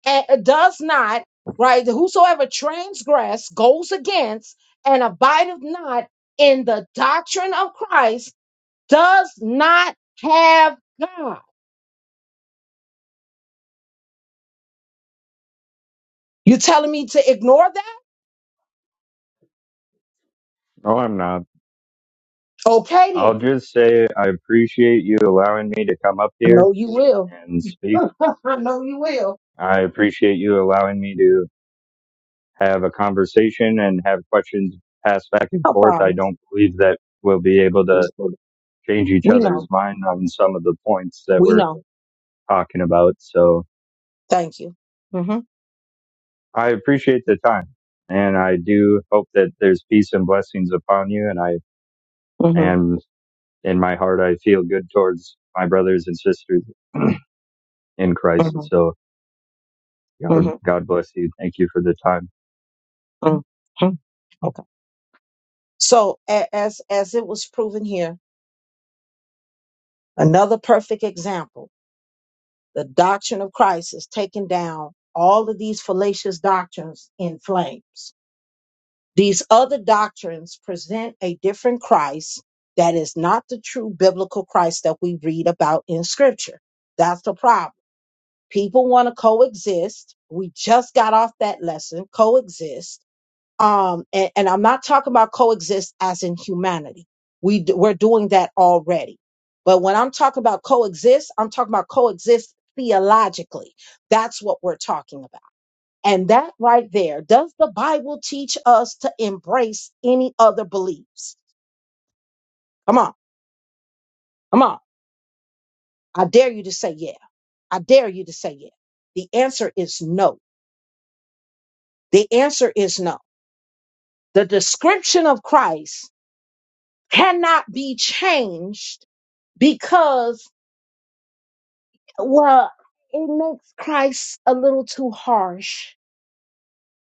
Speaker 1: eh, eh, does not, right? Whosoever transgress, goes against, and abideth not in the doctrine of Christ? does not have God. You telling me to ignore that?
Speaker 12: no i'm not
Speaker 1: Okay
Speaker 12: i'll
Speaker 1: then.
Speaker 12: just say i appreciate you allowing me to come up
Speaker 1: I
Speaker 12: here
Speaker 1: know you will.
Speaker 12: and speak
Speaker 1: I know you will.
Speaker 12: i appreciate you allowing me to have a conversation and have questions passed back and
Speaker 1: No
Speaker 12: forth i
Speaker 1: problem.
Speaker 12: don't believe that we'll be able to change each
Speaker 1: We
Speaker 12: other's
Speaker 1: know.
Speaker 12: mind on some of the points that
Speaker 1: We
Speaker 12: we're
Speaker 1: know.
Speaker 12: talking about. So
Speaker 1: Thank you. hmm
Speaker 12: I appreciate the time and I do hope that there's peace and blessings upon you. And I,
Speaker 1: hmm
Speaker 12: and in my heart, I feel good towards my brothers and sisters in Christ.
Speaker 1: hmm
Speaker 12: So God,
Speaker 1: hmm
Speaker 12: God bless you. Thank you for the time.
Speaker 1: hmm Okay. So a- as as it was proven here, another perfect example. The doctrine of Christ is taking down all of these fallacious doctrines in flames. These other doctrines present a different Christ that is not the true biblical Christ that we read about in Scripture. That's the problem. People want to coexist. We just got off that lesson, coexist. Um, and, and I'm not talking about coexist as in humanity. We d- we're doing that already. But when I'm talking about coexist, I'm talking about coexist theologically. That's what we're talking about. And that right there, does the Bible teach us to embrace any other beliefs? Come on, come on. I dare you to say yeah. I dare you to say yeah. The answer is no. The answer is no. The description of Christ cannot be changed because, well, it makes Christ a little too harsh.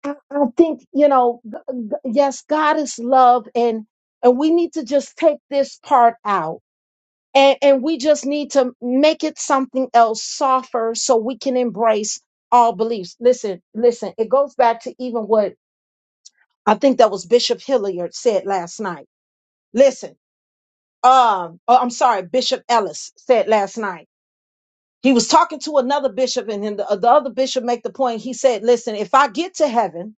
Speaker 1: I, I think, you know, g- g- yes, God is love and and we need to just take this part out and, and we just need to make it something else softer so we can embrace all beliefs. Listen, listen, it goes back to even what I think that was Bishop Hilliard said last night. Listen, um, oh, I'm sorry, Bishop Ellis said last night. He was talking to another bishop, and then the, the other bishop make the point. He said, "Listen, if I get to heaven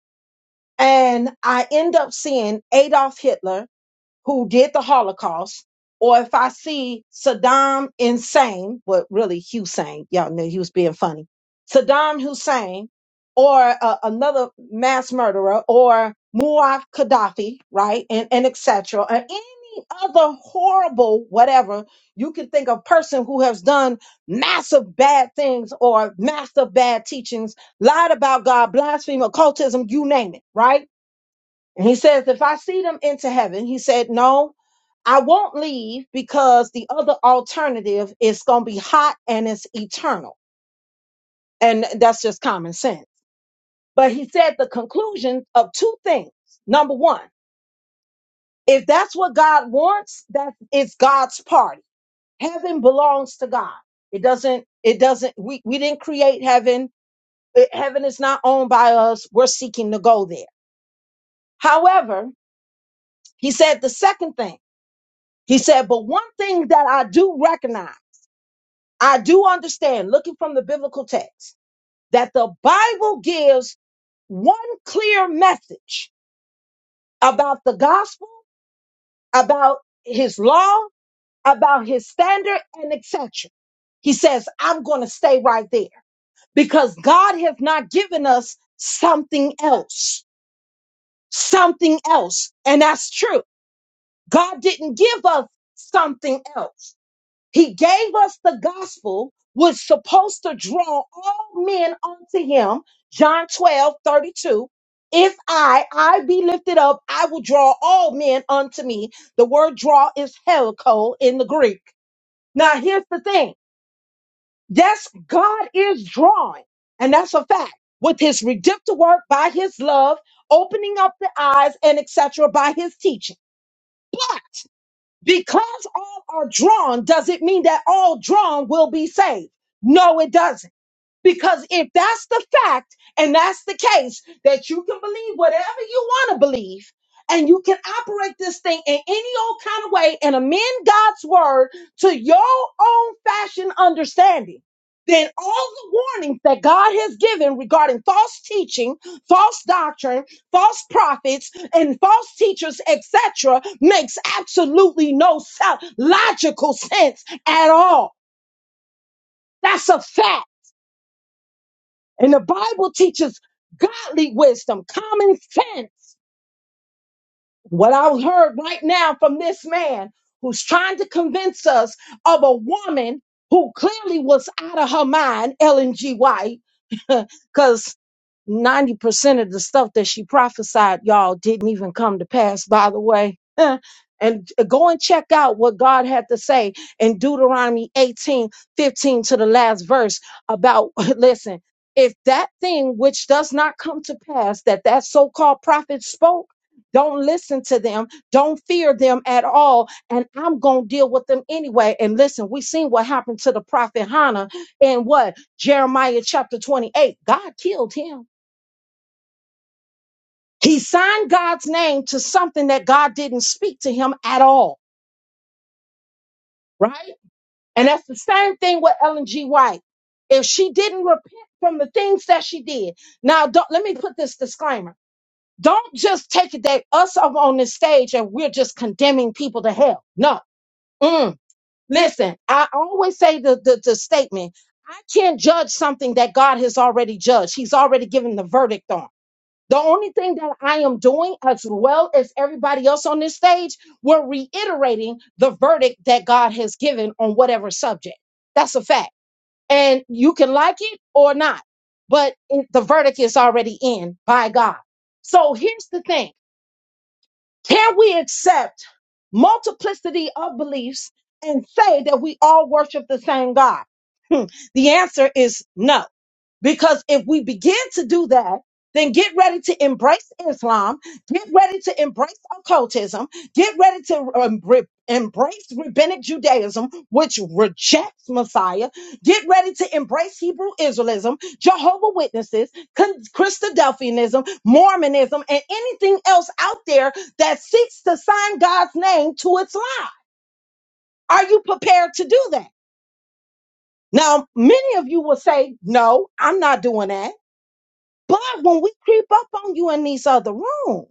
Speaker 1: and I end up seeing Adolf Hitler who did the Holocaust, or if I see Saddam insane, well, really Hussein, y'all knew he was being funny, Saddam Hussein, or uh, another mass murderer, or Muammar Gaddafi, right, and, and etc., or any other horrible whatever you can think of person who has done massive bad things or massive bad teachings, lied about God, blasphemy, occultism, you name it, right? And he says, if I see them into heaven, he said, no, I won't leave because the other alternative is going to be hot and it's eternal. And that's just common sense. But he said the conclusion of two things. Number one, if that's what God wants, that is God's party. Heaven belongs to God. It doesn't, it doesn't, we, we didn't create heaven. It- heaven is not owned by us. We're seeking to go there. However, he said the second thing. He said, but one thing that I do recognize. I do understand, looking from the biblical text, that the Bible gives one clear message about the gospel, about his law, about his standard, and etc. He says, I'm going to stay right there because God has not given us something else, something else. And that's true. God didn't give us something else. He gave us the gospel, was supposed to draw all men unto him. John 12 32. If I, I be lifted up, I will draw all men unto me. The word draw is helico in the Greek. Now here's the thing. Yes, God is drawing. And that's a fact. With his redemptive work by his love, opening up the eyes and etc. by his teaching. Because all are drawn, does it mean that all drawn will be saved? No, it doesn't. Because if that's the fact and that's the case, that you can believe whatever you want to believe and you can operate this thing in any old kind of way and amend God's word to your own fashion understanding, then all the warnings that God has given regarding false teaching, false doctrine, false prophets, and false teachers, etc., makes absolutely no sou- logical sense at all. That's a fact. And the Bible teaches godly wisdom, common sense. What I heard right now from this man who's trying to convince us of a woman who clearly was out of her mind, Ellen G. White Because 90% of the stuff that she prophesied, y'all, didn't even come to pass, by the way. and uh, go and check out what God had to say in Deuteronomy 18 15 to the last verse about, listen, if that thing which does not come to pass that that so called prophet spoke, don't listen to them. Don't fear them at all. And I'm going to deal with them anyway. And listen, we seen what happened to the prophet Hannah and what? Jeremiah chapter 28, God killed him. He signed God's name to something that God didn't speak to him at all, right? And that's the same thing with Ellen G. White. If she didn't repent from the things that she did. Now, don't, let me put this disclaimer. Don't just take it that us up on this stage and we're just condemning people to hell. No. Mm. Listen, I always say the, the, the statement, I can't judge something that God has already judged. He's already given the verdict on. The only thing that I am doing, as well as everybody else on this stage, we're reiterating the verdict that God has given on whatever subject. That's a fact. And you can like it or not, but it- the verdict is already in by God. So here's the thing can we accept multiplicity of beliefs and say that we all worship the same God? Hmm. The answer is no. Because if we begin to do that, then get ready to embrace Islam, get ready to embrace occultism, get ready to um, re- embrace rabbinic Judaism, which rejects Messiah, get ready to embrace Hebrew Israelism, Jehovah Witnesses, Con- Christadelphianism, Mormonism, and anything else out there that seeks to sign God's name to its lie. Are you prepared to do that? Now, many of you will say, no, I'm not doing that. But when we creep up on you in these other rooms,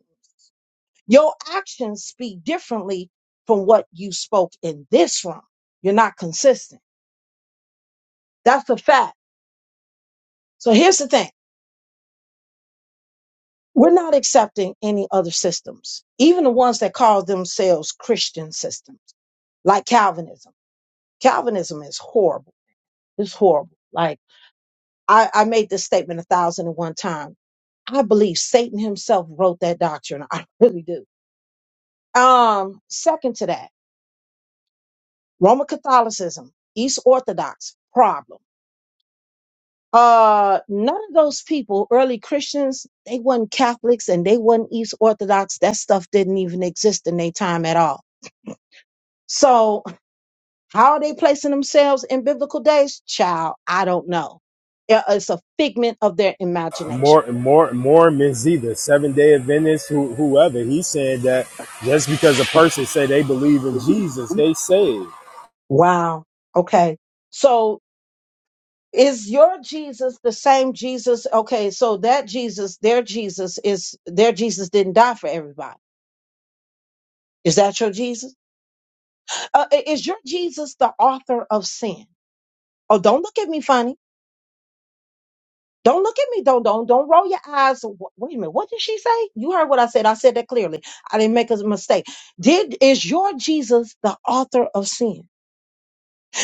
Speaker 1: your actions speak differently from what you spoke in this room. You're not consistent. That's a fact. So here's the thing. We're not accepting any other systems, even the ones that call themselves Christian systems, like Calvinism. Calvinism is horrible. It's horrible. Like I, I made this statement a thousand and one times. I believe Satan himself wrote that doctrine. I really do. Um, second to that. Roman Catholicism, East Orthodox, problem. Uh, none of those people, early Christians, they weren't Catholics and they weren't East Orthodox. That stuff didn't even exist in their time at all. So how are they placing themselves in biblical days? Child, I don't know. It- It's a figment of their imagination.
Speaker 3: More, more, Mormons either Seven Day Adventists, who, whoever. He said that just because a person say they believe in Jesus, they saved.
Speaker 1: Wow. Okay. So is your Jesus the same Jesus? Okay. So that Jesus, their Jesus is, their Jesus didn't die for everybody Is that your Jesus? Uh, i- is your Jesus the author of sin? Oh, don't look at me funny. Don't look at me. Don't don't don't roll your eyes. Wh- Wait a minute. What did she say? You heard what I said. I said that clearly. I didn't make a mistake. Did is your Jesus the author of sin?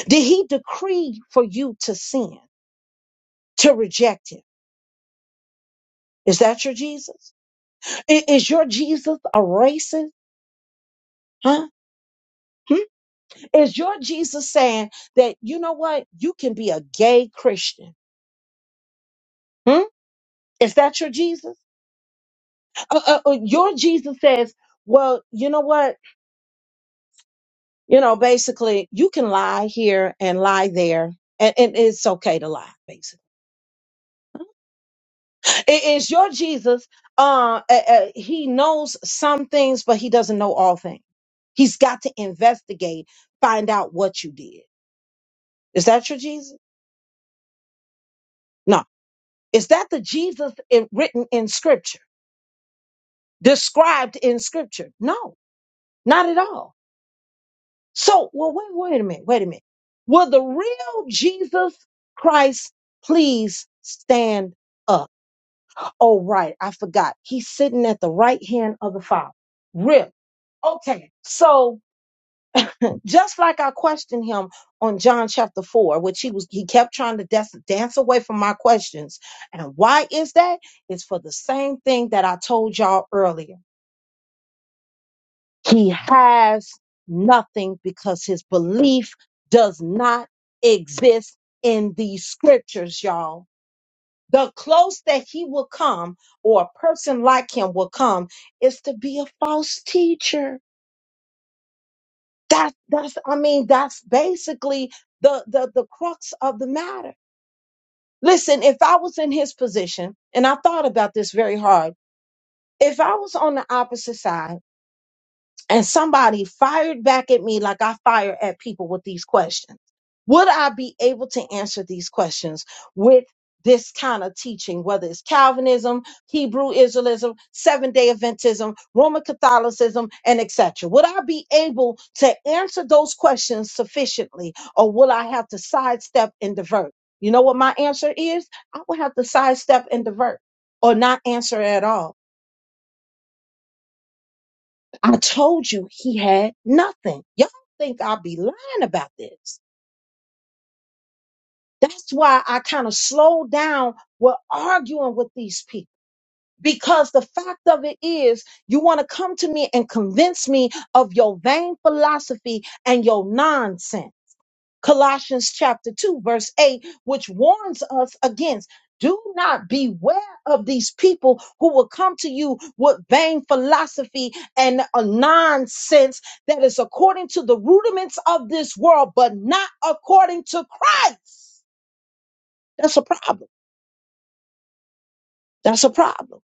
Speaker 1: Did he decree for you to sin, to reject him? Is that your Jesus? I- Is your Jesus a racist? Huh? Hmm? Is your Jesus saying that you know what? You can be a gay Christian. Hmm? Is that your Jesus? uh, uh, uh, your Jesus says, well, you know what? You know, basically, you can lie here and lie there, and, and it's okay to lie, basically. It is your Jesus. Uh, uh, uh, he knows some things, but he doesn't know all things. He's got to investigate, find out what you did. Is that your Jesus? No. Is that the Jesus in, written in scripture, described in scripture? No, not at all. So, well, wait, wait a minute, wait a minute. Will the real Jesus Christ please stand up? Oh, right, I forgot. He's sitting at the right hand of the Father. Real. Okay, so just like I questioned him on John chapter four, which he was, he kept trying to dance, dance away from my questions. And why is that? It's for the same thing that I told y'all earlier. He has nothing because his belief does not exist in these scriptures, y'all. The close that he will come or a person like him will come is to be a false teacher. That, that's, I mean, that's basically the, the, the crux of the matter. Listen, if I was in his position and I thought about this very hard, if I was on the opposite side, and somebody fired back at me like I fire at people with these questions. Would I be able to answer these questions with this kind of teaching, whether it's Calvinism, Hebrew Israelism, Seventh Day Adventism, Roman Catholicism, and etc.? Would I be able to answer those questions sufficiently, or will I have to sidestep and divert? You know what my answer is? I will have to sidestep and divert, or not answer at all I told you he had nothing. Y'all think I'll be lying about this. That's why I kind of slowed down with arguing with these people. Because the fact of it is, you want to come to me and convince me of your vain philosophy and your nonsense. Colossians chapter 2, verse 8, which warns us against. Do not beware of these people who will come to you with vain philosophy and a nonsense that is according to the rudiments of this world, but not according to Christ. That's a problem. That's a problem.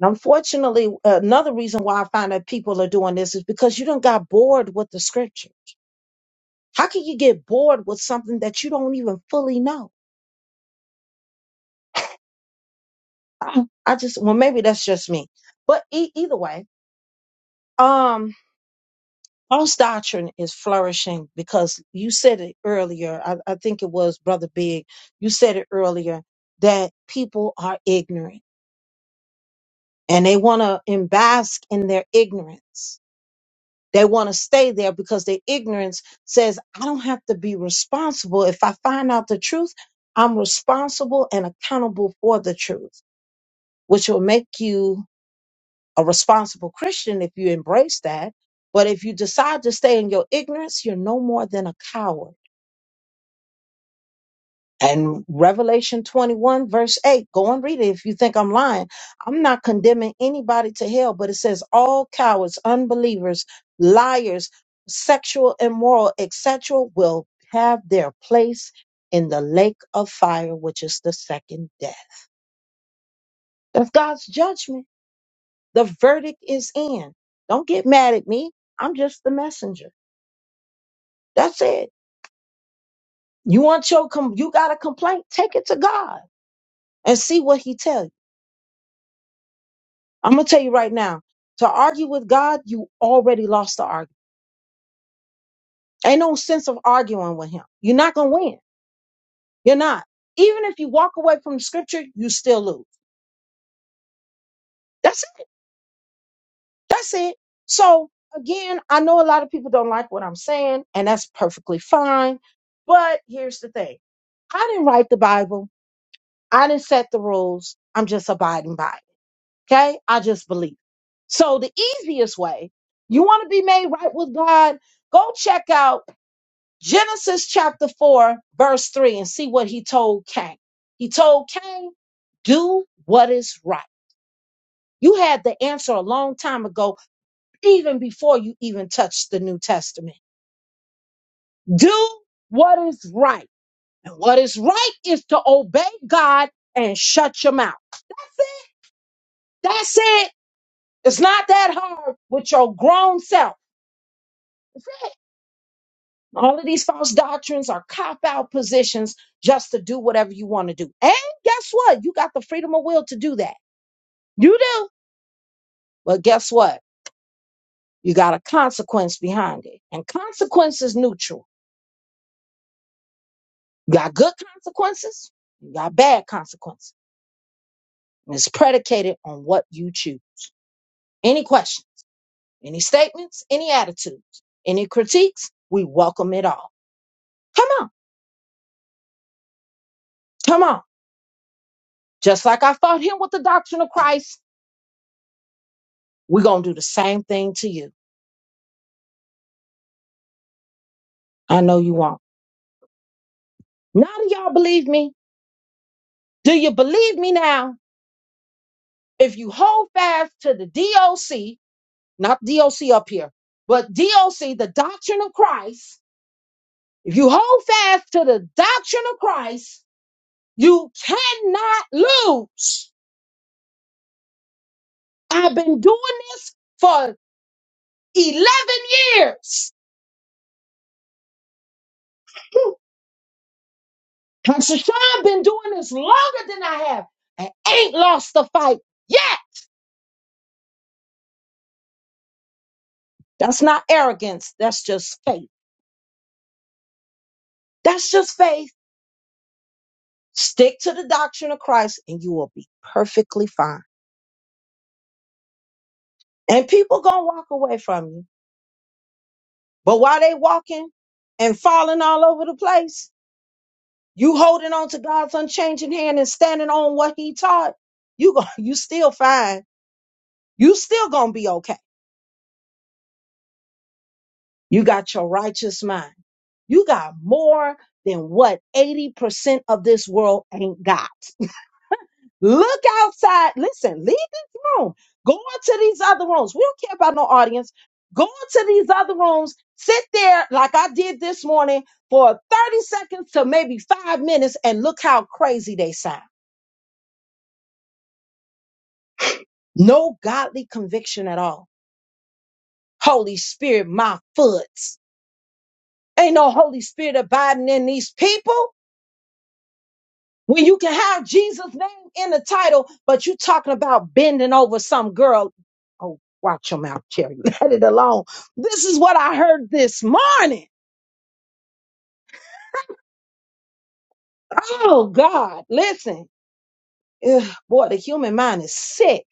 Speaker 1: And unfortunately, another reason why I find that people are doing this is because you don't got bored with the scripture. How can you get bored with something that you don't even fully know? Oh, I just well maybe that's just me, but e- either way, um, false doctrine is flourishing because you said it earlier. I, I think it was Brother Big. You said it earlier that people are ignorant and they want to embask in their ignorance. They want to stay there because their ignorance says I don't have to be responsible if I find out the truth. I'm responsible and accountable for the truth, which will make you a responsible Christian if you embrace that. But if you decide to stay in your ignorance, you're no more than a coward. And Revelation 21, verse 8, go and read it if you think I'm lying. I'm not condemning anybody to hell, but it says all cowards, unbelievers, liars, sexual, immoral, etc., will have their place in the lake of fire, which is the second death. That's God's judgment. The verdict is in. Don't get mad at me. I'm just the messenger. That's it. You want your com- you got a complaint? Take it to God and see what He tell you. I'm gonna tell you right now. To argue with God, you already lost the argument. Ain't no sense of arguing with Him. You're not gonna win. You're not. Even if you walk away from the Scripture, you still lose. That's it. That's it. So again, I know a lot of people don't like what I'm saying, and that's perfectly fine. But here's the thing: I didn't write the Bible. I didn't set the rules. I'm just abiding by. it. Okay. I just believe. So the easiest way you want to be made right with God, go check out Genesis chapter four, verse three and see what he told Cain. He told Cain, do what is right. You had the answer a long time ago, even before you even touched the New Testament. Do what is right. And what is right is to obey God and shut your mouth. That's it. It's not that hard with your grown self. All of these false doctrines are cop out positions just to do whatever you want to do. And guess what? You got the freedom of will to do that. You do. But guess what? You got a consequence behind it. And consequence is neutral. You got good consequences, you got bad consequences. And it's predicated on what you choose. Any questions? any statements, any attitudes, any critiques, we welcome it all. Come on, come on. Just like I fought him with the doctrine of Christ, we're going to do the same thing to you. I know you won't. Now do y'all believe me? Do you believe me now? If you hold fast to the DOC, not DOC up here, but DOC, the doctrine of Christ, if you hold fast to the doctrine of Christ, you cannot lose. I've been doing this for 11 years. Pastor Sean been doing this longer than I have. I ain't lost the fight yet. That's not arrogance. That's just faith. That's just faith. Stick to the doctrine of Christ and you will be perfectly fine. And people gonna walk away from you. But while they walking and falling all over the place, you holding on to God's unchanging hand and standing on what he taught, you going you still fine. You still gonna be okay. You got your righteous mind. You got more than what 80% of this world ain't got. Look outside. Listen, leave this room. Go into these other rooms. We don't care about no audience. Go into these other rooms. Sit there like I did this morning for 30 seconds to maybe five minutes and look how crazy they sound. No godly conviction at all. Holy Spirit, my foot. Ain't no Holy Spirit abiding in these people. when you can have Jesus' name in the title, but you talking about bending over some girl. Oh, watch your mouth, Cherry. Let it alone. This is what I heard this morning. Oh God, listen. Ugh, boy, the human mind is sick.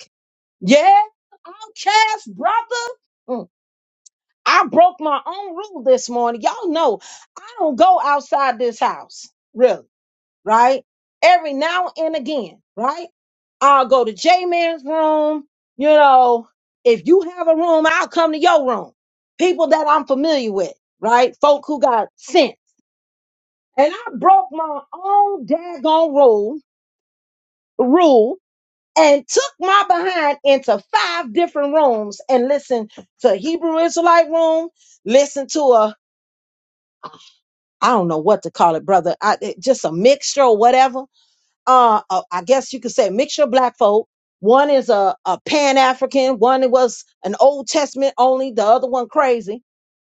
Speaker 1: Yeah, outcast, brother. Mm, I broke my own rule this morning. Y'all know I don't go outside this house. Really. right? Every now and again, right? I'll go to J Man's room. You know, if you have a room, I'll come to your room. People that I'm familiar with, right? Folk who got sense. And I broke my own daggone rule, rule and took my behind into five different rooms and listened to a Hebrew Israelite room, listened to a, I don't know what to call it, brother, I, it- just a mixture or whatever uh, uh, I guess you could say mixture of black folk. One is a, a Pan African, one was an Old Testament only, the other one crazy.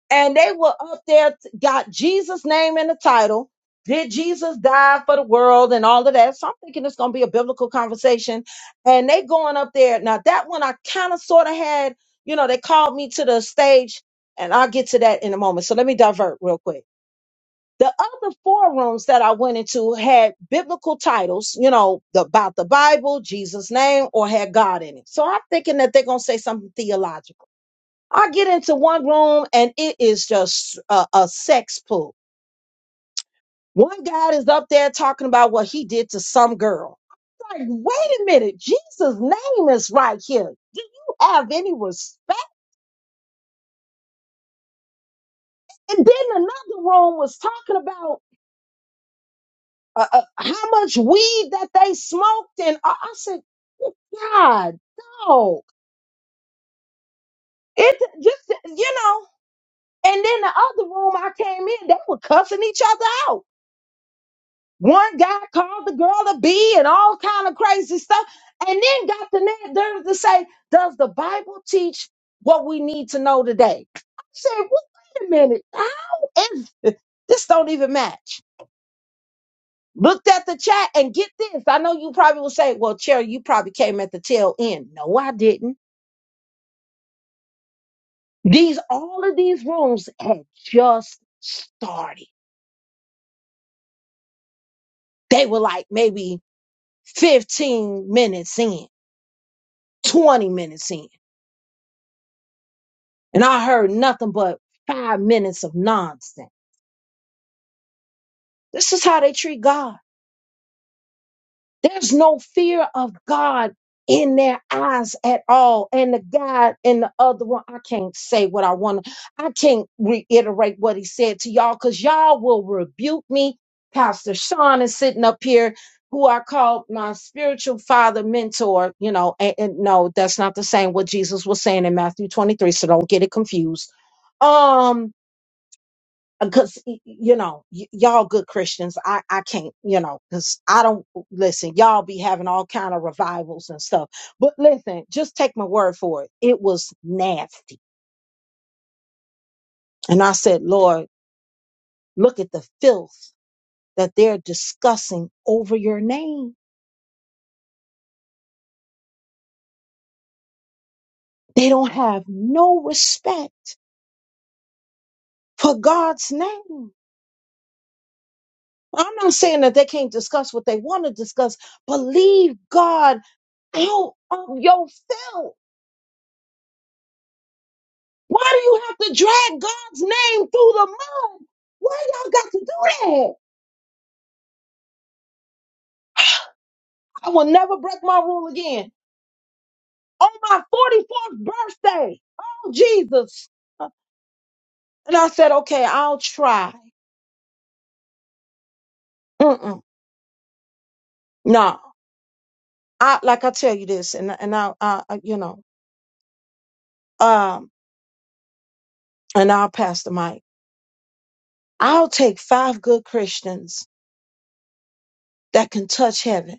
Speaker 1: And they were up there, t- got Jesus' name in the title. Did Jesus die for the world and all of that? So I'm thinking it's going to be a biblical conversation. And they going up there. Now, that one I kind of sort of had, you know, they called me to the stage, and I'll get to that in a moment. So let me divert real quick. The other forums that I went into had biblical titles, you know, the- about the Bible, Jesus' name, or had God in it. So I'm thinking that they're going to say something theological. I get into one room and it is just a, a sex pool. One guy is up there talking about what he did to some girl. I'm like, wait a minute, Jesus' name is right here. Do you have any respect? And then another room was talking about uh, uh, how much weed that they smoked, and I, I said, "Good God, dog, it just you know. And then the other room I came in, they were cussing each other out. One guy called the girl a bee and all kind of crazy stuff, and then got the na- nerve to say, "Does the Bible teach what we need to know today?" I said, well, "Wait a minute, how is this? Don't even match." Looked at the chat and get this. I know you probably will say, well, Cherry, you probably came at the tail end. No, I didn't. These, all of these rooms had just started. They were like maybe 15 minutes in, 20 minutes in. And I heard nothing but five minutes of nonsense. This is how they treat God. There's no fear of God in their eyes at all. And the guy and the other one, I can't say what I want to, I can't reiterate what he said to y'all because y'all will rebuke me. Pastor Sean is sitting up here, who I call my spiritual father mentor. You know, and, and no, that's not the same what Jesus was saying in Matthew 23, so don't get it confused. Um, because you know y- y'all good christians i i can't you know because i don't listen y'all be having all kind of revivals and stuff but listen just take my word for it it was nasty and i said lord look at the filth that they're discussing over your name they don't have no respect for god's name i'm not saying that they can't discuss what they want to discuss but leave god out of your filth Why do you have to drag God's name through the mud? Why y'all got to do that? I will never break my rule again. On my 44th birthday, oh Jesus. Uh, And I said, okay, I'll try. Mm-mm. No, I, like I tell you this, and, and I, I, I- you know, um, and I'll pass the mic. I'll take five good Christians that can touch heaven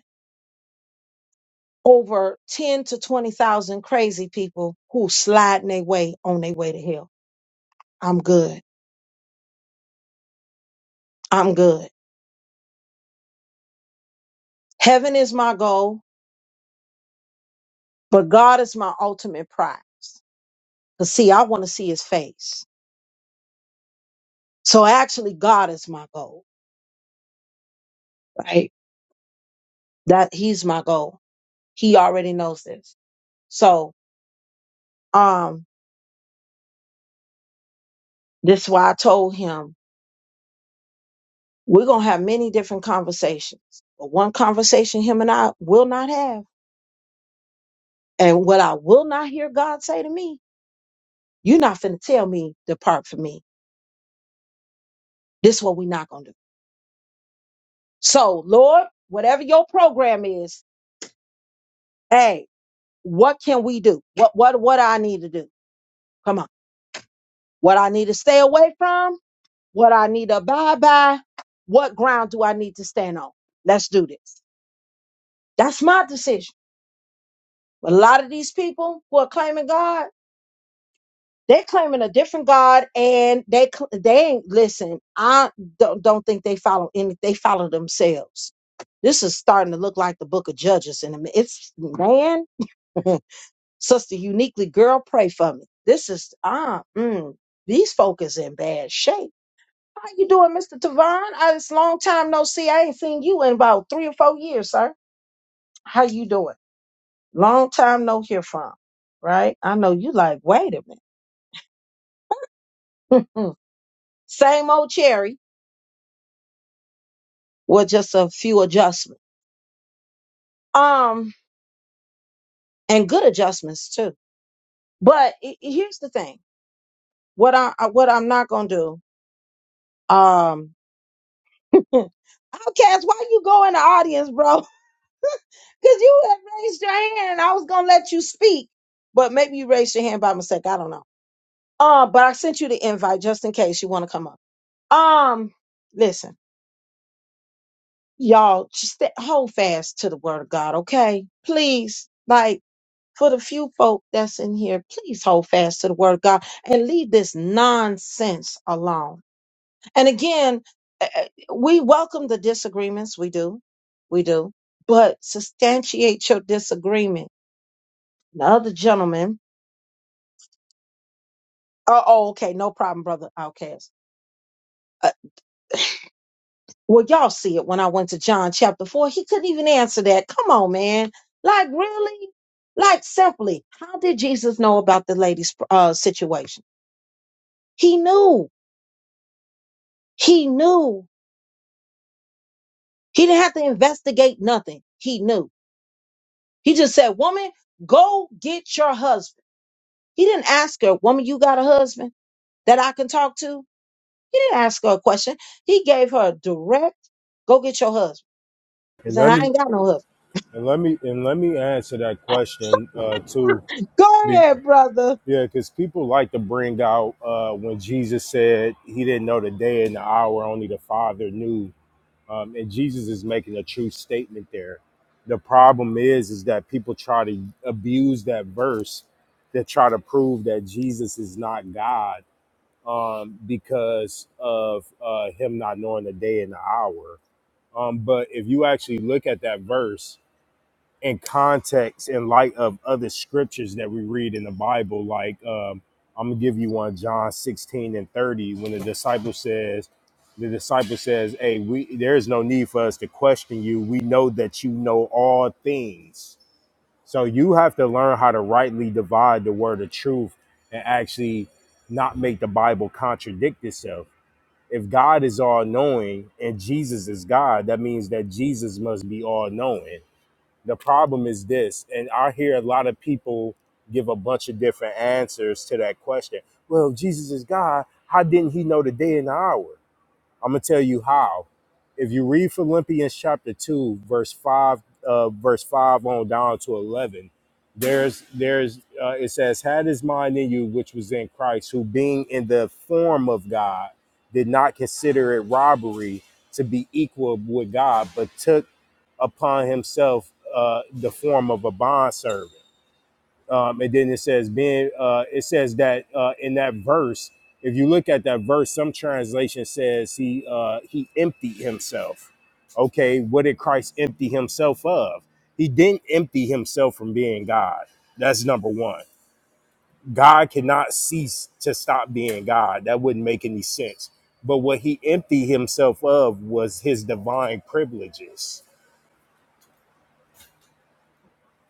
Speaker 1: over 10 to 20,000 crazy people who slide their way on their way to hell. I'm good. I'm good. Heaven is my goal, but God is my ultimate prize. Cause see, I want to see his face. So actually God is my goal, right? That he's my goal. He already knows this. So, um, this is why I told him we're going to have many different conversations, but one conversation him and I will not have. And what I will not hear God say to me, you're not finna tell me depart from me. This what we're not going to do. So Lord, whatever your program is, hey, what can we do? What what what I need to do? Come on. What I need to stay away from? What I need to abide by? What ground do I need to stand on? Let's do this. That's my decision. But a lot of these people who are claiming God, they're claiming a different God, and they cl- they ain't listen. I don't don't think they follow any. They follow themselves. This is starting to look like the Book of Judges, and it's man. Sister Uniquely, girl, pray for me. This is ah, mm, these folk is in bad shape. How you doing, Mr. Tavon? Ah, it's long time no see. I ain't seen you in about three or four years, sir. How you doing? Long time no hear from. Right? I know you like, wait a minute. Same old cherry with just a few adjustments. Um, and good adjustments too. But i- i- here's the thing. What I I- what I'm not gonna do, um Outcast, why you go in the audience, bro? Because you had raised your hand and I was going to let you speak. But maybe you raised your hand by mistake. I don't know. Uh, but I sent you the invite just in case you want to come up. Um, listen, y'all, just stay, hold fast to the word of God, okay? Please, like for the few folk that's in here, please hold fast to the word of God and leave this nonsense alone. And again, eh, eh, we welcome the disagreements. We do. We do. But substantiate your disagreement The other gentleman, oh, oh, okay, no problem, brother Outcast. Uh, well, y'all see it when I went to John chapter 4. He couldn't even answer that. Come on, man. Like, really? Like, simply, how did Jesus know about the lady's uh, situation? He knew. He knew. He didn't have to investigate nothing. He knew. He just said, Woman, go get your husband. He didn't ask her, Woman, you got a husband that I can talk to? He didn't ask her a question. He gave her a direct, Go get your husband. He
Speaker 3: And
Speaker 1: Said,
Speaker 3: let
Speaker 1: I
Speaker 3: me
Speaker 1: ain't got no husband.
Speaker 3: and let me and let me answer that question uh, too.
Speaker 1: Go
Speaker 3: be,
Speaker 1: ahead, brother.
Speaker 3: Yeah, because people like to bring out uh, when Jesus said he didn't know the day and the hour, only the Father knew. Um, and Jesus is making a true statement there. The problem is, is that people try to abuse that verse to try to prove that Jesus is not God um, because of uh, him not knowing the day and the hour. Um, but if you actually look at that verse, in context in light of other scriptures that we read in the Bible. Like um, I'm gonna give you one, John 16 and 30, when the disciple says, the disciple says, Hey, we there is no need for us to question you. We know that you know all things. So you have to learn how to rightly divide the word of truth and actually not make the Bible contradict itself. If God is all knowing and Jesus is God, that means that Jesus must be all knowing the problem is this, and I hear a lot of people give a bunch of different answers to that question. Well, if Jesus is God. How didn't he know the day and the hour? I'm going to tell you how. If you read Philippians chapter 2, verse 5, uh, verse 5 on down to 11, there's, there's, uh, it says, had his mind in you, which was in Christ, who being in the form of God, did not consider it robbery to be equal with God, but took upon himself uh, the form of a bondservant. Um, and then it says being uh, it says that uh, in that verse, if you look at that verse, some translation says he uh, he emptied himself. Okay, what did Christ empty himself of? He didn't empty himself from being God. That's number one. God cannot cease to stop being God. That wouldn't make any sense. But what he emptied himself of was his divine privileges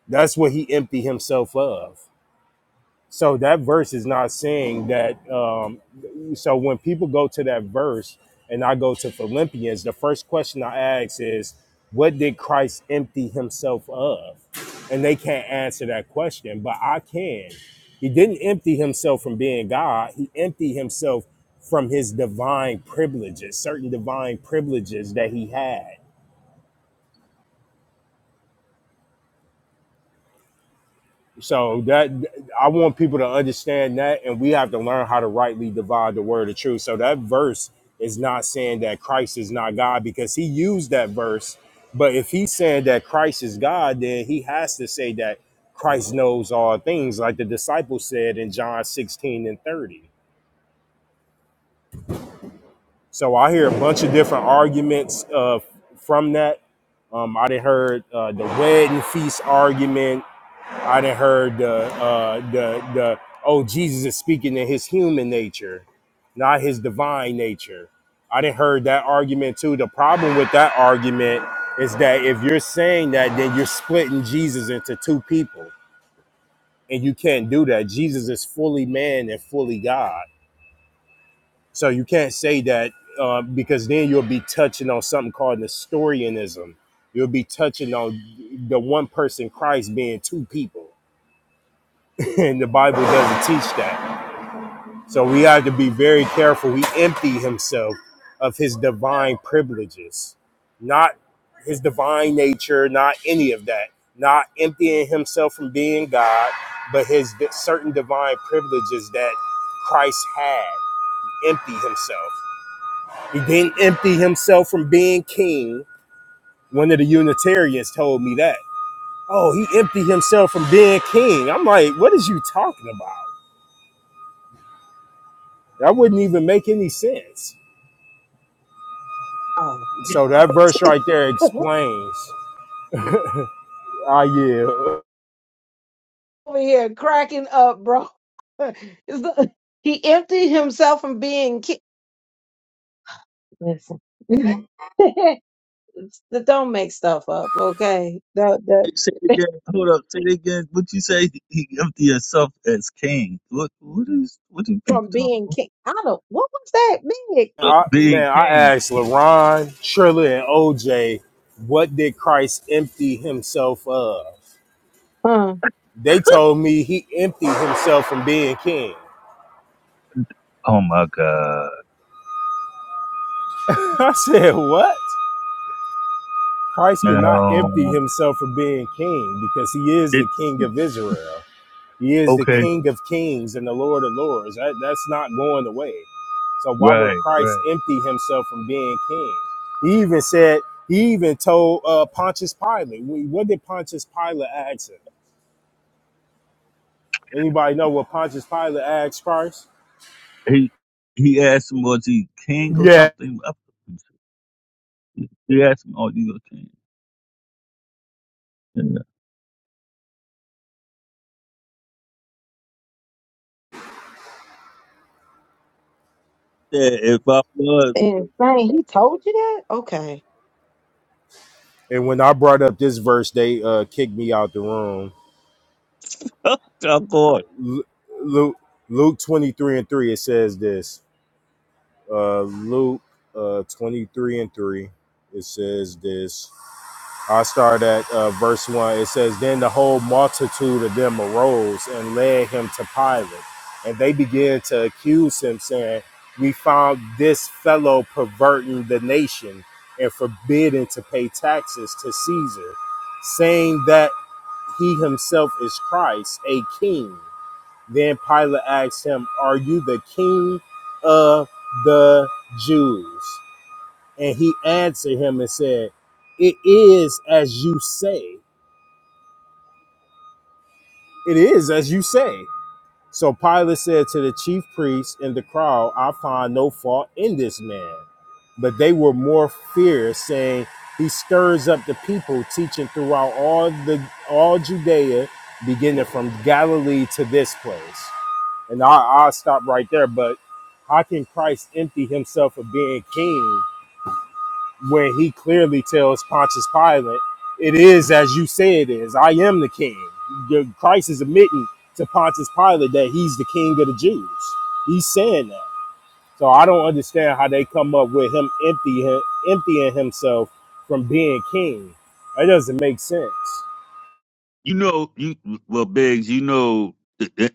Speaker 3: That's what he emptied himself of. So that verse is not saying that. Um, so when people go to that verse and I go to Philippians, the first question I ask is, what did Christ empty himself of? And they can't answer that question, but I can. He didn't empty himself from being God, he emptied himself from his divine privileges, certain divine privileges that he had So that I want people to understand that, and we have to learn how to rightly divide the word of truth. So that verse is not saying that Christ is not God because he used that verse. But if he's saying that Christ is God, then he has to say that Christ knows all things, like the disciples said in John 16 and 30. So I hear a bunch of different arguments uh, from that. Um, I done heard uh, the wedding feast argument I done heard the uh, the the oh Jesus is speaking in his human nature, not his divine nature. I didn't heard that argument too. The problem with that argument is that if you're saying that, then you're splitting Jesus into two people, and you can't do that. Jesus is fully man and fully God, so you can't say that uh, because then you'll be touching on something called Nestorianism. You'll be touching on the one person Christ being two people and the Bible doesn't teach that. So we have to be very careful. He emptied himself of his divine privileges, not his divine nature, not any of that, not emptying himself from being God, but his di- certain divine privileges that Christ had. Empty himself. He didn't empty himself from being king. One of the Unitarians told me that. Oh, he emptied himself from being king. I'm like, what is you talking about? That wouldn't even make any sense.
Speaker 1: Oh.
Speaker 3: So that verse right there explains. Ah, yeah.
Speaker 1: Over here cracking up, bro. It's the- he emptied himself from being ki- Listen. That don't make stuff up, okay? The,
Speaker 11: Say it
Speaker 1: the,
Speaker 11: again. Hold up. Say it again. What you say? He empty himself as king. What? What is? What do people
Speaker 1: from
Speaker 11: talk
Speaker 1: being king. I don't, what was that big?
Speaker 11: about?
Speaker 3: I,
Speaker 11: Being
Speaker 3: man, I
Speaker 11: king.
Speaker 3: asked LaRon, Trilla, and OJ, what did Christ empty himself of?
Speaker 1: Huh.
Speaker 3: They told me he emptied himself from being king.
Speaker 11: Oh my God.
Speaker 3: I said, what? Christ cannot empty
Speaker 11: Now
Speaker 3: himself from being king because he is
Speaker 11: it
Speaker 3: the king of Israel. He is the
Speaker 11: okay,
Speaker 3: King of Kings and the Lord of Lords. That, that's not going away. So why would
Speaker 11: right,
Speaker 3: Christ
Speaker 11: right.
Speaker 3: empty himself from being king? He even said, he even told uh, Pontius Pilate. Wh- What did Pontius Pilate ask him? Anybody know what Pontius Pilate asked Christ?
Speaker 11: He he asked him was he king or
Speaker 3: Yeah.
Speaker 11: something. I- He asked him, "Are you a king?" Yeah. Yeah, if I was,
Speaker 1: And man, he told you that? Okay.
Speaker 3: And when I brought up this verse, they uh, kicked me out the room.
Speaker 11: I'm going.
Speaker 3: Lu- Luke, Luke 23 and 3, it says this. Uh, Luke uh, 23 and 3, it says this. I start at uh, verse 1. It says, Then the whole multitude of them arose and led him to Pilate. And they began to accuse him, saying, 'We found this fellow perverting the nation and forbidding to pay taxes to Caesar, saying that he himself is Christ, a king. Then Pilate asked him, 'Are you the king of the Jews? And he answered him and said, It is as you say. It is as you say. So Pilate said to the chief priests and the crowd, I find no fault in this man. But they were more fierce, saying, He stirs up the people, teaching throughout all the all Judea, beginning from Galilee to this place. And I, I'll stop right there. But how can Christ empty himself of being king where he clearly tells Pontius Pilate, It is as you say it is. I am the king. Your- Christ is admitting to Pontius Pilate that he's the king of the Jews. He's saying that. So I don't understand how they come up with him empty, him, emptying himself from being king. That doesn't make sense.
Speaker 11: You know, you well, Biggs. You know,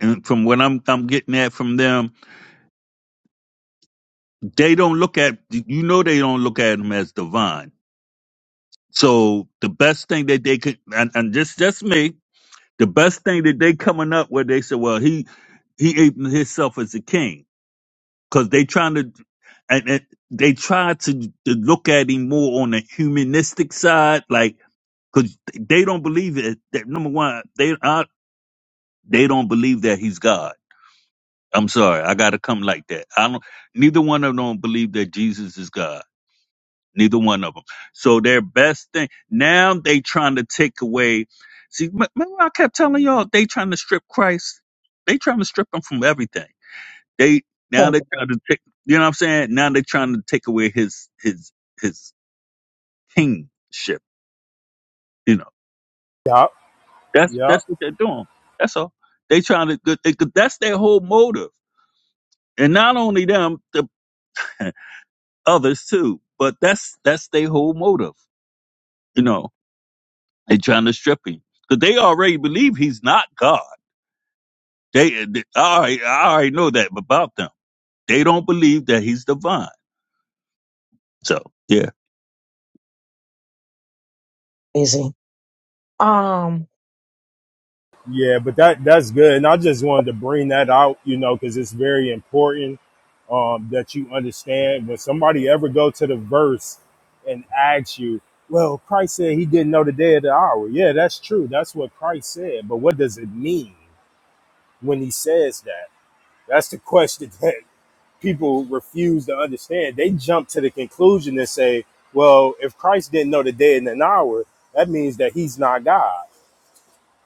Speaker 11: and from what I'm I'm getting at from them, they don't look at you know they don't look at him as divine. So the best thing that they could, and, and just just me, the best thing that they coming up where they said, well, he he ate himself as a king because they trying to and, and they try to, to look at him more on the humanistic side, like because they don't believe it. That, number one, they I, they don't believe that he's God. I'm sorry, I got to come like that. I don't. Neither one of them don't believe that Jesus is God. Neither one of them. So their best thing now they trying to take away. See, m- remember I kept telling y'all they trying to strip Christ. They trying to strip him from everything they now
Speaker 1: That's
Speaker 11: they trying to take you know what I'm saying? Now they're trying to take away his his his kingship, you know.
Speaker 3: Yup,
Speaker 11: That's
Speaker 3: yup.
Speaker 11: that's what they're doing. That's all. They trying to good they, that's their whole motive. And not only them, the others too. But that's that's their whole motive. You know, they trying to strip him because they already believe he's not God. They, they I, already, I already know that about them. They don't believe that he's divine. So yeah,
Speaker 1: Busy. Um,
Speaker 3: Yeah, but that that's good, and I just wanted to bring that out, you know, because it's very important um, that you understand when somebody ever go to the verse and ask you, "Well, Christ said He didn't know the day or the hour." Yeah, that's true. That's what Christ said, but what does it mean when He says that? That's the question that people refuse to understand. They jump to the conclusion and say, "Well, if Christ didn't know the day and an hour, that means that He's not God."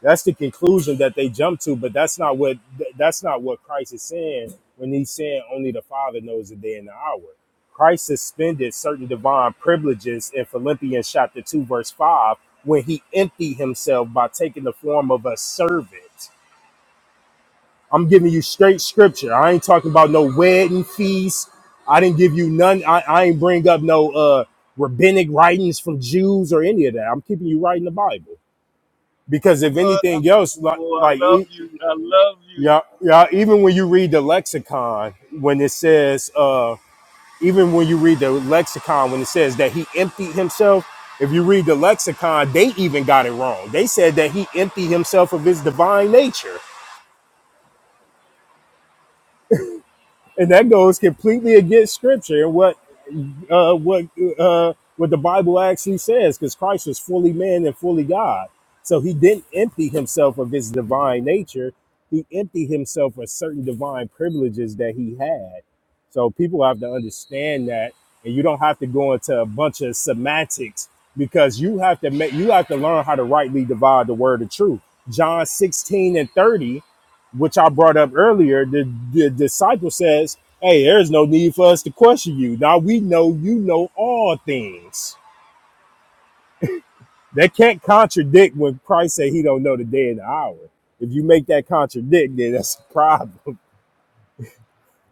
Speaker 3: That's the conclusion that they jump to, but that's not what th- that's not what Christ is saying when he's saying only the Father knows the day and the hour. Christ suspended certain divine privileges in Philippians chapter 2 verse 5 when he emptied himself by taking the form of a servant. I'm giving you straight scripture. I ain't talking about no wedding feast. I didn't give you none. I, I ain't bring up no uh rabbinic writings from Jews or any of that. I'm keeping you right in the Bible because if
Speaker 11: bro, I love
Speaker 3: anything
Speaker 11: you,
Speaker 3: else, like,
Speaker 11: boy. I
Speaker 3: like
Speaker 11: love
Speaker 3: e-
Speaker 11: you. I love you.
Speaker 3: Yeah, yeah. Even when you read the lexicon, when it says, uh, even when you read the lexicon, when it says that he emptied himself, if you read the lexicon, they even got it wrong. They said that he emptied himself of his divine nature, and that goes completely against scripture and what uh, what uh, what the Bible actually says, because Christ was fully man and fully God. So he didn't empty himself of his divine nature. He emptied himself of certain divine privileges that he had. So people have to understand that, and you don't have to go into a bunch of semantics because you have to make you have to learn how to rightly divide the word of truth. John 16 and 30 which I brought up earlier, the, the disciple says, Hey, there's no need for us to question you. Now we know you know all things. That can't contradict when Christ said he don't know the day and the hour. If you make that contradict, then that's a problem.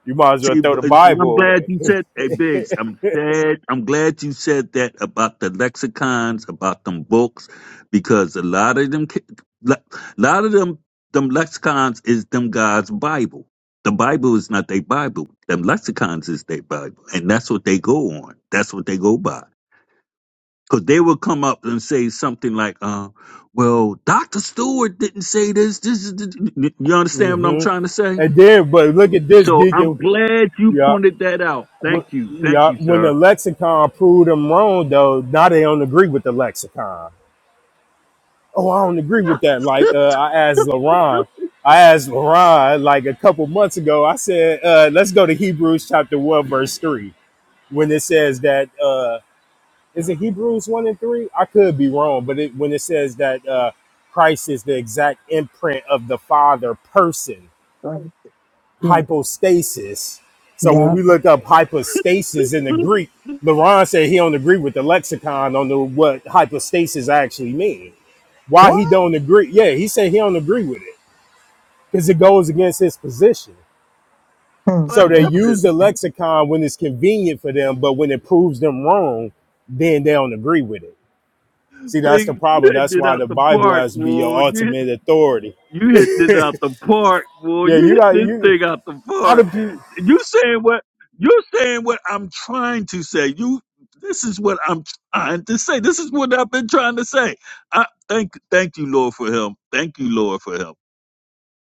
Speaker 3: You might as well
Speaker 11: See,
Speaker 3: throw
Speaker 11: b-
Speaker 3: the
Speaker 11: and and
Speaker 3: Bible
Speaker 11: I'm glad
Speaker 3: away.
Speaker 11: you said, hey Biggs, I'm glad, I'm glad you said that about the lexicons, about them books, because a lot of them, ki- le- lot of them, them lexicons is them God's Bible. The Bible is not their Bible. Them lexicons is their Bible, and that's what they go on. That's what they go by. Because they will come up and say something like, uh, "Well, Doctor Stewart didn't say this. This is," you understand what I'm
Speaker 3: hmm
Speaker 11: trying to say?
Speaker 3: And then, but look at this,
Speaker 11: So
Speaker 3: Deacon.
Speaker 11: I'm glad you
Speaker 3: Yeah,
Speaker 11: pointed that out.
Speaker 3: wh-
Speaker 11: Thank you. Thank
Speaker 3: yeah.
Speaker 11: you,
Speaker 3: When the
Speaker 11: sir.
Speaker 3: lexicon proved them wrong, though, now they don't agree with the lexicon. Oh, I don't agree with that. Like, uh, I asked LaRon, I asked LaRon like a couple months ago, I said, uh, let's go to Hebrews chapter 1, verse 3, when it says that, uh, is it Hebrews 1 and 3? I could be wrong, but it, when it says that uh, Christ is the exact imprint of the Father person,
Speaker 1: right. yeah,
Speaker 3: hypostasis. So when
Speaker 1: yeah.
Speaker 3: we look up hypostasis in the Greek, LaRon said he don't agree with the lexicon on the, what hypostasis actually means why
Speaker 1: What?
Speaker 3: he don't agree. Yeah, he said he don't agree with it because it goes against his position.
Speaker 1: Mm,
Speaker 11: What
Speaker 3: So they
Speaker 1: mm,
Speaker 3: use
Speaker 11: happened?
Speaker 3: the lexicon when it's convenient for them, but when it proves them wrong, then they don't agree with it. See, that's the
Speaker 11: Big, you
Speaker 3: problem.
Speaker 11: hit
Speaker 3: That's
Speaker 11: it
Speaker 3: why the
Speaker 11: out the
Speaker 3: Bible
Speaker 11: park,
Speaker 3: has to be your
Speaker 11: boy. You,
Speaker 3: ultimate
Speaker 11: hit-
Speaker 3: authority.
Speaker 11: you hit it out the park, boy.
Speaker 3: Yeah,
Speaker 11: You
Speaker 3: you
Speaker 11: hit
Speaker 3: got
Speaker 11: this
Speaker 3: you.
Speaker 11: thing out the
Speaker 3: How do.
Speaker 11: park.
Speaker 3: people,
Speaker 11: You saying what? You're saying what I'm trying to say. You, this is what I'm trying to say. This is what I've been trying to say. I thank, thank you, Lord, for him. Thank you, Lord, for him.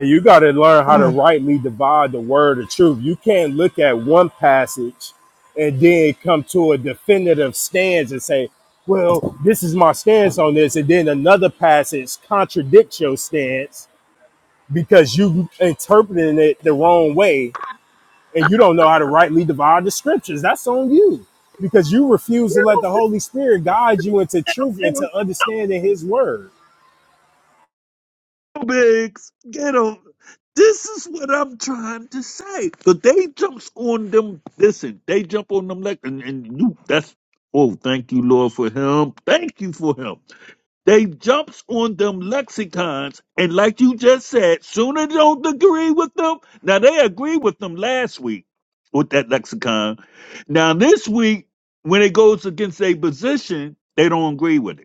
Speaker 3: you got to learn how
Speaker 1: mm.
Speaker 3: to rightly divide the word of truth. You can't look at one passage and then come to a definitive stance and say, well, this is my stance on this. And then another passage contradicts your stance because you interpreting it the wrong way and you don't know how to rightly divide the scriptures. That's on you because you refuse to let the Holy Spirit guide you into truth and to understanding his word.
Speaker 11: Biggs, get him. This is what I'm trying to say. But they jumps on them. Listen, they jump on them like and, and you. That's oh, thank you, Lord, for him. Thank you for him. They jumps on them lexicons, and like you just said, sooner don't agree with them. Now they agree with them last week with that lexicon. Now this week, when it goes against a position, they don't agree with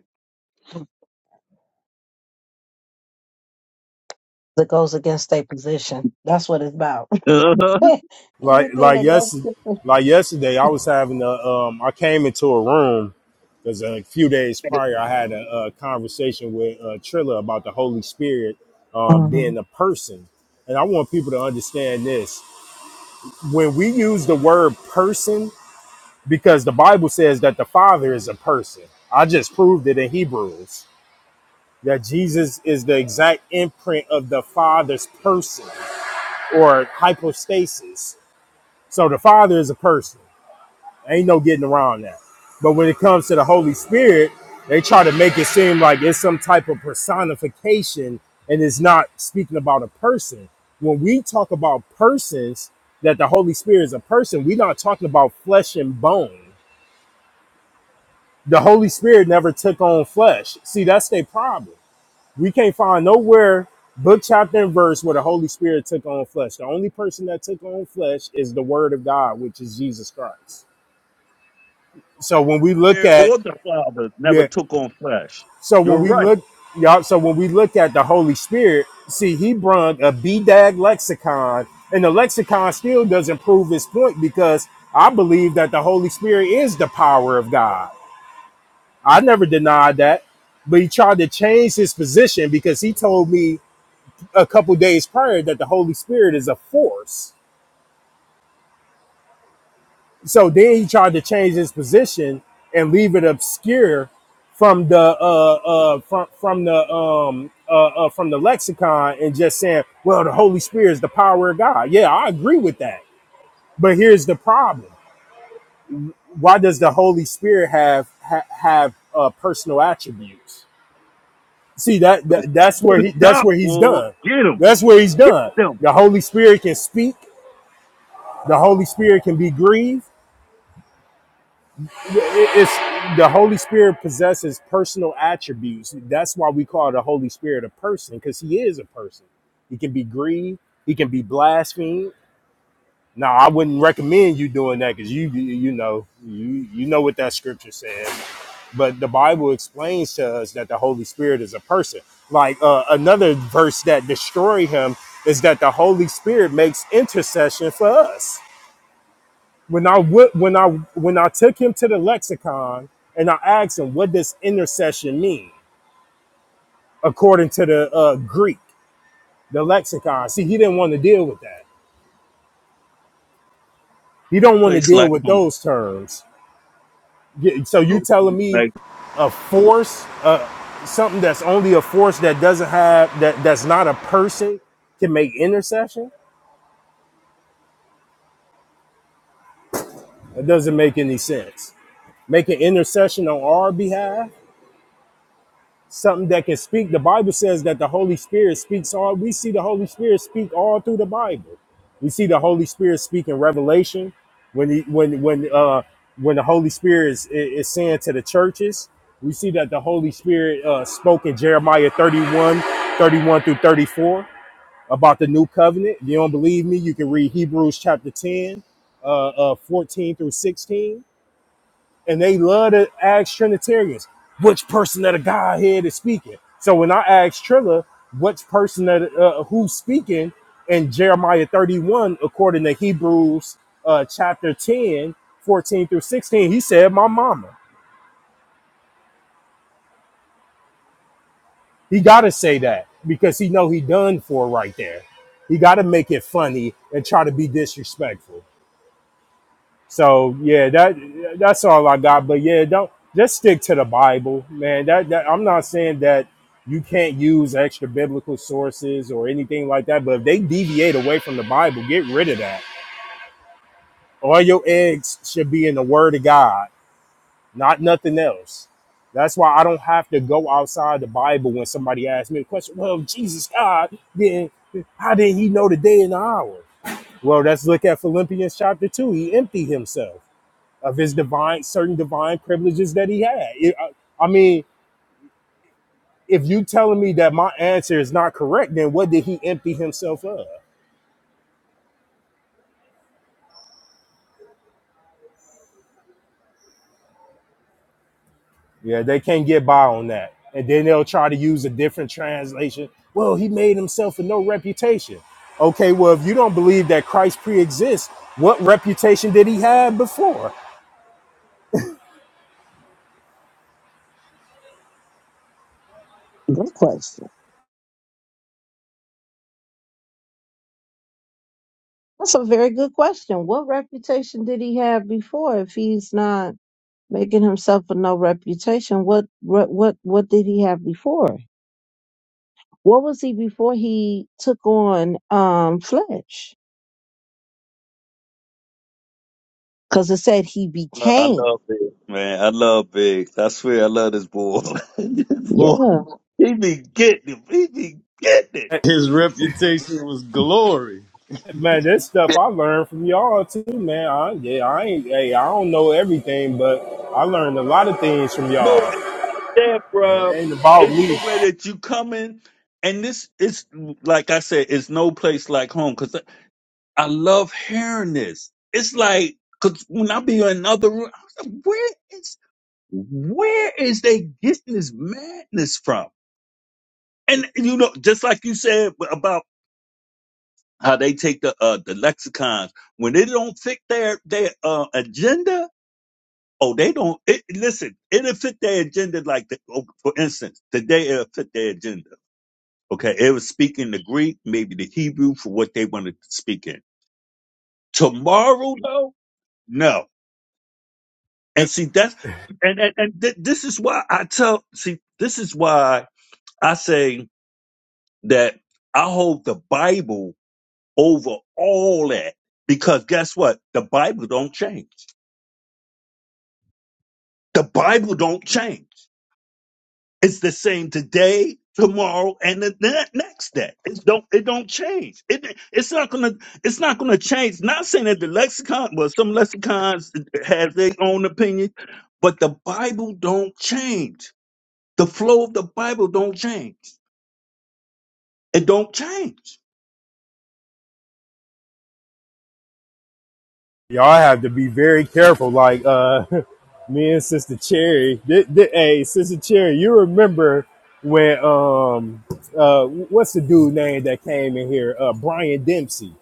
Speaker 1: that goes against their position. That's what it's about.
Speaker 11: it.
Speaker 3: like
Speaker 1: Anything
Speaker 3: like
Speaker 1: that goes
Speaker 3: yes
Speaker 1: against
Speaker 3: like yesterday i was having a um i came into a room because a few days
Speaker 1: their
Speaker 3: prior i had a, uh conversation with uh trilla about the holy spirit um
Speaker 1: Mhm.
Speaker 3: being a person and i want people to understand this when we use the word person because the bible says that the father is a person i just proved it in hebrews that jesus is the exact imprint of the father's person or hypostasis so the father is a person Ain't no getting around that. But when it comes to the Holy Spirit, they try to make it seem like it's some type of personification and it's not speaking about a person. When we talk about persons, that the Holy Spirit is a person, we're not talking about flesh and bone. The Holy Spirit never took on flesh. See, that's their problem. We can't find nowhere, book, chapter, and verse, where the Holy Spirit took on flesh. The only person that took on flesh is the Word of God, which is Jesus Christ. So when we look
Speaker 11: Spirit
Speaker 3: at
Speaker 11: or the Father never
Speaker 3: yeah,
Speaker 11: took on flesh.
Speaker 3: So when
Speaker 11: You're
Speaker 3: we
Speaker 11: right.
Speaker 3: look, y'all, so when we look at the Holy Spirit, see, he brung a BDAG lexicon, and the lexicon still doesn't prove his point because I believe that the Holy Spirit is the power of God. I never denied that, but he tried to change his position because he told me a couple days prior that the Holy Spirit is a force. So then he tried to change his position and leave it obscure from the uh, uh, from from the um, uh, uh, from the lexicon and just saying, "Well, the Holy Spirit is the power of God." Yeah, I agree with that. But here's the problem: Why does the Holy Spirit have ha- have uh, personal attributes? See that,
Speaker 11: The,
Speaker 3: that that's where
Speaker 11: the
Speaker 3: he that's
Speaker 11: stop
Speaker 3: where he's
Speaker 11: will
Speaker 3: done.
Speaker 11: get them.
Speaker 3: That's where he's
Speaker 11: Get
Speaker 3: done.
Speaker 11: them.
Speaker 3: The Holy Spirit can speak. The Holy Spirit can be grieved it's the Holy Spirit possesses personal attributes. That's why we call the Holy Spirit a person, because he is a person. He can be grieved. He can be blasphemed. Now, I wouldn't recommend you doing that because you, you you know you you know what that scripture says. But the Bible explains to us that the Holy Spirit is a person. Like uh, another verse that destroy him is that the Holy Spirit makes intercession for us when I would when I when I took him to the lexicon and I asked him what does intercession mean according to the uh, Greek, the lexicon. See, he didn't want to deal with that. He
Speaker 11: No
Speaker 3: don't want to
Speaker 11: Place
Speaker 3: deal
Speaker 11: like
Speaker 3: with
Speaker 11: home.
Speaker 3: those terms. Yeah, So you
Speaker 11: No
Speaker 3: telling
Speaker 11: place
Speaker 3: me
Speaker 11: like
Speaker 3: a force, uh, something that's only a force that doesn't have that that's not a person can make intercession? It doesn't make any sense. Make an intercession on our behalf something that can speak. The Bible says that the Holy Spirit speaks all. We see the Holy Spirit speak all through the Bible. We see the Holy Spirit speak in Revelation when he, when when uh when the Holy Spirit is, is saying to the churches. We see that the Holy Spirit uh, spoke in Jeremiah 31 31 through 34 about the new covenant. If you don't believe me, you can read Hebrews chapter 10, uh, uh, 14 through 16 and they love to ask Trinitarians which person of the Godhead is speaking. So when I asked Trilla which person that uh, who's speaking in Jeremiah 31, according to Hebrews uh, chapter 10, 14 through 16, he said, "My mama." He got to say that because he know he done for right there. He got to make it funny and try to be disrespectful. So yeah, that that's all I got. But yeah, don't just stick to the Bible, man. That, that I'm not saying that you can't use extra biblical sources or anything like that. But if they deviate away from the Bible, get rid of that. All your eggs should be in the Word of God, not nothing else. That's why I don't have to go outside the Bible when somebody asks me a question. Well, if Jesus God, then how did he know the day and the hour? Well, let's look at Philippians chapter two. He emptied himself of his divine certain divine privileges that he had. It- I, I mean, if you telling me that my answer is not correct, then what did he empty himself of? Yeah, they can't get by on that. And then they'll try to use a different translation. Well, he made himself a no reputation. Okay, well, if you don't believe that Christ pre-exists, what reputation did he have before?
Speaker 1: Good question. That's a very good question. What reputation did he have before? If he's not making himself a no reputation, what what what, what did he have before? What was he before he took on um flesh? Because it said he
Speaker 11: I I
Speaker 1: became.
Speaker 11: love Big, man. I love Big. I swear I love this boy. this boy.
Speaker 1: Yeah.
Speaker 11: He be getting it. He be getting it.
Speaker 3: Hey,
Speaker 8: His reputation was glory.
Speaker 3: Man, this stuff I learned from y'all too, man. I, yeah, I ain't, hey, I don't know everything, but I learned a lot of things from
Speaker 11: No, it's
Speaker 3: y'all.
Speaker 11: that,
Speaker 3: It
Speaker 11: bro.
Speaker 3: ain't about
Speaker 11: It's
Speaker 3: me.
Speaker 11: the way that you come in. And this, it's like I said, it's no place like home. because. I love hearing this. It's like, cause when I be in another room, I was like, where is, where is they getting this madness from? And you know, just like you said about how they take the uh the lexicons when they don't fit their their uh agenda. Oh, they don't. It, listen, it'll fit their agenda. Like, the, oh, for instance, today it'll fit their agenda. Okay, it was speaking the Greek, maybe the Hebrew for what they wanted to speak in. Tomorrow, though, no. And
Speaker 3: Yep.
Speaker 11: see, that's and and, and th- this is why I tell. See, this is why I say that I hold the Bible over all that because guess what? The Bible don't change. The Bible don't change. It's the same today, tomorrow, and the ne- next day. It don't it don't change. It it's not gonna it's not gonna change. Not saying that the lexicon, well, some lexicons have their own opinions, but the Bible don't change The flow of the Bible don't change. It don't change.
Speaker 3: Y'all have to be very careful. Like uh, me and Sister Cherry. Th- th- hey, Sister Cherry, you remember when um uh what's the dude name that came in here? Uh, Brian Dempsey.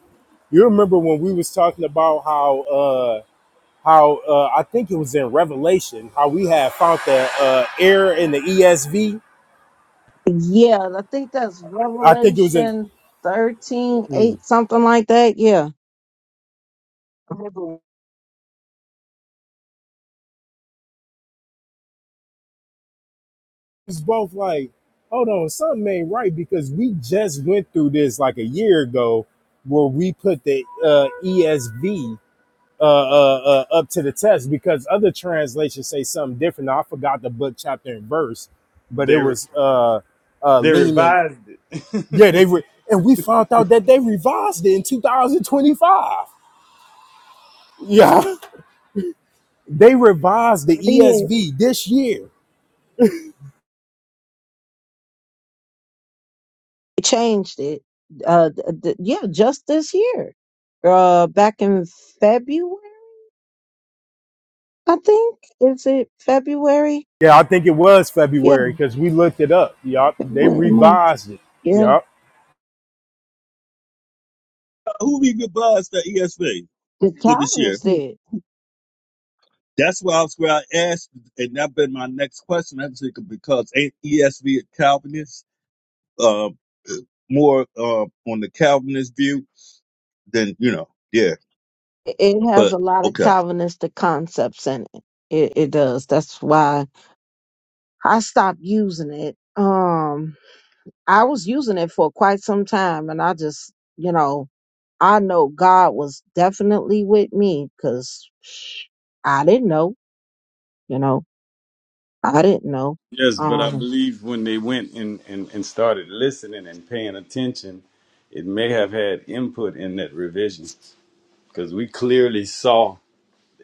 Speaker 3: You remember when we was talking about how uh how uh I think it was in Revelation how we had found the uh error in the ESV.
Speaker 1: Yeah, I think that's
Speaker 3: I think it was in.
Speaker 1: Revelation thirteen,
Speaker 3: mm,
Speaker 1: eight, something like that. Yeah.
Speaker 3: was both like, hold on, something ain't right because we just went through this like a year ago where we put the uh, ESV uh, uh, uh, up to the test because other translations say something different. Now, I forgot the book, chapter, and verse, but it
Speaker 8: They re-
Speaker 3: was uh, uh,
Speaker 8: they
Speaker 3: leaning.
Speaker 8: revised
Speaker 3: Yeah, they
Speaker 8: it.
Speaker 3: were. And we found out that they revised it in 2025. Yeah. They revised the
Speaker 1: It is.
Speaker 3: ESV this year.
Speaker 1: They changed it. Uh, th- th- yeah, just this year. Uh, back in February, I think. Is it February?
Speaker 3: Yeah, I think it was
Speaker 1: Yeah,
Speaker 3: February because we looked it up. Yup. They
Speaker 1: February, March.
Speaker 3: revised it.
Speaker 1: Yeah,
Speaker 3: Yup.
Speaker 11: Uh, Who we revised the ESV
Speaker 1: the
Speaker 11: for this year?
Speaker 1: Calvinists
Speaker 11: Who?
Speaker 1: did.
Speaker 11: That's why I was where I asked, and that been my next question. I think because ain't ESV a Calvinist, um, uh, more uh, on the Calvinist view than you know. Yeah,
Speaker 1: It it has
Speaker 11: but
Speaker 1: a lot of
Speaker 11: okay.
Speaker 1: Calvinistic concepts in it. It, it does. That's why I stopped using it. Um, I was using it for quite some time, and I just, you know, I know God was definitely with me because I didn't know, you know. I didn't know.
Speaker 8: Yes, but I
Speaker 1: Um,
Speaker 8: believe when they went and, and, and started listening and paying attention, it may have had input in that revision because we clearly saw.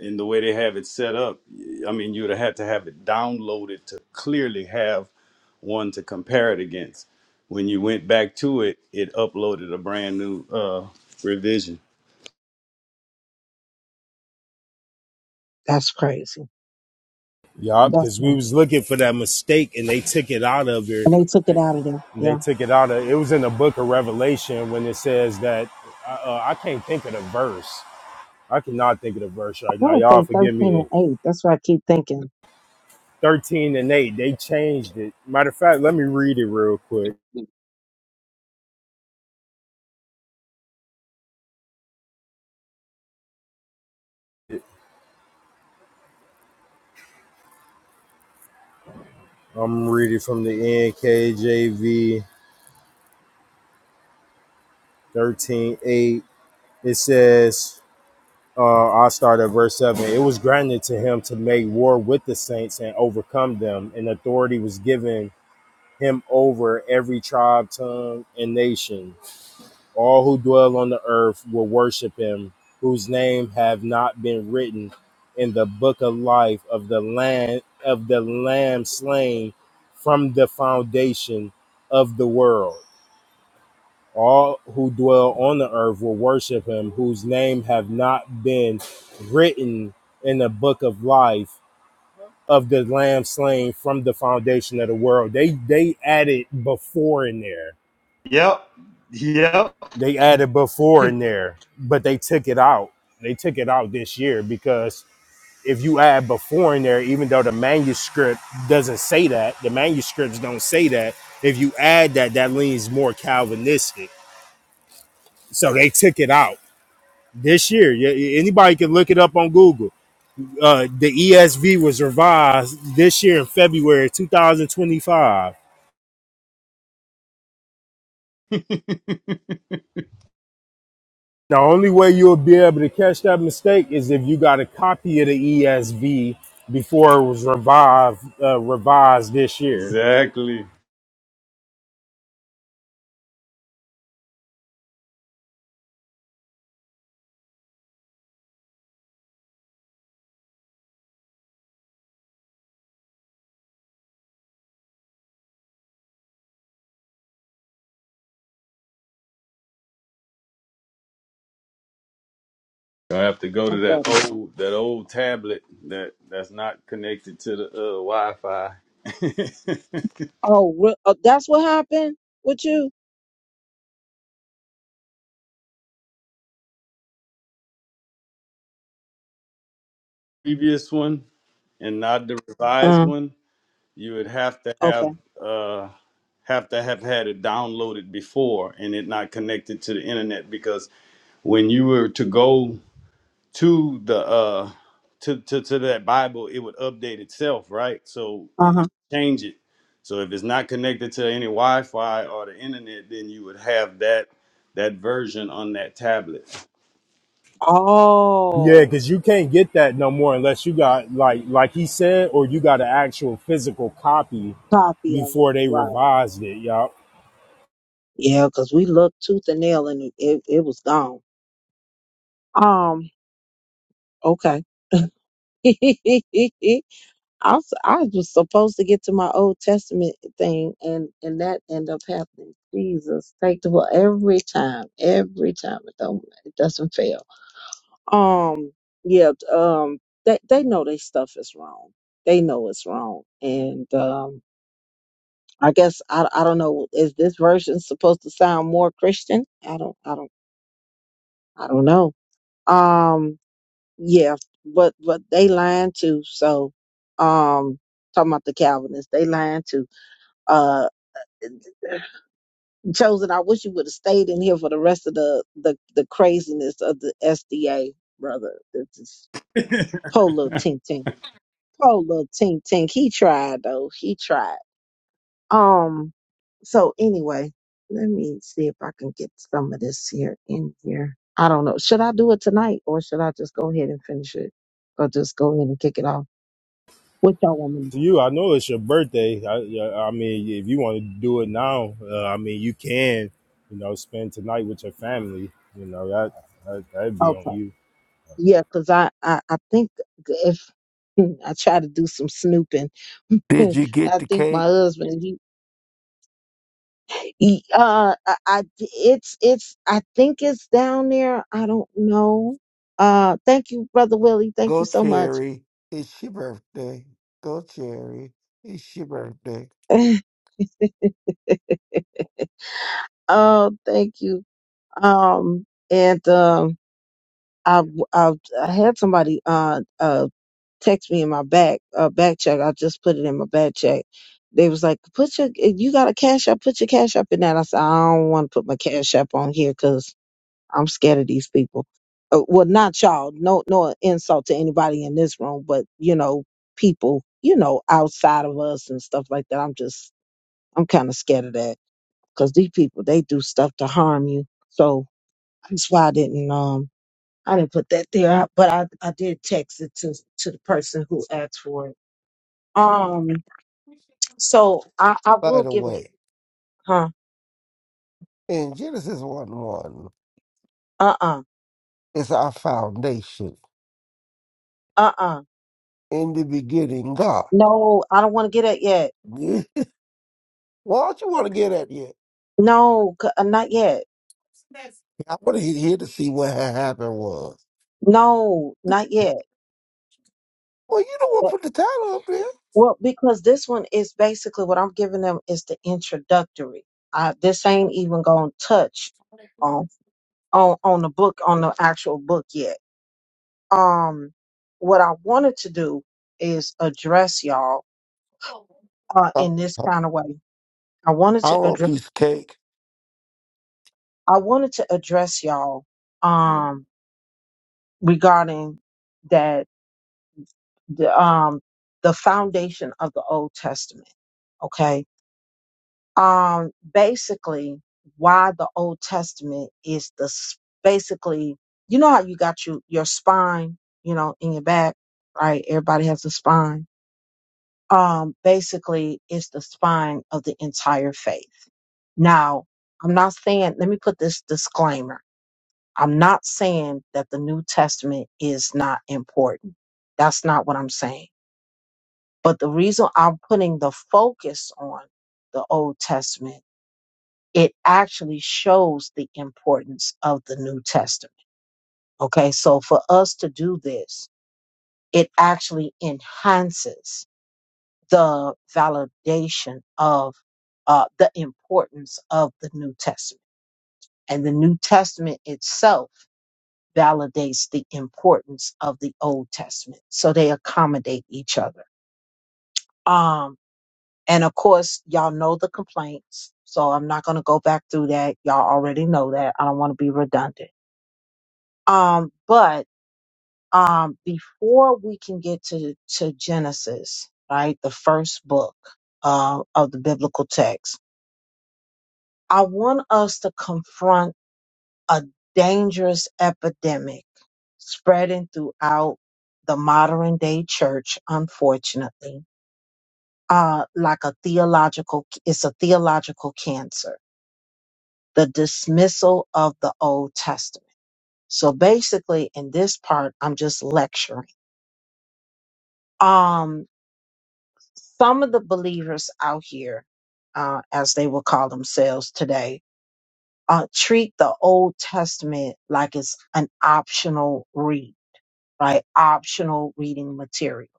Speaker 8: and the way they have it set up, I mean, you'd have had to have it downloaded to clearly have one to compare it against. When you went back to it, it uploaded a brand new uh, revision.
Speaker 1: that's crazy.
Speaker 3: Yup,
Speaker 1: That's
Speaker 3: because we
Speaker 1: crazy.
Speaker 3: was looking for that mistake and they took it out of her.
Speaker 1: And they took it out of there.
Speaker 3: They
Speaker 1: Yeah. I
Speaker 3: took it out of it was in the book of Revelation when it says that uh, uh, I can't think of the verse. I cannot think of the verse right now.
Speaker 1: want to
Speaker 3: Y'all
Speaker 1: say
Speaker 3: forgive
Speaker 1: 13
Speaker 3: me.
Speaker 1: and 8. That's what I keep thinking.
Speaker 3: Thirteen and eight, they changed it. Matter of fact, let me read it real quick. I'm reading from the NKJV thirteen eight. It says, uh, I'll start at verse 7. It was granted to him to make war with the saints and overcome them, and authority was given him over every tribe, tongue, and nation. All who dwell on the earth will worship him, whose name have not been written in the book of life of the land of the lamb slain from the foundation of the world. All who dwell on the earth will worship him, whose name have not been written in the book of life of the lamb slain from the foundation of the world. They they added before in there
Speaker 8: Yep. Yep.
Speaker 3: They added before in there, but they took it out. They took it out this year because if you add before in there, even though the manuscript doesn't say that, the manuscripts don't say that. If you add that, that leans more Calvinistic. So they took it out this year. Yeah, Anybody can look it up on Google. Uh, the ESV was revised this year in February 2025 The only way you'll be able to catch that mistake is if you got a copy of the ESV before it was revived, uh, revised this year.
Speaker 8: Exactly. I have to go to
Speaker 1: Oh,
Speaker 8: that
Speaker 1: buddy.
Speaker 8: old that old tablet that that's not connected to the uh, Wi-Fi.
Speaker 1: Oh, re- oh, that's what happened with you?
Speaker 8: Previous one and not the revised one. You would have to
Speaker 1: Okay.
Speaker 8: have uh, have to have had it downloaded before and it not connected to the internet because when you were to go to the uh, to, to to that Bible, it would update itself, right? So it,
Speaker 1: Uh
Speaker 8: it
Speaker 1: huh.
Speaker 8: would change it. So if it's not connected to any Wi-Fi or the internet, then you would have that that version on that tablet.
Speaker 3: Yeah,
Speaker 1: Oh,
Speaker 3: because you can't get that no more unless you got like like he said, or you got an actual physical copy
Speaker 1: copy of
Speaker 3: before
Speaker 1: it.
Speaker 3: they
Speaker 1: Right.
Speaker 3: revised it, y'all.
Speaker 1: Yeah, because we looked tooth and nail and it, it, it was gone. Um. Okay. I was, I was supposed to get to my Old Testament thing, and and that ended up happening. Jesus, take the well every time, every time it don't it doesn't fail. Um, yeah, um, they they know their stuff is wrong. They know it's wrong, and um, I guess I I don't know. Is this version supposed to sound more Christian? I don't I don't I don't know. Um yeah, but but they lying too. So um talking about the Calvinists, they lying too. Uh chosen, I wish you would have stayed in here for the rest of the the, the craziness of the SDA, brother. It's just poor little Tink Tink. Poor little Tink Tink. He tried though. He tried. Um, so anyway, let me see if I can get some of this here in here. I don't know. Should I do it tonight or should I just go ahead and finish it? Or just go ahead and kick it off? What y'all want me
Speaker 3: To you, I know it's your birthday. I, yeah, I mean, if you want to do it now, uh, I mean, you can. You know, spend tonight with your family. You know that that that'd
Speaker 1: to
Speaker 3: be on
Speaker 1: Okay.
Speaker 3: you.
Speaker 1: Yeah, because I, I, I think if I try to do some snooping, I
Speaker 9: Did you get the
Speaker 1: think my
Speaker 9: cake?
Speaker 1: husband, he, he uh, I, I, it's, it's, I think it's down there. I don't know. Uh, thank you, Brother Willie. Thank
Speaker 9: Go,
Speaker 1: you so much.
Speaker 9: Cherry. It's your birthday. Go, Cherry. It's your birthday.
Speaker 1: Oh, thank you. Um, and um, I, I I had somebody uh uh text me in my back uh back check. I just put it in my back check. They was like, put your if you got a cash app, put your cash app in that. I said I don't want to put my cash app on here because I'm scared of these people. Uh, well, not y'all. No, no insult to anybody in this room, but you know, people, you know, outside of us and stuff like that. I'm just, I'm kind of scared of that because these people, they do stuff to harm you. So that's why I didn't um I didn't put that there, I- but I, I did text it to to the person who asked for it. Um, so I I
Speaker 9: By
Speaker 1: will
Speaker 9: the
Speaker 1: give a
Speaker 9: way,
Speaker 1: huh
Speaker 9: in Genesis 1 1,
Speaker 1: uh uh
Speaker 9: it's our foundation.
Speaker 1: uh uh
Speaker 9: In the beginning, God.
Speaker 1: no I don't want to get it yet
Speaker 9: Why don't you want to get at yet?
Speaker 1: no c- uh, not yet
Speaker 9: I want to hear to see what had happened was.
Speaker 1: no not yet
Speaker 9: Well, you don't want to
Speaker 1: But-
Speaker 9: put the title up there.
Speaker 1: well because this one is basically what I'm giving them is the introductory. I this ain't even gonna touch on on on the book on the actual book yet um what I wanted to do is address y'all uh in this
Speaker 9: Uh,
Speaker 1: kind of way. I wanted
Speaker 9: I
Speaker 1: to
Speaker 9: want a
Speaker 1: address
Speaker 9: piece of cake.
Speaker 1: I wanted to address y'all um regarding that the um the foundation of the Old Testament, okay? Um basically why the Old Testament is the s- basically you know how you got your your spine, you know, in your back, right? Everybody has a spine um, basically it's the spine of the entire faith. Now, I'm not saying, let me put this disclaimer. I'm not saying that the New Testament is not important. That's not what I'm saying. But the reason I'm putting the focus on the Old Testament, it actually shows the importance of the New Testament. Okay. So for us to do this, it actually enhances the validation of uh, the importance of the New Testament. And the New Testament itself validates the importance of the Old Testament. So they accommodate each other. Um, and of course, y'all know the complaints. So I'm not going to go back through that. Y'all already know that. I don't want to be redundant. Um, but um, before we can get to, to Genesis, right, the first book uh, of the biblical text, I want us to confront a dangerous epidemic spreading throughout the modern day church, unfortunately, uh, like a theological, it's a theological cancer, the dismissal of the Old Testament. So basically, in this part, I'm just lecturing. Um, some of the believers out here, uh, as they will call themselves today, uh, treat the Old Testament like it's an optional read, right? Optional reading material,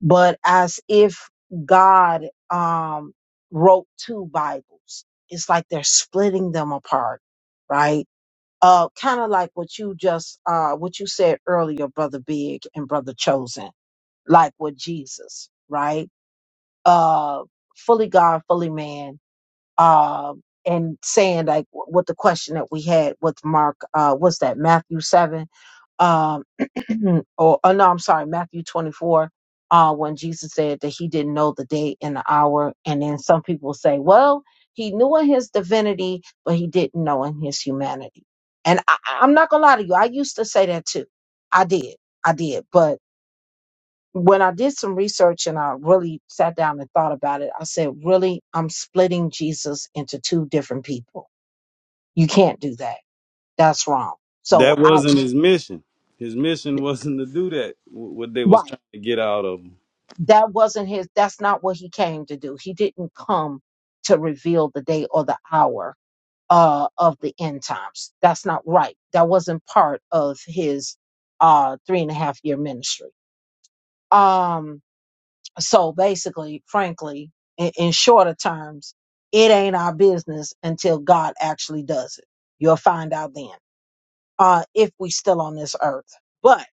Speaker 1: but as if God um, wrote two Bibles. It's like they're splitting them apart, right? Uh, kind of like what you just uh, what you said earlier, brother Big and brother Chosen, like with Jesus, right? Uh, fully God, fully man um, and saying like wh- what the question that we had with Mark, uh, what's that Matthew seven, um, or oh, no, I'm sorry, Matthew twenty four, uh, when Jesus said that he didn't know the day and the hour, and then some people say, well, he knew in his divinity, but he didn't know in his humanity. And I, I- I'm not gonna lie to you, I used to say that too. I did, I did, but when I did some research and I really sat down and thought about it, I said, really, I'm splitting Jesus into two different people. You can't do that. That's wrong. So
Speaker 8: That
Speaker 1: I,
Speaker 8: wasn't his mission. His mission wasn't to do that. wh- What they was
Speaker 1: right.
Speaker 8: trying to get out of him.
Speaker 1: That wasn't his, that's not what he came to do. He didn't come to reveal the day or the hour uh, of the end times. That's not right. That wasn't part of his uh, three and a half year ministry. Um, So basically, frankly, in, in shorter terms, it ain't our business until God actually does it. You'll find out then, uh, if we still on this earth. But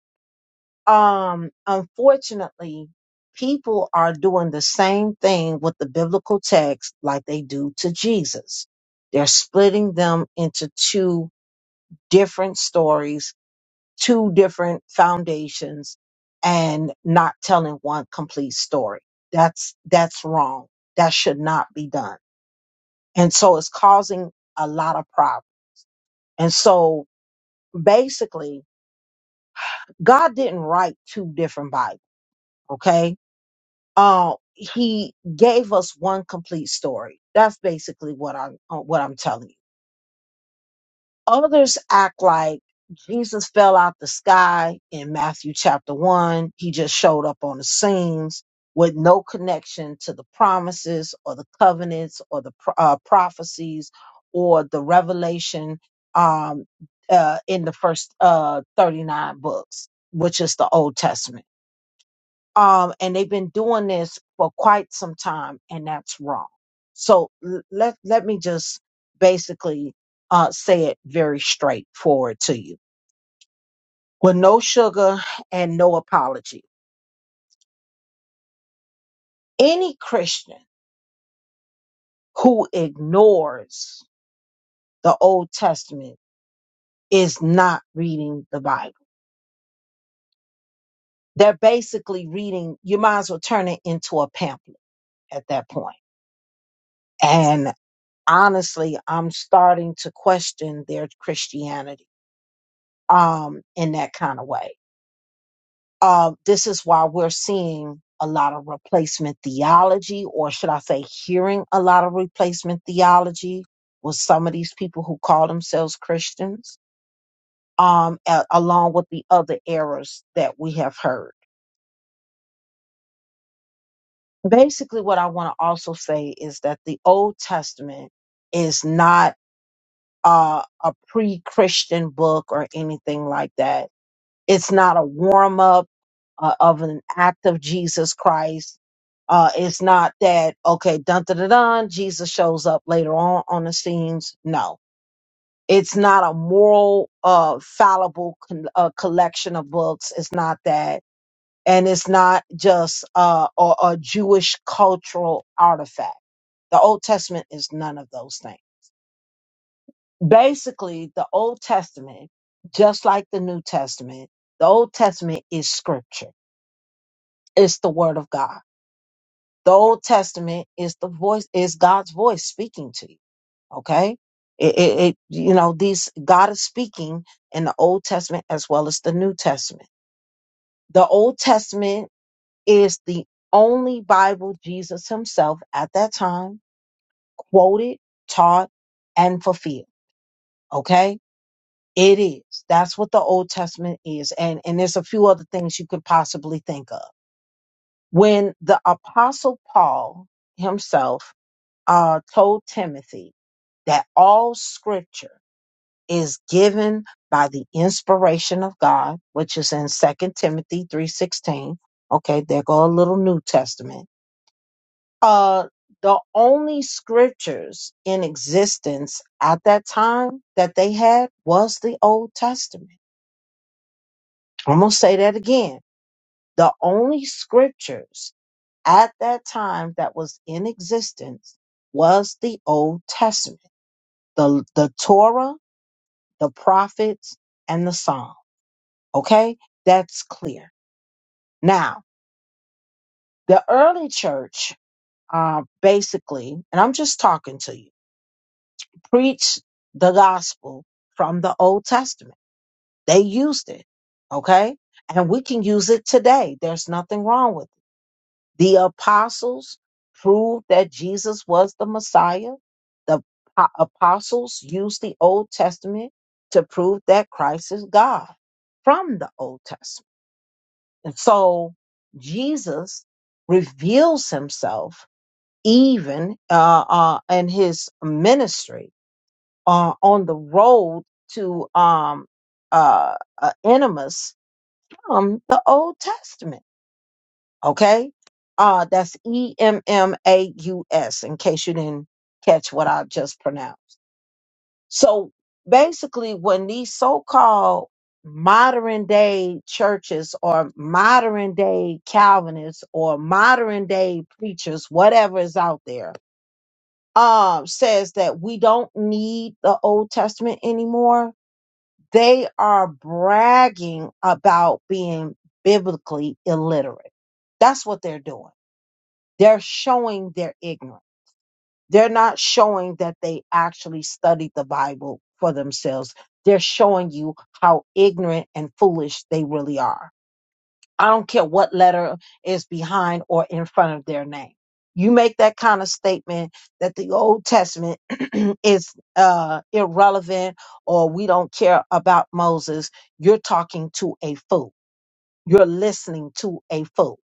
Speaker 1: um, unfortunately, people are doing the same thing with the biblical text like they do to Jesus. They're splitting them into two different stories two different foundations and not telling one complete story. That's that's wrong. That should not be done. And so it's causing a lot of problems. And so basically, God didn't write two different Bibles, okay? Uh, he gave us one complete story. That's basically what I'm uh, what I'm telling you. Others act like Jesus fell out the sky in Matthew chapter 1. He just showed up on the scenes with no connection to the promises or the covenants or the pro- uh, prophecies or the revelation um, uh, in the first uh, 39 books, which is the Old Testament um, and they've been doing this for quite some time, and that's wrong. So l- let let me just basically uh, say it very straightforward to you, with no sugar and no apology. Any Christian who ignores the Old Testament is not reading the Bible. They're basically reading. You might as well turn it into a pamphlet at that point. And honestly, I'm starting to question their Christianity um, in that kind of way. Uh, this is why we're seeing a lot of replacement theology, or should I say, hearing a lot of replacement theology with some of these people who call themselves Christians, um, a- along with the other errors that we have heard. Basically, what I want to also say is that the Old Testament is not uh, a pre Christian book or anything like that It's not a warm up uh, of an act of Jesus Christ. Uh, it's not that, okay, dun dun dun dun, Jesus shows up later on on the scenes. No. It's not a moral, uh, fallible con- uh, collection of books. It's not that. And it's not just uh, a, a Jewish cultural artifact. The Old Testament is none of those things. Basically, the Old Testament, just like the New Testament, the Old Testament is scripture It's the word of God. The Old Testament is the voice, is God's voice speaking to you. Okay. It, it, it, you know, these, God is speaking in the Old Testament as well as the New Testament. The Old Testament is the only Bible Jesus himself at that time quoted, taught, and fulfilled. Okay. It is. That's what the Old Testament is. And, and there's a few other things you could possibly think of. When the apostle Paul himself uh, told Timothy that all scripture is given by the inspiration of God, which is in Second Timothy 3:16. Okay, there go a little New Testament. Uh the only scriptures in existence at that time that they had was the Old Testament. I'm going to say that again. The only scriptures at that time that was in existence was the Old Testament. The the Torah the prophets, and the psalm. Okay, that's clear. Now, the early church uh, basically, and I'm just talking to you, preached the gospel from the Old Testament. They used it. Okay, and we can use it today. There's nothing wrong with it. The apostles proved that Jesus was the Messiah. The po- apostles used the Old Testament to prove that Christ is God from the Old Testament. And so Jesus reveals himself even uh, uh, in his ministry uh, on the road to um, uh, uh, Enemus from the Old Testament. Okay? Uh, that's E M M A U S, in case you didn't catch what I just pronounced. So basically, when these so called modern day churches or modern day Calvinists or modern day preachers, whatever is out there, um, says that we don't need the Old Testament anymore, they are bragging about being biblically illiterate. That's what they're doing. They're showing their ignorance. They're not showing that they actually studied the Bible for themselves. They're showing you how ignorant and foolish they really are. I don't care what letter is behind or in front of their name. You make that kind of statement that the Old Testament is uh, irrelevant or we don't care about Moses. You're talking to a fool. You're listening to a fool.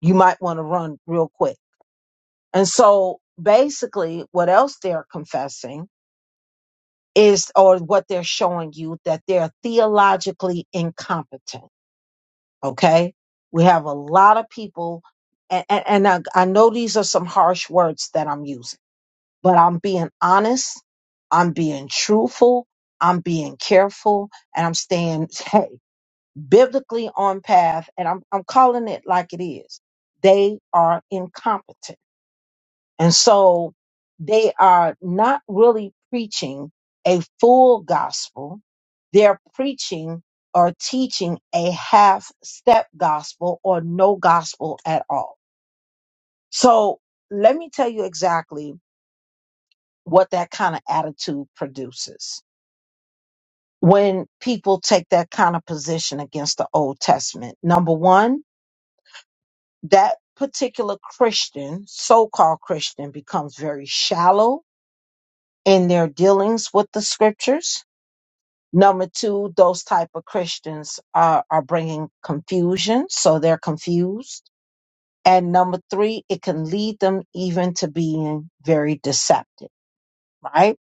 Speaker 1: You might want to run real quick. And so basically, what else they're confessing is or what they're showing you that they're theologically incompetent. Okay. We have a lot of people, and, and and I, I know these are some harsh words that I'm using, but I'm being honest, I'm being truthful, I'm being careful, and I'm staying hey, biblically on path, and I'm, I'm calling it like it is. They are incompetent. And so they are not really preaching a full gospel. They're preaching or teaching a half step gospel or no gospel at all. So let me tell you exactly what that kind of attitude produces. When people take that kind of position against the Old Testament, number one, that particular Christian, so called Christian, becomes very shallow in their dealings with the scriptures. Number two, those type of Christians are, are bringing confusion, so they're confused. And number three, it can lead them even to being very deceptive, right?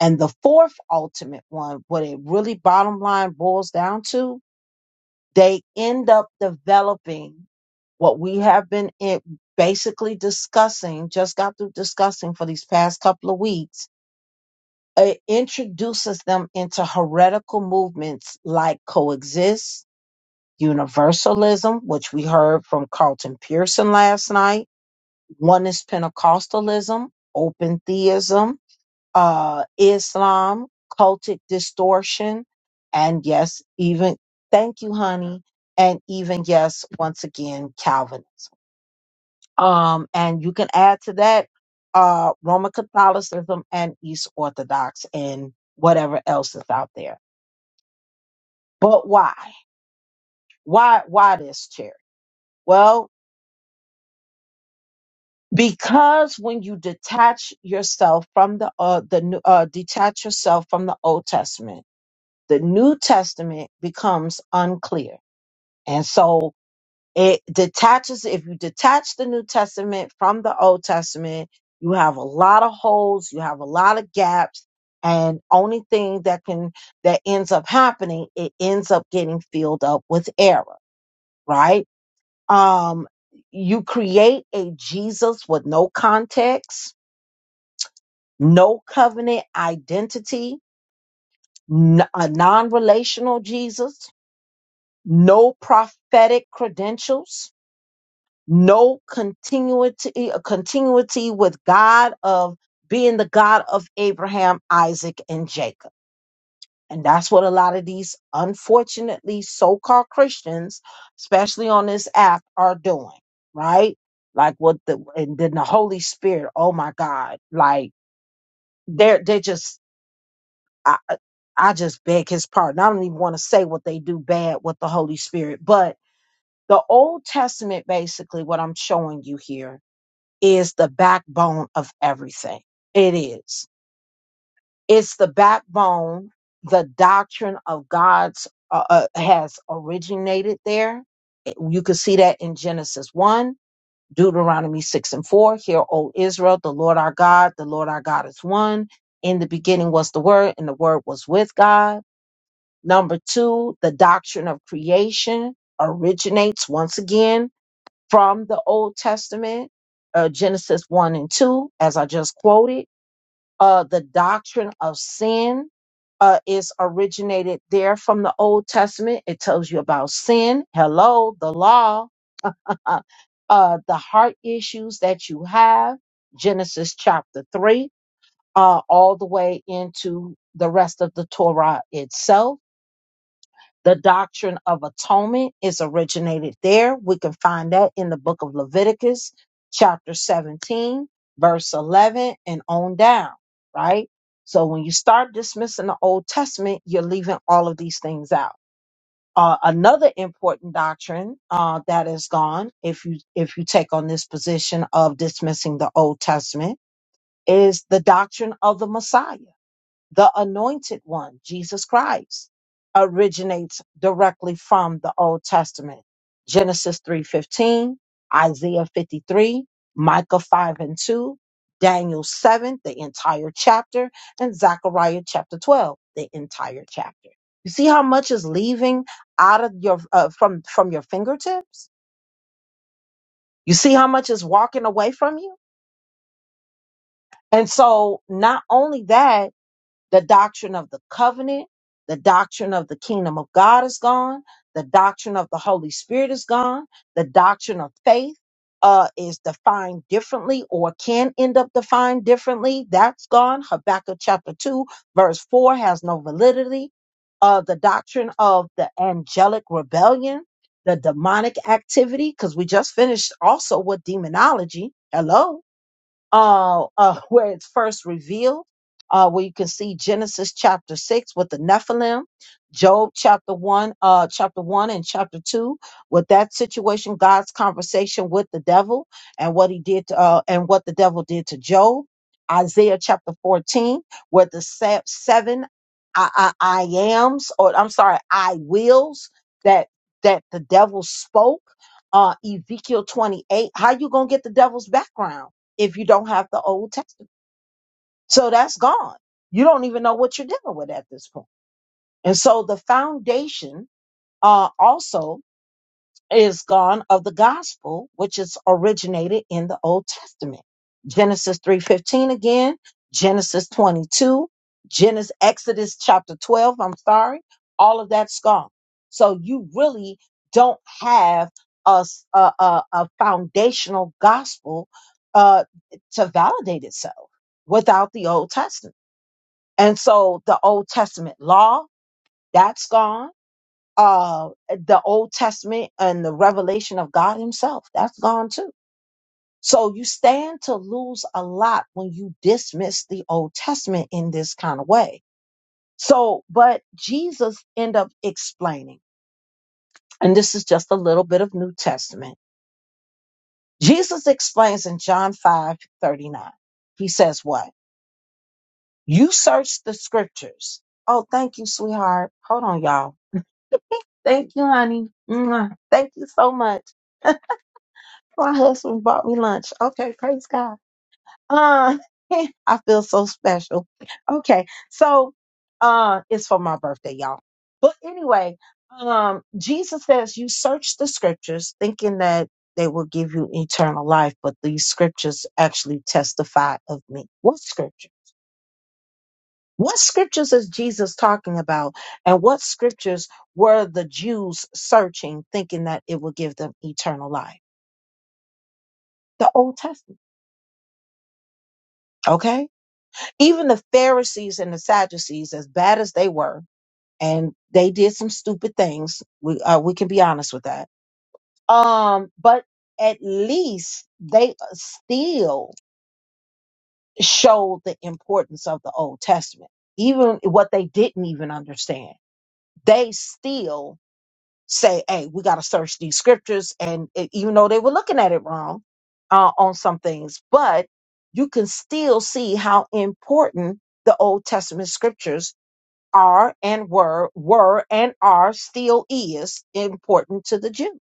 Speaker 1: And the fourth ultimate one, what it really bottom line boils down to, they end up developing what we have been in, basically discussing, just got through discussing for these past couple of weeks It introduces them into heretical movements like coexist, universalism, which we heard from Carlton Pearson last night, oneness Pentecostalism, open theism, uh, Islam, cultic distortion, and yes, even thank you, honey, and even yes, once again, Calvinism. Um, and you can add to that uh, Roman Catholicism and East Orthodox and whatever else is out there. But why? Why? Why this chair? Well, because when you detach yourself from the uh, the New- uh, detach yourself from the Old Testament, the New Testament becomes unclear, and so it detaches if you detach the new testament from the old testament you have a lot of holes you have a lot of gaps and only thing that can that ends up happening it ends up getting filled up with error right um you create a jesus with no context no covenant identity n- a non-relational jesus no prophetic credentials no continuity a continuity with God of being the God of Abraham, Isaac, and Jacob. And that's what a lot of these unfortunately so-called Christians, especially on this app, are doing, right? Like what the and then the Holy Spirit, oh my God, like they're they just I I I just beg his pardon. I don't even want to say what they do bad with the Holy Spirit, but the Old Testament, basically, what I'm showing you here is the backbone of everything. It is. It's the backbone. The doctrine of God's uh, uh, has originated there. It- You can see that in Genesis 1, Deuteronomy 6 and 4. Hear, O Israel, the Lord our God, the Lord our God is one. In the beginning was the Word, and the Word was with God. Number two, the doctrine of creation originates once again from the Old Testament, uh, Genesis 1 and 2, as I just quoted. Uh, the doctrine of sin uh, is originated there from the Old Testament. It tells you about sin, hello, the law, uh, uh, the heart issues that you have, Genesis chapter 3, uh, all the way into the rest of the Torah itself the doctrine of atonement is originated there. We can find that in the book of Leviticus, chapter 17, verse 11, and on down, right? So when you start dismissing the Old Testament, you're leaving all of these things out. Uh, another important doctrine uh, that is gone, if you if you take on this position of dismissing the Old Testament, is the doctrine of the Messiah the anointed one, Jesus Christ, originates directly from the Old Testament. Genesis 3:15, Isaiah 53, Micah 5 and 2, Daniel 7, the entire chapter, and Zechariah chapter 12, the entire chapter. You see how much is leaving out of your uh, from from your fingertips? You see how much is walking away from you? And so not only that The doctrine of the covenant, the doctrine of the kingdom of God is gone. The doctrine of the Holy Spirit is gone. The doctrine of faith uh, is defined differently or can end up defined differently. That's gone. Habakkuk chapter 2, verse 4 has no validity. Uh, the doctrine of the angelic rebellion, the demonic activity, because we just finished also with demonology. Hello uh, uh, where it's first revealed, uh, where you can see Genesis chapter six with the Nephilim, Job chapter one, uh, chapter one and chapter two with that situation, God's conversation with the devil and what he did, to, uh, and what the devil did to Job. Isaiah chapter 14, where the se- seven I, I, I ams, or I'm sorry, I wills that, that the devil spoke, uh, Ezekiel 28. How you going to get the devil's background? if you don't have the Old Testament. So that's gone. You don't even know what you're dealing with at this point. And so the foundation uh, also is gone of the gospel which is originated in the old testament genesis 3.15 again genesis 22 genesis exodus chapter 12 i'm sorry all of that's gone so you really don't have a, s- a, a- a foundational gospel uh, to validate itself without the old testament and so the old testament law that's gone uh the old testament and the revelation of god himself that's gone too so you stand to lose a lot when you dismiss the old testament in this kind of way so but jesus end up explaining and this is just a little bit of new testament jesus explains in john 5 39. he says what you search the scriptures oh thank you sweetheart hold on y'all thank you honey Mwah. thank you so much My husband bought me lunch. Okay, praise God. Uh, I feel so special. Okay, so uh, it's for my birthday, y'all. But anyway, um, Jesus says you search the scriptures thinking that they will give you eternal life, but these scriptures actually testify of me. What scripture? What scriptures is Jesus talking about? And what scriptures were the Jews searching thinking that it will give them eternal life? The Old Testament. Okay Even the Pharisees and the Sadducees, as bad as they were, and they did some stupid things. We uh, we can be honest with that. Um, but at least they uh, still showed the importance of the Old Testament, even what they didn't even understand. They still say, "Hey, we got to search these scriptures," and e- even though they were looking at it wrong uh, on some things, but you can still see how important the Old Testament scriptures are and were were and are still is important to the Jew.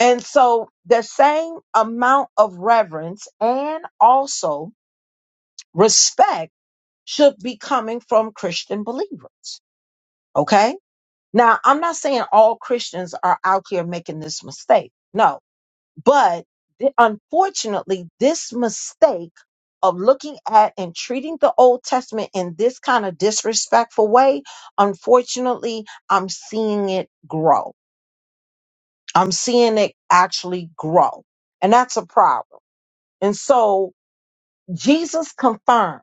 Speaker 1: And so the same amount of reverence and also respect should be coming from Christian believers. Okay? Now, I'm not saying all Christians are out here making this mistake. No, But th- unfortunately, this mistake of looking at and treating the Old Testament in this kind of disrespectful way, unfortunately, I'm seeing it grow. I'm seeing it actually grow. And that's a problem. And so Jesus confirms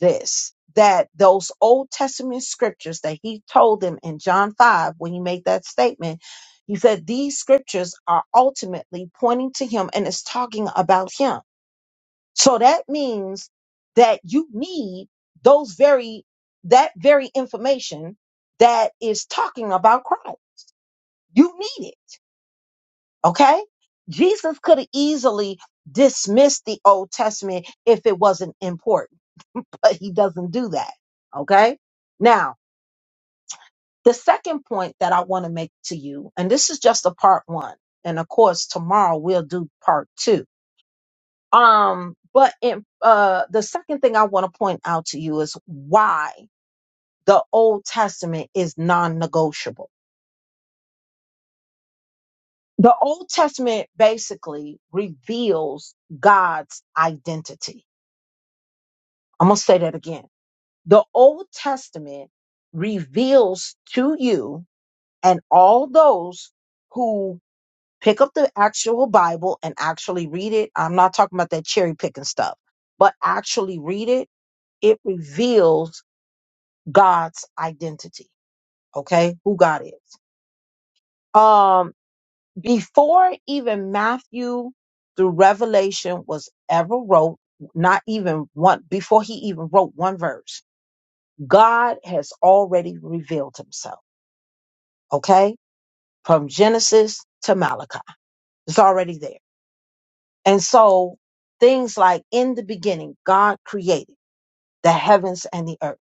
Speaker 1: this that those Old Testament scriptures that he told them in John 5, when he made that statement, he said these scriptures are ultimately pointing to him and it's talking about him. So that means that you need those very, that very information that is talking about Christ. You need it. Okay. Jesus could have easily dismissed the Old Testament if it wasn't important but he doesn't do that. Okay. Now, the second point that I want to make to you, and this is just a part one. And of course, tomorrow we'll do part two. Um, but in, uh, the second thing I want to point out to you is why the Old Testament is non-negotiable. The Old Testament basically reveals God's identity. I'm going to say that again. The Old Testament reveals to you and all those who pick up the actual Bible and actually read it, I'm not talking about that cherry picking stuff, but actually read it, it reveals God's identity, okay? Who God is. Um before even Matthew through Revelation was ever wrote, not even one before he even wrote one verse, God has already revealed himself, okay? From Genesis to Malachi. It's already there. And so things like in the beginning, God created the heavens and the earth,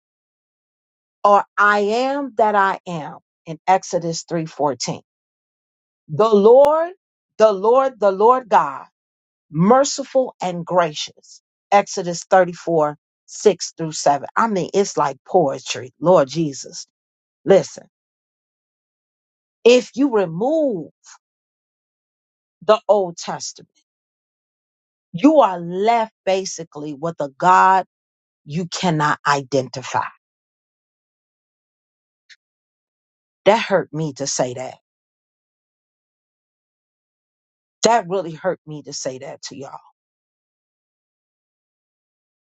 Speaker 1: or I am that I am in Exodus 3:14. The Lord, the Lord, the Lord God, merciful and gracious. Exodus 34, 6 through 7. I mean, it's like poetry. Lord Jesus. Listen, if you remove the Old Testament, you are left basically with a God you cannot identify That hurt me to say that. That really hurt me to say that to y'all.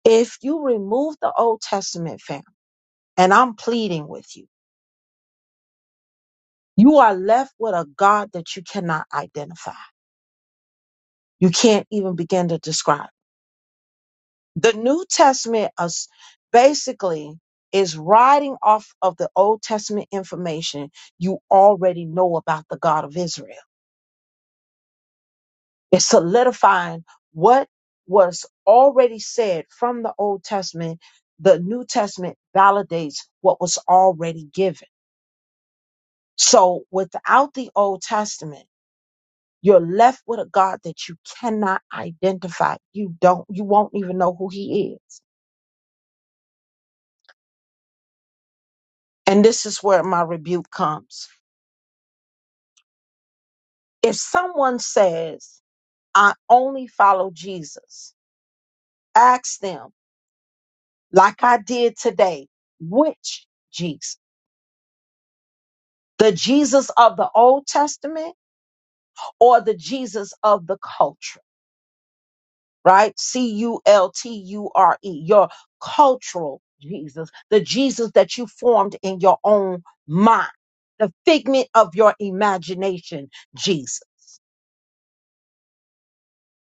Speaker 1: If you remove the Old Testament, fam, and I'm pleading with you, you are left with a God that you cannot identify. You can't even begin to describe. The New Testament is basically is riding off of the Old Testament information you already know about the God of Israel. It's solidifying what was already said from the Old Testament. The New Testament validates what was already given. So without the Old Testament, you're left with a God that you cannot identify. You don't, you won't even know who he is. And this is where my rebuke comes. If someone says, I only follow Jesus, ask them, like I did today, which Jesus? the Jesus of the Old Testament or the Jesus of the culture, right? C U L T U R E, your cultural Jesus, the Jesus that you formed in your own mind, the figment of your imagination, Jesus.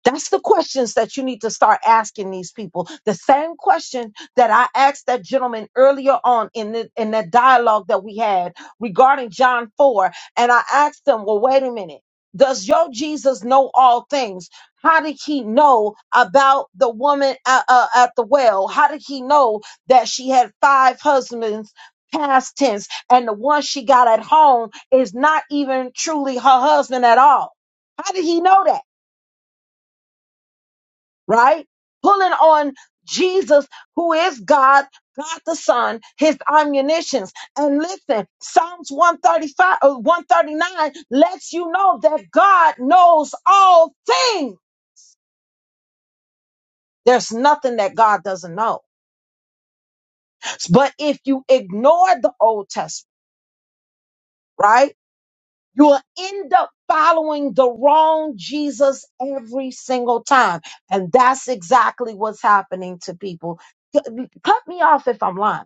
Speaker 1: That's the questions that you need to start asking these people. The same question that I asked that gentleman earlier on in the, in that dialogue that we had regarding John 4. And I asked him, well, wait a minute. Does your Jesus know all things? How did he know about the woman at, uh, at the well? How did he know that she had five husbands? Past tense, and the one she got at home is not even truly her husband at all. How did he know that? right? Pulling on Jesus, who is God, God the Son, his omniscience. And listen, Psalms 135 or 139 lets you know that God knows all things. There's nothing that God doesn't know. But if you ignore the Old Testament, right, you'll end up following the wrong Jesus every single time. And that's exactly what's happening to people. Cut cut me off if I'm lying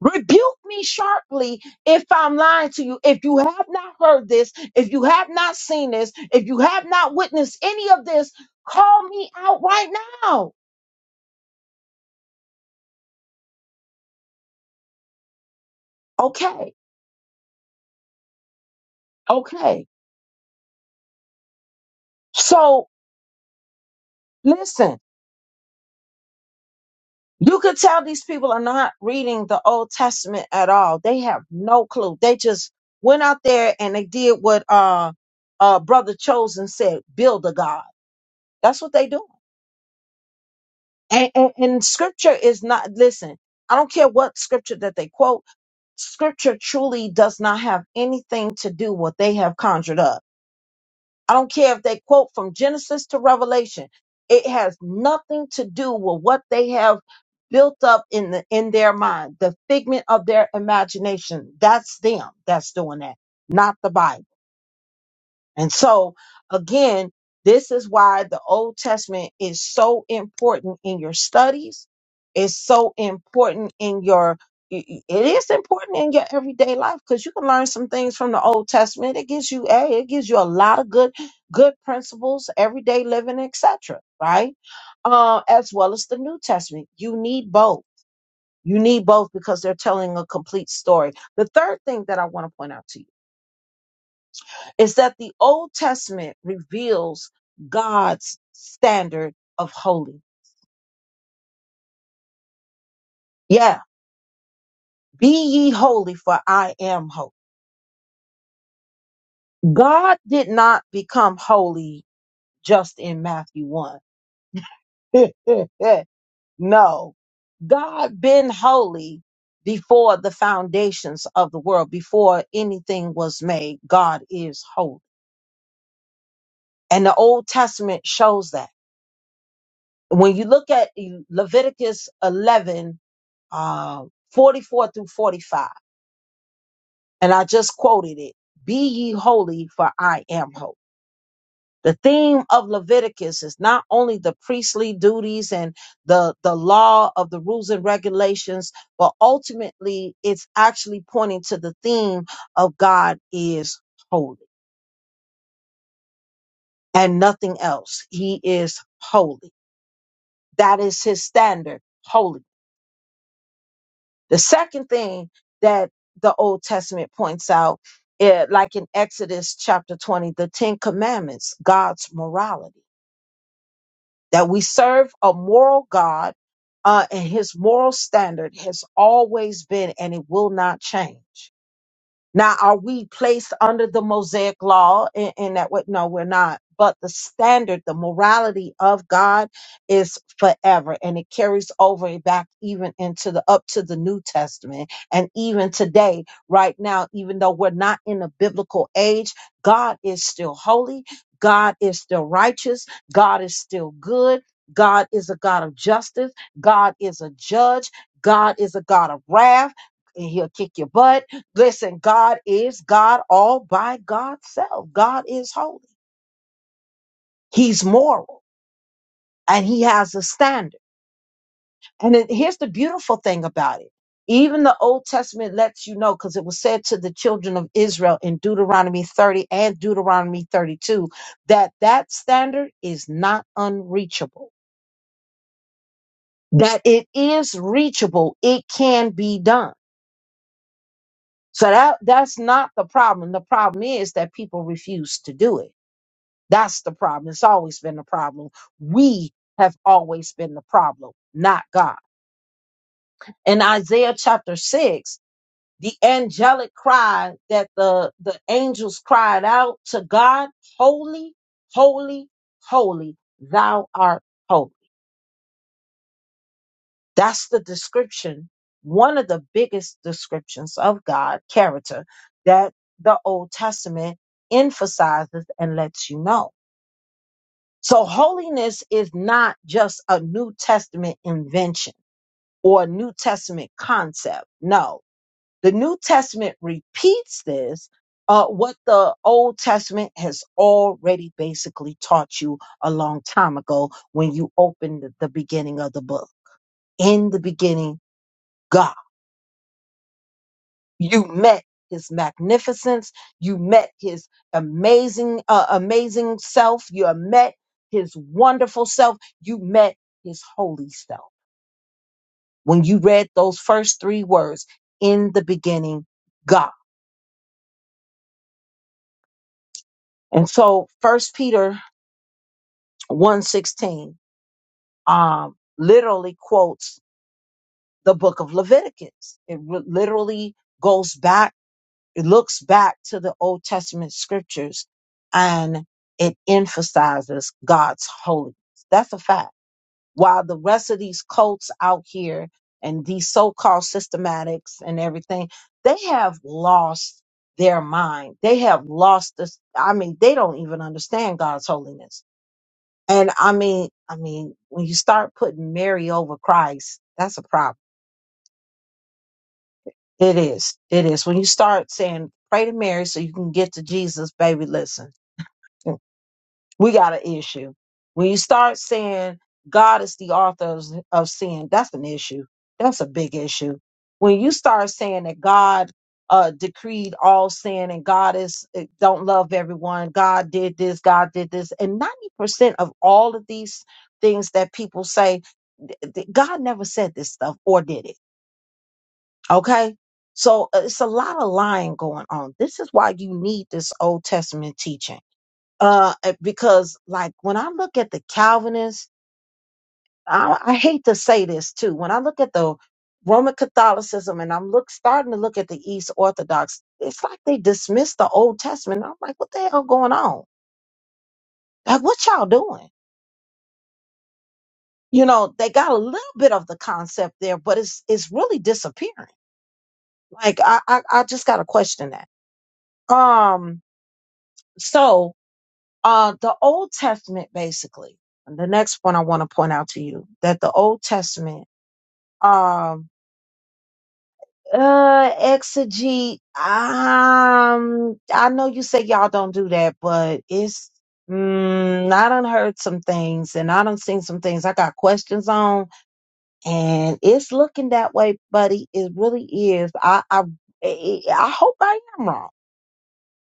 Speaker 1: Rebuke me sharply if I'm lying to you. If you have not heard this, if you have not seen this, if you have not witnessed any of this, call me out right now. Okay. Okay. So listen, you could tell these people are not reading the Old Testament at all. They have no clue. They just went out there and they did what uh uh brother chosen said, build a god. That's what they do. And, and, and scripture is not, listen, I don't care what scripture that they quote, scripture truly does not have anything to do with what they have conjured up. I don't care if they quote from Genesis to Revelation. It has nothing to do with what they have built up in the in their mind, the figment of their imagination. That's them that's doing that, not the Bible. And so, again, this is why the Old Testament is so important in your studies. It's so important in your, it is important in your everyday life because you can learn some things from the Old Testament. It gives you, a, it gives you a lot of good, good principles, everyday living, etc. Right, uh, as well as the New Testament. You need both. You need both because they're telling a complete story. The third thing that I want to point out to you is that the Old Testament reveals God's standard of holy. Yeah, be ye holy for I am holy. God did not become holy just in Matthew 1. no. God been holy before the foundations of the world, before anything was made. God is holy. And the Old Testament shows that. When you look at Leviticus 11 um, 44 through 45. And I just quoted it Be ye holy, for I am holy. The theme of Leviticus is not only the priestly duties and the, the law of the rules and regulations, but ultimately it's actually pointing to the theme of God is holy and nothing else. He is holy. That is his standard, holiness. The second thing that the Old Testament points out, eh, like in Exodus chapter 20, the Ten Commandments, God's morality, that we serve a moral God uh, and his moral standard has always been and it will not change. Now, are we placed under the Mosaic law in, in that way? No, we're not. But the standard, the morality of God is forever and it carries over back even into the up to the New Testament. And even today, right now, even though we're not in a biblical age, God is still holy. God is still righteous. God is still good. God is a God of justice. God is a judge. God is a God of wrath. And he'll kick your butt Listen, God is God all by God's self. God is holy. He's moral and he has a standard. And it, here's the beautiful thing about it. Even the Old Testament lets you know, because it was said to the children of Israel in Deuteronomy 30 and Deuteronomy 32, that that standard is not unreachable, that it is reachable. It can be done. So that, that's not the problem. The problem is that people refuse to do it That's the problem. It's always been the problem. We have always been the problem, not God. In Isaiah chapter 6, the angelic cry that the, the angels cried out to God, holy, holy, holy, thou art holy. That's the description, one of the biggest descriptions of God character that the Old Testament emphasizes and lets you know. So holiness is not just a New Testament invention or a New Testament concept. No, the New Testament repeats this, uh, what the Old Testament has already basically taught you a long time ago when you opened the the beginning of the book. In the beginning, God. you met his magnificence you met his amazing uh, amazing self you met his wonderful self you met his holy self when you read those first three words in the beginning god and so first peter one sixteen, um, literally quotes the book of leviticus it re- literally goes back it looks back to the Old Testament scriptures and it emphasizes God's holiness. That's a fact. While the rest of these cults out here and these so called systematics and everything, they have lost their mind. They have lost this. I mean, they don't even understand God's holiness. And I mean, I mean, when you start putting Mary over Christ, that's a problem. It is. It is. When you start saying, pray to Mary so you can get to Jesus, baby, listen We got an issue. When you start saying God is the author of, of sin, that's an issue. That's a big issue. When you start saying that God uh, decreed all sin and God is eh, don't love everyone, God did this, God did this, and ninety percent of all of these things that people say, th- th- God never said this stuff or did it. Okay. So uh, it's a lot of lying going on. This is why you need this Old Testament teaching uh, eh, because like when I look at the Calvinists, I, I hate to say this too. When I look at the Roman Catholicism and I'm look starting to look at the East Orthodox, it's like they dismiss the Old Testament. I'm like, what the hell going on? Like, what y'all doing? You know, they got a little bit of the concept there, but it's it's really disappearing. Like, I I, I just got to question that. Um, so uh, the Old Testament basically. And the next one I want to point out to you that the Old Testament Um, uh, exegete. Um, I know you say y'all don't do that, but it's. Mm, I done heard some things and I done seen some things I got questions on and it's looking that way, buddy. It really is. I, I, I I hope I am wrong.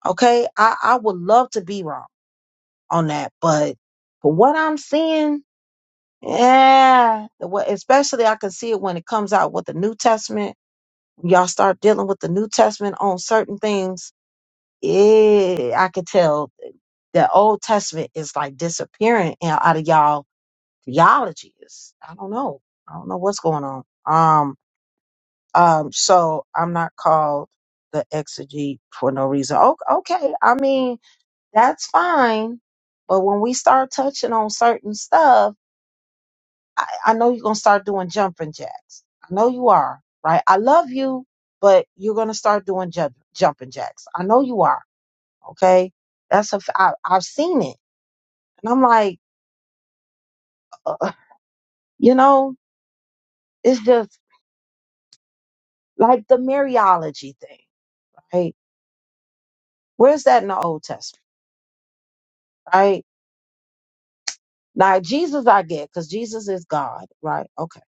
Speaker 1: Okay. I, I would love to be wrong on that, but for what I'm seeing, yeah, the way- especially I can see it when it comes out with the New Testament When y'all start dealing with the New Testament on certain things, yeah, I could tell the Old Testament is like disappearing in- out of y'all theologies. I don't know. I don't know what's going on. Um, um, so I'm not called the exegete for no reason. O- Okay, I mean that's fine, but when we start touching on certain stuff I, I know you're gonna start doing jumping jacks. I know you are, right? I love you, but you're gonna start doing jump, jumping jacks. I know you are. Okay, that's a. f- I, I've seen it, and I'm like, uh, you know, it's just like the Mariology thing, right? Where's that in the Old Testament, right? Now Jesus, I get because Jesus is God, right? Okay,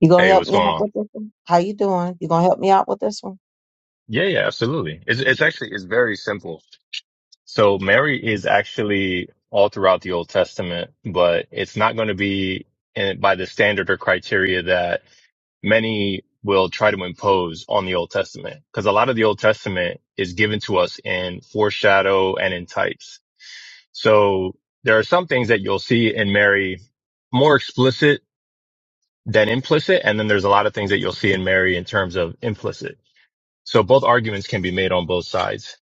Speaker 1: you gonna
Speaker 13: Hey,
Speaker 1: help
Speaker 13: what's
Speaker 1: me
Speaker 13: going
Speaker 1: out
Speaker 13: on?
Speaker 1: with this one? How you doing? You gonna help me out with this one?
Speaker 13: Yeah, yeah, absolutely. It's it's actually it's very simple. So Mary is actually all throughout the Old Testament, but it's not going to be in, by the standard or criteria that many will try to impose on the Old Testament because a lot of the Old Testament is given to us in foreshadow and in types. So there are some things that you'll see in Mary more explicit than implicit. And then there's a lot of things that you'll see in Mary in terms of implicit. So both arguments can be made on both sides.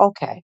Speaker 1: Okay,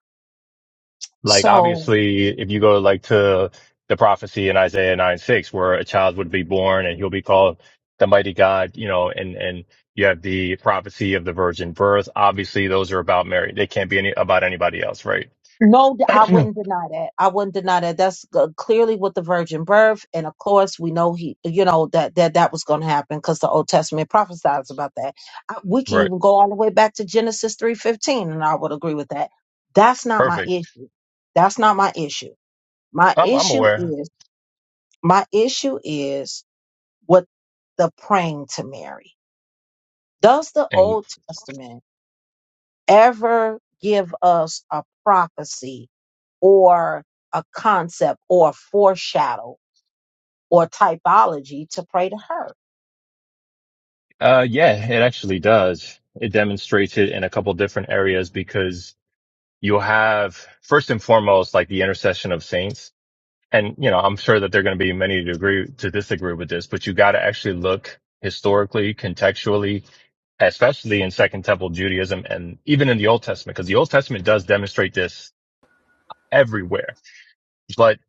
Speaker 13: Like
Speaker 1: so
Speaker 13: obviously, if you go like to the prophecy in Isaiah 9, 6, where a child would be born and he'll be called the mighty God, you know, and, and you have the prophecy of the virgin birth. Obviously, those are about Mary. They can't be any about anybody else, right?
Speaker 1: No, d- I wouldn't
Speaker 13: right.
Speaker 1: deny that. I wouldn't deny that. That's uh, clearly with the virgin birth, and of course, we know he, you know, that that that was going to happen because the Old Testament prophesies about that. I, we can even go all the way back to Genesis three fifteen, and I would agree with that. That's not my
Speaker 13: Perfect.
Speaker 1: issue. That's not my issue. My
Speaker 13: I'm, I'm
Speaker 1: issue
Speaker 13: aware.
Speaker 1: is my issue is with the praying to Mary. Does the
Speaker 13: And,
Speaker 1: Old Testament ever give us a prophecy? or a concept or a foreshadow or typology to pray to her.
Speaker 13: uh, yeah, it actually does. It demonstrates it in a couple different areas because you'll have first and foremost, like the intercession of saints and you know, I'm sure that there are going to be many to agree to disagree with this, but you got to actually look historically, contextually, especially in Second Temple Judaism and even in the Old Testament, because the Old Testament does demonstrate this everywhere. But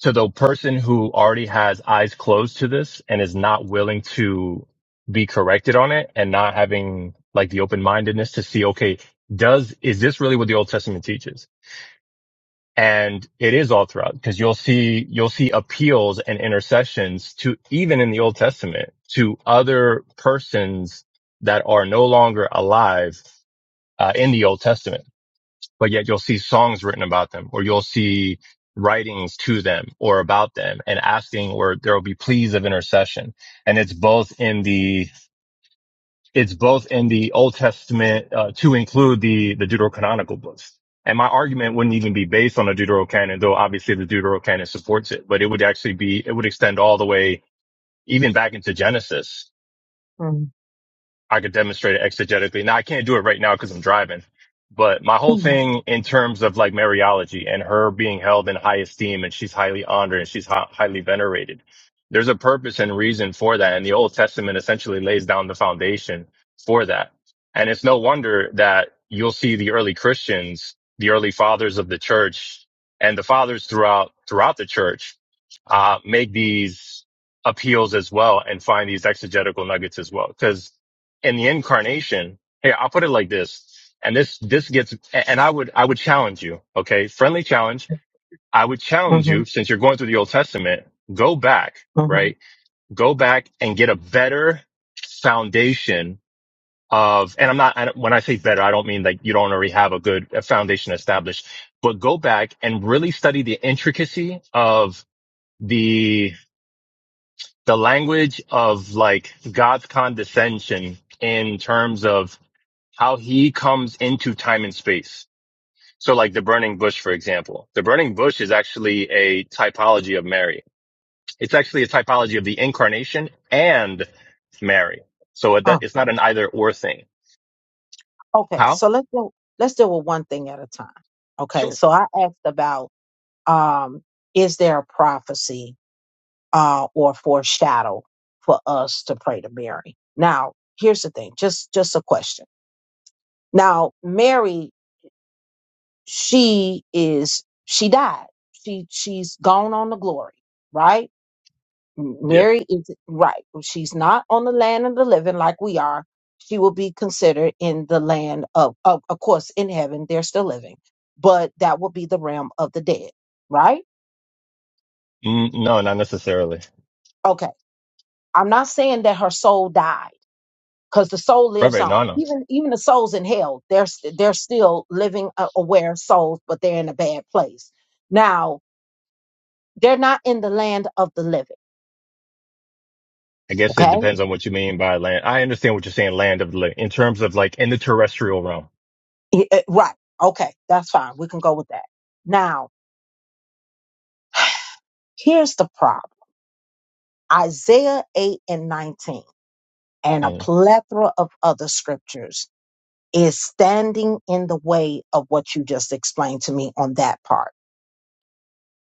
Speaker 13: to the person who already has eyes closed to this and is not willing to be corrected on it and not having like the open mindedness to see, okay, does, is this really what the Old Testament teaches? and it is all throughout because you'll see you'll see appeals and intercessions to even in the old testament to other persons that are no longer alive uh, in the old testament but yet you'll see songs written about them or you'll see writings to them or about them and asking or there will be pleas of intercession and it's both in the it's both in the Old Testament uh, to include the the Deuterocanonical books. And my argument wouldn't even be based on the Deuterocanon, though obviously the Deuterocanon supports it, but it would actually be it would extend all the way even back into Genesis
Speaker 1: Mm.
Speaker 13: I could demonstrate it exegetically. Now I can't do it right now because I'm driving, but my whole
Speaker 1: Mhm.
Speaker 13: thing in terms of like Mariology and her being held in high esteem and she's highly honored and she's hi- highly venerated. There's a purpose and reason for that. And the Old Testament essentially lays down the foundation for that. And it's no wonder that you'll see the early Christians, the early fathers of the church and the fathers throughout, throughout the church, uh, make these appeals as well and find these exegetical nuggets as well. because. In the incarnation here i'll put it like this and this this gets and i would i would challenge you okay friendly challenge i would challenge you
Speaker 1: Mhm.
Speaker 13: since you're going through the old testament go back
Speaker 1: Mhm.
Speaker 13: right go back and get a better foundation of and i'm not I, don't- when i say better i don't mean like you don't already have a good uh, foundation established but go back and really study the intricacy of the the language of like god's condescension in terms of how he comes into time and space. So like the burning bush, for example, the burning bush is actually a typology of Mary. It's actually a typology of the incarnation and Mary. So it,
Speaker 1: Oh,
Speaker 13: it's not an either or thing.
Speaker 1: okay.
Speaker 13: How?
Speaker 1: So let's do let's deal with one thing at a time. Okay.
Speaker 13: Sure.
Speaker 1: So I asked about um, is there a prophecy uh, or foreshadow for us to pray to Mary? Now, here's the thing. Just just a question. Now, Mary, she is she died. She she's gone on the glory, right?
Speaker 13: Yeah.
Speaker 1: Mary is right. She's not on the land of the living like we are. She will be considered in the land of, of, of course, in heaven, they're still living, but that will be the realm of the dead, right?
Speaker 13: Mm, no, not necessarily.
Speaker 1: Okay. I'm not saying that her soul died because the soul
Speaker 13: Right,
Speaker 1: lives
Speaker 13: right.
Speaker 1: on.
Speaker 13: No, no.
Speaker 1: Even even the souls in hell, they're st- they're still living uh, aware souls, but they're in a bad place. Now they're not in the land of the living.
Speaker 13: I guess it
Speaker 1: Okay,
Speaker 13: depends on what you mean by land. I understand what you're saying, land of the living, in terms of like in the terrestrial realm.
Speaker 1: Eh, eh, right. Okay, that's fine. We can go with that. Now here's the problem. Isaiah 8 and 19, and a
Speaker 13: Mm,
Speaker 1: plethora of other scriptures is standing in the way of what you just explained to me on that part.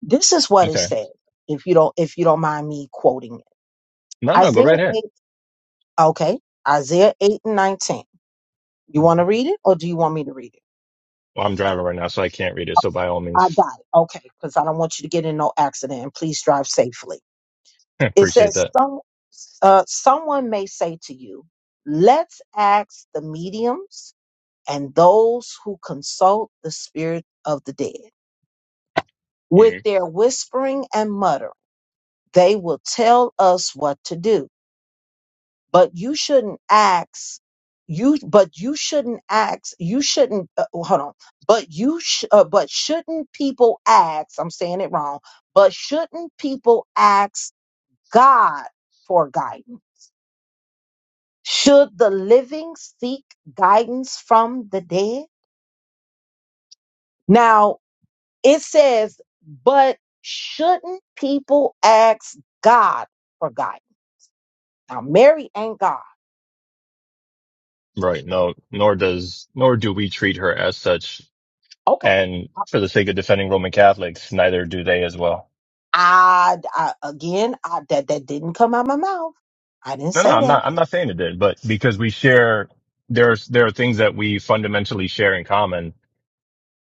Speaker 1: This is what it
Speaker 13: okay.
Speaker 1: said, if you don't if you don't mind me quoting it.
Speaker 13: No, no, go
Speaker 1: Isaiah
Speaker 13: right ahead.
Speaker 1: 8, okay. Isaiah 8 and 19. You want
Speaker 13: Mhm.
Speaker 1: to read it or do you want me to read it?
Speaker 13: Well, I'm driving right now, so I can't read it. So by all
Speaker 1: I
Speaker 13: means,
Speaker 1: got it. Okay, because I don't want you to get in no accident and please drive safely. It
Speaker 13: appreciate
Speaker 1: says
Speaker 13: that.
Speaker 1: some uh, someone may say to you, let's ask the mediums and those who consult the spirit of the dead. With their whispering and muttering, they will tell us what to do. But you shouldn't ask you but you shouldn't ask you shouldn't uh, oh, hold on but you sh- uh, but shouldn't people ask i'm saying it wrong but shouldn't people ask god for guidance should the living seek guidance from the dead now It says, but shouldn't people ask God for guidance? Now, Mary ain't God.
Speaker 13: Right. No, nor does, nor do we treat her as such.
Speaker 1: Okay.
Speaker 13: And for the sake of defending Roman Catholics, neither do they as well.
Speaker 1: I, I again, I, that that didn't come out my mouth. I didn't
Speaker 13: No, no,
Speaker 1: say
Speaker 13: I'm
Speaker 1: that.
Speaker 13: not, I'm not saying it did, but because we share, there's, there are things that we fundamentally share in common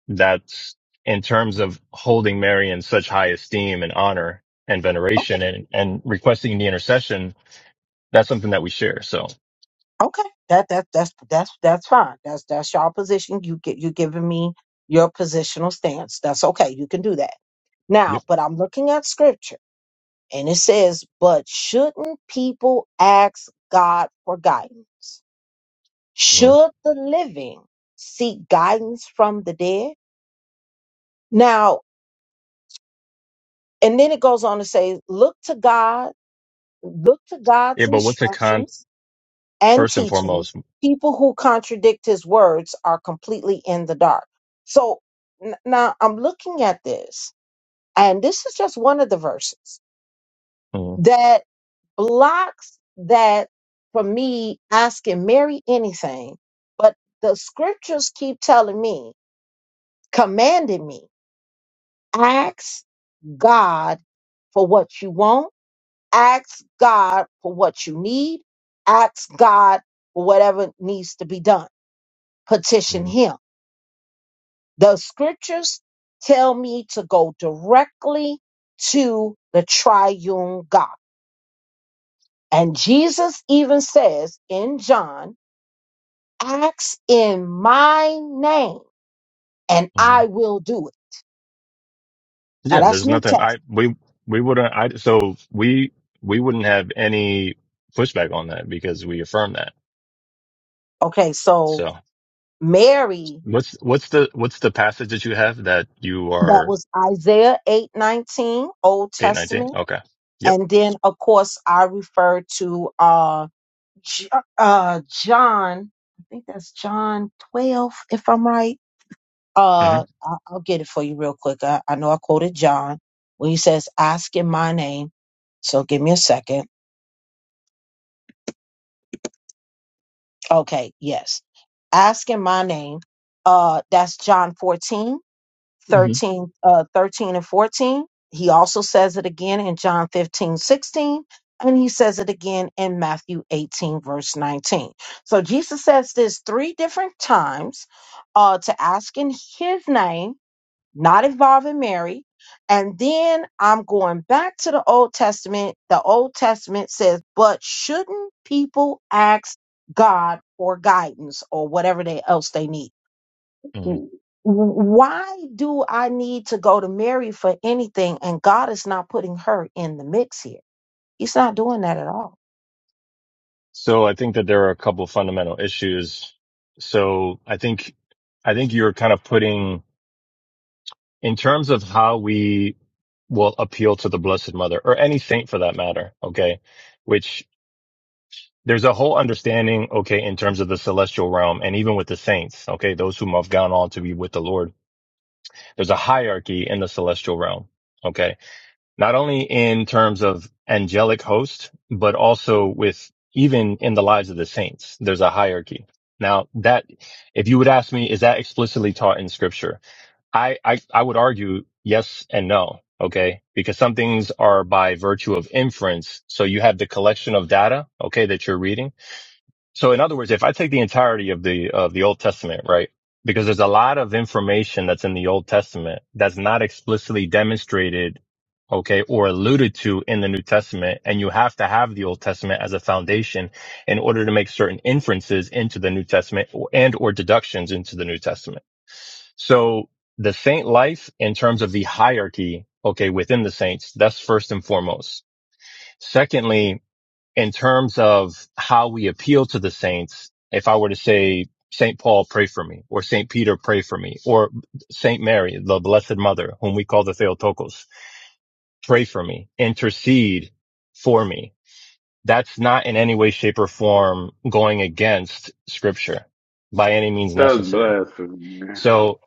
Speaker 13: that's in terms of holding Mary in such high esteem and honor and
Speaker 1: Okay,
Speaker 13: veneration and, and requesting the intercession. That's something that we share. So,
Speaker 1: okay. That that that's that's that's fine. That's that's your position. You get you giving me your positional stance. That's okay. You can do that now.
Speaker 13: yep.
Speaker 1: But I'm looking at scripture, and it says, "But shouldn't people ask God for guidance?"
Speaker 13: Mhm.
Speaker 1: Should the living seek guidance from the dead? Now, and then it goes on to say, look to God, look to God's
Speaker 13: Yeah. But what's a con,
Speaker 1: instructions and
Speaker 13: first and
Speaker 1: teachings.
Speaker 13: foremost?
Speaker 1: People who contradict his words are completely in the dark. So n- now I'm looking at this, and this is just one of the verses
Speaker 13: Mhm.
Speaker 1: that blocks that from me asking Mary anything. But the scriptures keep telling me, commanding me Ask God for what you want. Ask God for what you need. Ask God for whatever needs to be done. Petition Him. The scriptures tell me to go directly to the triune God. And Jesus even says in John, ask in my name and
Speaker 13: Mhm.
Speaker 1: I will do it. Now
Speaker 13: Yeah,
Speaker 1: that's
Speaker 13: there's
Speaker 1: New
Speaker 13: nothing. I
Speaker 1: Testament.
Speaker 13: we we wouldn't. I so we we wouldn't have any pushback on that because we affirm that.
Speaker 1: Okay, so
Speaker 13: So
Speaker 1: Mary
Speaker 13: what's what's the what's the passage that you have that you
Speaker 1: That
Speaker 13: are
Speaker 1: was Isaiah 8:19, Old
Speaker 13: eight nineteen?
Speaker 1: Testament.
Speaker 13: Okay. Yep.
Speaker 1: And then of course I refer to uh J- uh John, I think that's John 12 if I'm right.
Speaker 13: hmm
Speaker 1: Uh I- I'll get it for you real quick. I, I know I quoted John when he says ask in my name. So give me a second. Okay, yes. Ask in my name. Uh that's John 14
Speaker 13: hmm
Speaker 1: 13, uh, 13 and 14. He also says it again in John 15 16, And he says it again in Matthew 18, verse 19. So Jesus says this three different times uh, to ask in his name, not involving Mary. And then I'm going back to the Old Testament. The Old Testament says, but shouldn't people ask God for guidance or whatever they else they need?
Speaker 13: hmm
Speaker 1: w- why do I need to go to Mary for anything? And God is not putting her in the mix here. He's not doing that at all.
Speaker 13: So I think that there are a couple fundamental issues. So I think I think you're kind of putting in terms of how we will appeal to the Blessed Mother or any saint for that matter. Okay, there's a whole understanding, okay, in terms of the celestial realm and even with the saints, okay, those whom have gone on to be with the Lord, there's a hierarchy in the celestial realm, okay, not only in terms of angelic host, but also with even in the lives of the saints, there's a hierarchy. Now that, if you would ask me, is that explicitly taught in scripture? I, I, I would argue yes and no. Okay. Because some things are by virtue of inference. So you have the collection of data. Okay. That you're reading so in other words, if I take the entirety of the of the Old Testament, right? Because there's a lot of information that's in the Old Testament that's not explicitly demonstrated, okay, or alluded to in the New Testament, and you have to have the Old Testament as a foundation in order to make certain inferences into the New Testament or, and or deductions into the New Testament. So the saint life in terms of the hierarchy, okay, within the saints, that's first and foremost. Secondly, in terms of how we appeal to the saints, if I were to say, St. Paul, pray for me, or St. Peter, pray for me, or St. Mary, the Blessed Mother, whom we call the Theotokos, pray for me, intercede for me. That's not in any way, shape, or form going against scripture by any means
Speaker 8: That's
Speaker 13: necessary.
Speaker 8: blasphemy. man.
Speaker 13: So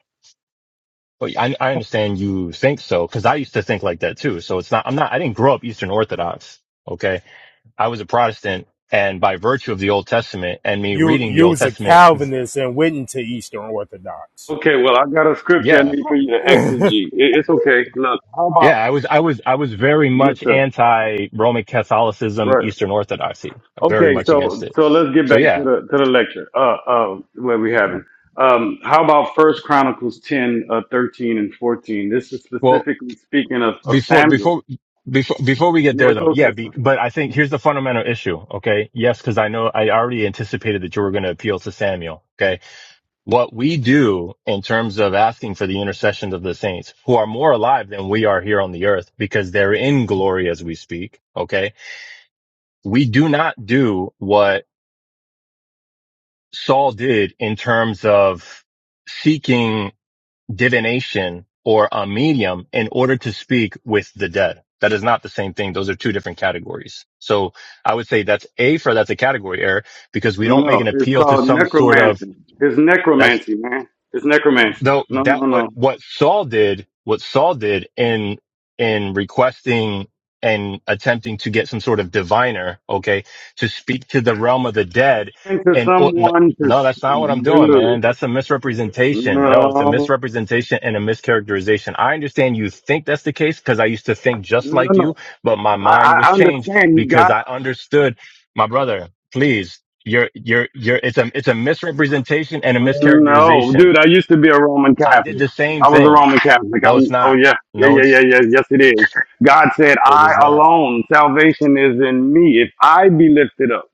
Speaker 13: I, I understand you think so, because I used to think like that too. So it's not, I'm not, I didn't grow up Eastern Orthodox. Okay. I was a Protestant and by virtue of the Old Testament and me
Speaker 3: You
Speaker 13: reading the
Speaker 3: you
Speaker 13: Old
Speaker 3: was a
Speaker 13: Testament,
Speaker 3: Calvinist and went into Eastern Orthodox.
Speaker 8: Okay, well, I got a scripture I
Speaker 13: yeah,
Speaker 8: need for you to
Speaker 3: yeah,
Speaker 8: exegete. It, it's okay. Look, how
Speaker 13: yeah,
Speaker 8: about
Speaker 13: I was, I was, I was very
Speaker 8: yes,
Speaker 13: much
Speaker 8: sir?
Speaker 13: anti Roman Catholicism,
Speaker 8: Right.
Speaker 13: Eastern Orthodoxy, very
Speaker 8: Okay,
Speaker 13: much against
Speaker 8: so
Speaker 13: it.
Speaker 8: so let's get
Speaker 13: So
Speaker 8: back to
Speaker 13: yeah,
Speaker 8: the to the lecture. Uh, uh, where we have it. Um, how about First Chronicles 10, uh, 13 and fourteen? This is
Speaker 13: well,
Speaker 8: specifically speaking of of
Speaker 13: before,
Speaker 8: Samuel.
Speaker 13: before, before, before we get
Speaker 8: No,
Speaker 13: there
Speaker 8: it's
Speaker 13: though,
Speaker 8: Old
Speaker 13: yeah, be,
Speaker 8: Testament.
Speaker 13: but I think here's the fundamental issue. Okay. Yes. Cause I know I already anticipated that you were going to appeal to Samuel. okay? what we do in terms of asking for the intercessions of the saints who are more alive than we are here on the earth because they're in glory as we speak. Okay. We do not do what Saul did in terms of seeking divination or a medium in order to speak with the dead. That is not the same thing. Those are two different categories. So I would say that's A for that's a category error because we don't make an
Speaker 8: No, it's
Speaker 13: appeal to
Speaker 8: called
Speaker 13: some sort of
Speaker 8: necromancy. It's
Speaker 13: that
Speaker 8: necromancy, man. It's necromancy.
Speaker 13: though
Speaker 8: No,
Speaker 13: that
Speaker 8: no,
Speaker 13: what
Speaker 8: no.
Speaker 13: what Saul did, what Saul did in in requesting and attempting to get some sort of diviner, okay, to speak to the realm of the dead,
Speaker 8: Into
Speaker 13: and or- no,
Speaker 8: someone to
Speaker 13: no, that's not what I'm doing,
Speaker 8: do.
Speaker 13: man. That's a misrepresentation. No, it's a
Speaker 8: No,
Speaker 13: misrepresentation and a mischaracterization. I understand you think that's the case because I used to think
Speaker 8: no,
Speaker 13: just like
Speaker 8: no.
Speaker 13: you, but my mind
Speaker 8: I, I
Speaker 13: was changed
Speaker 8: understand you
Speaker 13: because
Speaker 8: got.
Speaker 13: I understood, my brother. Please, you're you're you're. It's a it's a misrepresentation and a
Speaker 8: No,
Speaker 13: mischaracterization
Speaker 8: dude, I used to be a Roman
Speaker 13: I did
Speaker 8: Catholic.
Speaker 13: the same
Speaker 8: I was a
Speaker 13: thing.
Speaker 8: Roman Catholic.
Speaker 13: No, it's
Speaker 8: I'm, oh,
Speaker 13: not.
Speaker 8: yeah. Yeah,
Speaker 13: No,
Speaker 8: yeah,
Speaker 13: it's
Speaker 8: yeah, yeah. Yes, it is. God said,
Speaker 13: it
Speaker 8: I
Speaker 13: is not.
Speaker 8: alone, salvation is in me. If I be lifted up,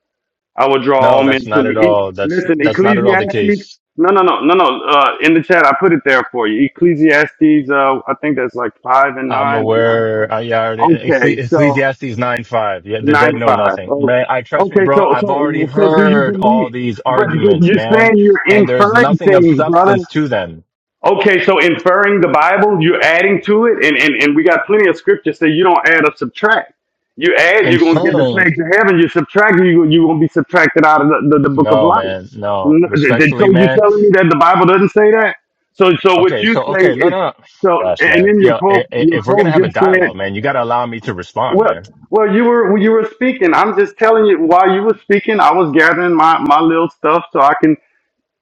Speaker 8: I will draw all
Speaker 13: No, that's
Speaker 8: men to
Speaker 13: not
Speaker 8: me.
Speaker 13: at
Speaker 8: E-
Speaker 13: all. That's
Speaker 8: Listen,
Speaker 13: that's not at all the
Speaker 8: Ecclesiastes.
Speaker 13: case.
Speaker 8: No, no, no, no, no. Uh, in the chat, I put it there for you. Ecclesiastes, uh, I think that's like five and
Speaker 13: I'm
Speaker 8: nine or nine.
Speaker 13: aware. I yeah,
Speaker 8: huh?
Speaker 13: already, Eccle-
Speaker 8: Okay, so
Speaker 13: Ecclesiastes nine five. Yeah, the dead
Speaker 8: Nine
Speaker 13: know
Speaker 8: five.
Speaker 13: nothing. Man,
Speaker 8: Okay.
Speaker 13: I trust me,
Speaker 8: Okay.
Speaker 13: bro.
Speaker 8: So
Speaker 13: I've already
Speaker 8: so so do you
Speaker 13: heard all
Speaker 8: believe?
Speaker 13: these
Speaker 8: But but
Speaker 13: arguments,
Speaker 8: you're
Speaker 13: man,
Speaker 8: saying you're
Speaker 13: and there's
Speaker 8: inferring
Speaker 13: nothing of
Speaker 8: things, brother.
Speaker 13: substance to them.
Speaker 8: Okay. So inferring the Bible, you're adding to it, and and and we got plenty of scripture say you don't add or subtract. You add,
Speaker 13: In
Speaker 8: you're gonna get the
Speaker 13: saying
Speaker 8: plagues to heaven. You subtract, you you gonna be subtracted out of the, the, the book of
Speaker 13: no,
Speaker 8: life.
Speaker 13: man, no,
Speaker 8: No, th- th- So
Speaker 13: respectfully,
Speaker 8: you're
Speaker 13: man.
Speaker 8: telling me that the Bible doesn't say that? So so what
Speaker 13: Okay,
Speaker 8: you
Speaker 13: so
Speaker 8: say
Speaker 13: okay, no,
Speaker 8: is
Speaker 13: no, no.
Speaker 8: so,
Speaker 13: Gosh,
Speaker 8: and
Speaker 13: man.
Speaker 8: then your
Speaker 13: Yeah, i-
Speaker 8: pope
Speaker 13: i-
Speaker 8: your
Speaker 13: if we're gonna
Speaker 8: pope
Speaker 13: have a
Speaker 8: just said.
Speaker 13: dialogue, man, you gotta allow me to respond,
Speaker 8: Well,
Speaker 13: man.
Speaker 8: well, you were you were speaking. I'm just telling you while you were speaking, I was gathering my my little stuff so I can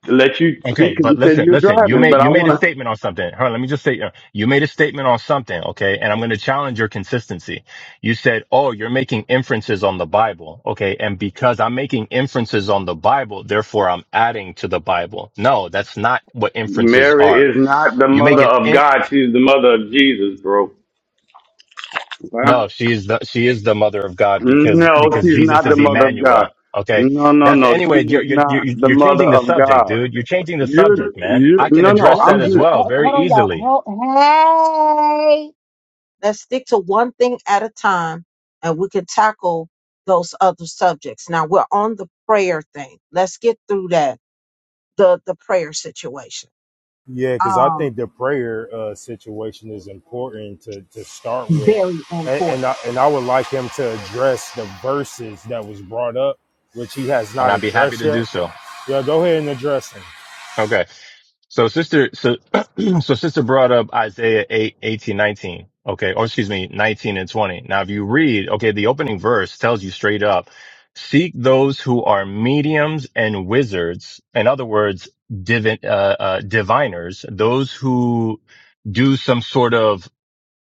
Speaker 8: let you
Speaker 13: Okay,
Speaker 8: speak because
Speaker 13: but
Speaker 8: you said
Speaker 13: listen,
Speaker 8: you're
Speaker 13: listen. You
Speaker 8: driving.
Speaker 13: made
Speaker 8: But I
Speaker 13: you made
Speaker 8: want
Speaker 13: a
Speaker 8: to.
Speaker 13: statement on something. Hold on, let me just say, uh, you made a statement on something. Okay, and I'm going to challenge your consistency. You said, "Oh, you're making inferences on the Bible." Okay, and because I'm making inferences on the Bible, therefore I'm adding to the Bible. No, that's not what inferences
Speaker 8: Mary
Speaker 13: are.
Speaker 8: is not the
Speaker 13: You make
Speaker 8: mother
Speaker 13: an
Speaker 8: of
Speaker 13: imp.
Speaker 8: God. She's the mother of Jesus, bro. Huh?
Speaker 13: No, she is the she is the mother of God because
Speaker 8: No,
Speaker 13: because
Speaker 8: she's
Speaker 13: Jesus
Speaker 8: not the
Speaker 13: is
Speaker 8: mother of God.
Speaker 13: Emmanuel. Okay,
Speaker 8: No, no,
Speaker 13: that's
Speaker 8: no. She
Speaker 13: anyway. You're
Speaker 8: is
Speaker 13: you're
Speaker 8: not
Speaker 13: you're,
Speaker 8: the
Speaker 13: you're
Speaker 8: mother
Speaker 13: changing the
Speaker 8: of
Speaker 13: subject,
Speaker 8: God.
Speaker 13: dude. You're changing the
Speaker 8: You,
Speaker 13: subject, man.
Speaker 8: you.
Speaker 13: I can
Speaker 8: No, no.
Speaker 13: address
Speaker 1: Let's
Speaker 13: that
Speaker 8: I'm
Speaker 13: as
Speaker 1: stick to,
Speaker 8: just.
Speaker 13: well
Speaker 1: hold,
Speaker 13: very
Speaker 1: hold on, y'all.
Speaker 13: easily.
Speaker 1: Hel- Hey, let's stick to one thing at a time and we can tackle those other subjects. Now we're on the prayer thing. Let's get through that, the, the prayer situation.
Speaker 3: because I
Speaker 1: Um,
Speaker 3: think the prayer uh, situation is important to, to start with,
Speaker 1: very
Speaker 3: and and
Speaker 1: important.
Speaker 3: I, and I would like him to address the verses that was brought up, which he has
Speaker 13: and
Speaker 3: not
Speaker 13: I'd be happy
Speaker 3: addressed
Speaker 13: to
Speaker 3: yet.
Speaker 13: do so.
Speaker 3: Yeah, go ahead and address them.
Speaker 13: Okay. So sister, so, so sister brought up Isaiah 8, 18, 19. Okay. Or excuse me, 19 and 20. Now, if you read, okay, the opening verse tells you straight up, seek those who are mediums and wizards. In other words, divi- uh, uh, diviners, those who do some sort of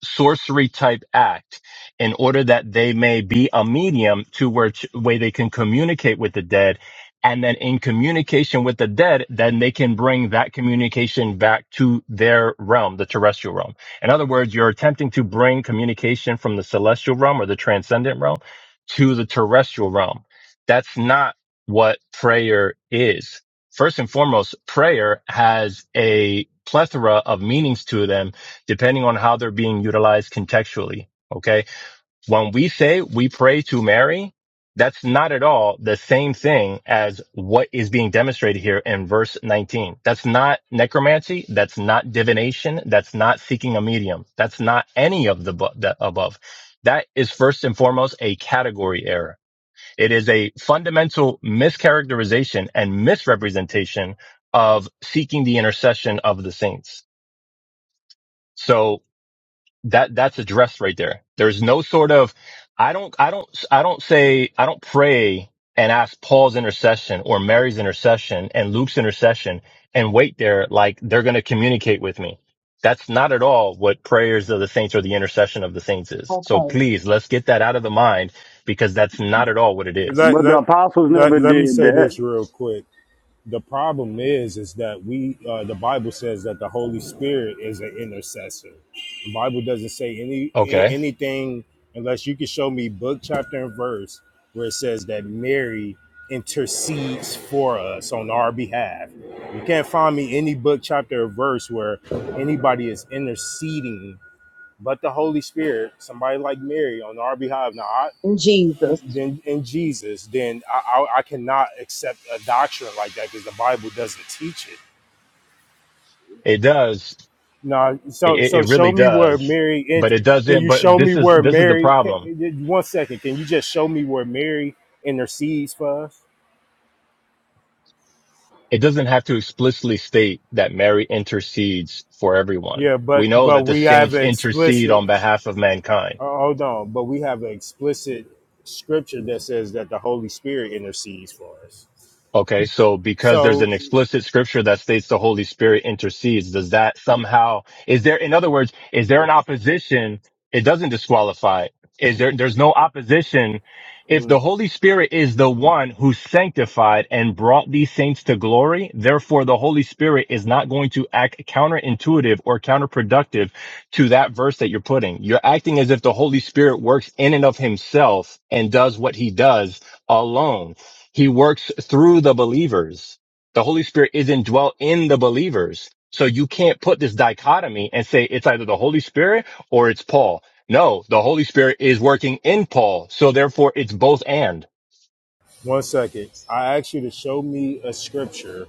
Speaker 13: sorcery type act in order that they may be a medium to which way they can communicate with the dead. And then in communication with the dead, then they can bring that communication back to their realm, the terrestrial realm. In other words, you're attempting to bring communication from the celestial realm or the transcendent realm to the terrestrial realm. That's not what prayer is. First and foremost, prayer has a plethora of meanings to them depending on how they're being utilized contextually. Okay. When we say we pray to Mary, that's not at all the same thing as what is being demonstrated here in verse 19. That's not necromancy. That's not divination. That's not seeking a medium. That's not any of the, bu- the above. That is first and foremost a category error. It is a fundamental mischaracterization and misrepresentation of seeking the intercession of the saints. So that that's addressed right there. There's no sort of I don't I don't I don't say I don't pray and ask Paul's intercession or Mary's intercession and Luke's intercession and wait there like they're going to communicate with me. That's not at all what prayers of the saints or the intercession of the saints is. So
Speaker 1: Okay.
Speaker 13: please let's get that out of the mind because that's not at all what it is.
Speaker 3: Let
Speaker 8: But the
Speaker 3: let
Speaker 8: apostles
Speaker 3: let,
Speaker 8: never
Speaker 3: let me
Speaker 8: did
Speaker 3: say
Speaker 8: that.
Speaker 3: this real quick. the problem is is that we uh, the bible says that the holy spirit is an intercessor the bible doesn't say any a-
Speaker 13: Okay.
Speaker 3: anything unless you can show me book chapter and verse where it says that mary intercedes for us on our behalf you can't find me any book chapter or verse where anybody is interceding but the holy spirit somebody like mary on our behalf now I,
Speaker 1: In Jesus.
Speaker 3: than in Jesus, then I, I, I cannot accept a doctrine like that because the Bible doesn't teach it.
Speaker 13: It does.
Speaker 3: No, so
Speaker 13: It,
Speaker 3: so
Speaker 13: it
Speaker 3: show
Speaker 13: really
Speaker 3: me where
Speaker 13: does.
Speaker 3: Mary.
Speaker 13: But
Speaker 3: ent-
Speaker 13: it
Speaker 3: Can
Speaker 13: doesn't.
Speaker 3: you
Speaker 13: But
Speaker 3: show me
Speaker 13: this is
Speaker 3: where
Speaker 13: this is the
Speaker 3: Mary?
Speaker 13: problem
Speaker 3: Can, one second, can you just show me where Mary intercedes for us?
Speaker 13: it doesn't have to explicitly state that Mary intercedes for everyone.
Speaker 3: Yeah,
Speaker 13: We
Speaker 3: but
Speaker 13: know
Speaker 3: but
Speaker 13: that the
Speaker 3: we have
Speaker 13: saints
Speaker 3: an
Speaker 13: intercede
Speaker 3: explicit.
Speaker 13: on behalf of mankind.
Speaker 3: uh, Hold on, but we have an explicit scripture that says that the Holy Spirit intercedes for us.
Speaker 13: Okay, so because there's
Speaker 3: So.
Speaker 13: an explicit scripture that states the Holy Spirit intercedes, does that somehow is there in other words, is there an opposition? It doesn't disqualify. Is there there's no opposition if
Speaker 3: mm-hmm.
Speaker 13: the Holy Spirit is the one who sanctified and brought these saints to glory, therefore the Holy Spirit is not going to act counterintuitive or counterproductive to that verse that you're putting. You're acting as if the Holy Spirit works in and of himself and does what he does alone he works through the believers. The Holy Spirit is indwelt in the believers. So you can't put this dichotomy and say it's either the Holy Spirit or it's Paul. No, the Holy Spirit is working in Paul. So therefore it's both and.
Speaker 3: One second. I asked you to show me a scripture,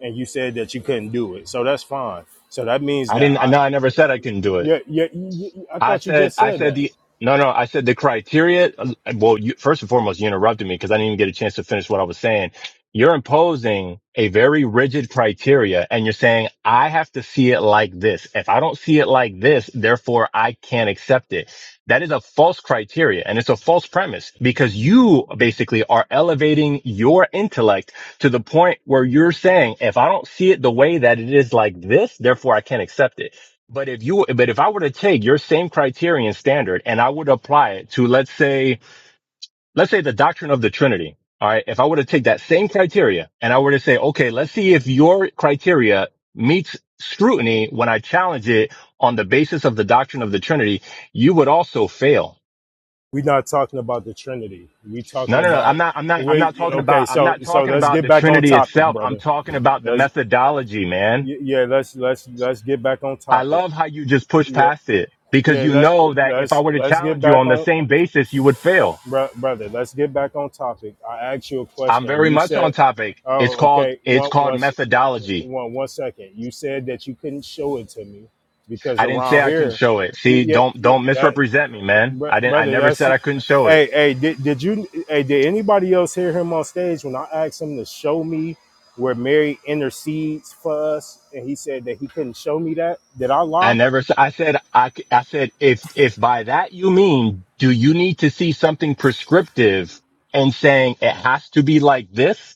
Speaker 3: and you said that you couldn't do it. So that's fine. So that means
Speaker 13: I
Speaker 3: that
Speaker 13: didn't, I
Speaker 3: I,
Speaker 13: know I never said I couldn't do it.
Speaker 3: yeah, yeah, y- y- I
Speaker 13: I
Speaker 3: thought you
Speaker 13: said,
Speaker 3: just
Speaker 13: I
Speaker 3: said
Speaker 13: said
Speaker 3: that.
Speaker 13: the, no, no, I said the criteria. Well, you, first and foremost, you interrupted me because I didn't even get a chance to finish what I was saying. You're imposing a very rigid criteria and you're saying, I have to see it like this. If I don't see it like this, therefore I can't accept it. That is a false criteria and it's a false premise because you basically are elevating your intellect to the point where you're saying, if I don't see it the way that it is like this, therefore I can't accept it but if you, but if I were to take your same criterion standard and I would apply it to, let's say, let's say the doctrine of the Trinity. All right. If I were to take that same criteria and I were to say, okay, let's see if your criteria meets scrutiny when I challenge it on the basis of the doctrine of the Trinity, you would also fail.
Speaker 3: We're not talking about the Trinity. We're talking
Speaker 13: No, no, no.
Speaker 3: about
Speaker 13: I'm not, I'm not, I'm
Speaker 3: wait.
Speaker 13: not
Speaker 3: yeah,
Speaker 13: talking
Speaker 3: Okay,
Speaker 13: about, I'm
Speaker 3: so
Speaker 13: not
Speaker 3: so
Speaker 13: talking
Speaker 3: let's
Speaker 13: about
Speaker 3: get
Speaker 13: the
Speaker 3: back on
Speaker 13: Trinity
Speaker 3: topic,
Speaker 13: itself. I'm
Speaker 3: brother.
Speaker 13: talking about the
Speaker 3: Let's
Speaker 13: methodology, man.
Speaker 3: y- yeah, let's let's let's get back on
Speaker 13: I
Speaker 3: topic.
Speaker 13: love how you just push
Speaker 3: Yeah,
Speaker 13: past it
Speaker 3: yeah.
Speaker 13: because you
Speaker 3: Let
Speaker 13: know that if I
Speaker 3: let's
Speaker 13: were to
Speaker 3: let's get
Speaker 13: challenge you
Speaker 3: back
Speaker 13: on the
Speaker 3: on
Speaker 13: same basis, you would fail.
Speaker 3: Bro- brother, let's get back on topic. I asked you a
Speaker 13: I'm
Speaker 3: question.
Speaker 13: very
Speaker 3: You
Speaker 13: much on
Speaker 3: said,
Speaker 13: topic. It's
Speaker 3: "Oh,
Speaker 13: called,
Speaker 3: okay."
Speaker 13: it's
Speaker 3: One, one,
Speaker 13: called
Speaker 3: s-
Speaker 13: methodology.
Speaker 3: one, one second. You said that you couldn't show it to me because
Speaker 13: I didn't say
Speaker 3: around
Speaker 13: I couldn't
Speaker 3: here,
Speaker 13: show it. See,
Speaker 3: yeah,
Speaker 13: don't, don't
Speaker 3: that
Speaker 13: misrepresent me, man.
Speaker 3: bro-
Speaker 13: I didn't, I
Speaker 3: brother,
Speaker 13: never
Speaker 3: that's.
Speaker 13: said I couldn't show it.
Speaker 3: Hey, hey, did, did you? Hey, did anybody else hear him on stage when I asked him to show me where Mary intercedes for us, and he said that he couldn't show me that? Did I
Speaker 13: I
Speaker 3: lie?
Speaker 13: never, s- I said, I, c- I said, if, if by that you mean, do you need to see something prescriptive and saying it has to be like this?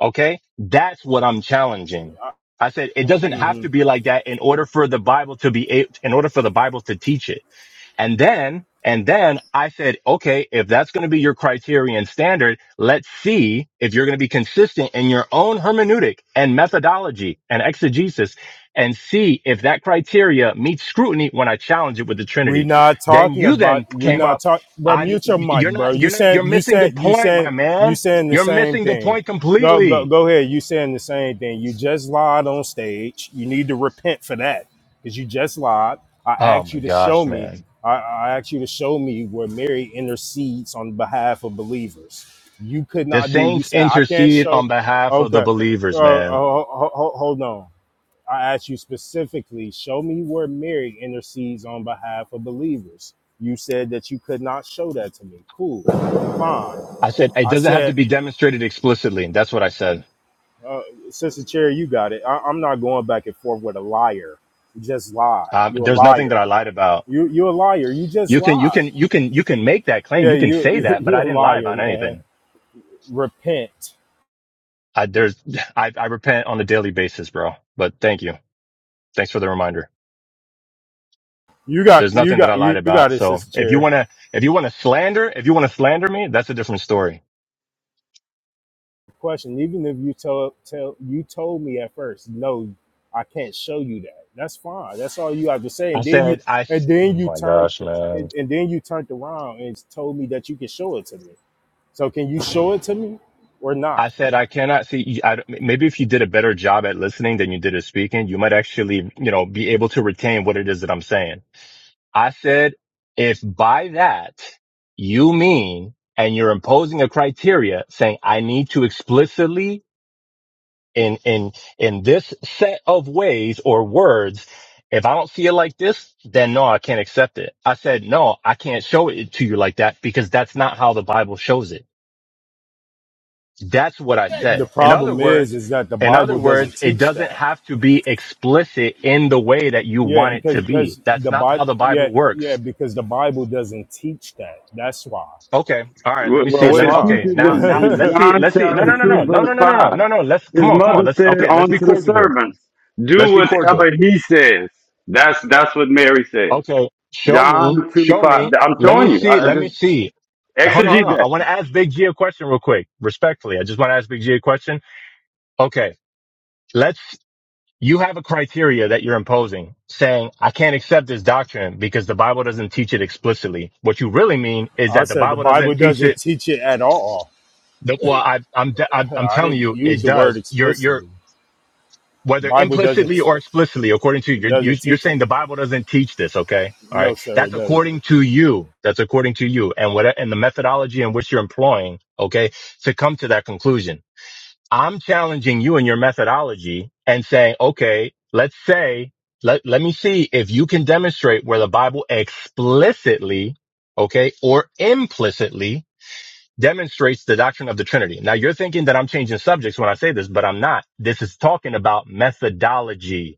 Speaker 13: Okay. That's what I'm challenging.
Speaker 3: I,
Speaker 13: I said it doesn't
Speaker 3: mhm.
Speaker 13: have to be like that in order for the Bible to be, a- in order for the Bible to teach it. And then, and then I said, okay, if that's going to be your criterion standard, let's see if you're going to be consistent in your own hermeneutic and methodology and exegesis and see if that criteria meets scrutiny when I challenge it with the
Speaker 3: We
Speaker 13: Trinity.
Speaker 3: not
Speaker 13: Then
Speaker 3: talking
Speaker 13: you then
Speaker 3: about we
Speaker 13: came
Speaker 3: not
Speaker 13: up
Speaker 3: talk bro,
Speaker 13: on,
Speaker 3: mute your mic,
Speaker 13: you're
Speaker 3: bro.
Speaker 13: not,
Speaker 3: You
Speaker 13: you're not,
Speaker 3: saying
Speaker 13: you're
Speaker 3: you
Speaker 13: missing the
Speaker 3: saying you
Speaker 13: point, my
Speaker 3: saying you
Speaker 13: man.
Speaker 3: saying the
Speaker 13: You're
Speaker 3: same
Speaker 13: missing the
Speaker 3: thing.
Speaker 13: point
Speaker 3: Go
Speaker 13: completely.
Speaker 3: go go ahead, you saying the same thing. You just lied on stage. You need to repent for that. Because you just lied. I
Speaker 13: Oh
Speaker 3: asked
Speaker 13: my
Speaker 3: you to
Speaker 13: gosh,
Speaker 3: show me.
Speaker 13: man.
Speaker 3: I, I asked you to show me where Mary intercedes on behalf of believers. You could
Speaker 13: The
Speaker 3: not do. You
Speaker 13: saints
Speaker 3: said I can't
Speaker 13: intercede
Speaker 3: show.
Speaker 13: on behalf of the
Speaker 3: Okay,
Speaker 13: believers,
Speaker 3: uh, uh,
Speaker 13: man.
Speaker 3: ho- ho- ho- hold on. I asked you specifically, show me where Mary intercedes on behalf of believers. You said that you could not show that to me. Cool, fine.
Speaker 13: I said it
Speaker 3: I
Speaker 13: doesn't have to
Speaker 3: said,
Speaker 13: be demonstrated explicitly, and that's what I said.
Speaker 3: uh, Sister Cherry, you got it. I- I'm not going back and forth with a liar. You just lied.
Speaker 13: Um,
Speaker 3: You a
Speaker 13: there's nothing that
Speaker 3: liar.
Speaker 13: I lied about.
Speaker 3: You you a liar. You just
Speaker 13: You can, you
Speaker 3: lied.
Speaker 13: can, you can, you can make that claim.
Speaker 3: Yeah,
Speaker 13: You can
Speaker 3: you
Speaker 13: say
Speaker 3: you,
Speaker 13: that, but
Speaker 3: a
Speaker 13: I didn't lie
Speaker 3: liar,
Speaker 13: about
Speaker 3: man.
Speaker 13: anything.
Speaker 3: Repent.
Speaker 13: I, there's, I, I repent on a daily basis, bro. But thank you. Thanks for the reminder.
Speaker 3: You got
Speaker 13: There's
Speaker 3: you
Speaker 13: nothing that I
Speaker 3: got
Speaker 13: lied
Speaker 3: you
Speaker 13: about.
Speaker 3: got it,
Speaker 13: So
Speaker 3: Sister
Speaker 13: if you
Speaker 3: Cherry.
Speaker 13: want to, if you want to slander, if you want to slander me, that's a different story.
Speaker 3: question. Even if you tell tell you told me at first, no, I can't show you that. That's fine. That's all you have to say.
Speaker 13: I
Speaker 3: And then you
Speaker 13: said, I,
Speaker 3: and
Speaker 13: oh
Speaker 3: then you
Speaker 13: my
Speaker 3: turned
Speaker 13: gosh,
Speaker 3: and
Speaker 13: man.
Speaker 3: and then you turned around and told me that you can show it to me. So can you show it to me or
Speaker 13: I
Speaker 3: not?
Speaker 13: said I cannot see. I, maybe if you did a better job at listening than you did at speaking, you might actually, you know, be able to retain what it is that I'm saying. I said, if by that you mean, and you're imposing a criteria saying I need to explicitly in in in this set of ways or words. If I don't see it like this, then no, I can't accept it. I said, no, I can't show it to you like that because that's not how the Bible shows it. That's what I
Speaker 3: The
Speaker 13: said. In other
Speaker 3: problem is
Speaker 13: words,
Speaker 3: is that the
Speaker 13: in other
Speaker 3: Bible
Speaker 13: words,
Speaker 3: doesn't
Speaker 13: it
Speaker 3: teach
Speaker 13: doesn't
Speaker 3: that.
Speaker 13: have to be explicit in the way that you
Speaker 3: Yeah,
Speaker 13: want it
Speaker 3: because
Speaker 13: to be.
Speaker 3: because
Speaker 13: That's
Speaker 3: the
Speaker 13: not
Speaker 3: Bible
Speaker 13: how the
Speaker 3: yeah
Speaker 13: Bible
Speaker 3: yeah
Speaker 13: works.
Speaker 3: because the Bible doesn't teach that. That's why.
Speaker 13: Okay. All right. Let
Speaker 8: Well,
Speaker 13: me
Speaker 8: well,
Speaker 13: see.
Speaker 3: That's
Speaker 8: what
Speaker 13: Let me,
Speaker 8: it
Speaker 3: why.
Speaker 13: okay.
Speaker 8: teaches
Speaker 13: Now,
Speaker 8: is,
Speaker 13: now
Speaker 8: is
Speaker 13: let's see.
Speaker 8: John
Speaker 13: Let's see. No, no,
Speaker 8: chapter
Speaker 13: no, no,
Speaker 8: 2,
Speaker 13: no,
Speaker 8: verse
Speaker 13: no, no, no, no,
Speaker 8: 5.
Speaker 13: no, no. Let's come
Speaker 8: His
Speaker 13: on. Come on.
Speaker 8: mother
Speaker 13: Let's,
Speaker 8: said
Speaker 13: okay. Let's be
Speaker 8: unto the
Speaker 13: cordial here.
Speaker 8: servants,
Speaker 13: Let's
Speaker 8: Do
Speaker 13: be cordial.
Speaker 8: whatever he says. That's that's what Mary said.
Speaker 13: Okay. Show me.
Speaker 8: John 2,
Speaker 13: Show
Speaker 8: 5.
Speaker 13: me.
Speaker 8: I'm
Speaker 13: Let me
Speaker 8: showing you.
Speaker 13: see.
Speaker 8: I, I
Speaker 13: Let me
Speaker 8: just
Speaker 13: see. Hold on. Hold
Speaker 8: exegete
Speaker 13: on. I
Speaker 8: that.
Speaker 13: want to ask Big G a question real quick. Respectfully. I just want to ask Big G a question. Okay. Let's. you have a criteria that you're imposing saying, I can't accept this doctrine because the Bible doesn't teach it explicitly. What you really mean is
Speaker 3: I
Speaker 13: that the
Speaker 3: said the
Speaker 13: Bible
Speaker 3: Bible
Speaker 13: doesn't teach
Speaker 3: doesn't
Speaker 13: it.
Speaker 3: teach it at all
Speaker 13: The, well, I, I'm, I'm I'm
Speaker 3: I
Speaker 13: telling
Speaker 3: didn't
Speaker 13: you,
Speaker 3: use
Speaker 13: it
Speaker 3: the word
Speaker 13: does. You're, you're,
Speaker 3: explicitly. The
Speaker 13: whether
Speaker 3: Bible
Speaker 13: implicitly
Speaker 3: doesn't
Speaker 13: or explicitly, according to you,
Speaker 3: it
Speaker 13: you're
Speaker 3: doesn't
Speaker 13: you're
Speaker 3: teach it.
Speaker 13: saying the Bible doesn't teach this. Okay. All
Speaker 3: No,
Speaker 13: right.
Speaker 3: sir,
Speaker 13: That's
Speaker 3: it doesn't.
Speaker 13: according to you. That's according to you and what, and the methodology in which you're employing. Okay. To come to that conclusion. I'm challenging you and your methodology and saying, okay, let's say, let, let me see if you can demonstrate where the Bible explicitly, okay, or implicitly demonstrates the doctrine of the Trinity. Now you're thinking that I'm changing subjects when I say this, but I'm not. This is talking about methodology.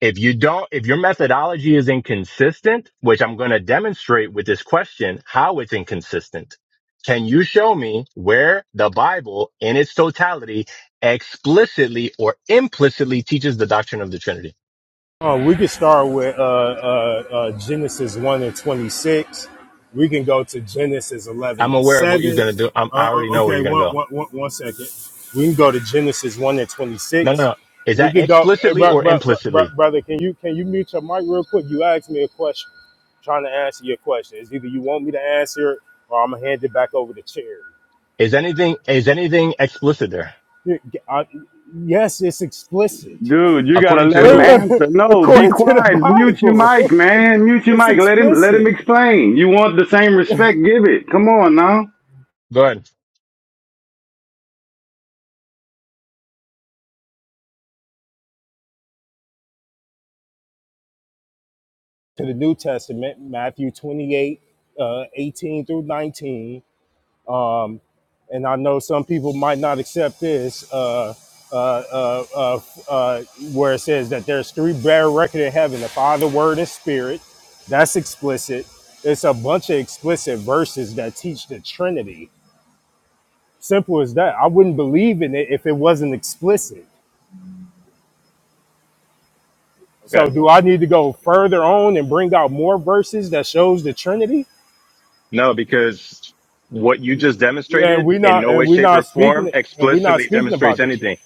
Speaker 13: If you don't, if your methodology is inconsistent, which I'm going to demonstrate with this question, how it's inconsistent. Can you show me where the Bible in its totality explicitly or implicitly teaches the doctrine of the Trinity?
Speaker 3: Uh, we could start with uh, uh, uh, Genesis one and twenty six. We can go to Genesis eleven
Speaker 13: I'm
Speaker 3: and
Speaker 13: aware of what you're
Speaker 3: seven.
Speaker 13: going to do. I'm,
Speaker 3: Uh,
Speaker 13: I already know where
Speaker 3: okay,
Speaker 13: you're going to
Speaker 3: one,
Speaker 13: go.
Speaker 3: one, one, one second. We can go to Genesis one and twenty
Speaker 13: No, no,
Speaker 3: six.
Speaker 13: no. Is
Speaker 3: We
Speaker 13: that
Speaker 3: could go, hey,
Speaker 13: explicitly
Speaker 3: bro,
Speaker 13: or
Speaker 3: bro, bro, bro-
Speaker 13: implicitly?
Speaker 3: brother. Can you can you mute your mic real quick? You asked me a question. trying to answer your question. It's either you want me to answer it or I'm gonna hand it back over to Cherry.
Speaker 13: Is anything, is anything explicit there?
Speaker 3: Y- I- Yes, it's explicit.
Speaker 8: Dude, you gotta
Speaker 13: According to
Speaker 8: let him
Speaker 13: who?
Speaker 8: answer. No, be
Speaker 3: According to the
Speaker 8: quiet. Mute your
Speaker 3: Bible,
Speaker 8: mic, man. Mute your
Speaker 3: it's
Speaker 8: mic. Let him let him
Speaker 3: explicit.
Speaker 8: explain. You want the same respect, give it. Come on now.
Speaker 13: Go ahead.
Speaker 3: To the New Testament, Matthew 28, uh, 18 through 19. Um, and I know some people might not accept this, uh, uh, uh, uh, uh, where it says that there's three bare record in heaven the Father, Word, and Spirit. That's explicit. It's a bunch of explicit verses that teach the Trinity. Simple as that. I wouldn't believe in it if it wasn't explicit So
Speaker 13: Okay.
Speaker 3: do I need to go further on and bring out more verses that shows the Trinity?
Speaker 13: No, because what you just
Speaker 3: Yeah, and we
Speaker 13: demonstrated in
Speaker 3: not
Speaker 13: no
Speaker 3: and
Speaker 13: way,
Speaker 3: we
Speaker 13: shape, or
Speaker 3: not
Speaker 13: form
Speaker 3: speaking and we not
Speaker 13: explicitly
Speaker 3: speaking about
Speaker 13: demonstrates
Speaker 3: the Trinity.
Speaker 13: anything.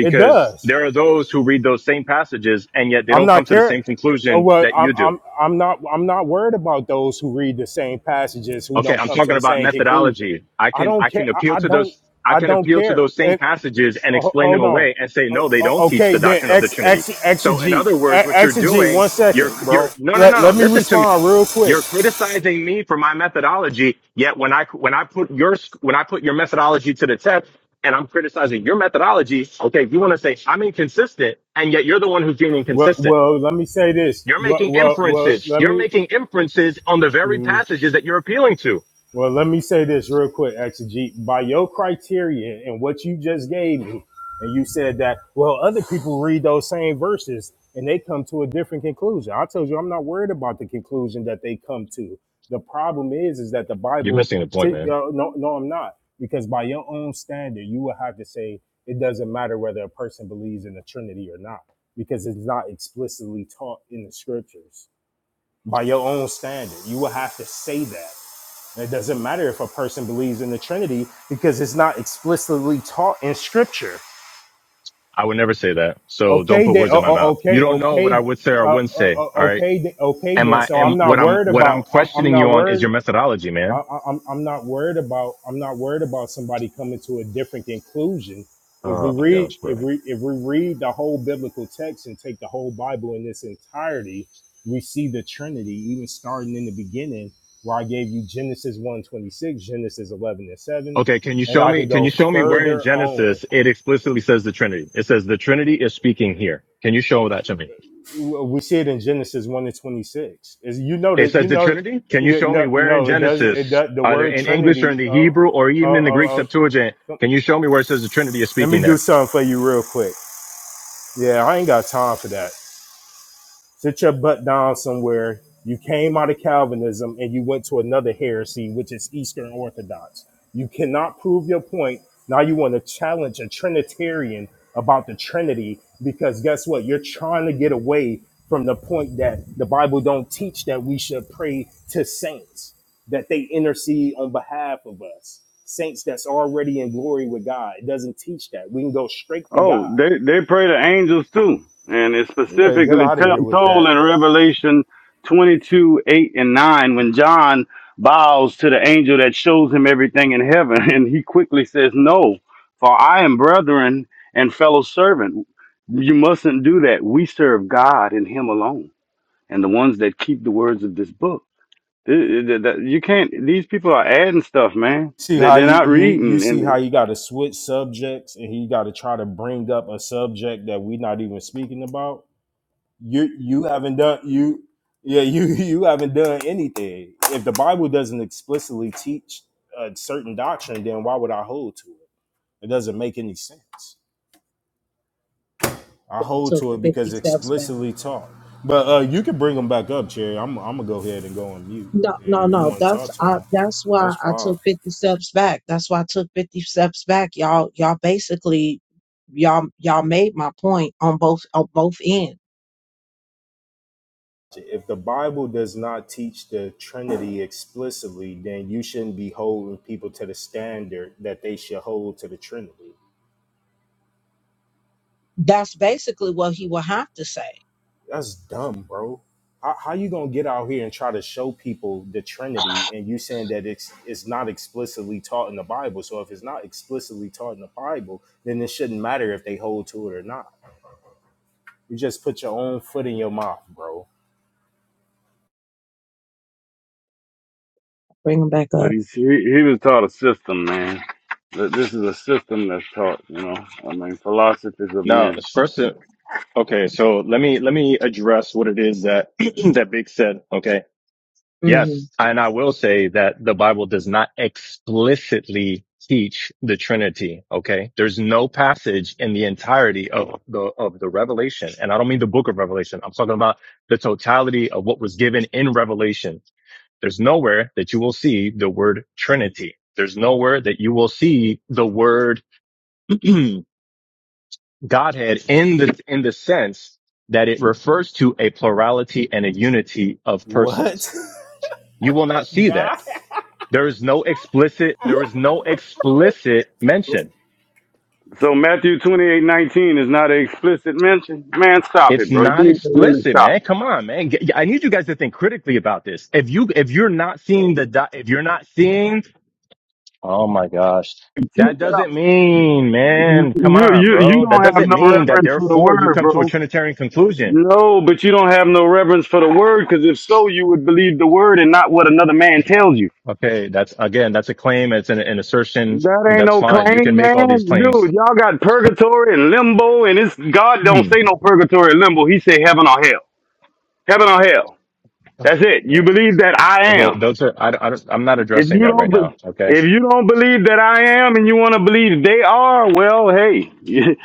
Speaker 3: It does.
Speaker 13: there are those who read those same passages and yet they
Speaker 3: I'm
Speaker 13: don't come
Speaker 3: not
Speaker 13: to the
Speaker 3: care.
Speaker 13: same
Speaker 3: Oh,
Speaker 13: conclusion
Speaker 3: well,
Speaker 13: that
Speaker 3: I'm
Speaker 13: you do.
Speaker 3: I'm I'm not I'm not worried about those who read the same passages who
Speaker 13: Okay,
Speaker 3: don't
Speaker 13: I'm
Speaker 3: come to
Speaker 13: talking
Speaker 3: the
Speaker 13: about
Speaker 3: same conclusion.
Speaker 13: methodology. I
Speaker 3: I
Speaker 13: can
Speaker 3: don't
Speaker 13: I
Speaker 3: care.
Speaker 13: can
Speaker 3: I,
Speaker 13: appeal
Speaker 3: I
Speaker 13: to
Speaker 3: don't
Speaker 13: those I
Speaker 3: I
Speaker 13: can
Speaker 3: don't
Speaker 13: appeal to
Speaker 3: care.
Speaker 13: those same
Speaker 3: And
Speaker 13: passages and
Speaker 3: uh, ho-
Speaker 13: explain them
Speaker 3: hold on.
Speaker 13: away and say
Speaker 3: O-
Speaker 13: no, they
Speaker 3: o-
Speaker 13: don't teach
Speaker 3: Okay,
Speaker 13: the
Speaker 3: then
Speaker 13: doctrine of the
Speaker 3: ex
Speaker 13: Trinity.
Speaker 3: ex
Speaker 13: So in
Speaker 3: exegete
Speaker 13: other words,
Speaker 3: E-
Speaker 13: what you're
Speaker 3: exegete.
Speaker 13: doing,
Speaker 3: One second,
Speaker 13: you're
Speaker 3: bro.
Speaker 13: you're no no
Speaker 3: Let,
Speaker 13: no no.
Speaker 3: let me
Speaker 13: Listen to me.
Speaker 3: respond real quick.
Speaker 13: You're criticizing me for my methodology. Yet when I when I put your when I put your methodology to the test and I'm criticizing your methodology, okay, you want to say I'm inconsistent, and yet you're the one who's being
Speaker 3: Well,
Speaker 13: inconsistent.
Speaker 3: well, let me say this.
Speaker 13: You're
Speaker 3: Well,
Speaker 13: making
Speaker 3: well, well
Speaker 13: inferences.
Speaker 3: let
Speaker 13: You're
Speaker 3: me.
Speaker 13: making inferences on the very
Speaker 3: mm,
Speaker 13: passages that you're appealing to.
Speaker 3: well, let me say this real quick, Exegete. By your criteria and what you just gave me, and you said that, well, other people read those same verses and they come to a different conclusion. I told you, I'm not worried about the conclusion that they come to. The problem is, is that the
Speaker 13: You're
Speaker 3: Bible.
Speaker 13: missing the
Speaker 3: T-
Speaker 13: point, man.
Speaker 3: uh, no, no, I'm not, because by your own standard, you will have to say it doesn't matter whether a person believes in the Trinity or not, because it's not explicitly taught in the scriptures. by your own standard. You will have to say that. And it doesn't matter if a person believes in the Trinity because it's not explicitly taught in Scripture.
Speaker 13: I would never say that. So don't
Speaker 3: Okay,
Speaker 13: put
Speaker 3: then,
Speaker 13: words
Speaker 3: oh,
Speaker 13: in my
Speaker 3: oh,
Speaker 13: mouth. You
Speaker 3: okay,
Speaker 13: don't know what I
Speaker 3: okay,
Speaker 13: would say or
Speaker 3: uh,
Speaker 13: wouldn't
Speaker 3: uh,
Speaker 13: say.
Speaker 3: uh,
Speaker 13: All right.
Speaker 3: okay, then- okay,
Speaker 13: And
Speaker 3: then.
Speaker 13: my,
Speaker 3: So I'm
Speaker 13: and
Speaker 3: not
Speaker 13: what I'm,
Speaker 3: worried
Speaker 13: what I'm
Speaker 3: about. I'm, I'm
Speaker 13: questioning
Speaker 3: not
Speaker 13: you on is
Speaker 3: worried.
Speaker 13: your methodology,
Speaker 3: I,
Speaker 13: man.
Speaker 3: I, I'm I'm not worried about I'm not worried about somebody coming to a different conclusion. If we
Speaker 13: Oh my
Speaker 3: read
Speaker 13: gosh,
Speaker 3: if
Speaker 13: bro.
Speaker 3: we if we read the whole biblical text and take the whole Bible in its entirety, we see the Trinity even starting in the beginning, where I gave you Genesis one 26, Genesis eleven and seven,
Speaker 13: Okay. Can you
Speaker 3: and
Speaker 13: show
Speaker 3: I
Speaker 13: me,
Speaker 3: could
Speaker 13: can you
Speaker 3: go
Speaker 13: show me where in
Speaker 3: further on.
Speaker 13: Genesis it explicitly says the Trinity? It says the Trinity is speaking here. Can you show that to me?
Speaker 3: We see it in Genesis one and twenty six. Is you know
Speaker 13: It
Speaker 3: that
Speaker 13: says
Speaker 3: you
Speaker 13: the
Speaker 3: know
Speaker 13: Trinity. Can you
Speaker 3: yeah,
Speaker 13: show me
Speaker 3: no
Speaker 13: where in
Speaker 3: no it does it
Speaker 13: Genesis,
Speaker 3: does the
Speaker 13: either
Speaker 3: word
Speaker 13: in English or in
Speaker 3: Trinity.
Speaker 13: the
Speaker 3: Oh
Speaker 13: Hebrew or
Speaker 3: oh
Speaker 13: even in the
Speaker 3: oh.
Speaker 13: Greek
Speaker 3: oh
Speaker 13: Septuagint? Can you show me where it says the Trinity is
Speaker 3: Let me
Speaker 13: speaking
Speaker 3: do
Speaker 13: there?
Speaker 3: something for you real quick. Yeah, I ain't got time for that. Sit your butt down somewhere. You came out of Calvinism and you went to another heresy, which is Eastern Orthodox. You cannot prove your point. Now you want to challenge a Trinitarian about the Trinity because guess what? You're trying to get away from the point that the Bible don't teach that we should pray to saints, that they intercede on behalf of us. Saints that's already in glory with God. It doesn't teach that. We can go straight to
Speaker 8: Oh,
Speaker 3: God
Speaker 8: they they pray to angels too, and it's
Speaker 3: Yeah, get
Speaker 8: specifically
Speaker 3: out of here
Speaker 8: te-
Speaker 3: with
Speaker 8: told
Speaker 3: that.
Speaker 8: in Revelation twenty two eight and nine when John bows to the angel that shows him everything in heaven, and he quickly says, "No, for I am brethren and fellow servant. You mustn't do that. We serve God and Him alone, and the ones that keep the words of this book. Th- th- th- You can't. These people are adding stuff, man.
Speaker 3: See
Speaker 8: They-
Speaker 3: how
Speaker 8: They're
Speaker 3: he,
Speaker 8: not
Speaker 3: you you see
Speaker 8: reading,
Speaker 3: how you got to switch subjects and he got to try to bring up a subject that we are not even speaking about. You you haven't done you yeah you you haven't done anything. If the Bible doesn't explicitly teach a certain doctrine, then why would I hold to it? It doesn't make any sense. I
Speaker 1: I
Speaker 3: hold
Speaker 1: took
Speaker 3: to it
Speaker 1: 50
Speaker 3: because
Speaker 1: steps back.
Speaker 3: explicitly taught. But uh, you can bring them back up, Jerry. I'm I'm gonna go ahead and go on mute
Speaker 1: No, no,
Speaker 3: if you
Speaker 1: no.
Speaker 3: want to talk
Speaker 1: That's
Speaker 3: to
Speaker 1: I,
Speaker 3: him.
Speaker 1: that's why
Speaker 3: That's
Speaker 1: I
Speaker 3: fine.
Speaker 1: took 50 steps back. That's why I took 50 steps back. Y'all y'all basically y'all y'all made my point on both on both ends.
Speaker 3: If the Bible does not teach the Trinity explicitly, then you shouldn't be holding people to the standard that they should hold to the Trinity.
Speaker 1: That's basically what he will have to say.
Speaker 3: That's dumb, bro. How, how you gonna get out here and try to show people the Trinity and you saying that it's it's not explicitly taught in the Bible? So if it's not explicitly taught in the Bible, then it shouldn't matter if they hold to it or not. You just put your own foot in your mouth, bro.
Speaker 1: Bring him back
Speaker 8: But
Speaker 1: up.
Speaker 8: he's, he he was taught a system, man. That This is a system that's taught, you know. I mean, philosophies of
Speaker 13: No,
Speaker 8: men.
Speaker 13: it's first. Okay, so let me let me address what it is that that Big said. Okay.
Speaker 1: hmm
Speaker 13: Yes, and I will say that the Bible does not explicitly teach the Trinity. Okay. There's no passage in the entirety of the of the Revelation. And I don't mean the book of Revelation. I'm talking about the totality of what was given in Revelation. There's nowhere that you will see the word Trinity. There's nowhere that you will see the word Godhead in the in the sense that it refers to a plurality and a unity of persons.
Speaker 3: What,
Speaker 13: You will not see
Speaker 3: God?
Speaker 13: that. There is no explicit there is no explicit mention.
Speaker 8: So Matthew twenty eight nineteen is not an explicit mention. Man, stop
Speaker 13: It's
Speaker 8: it, bro. You
Speaker 13: not
Speaker 8: need to really
Speaker 13: explicit,
Speaker 8: stop.
Speaker 13: man. Come on, man. Get- I need you guys to think critically about this. If you if you're not seeing the dot, if you're not seeing, oh my gosh.
Speaker 8: Keep
Speaker 13: That
Speaker 8: it up.
Speaker 13: doesn't mean,
Speaker 8: You
Speaker 13: man, come on,
Speaker 8: you you
Speaker 13: bro. That
Speaker 8: don't have
Speaker 13: doesn't
Speaker 8: no
Speaker 13: mean that
Speaker 8: reverence for the
Speaker 13: therefore you
Speaker 8: word,
Speaker 13: come to a
Speaker 8: bro.
Speaker 13: Trinitarian conclusion
Speaker 8: No, but you don't have no reverence for the word because if so, you would believe the word and not what another man tells you.
Speaker 13: Okay, that's again, that's a claim. It's an, an assertion.
Speaker 8: That
Speaker 13: and
Speaker 8: ain't
Speaker 13: That's
Speaker 8: no
Speaker 13: fine. You can
Speaker 8: claim,
Speaker 13: make all these
Speaker 8: man.
Speaker 13: claims.
Speaker 8: Dude, y'all got purgatory and limbo, and it's God don't
Speaker 13: Hmm.
Speaker 8: say no purgatory and limbo. He say heaven or hell. Heaven or hell. That's it. You
Speaker 13: Yeah.
Speaker 8: believe that I
Speaker 13: Okay,
Speaker 8: am.
Speaker 13: those are. I, don't- I, don't- I'm not
Speaker 8: If
Speaker 13: addressing
Speaker 8: you
Speaker 13: that right
Speaker 8: don't,
Speaker 13: now.
Speaker 8: be-
Speaker 13: Okay.
Speaker 8: if you don't believe that I am, and you want to believe they are, well, hey, you,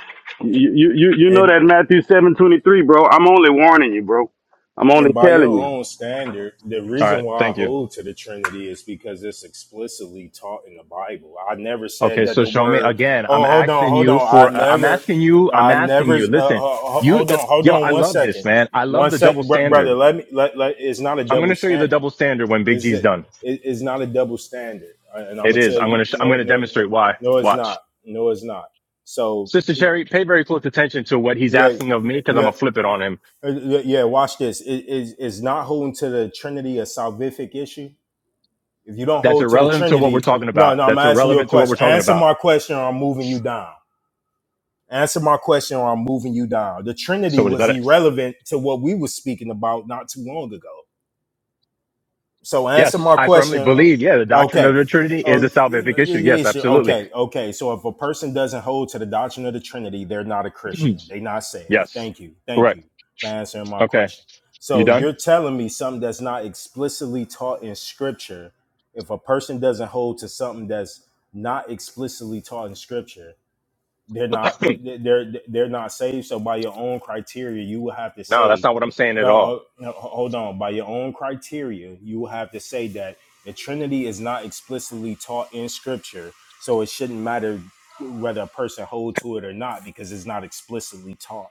Speaker 8: you you you
Speaker 3: Hey,
Speaker 8: know that Matthew seven twenty three, bro. I'm only warning you, bro. I'm
Speaker 3: And
Speaker 8: only
Speaker 3: by your
Speaker 8: telling you.
Speaker 3: own standard, the
Speaker 13: All
Speaker 3: reason
Speaker 13: right.
Speaker 3: why I
Speaker 13: Thank you.
Speaker 3: hold to the Trinity is because it's explicitly taught in the Bible. I never said
Speaker 13: Okay.
Speaker 3: that
Speaker 13: So
Speaker 3: the
Speaker 13: show me
Speaker 3: word.
Speaker 13: again. I'm
Speaker 3: Oh, hold on,
Speaker 13: asking
Speaker 3: hold
Speaker 13: you
Speaker 3: on. I
Speaker 13: for. Uh, I'm
Speaker 3: never,
Speaker 13: asking you. I'm
Speaker 3: I
Speaker 13: asking
Speaker 3: never.
Speaker 13: you.
Speaker 3: Uh, uh,
Speaker 13: Listen.
Speaker 3: ho-
Speaker 13: You.
Speaker 3: hold on, hold
Speaker 13: Yo.
Speaker 3: on.
Speaker 13: I
Speaker 3: One
Speaker 13: love this
Speaker 3: second,
Speaker 13: man. I
Speaker 3: one
Speaker 13: love the
Speaker 3: sec,
Speaker 13: double
Speaker 3: br- brother.
Speaker 13: standard.
Speaker 3: Let me. Let, let, it's not a
Speaker 13: I'm
Speaker 3: double
Speaker 13: gonna show you the
Speaker 3: standard.
Speaker 13: double standard when Big
Speaker 3: Is
Speaker 13: G's
Speaker 3: it?
Speaker 13: done.
Speaker 3: it- It's not a double standard. And I'm gonna
Speaker 13: It is.
Speaker 3: tell
Speaker 13: I'm
Speaker 3: you,
Speaker 13: gonna. Sh- I'm
Speaker 3: no,
Speaker 13: gonna
Speaker 3: no,
Speaker 13: demonstrate why.
Speaker 3: no, it's not.
Speaker 13: Watch.
Speaker 3: No, it's not. So,
Speaker 13: Sister
Speaker 3: it,
Speaker 13: Cherry, pay very close attention to what he's
Speaker 3: yeah,
Speaker 13: asking of me because I'm
Speaker 3: yeah.
Speaker 13: gonna flip it on him.
Speaker 3: Uh, y- Yeah, watch this. It is is not holding to the Trinity a salvific issue. If you don't
Speaker 13: That's
Speaker 3: hold to the
Speaker 13: irrelevant to what we're
Speaker 3: Trinity,
Speaker 13: talking
Speaker 3: no, no,
Speaker 13: about.
Speaker 3: I'm
Speaker 13: That's
Speaker 3: asking you a
Speaker 13: irrelevant to what we're
Speaker 3: question.
Speaker 13: talking
Speaker 3: Answer
Speaker 13: about.
Speaker 3: my question or I'm moving you down. Answer my question or I'm moving you down. The
Speaker 13: So
Speaker 3: Trinity
Speaker 13: what is
Speaker 3: was
Speaker 13: that? It?
Speaker 3: irrelevant to what we were speaking about not too long ago so answer
Speaker 13: Yes,
Speaker 3: my
Speaker 13: I firmly
Speaker 3: question. uh,
Speaker 13: believe. Yeah, the doctrine of
Speaker 3: Okay.
Speaker 13: the Trinity is
Speaker 3: Oh,
Speaker 13: a
Speaker 3: yeah,
Speaker 13: salvific
Speaker 3: yeah,
Speaker 13: issue.
Speaker 3: yeah,
Speaker 13: Yes,
Speaker 3: sure.
Speaker 13: absolutely.
Speaker 3: Okay, okay. So if a person doesn't hold to the doctrine of the Trinity, they're not a Christian. They're not saved.
Speaker 13: yes,
Speaker 3: Thank you. Thank
Speaker 13: correct.
Speaker 3: you for answering my
Speaker 13: Okay,
Speaker 3: question.
Speaker 13: you
Speaker 3: So
Speaker 13: done?
Speaker 3: you're telling me something that's not explicitly taught in Scripture. If a person doesn't hold to something that's not explicitly taught in Scripture, they're not they- they- they're they're not saved. So by your own criteria, you will have to
Speaker 13: no, that's
Speaker 3: say,
Speaker 13: not what I'm saying
Speaker 3: uh,
Speaker 13: at
Speaker 3: uh,
Speaker 13: all.
Speaker 3: no, hold on. By your own criteria, you will have to say that the Trinity is not explicitly taught in Scripture, so it shouldn't matter whether a person hold to it or not because it's not explicitly taught.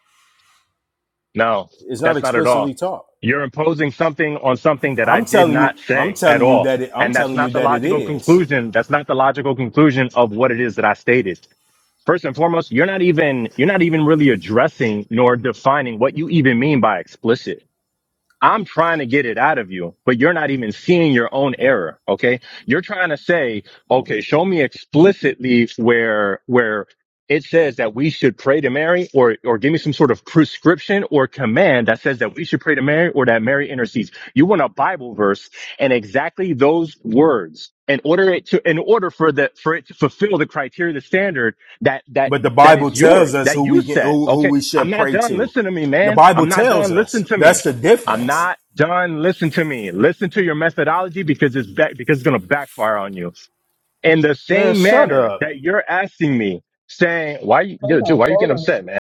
Speaker 13: No,
Speaker 3: It's not
Speaker 13: that's not at
Speaker 3: explicitly
Speaker 13: all.
Speaker 3: taught.
Speaker 13: You're imposing something on something that I
Speaker 3: I'm
Speaker 13: did
Speaker 3: telling you,
Speaker 13: not
Speaker 3: I'm
Speaker 13: say at
Speaker 3: telling you
Speaker 13: all.
Speaker 3: that it, I'm
Speaker 13: And that's
Speaker 3: telling you
Speaker 13: not the
Speaker 3: that it
Speaker 13: logical
Speaker 3: is.
Speaker 13: conclusion. That's not the logical conclusion of what it is that I stated. First and foremost, you're not even you're not even really addressing nor defining what you even mean by explicit. I'm trying to get it out of you, but you're not even seeing your own error. Okay. You're trying to say, okay, show me explicitly where, where it says that we should pray to Mary or, or give me some sort of prescription or command that says that we should pray to Mary or that Mary intercedes. You want a Bible verse and exactly those words in order it to, in order for the, for it to fulfill the criteria, the standard that, that,
Speaker 3: But the
Speaker 13: that
Speaker 3: Bible
Speaker 13: is
Speaker 3: tells
Speaker 13: yours,
Speaker 3: us
Speaker 13: that
Speaker 3: who
Speaker 13: you
Speaker 3: we can,
Speaker 13: set.
Speaker 3: who, who
Speaker 13: Okay.
Speaker 3: we
Speaker 13: I'm
Speaker 3: should
Speaker 13: not
Speaker 3: pray
Speaker 13: done.
Speaker 3: to.
Speaker 13: Listen to me,
Speaker 3: The
Speaker 13: man.
Speaker 3: Bible
Speaker 13: I'm not
Speaker 3: tells
Speaker 13: done. Listen
Speaker 3: us
Speaker 13: to me.
Speaker 3: that's the
Speaker 13: I'm
Speaker 3: difference.
Speaker 13: not done. Listen to me. Listen to your methodology because it's back, because it's going to backfire on you. In the
Speaker 3: Man,
Speaker 13: same
Speaker 3: shut
Speaker 13: manner
Speaker 3: up.
Speaker 13: that you're asking me, saying, why you, yo,
Speaker 1: Hold
Speaker 13: dude,
Speaker 1: on,
Speaker 13: why are you
Speaker 1: hold
Speaker 13: getting
Speaker 1: on.
Speaker 13: upset, man?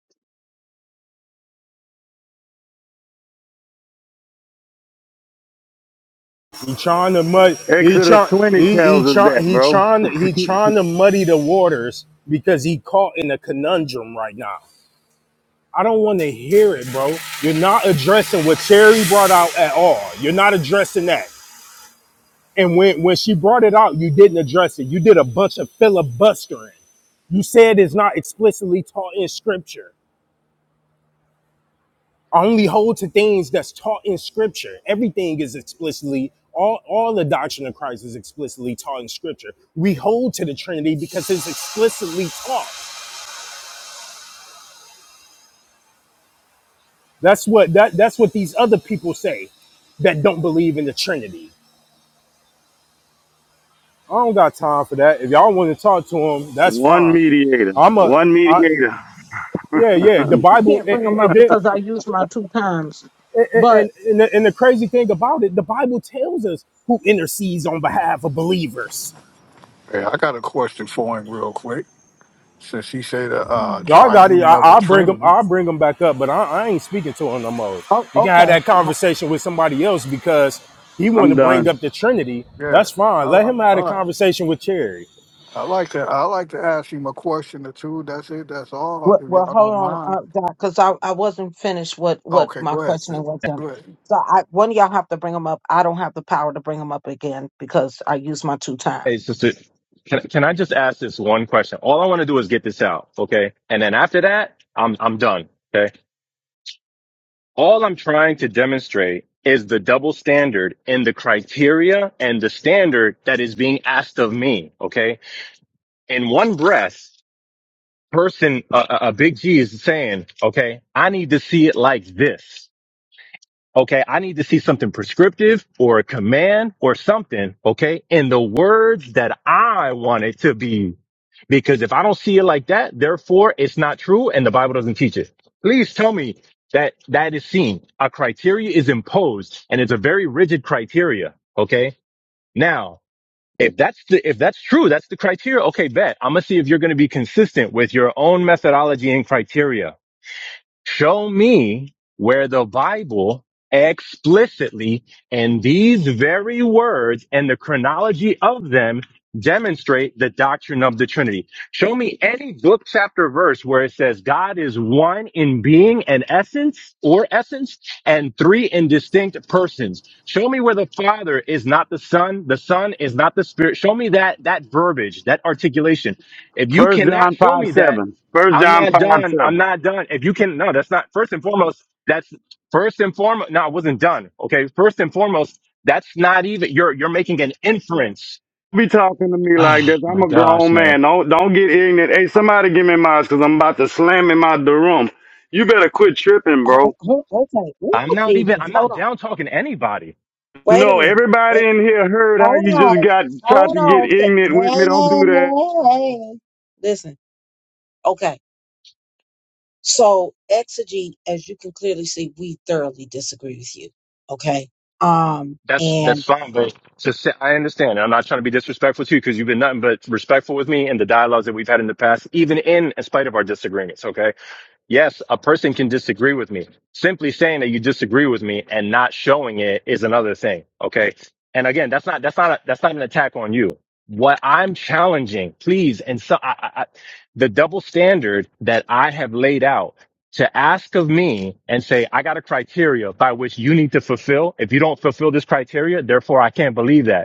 Speaker 3: He trying to mud. He
Speaker 8: Exodus
Speaker 3: trying.
Speaker 8: twenty
Speaker 3: He he
Speaker 8: tells us
Speaker 3: trying.
Speaker 8: that,
Speaker 3: He
Speaker 8: bro.
Speaker 3: trying. He trying to muddy the waters because he caught in a conundrum right now. I don't want to hear it, bro. You're not addressing what Terry brought out at all. You're not addressing that. And when when she brought it out, you didn't address it. You did a bunch of filibustering. You said it's not explicitly taught in scripture. I only hold to things that's taught in scripture. Everything is explicitly all, all the doctrine of Christ is explicitly taught in scripture. We hold to the Trinity because it's explicitly taught. That's what that that's what these other people say that don't believe in the Trinity. I don't got time for that. If y'all want to talk to them, that's
Speaker 8: One
Speaker 3: fine.
Speaker 8: mediator.
Speaker 3: I'm a,
Speaker 8: One
Speaker 3: I,
Speaker 8: mediator.
Speaker 3: yeah, yeah. The Bible,
Speaker 1: Can't
Speaker 3: and
Speaker 1: bring them up
Speaker 3: and, and,
Speaker 1: because I used my two times.
Speaker 3: and,
Speaker 1: But
Speaker 3: and, and the, and the crazy thing about it, the Bible tells us who intercedes on behalf of believers.
Speaker 7: Hey, I got a question for him real quick. Since he said the uh,
Speaker 1: oh,
Speaker 3: Y'all got it.
Speaker 7: triune
Speaker 3: I,
Speaker 7: of the
Speaker 3: I'll bring them.
Speaker 7: Trinity,
Speaker 3: I'll bring them back up, but I, I ain't speaking to him no more. You can have
Speaker 1: okay,
Speaker 3: that conversation with somebody else because he want to
Speaker 8: I'm
Speaker 3: bring
Speaker 8: done.
Speaker 3: up the Trinity.
Speaker 7: yeah,
Speaker 3: That's fine.
Speaker 7: I,
Speaker 3: Let him have
Speaker 7: I,
Speaker 3: a conversation with Cherry.
Speaker 7: I like to I like to ask him a question or two. That's it. That's all.
Speaker 1: Well,
Speaker 7: If
Speaker 1: well,
Speaker 7: y'all
Speaker 1: hold
Speaker 7: don't
Speaker 1: on,
Speaker 7: mind.
Speaker 1: uh, Doc, because I, I wasn't finished what, what
Speaker 7: Okay,
Speaker 1: my
Speaker 7: go ahead,
Speaker 1: questioning
Speaker 7: Sid.
Speaker 1: was them.
Speaker 7: Go ahead.
Speaker 1: So I, one of y'all have to bring them up. I don't have the power to bring them up again because I used my two
Speaker 13: Hey,
Speaker 1: times.
Speaker 13: sister, can, can I just ask this one question? All I want to do is get this out. Okay. And then after that, I'm, I'm done. Okay. All I'm trying to demonstrate is the double standard in the criteria and the standard that is being asked of me. Okay. In one breath, person, a, a big G is saying, okay, I need to see it like this. Okay. I need to see something prescriptive or a command or something. Okay. In the words that I want it to be. Because if I don't see it like that, therefore it's not true and the Bible doesn't teach it. Please tell me that that is seen. A criteria is imposed and it's a very rigid criteria. Okay. Now if that's the, if that's true, that's the criteria. Okay, bet. I'm gonna see if you're gonna be consistent with your own methodology and criteria. Show me where the Bible explicitly in these very words and the chronology of them demonstrate the doctrine of the Trinity. Show me any book, chapter, verse where it says God is one in being and essence or essence and three in distinct persons. Show me where the Father is not the Son, the Son is not the Spirit. Show me that, that verbiage, that articulation. If you
Speaker 8: First
Speaker 13: cannot
Speaker 8: John
Speaker 13: show
Speaker 8: five
Speaker 13: me that,
Speaker 8: seven. First
Speaker 13: I'm
Speaker 8: John
Speaker 13: not
Speaker 8: five
Speaker 13: done. I'm
Speaker 8: seven.
Speaker 13: not done. If you can, no, that's not first and foremost. That's first and foremost. No, I wasn't done. Okay. First and foremost, that's not even, you're, you're making an inference.
Speaker 8: Be talking to me like
Speaker 13: Oh
Speaker 8: this. I'm
Speaker 13: my
Speaker 8: a
Speaker 13: gosh,
Speaker 8: grown
Speaker 13: man.
Speaker 8: man. Don't don't get ignorant. Hey, somebody give me mine because I'm about to slam him out the room. You better quit tripping,
Speaker 1: Oh,
Speaker 8: bro.
Speaker 1: oh, oh, okay.
Speaker 13: I'm
Speaker 1: Ooh,
Speaker 13: not even,
Speaker 1: Jesus.
Speaker 13: I'm not
Speaker 1: Hold on.
Speaker 13: down talking anybody.
Speaker 1: Wait a
Speaker 8: No,
Speaker 1: minute.
Speaker 8: everybody in here heard how
Speaker 1: Hold
Speaker 8: you just
Speaker 1: on.
Speaker 8: got tried to
Speaker 1: Hold
Speaker 8: get
Speaker 1: on.
Speaker 8: ignorant with me. Don't do that.
Speaker 1: Hey. Listen. Okay. So exegete, as you can clearly see, we thoroughly disagree with you. Okay. Um.
Speaker 13: That's, that's
Speaker 1: And
Speaker 13: fine. But to say, I understand. I'm not trying to be disrespectful to you because you've been nothing but respectful with me and the dialogues that we've had in the past, even in, in spite of our disagreements. Okay Yes, a person can disagree with me. Simply saying that you disagree with me and not showing it is another thing. Okay. And again, that's not, that's not, a, that's not an attack on you. What I'm challenging, please, and so I, I, I, the double standard that I have laid out to ask of me and say, I got a criteria by which you need to fulfill. If you don't fulfill this criteria, therefore I can't believe that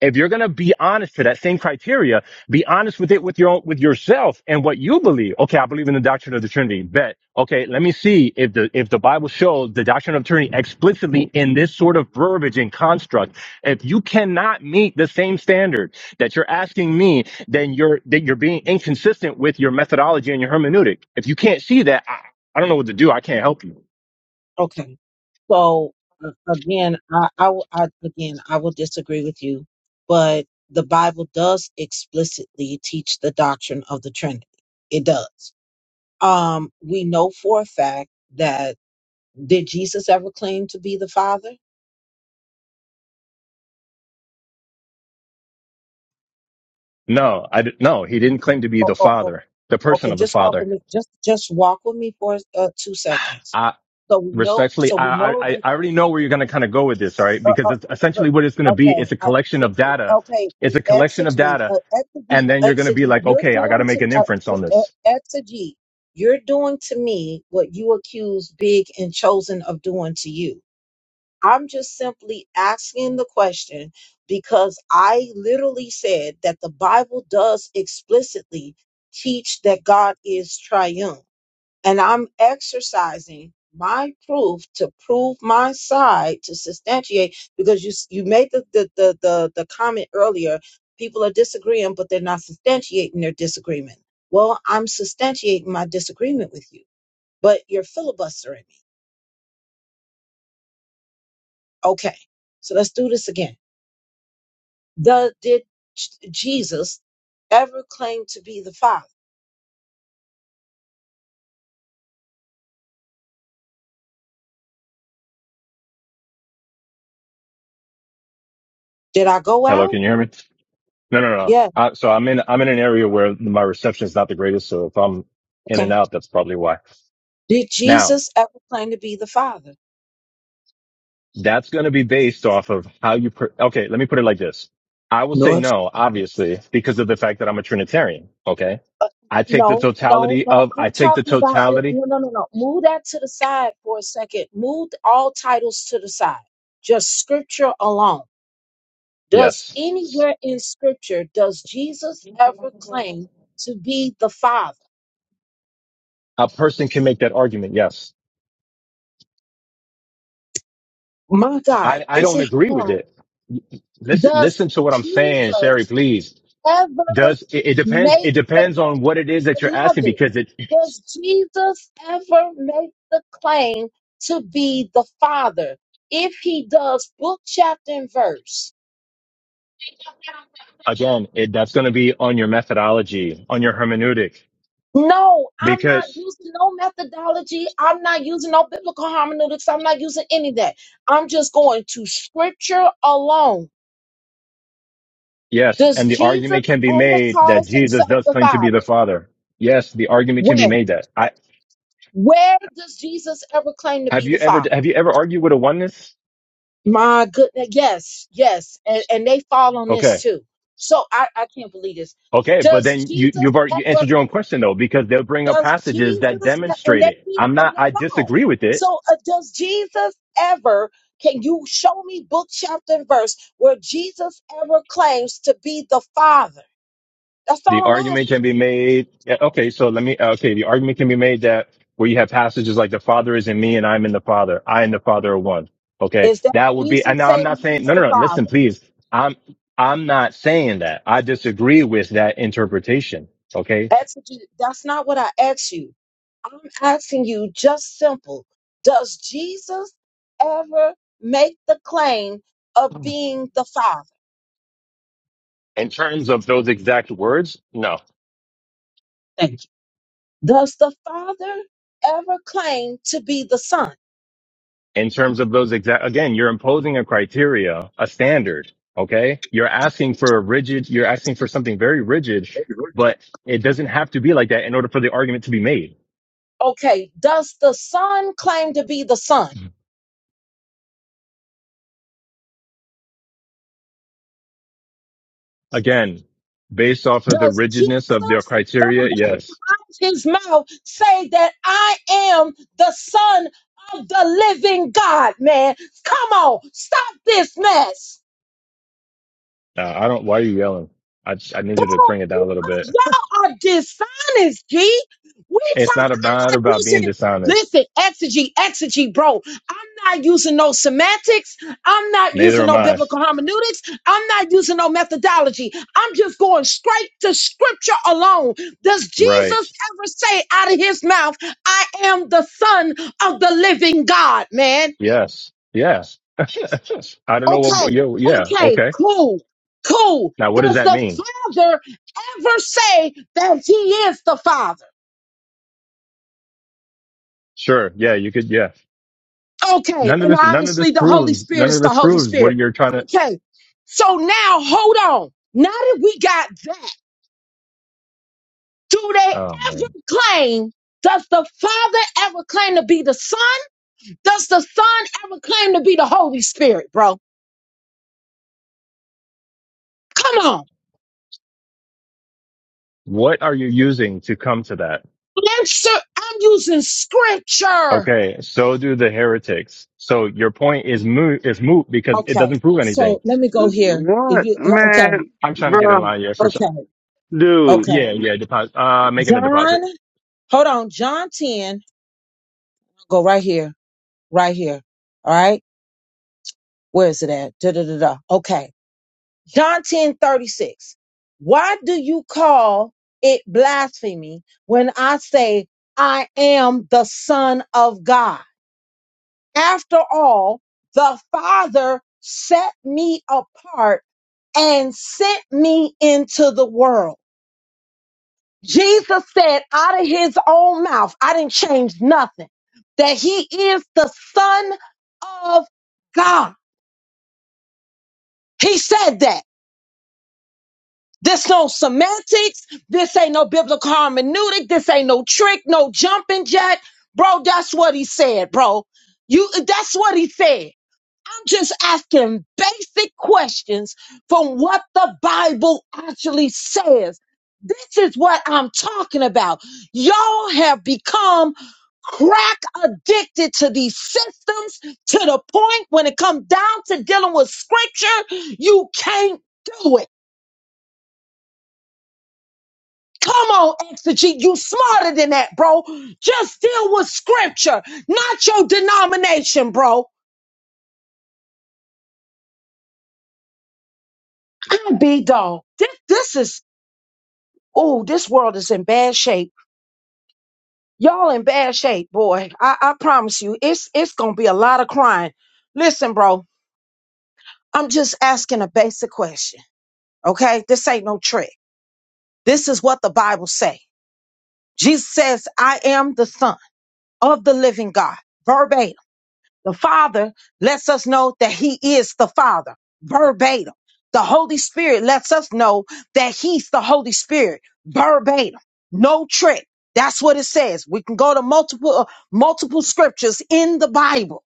Speaker 13: if you're going to be honest to that same criteria, be honest with it with your own, with yourself and what you believe. Okay, I believe in the doctrine of the Trinity. Bet. Okay, let me see if the if the Bible shows the doctrine of the Trinity explicitly in this sort of verbiage and construct. If you cannot meet the same standard that you're asking me, then you're that you're being inconsistent with your methodology and your hermeneutic. If you can't see that, I, I don't know what to do. I can't help you.
Speaker 1: okay. So uh, again, I, I, will- I again, I will disagree with you, but the Bible does explicitly teach the doctrine of the Trinity. It does. Um. We know for a fact that did Jesus ever claim to be the Father?
Speaker 13: No, I d- no. He didn't claim to be the Father, the person
Speaker 1: Okay,
Speaker 13: of the
Speaker 1: just walk
Speaker 13: Father.
Speaker 1: with me. Just just walk with me for uh, two seconds. So we know.
Speaker 13: respectfully,
Speaker 1: So we
Speaker 13: I,
Speaker 1: know.
Speaker 13: I, I already know where you're going to kind of go with this, all right?
Speaker 1: Uh,
Speaker 13: Because
Speaker 1: uh,
Speaker 13: it's
Speaker 1: but
Speaker 13: essentially what it's going to be.
Speaker 1: okay,
Speaker 13: It's a
Speaker 1: I,
Speaker 13: collection of data.
Speaker 1: okay.
Speaker 13: It's a collection of
Speaker 1: Exegete,
Speaker 13: data.
Speaker 1: uh,
Speaker 13: And
Speaker 1: exegete,
Speaker 13: then you're going to be
Speaker 1: exegete.
Speaker 13: like,
Speaker 1: You're
Speaker 13: okay, I got to
Speaker 1: doing
Speaker 13: make
Speaker 1: to
Speaker 13: an inference on
Speaker 1: uh, uh,
Speaker 13: this.
Speaker 1: exegete. You're doing to me what you accuse Big and Chosen of doing to you. I'm just simply asking the question because I literally said that the Bible does explicitly teach that God is triumphant and I'm exercising my proof to prove my side to substantiate because you s- you made the the the the, the comment earlier people are disagreeing but they're not substantiating their disagreement well I'm substantiating my disagreement with you but you're filibustering me okay so let's do this again the did J- Jesus ever claim to be the father did I go
Speaker 13: Hello.
Speaker 1: out
Speaker 13: Can you hear me? No, no, no.
Speaker 1: yeah
Speaker 13: Uh, so I'm in, I'm in an area where my reception is not the greatest. So if I'm in and
Speaker 1: okay
Speaker 13: out, that's probably why.
Speaker 1: did
Speaker 13: Now
Speaker 1: Jesus ever claim to be the father
Speaker 13: that's going to be based off of how you, per- okay, let me put it like this. I will say
Speaker 1: Lord
Speaker 13: no, obviously, because of the fact that I'm a Trinitarian. Okay. I take the
Speaker 1: No, no,
Speaker 13: totality
Speaker 1: no.
Speaker 13: of, I
Speaker 1: I'm
Speaker 13: take the
Speaker 1: talking about it.
Speaker 13: totality
Speaker 1: No, no, no, no. Move that to the side for a second. Move all titles to the side. Just scripture alone. Does
Speaker 13: Yes.
Speaker 1: anywhere in scripture does Jesus ever claim to be the Father?
Speaker 13: A person can make that argument. Yes.
Speaker 1: My God,
Speaker 13: I, I
Speaker 1: is
Speaker 13: don't
Speaker 1: it
Speaker 13: agree with
Speaker 1: hard?
Speaker 13: it. Listen,
Speaker 1: Does
Speaker 13: listen to what I'm saying, Sherry,
Speaker 1: Jesus
Speaker 13: please.
Speaker 1: ever
Speaker 13: Does it, it depends. It
Speaker 1: make the claim?
Speaker 13: depends on what it is that you're asking
Speaker 1: Beloved,
Speaker 13: because it,
Speaker 1: does Jesus ever make the claim to be the Father? If he does, book, chapter, and verse.
Speaker 13: again, it, that's going to be on your methodology, on your hermeneutic,
Speaker 1: No, I'm not
Speaker 13: because
Speaker 1: using no methodology. I'm not using no biblical hermeneutics. I'm not using any of that. I'm just going to scripture alone.
Speaker 13: yes.
Speaker 1: Does
Speaker 13: And the
Speaker 1: Jesus
Speaker 13: argument can be
Speaker 1: ever
Speaker 13: made that
Speaker 1: call
Speaker 13: Jesus
Speaker 1: himself
Speaker 13: does
Speaker 1: the
Speaker 13: claim to be
Speaker 1: Father?
Speaker 13: the father. Yes. The argument can be
Speaker 1: Where?
Speaker 13: made that I,
Speaker 1: Where does Jesus ever claim to
Speaker 13: have
Speaker 1: be
Speaker 13: you
Speaker 1: the
Speaker 13: ever,
Speaker 1: Father?
Speaker 13: have you ever argued with a oneness?
Speaker 1: My goodness, yes, yes, and, and they fall on
Speaker 13: Okay.
Speaker 1: this too. So I, I can't believe this.
Speaker 13: Okay, but
Speaker 1: Does
Speaker 13: then you
Speaker 1: Jesus
Speaker 13: you've already you
Speaker 1: ever?
Speaker 13: answered your own question though, because they'll bring up
Speaker 1: Does
Speaker 13: passages that
Speaker 1: Jesus e, and
Speaker 13: demonstrate
Speaker 1: they
Speaker 13: it.
Speaker 1: be-
Speaker 13: I'm
Speaker 1: and
Speaker 13: not.
Speaker 1: they
Speaker 13: I
Speaker 1: wrong?
Speaker 13: disagree with it.
Speaker 1: So uh, does Jesus ever? Can you show me book, chapter, and verse where Jesus ever claims to be the Father? That's
Speaker 13: The
Speaker 1: all I'm asking.
Speaker 13: argument can be made. yeah, Okay, so let me. Okay, the argument can be made that where you have passages like the Father is in me and I'm in the Father. I and the Father are one. Okay,
Speaker 1: Is that
Speaker 13: that would be.
Speaker 1: Jesus
Speaker 13: And now I'm not
Speaker 1: saying
Speaker 13: saying
Speaker 1: he's
Speaker 13: no,
Speaker 1: the
Speaker 13: no, no. Listen,
Speaker 1: Father?
Speaker 13: please. I'm I'm not saying that. I disagree with that interpretation. Okay,
Speaker 1: That's, that's not what I asked you. I'm asking you just simple. Does Jesus ever make the claim of
Speaker 13: in
Speaker 1: being the Father?
Speaker 13: terms of those exact words, no.
Speaker 1: Thank you. Does the Father ever claim to be the Son?
Speaker 13: in terms of those exact again you're imposing a criteria a standard okay you're asking for a rigid you're asking for something very rigid
Speaker 1: Thank you, Rick.
Speaker 13: but it doesn't have to be like that in order for the argument to be made
Speaker 1: Okay. Does the Son claim to be the Son?
Speaker 13: again based off of the
Speaker 1: Does
Speaker 13: rigidness of their
Speaker 1: Jesus
Speaker 13: criteria
Speaker 1: verbatim
Speaker 13: yes
Speaker 1: out his mouth say that I am the Son of the living God, man? Come on. Stop this mess.
Speaker 13: uh, i don't why are you yelling I, I need
Speaker 1: Bro,
Speaker 13: you to bring it down a little
Speaker 1: because
Speaker 13: bit
Speaker 1: y'all are dishonest, G. We
Speaker 13: it's
Speaker 1: talk,
Speaker 13: not about
Speaker 1: I'm not
Speaker 13: about being
Speaker 1: using,
Speaker 13: dishonest
Speaker 1: listen, exegete, exegete, bro. I'm not using no semantics. I'm not
Speaker 13: neither
Speaker 1: using
Speaker 13: am
Speaker 1: no
Speaker 13: i
Speaker 1: biblical hermeneutics. I'm not using no methodology. I'm just going straight to scripture alone. Does
Speaker 13: right
Speaker 1: Jesus ever say out of his mouth, I am the son of the living God, man?
Speaker 13: yes yes i don't know
Speaker 1: Okay,
Speaker 13: what yeah yeah
Speaker 1: okay,
Speaker 13: okay
Speaker 1: cool, cool.
Speaker 13: now what does
Speaker 1: Does
Speaker 13: that
Speaker 1: the
Speaker 13: mean
Speaker 1: Father ever say that He is the Father?
Speaker 13: sure yeah you could yeah
Speaker 1: Okay,
Speaker 13: None of
Speaker 1: and
Speaker 13: this, none of this
Speaker 1: obviously the Holy
Speaker 13: proves,
Speaker 1: Spirit
Speaker 13: none
Speaker 1: is
Speaker 13: of
Speaker 1: the
Speaker 13: this
Speaker 1: Holy
Speaker 13: proves what
Speaker 1: Spirit.
Speaker 13: you're trying to,
Speaker 1: Okay, so now hold on. Now that we got that, do they
Speaker 13: oh man.
Speaker 1: ever claim? Does the Father ever claim to be the Son? Does the Son ever claim to be the Holy Spirit, bro? Come on.
Speaker 13: What are you using to come to that?
Speaker 1: Answer. I'm using scripture.
Speaker 13: Okay. So do the heretics. So your point is moot, is moot because it
Speaker 1: Okay.
Speaker 13: doesn't prove anything.
Speaker 1: So let me go here. Did
Speaker 8: What
Speaker 1: you- uh, okay.
Speaker 8: man,
Speaker 13: I'm trying to get in
Speaker 8: bro,
Speaker 13: line. Yeah. For some,
Speaker 1: Okay.
Speaker 8: dude?
Speaker 1: Okay.
Speaker 13: yeah. Yeah. Deposit, uh, making a deposit.
Speaker 1: John, hold on. John 10, go right here, right here. All right. Where is it at? Da, da, da, da. Okay. John 10:36. Why do you call it blasphemy when I say I am the son of God? After all, the father set me apart and sent me into the world. Jesus said out of his own mouth, I didn't change nothing, that he is the son of God. He said that. This no semantics. This ain't no biblical hermeneutic. This ain't no trick, no jumping jack. Bro, that's what he said, bro. You that's what he said. I'm just asking basic questions from what the Bible actually says. This is what I'm talking about. Y'all have become crack addicted to these systems to the point when it comes down to dealing with scripture, you can't do it. Come on, Exegete, you smarter than that, bro. Just deal with scripture, not your denomination, bro. I'm be dog. This, this is Oh, this world is in bad shape. Y'all in bad shape, boy. I, I promise you, it's it's gonna be a lot of crying. Listen, bro, I'm just asking a basic question. Okay? This ain't no trick. This is what the Bible say. Jesus says, I am the son of the living God. Verbatim. The Father lets us know that He is the Father, verbatim. The Holy Spirit lets us know that He's the Holy Spirit, verbatim. No trick. That's what it says. We can go to multiple uh, multiple scriptures in the Bible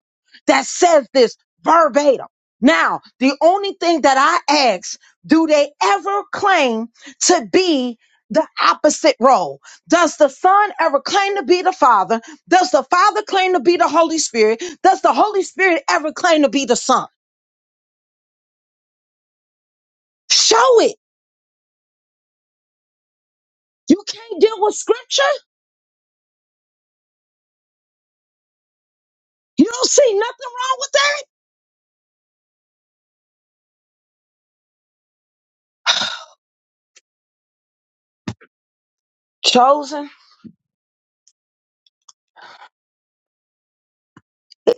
Speaker 1: that says this verbatim. Now, the only thing that I ask, do they ever claim to be the opposite role? Does the Son ever claim to be the Father? Does the Father claim to be the Holy Spirit? Does the Holy Spirit ever claim to be the Son? Show it. You can't deal with scripture? You don't see nothing wrong with that? Chosen?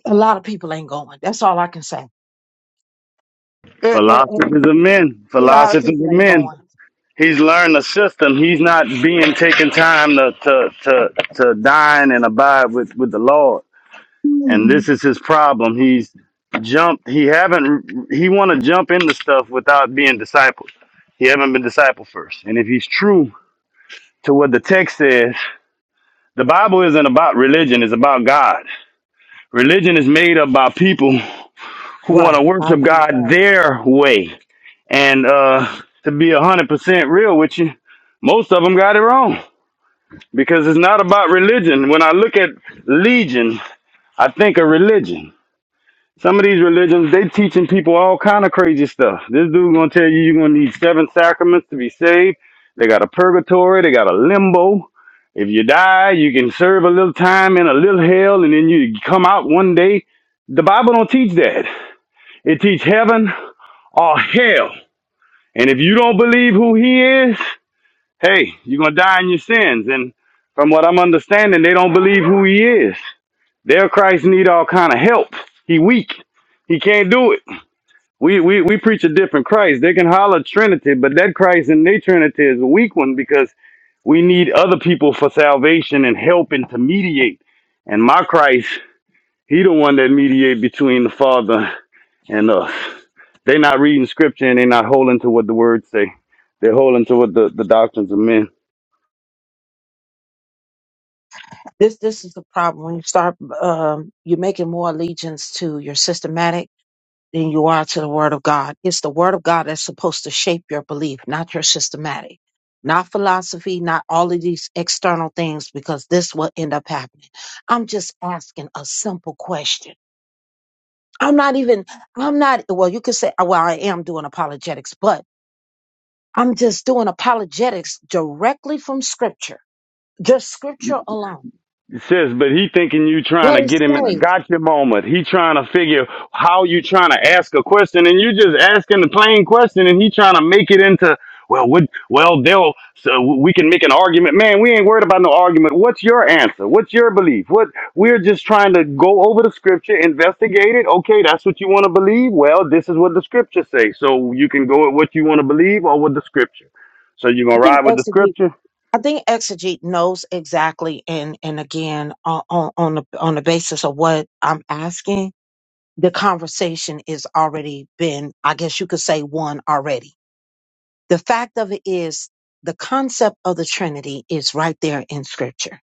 Speaker 1: A lot of people ain't going. That's all I can say. Eh, eh, eh,
Speaker 8: Philosophers of men.
Speaker 1: A lot of
Speaker 8: Philosophers
Speaker 1: people
Speaker 8: of
Speaker 1: ain't
Speaker 8: men.
Speaker 1: going.
Speaker 8: He's learned the system. He's not being taking time to to to, to dine and abide with with the Lord. and
Speaker 1: Hmm.
Speaker 8: this is his problem. He's jumped. He haven't. He want to jump into stuff without being discipled. He haven't been discipled first. And if he's true to what the text says, the Bible isn't about religion. It's about God. Religion is made up by people who want to
Speaker 1: Right. I
Speaker 8: worship
Speaker 1: agree with
Speaker 8: God
Speaker 1: that.
Speaker 8: their way. And uh, to be a hundred percent real with you, most of them got it wrong because it's not about religion. When I look at legion, I think of religion Some of these religions, they teaching people all kind of crazy stuff. This dude gonna tell you you're gonna need seven sacraments to be saved. They got a purgatory, they got a limbo. If you die, you can serve a little time in a little hell, and then you come out one day. The Bible don't teach that. It teach heaven or hell. And if you don't believe who he is, hey, you're gonna die in your sins. And from what I'm understanding, they don't believe who he is. Their Christ need all kind of help. He weak. He can't do it. We, we we preach a different Christ. They can holler Trinity, but that Christ in their Trinity is a weak one because we need other people for salvation and helping to mediate. And my Christ, he the one that mediate between the Father and us. They not reading scripture and they not holding to what the words say. They're holding to what the, the doctrines of men.
Speaker 1: This this is the problem. When you start um you're making more allegiance to your systematic than you are to the Word of God. It's the Word of God that's supposed to shape your belief, not your systematic, not philosophy, not all of these external things, because this will end up happening. I'm just asking a simple question. I'm not even, I'm not, well, you could say, uh, well, I am doing apologetics, but I'm just doing apologetics directly from Scripture, just Scripture alone.
Speaker 8: It says, but he thinking you trying
Speaker 1: What
Speaker 8: to
Speaker 1: is
Speaker 8: get him in a
Speaker 1: saved?
Speaker 8: gotcha moment. He trying to figure how you trying to ask a question, and you just asking the plain question, and he trying to make it into well, what? Well, they'll so we can make an argument. Man, we ain't worried about no argument. What's your answer? What's your belief? What we're just trying to go over the scripture, investigate it. Okay, that's what you want to believe. Well, this is what the scripture say, so you can go at what you want to believe or with the scripture. So you gonna
Speaker 1: I think
Speaker 8: ride with the
Speaker 1: exegesis.
Speaker 8: scripture?
Speaker 1: I think Exegete knows exactly, and and again on on on the, on the basis of what I'm asking, the conversation is already been, I guess you could say, one already. The fact of it is, the concept of the Trinity is right there in Scripture.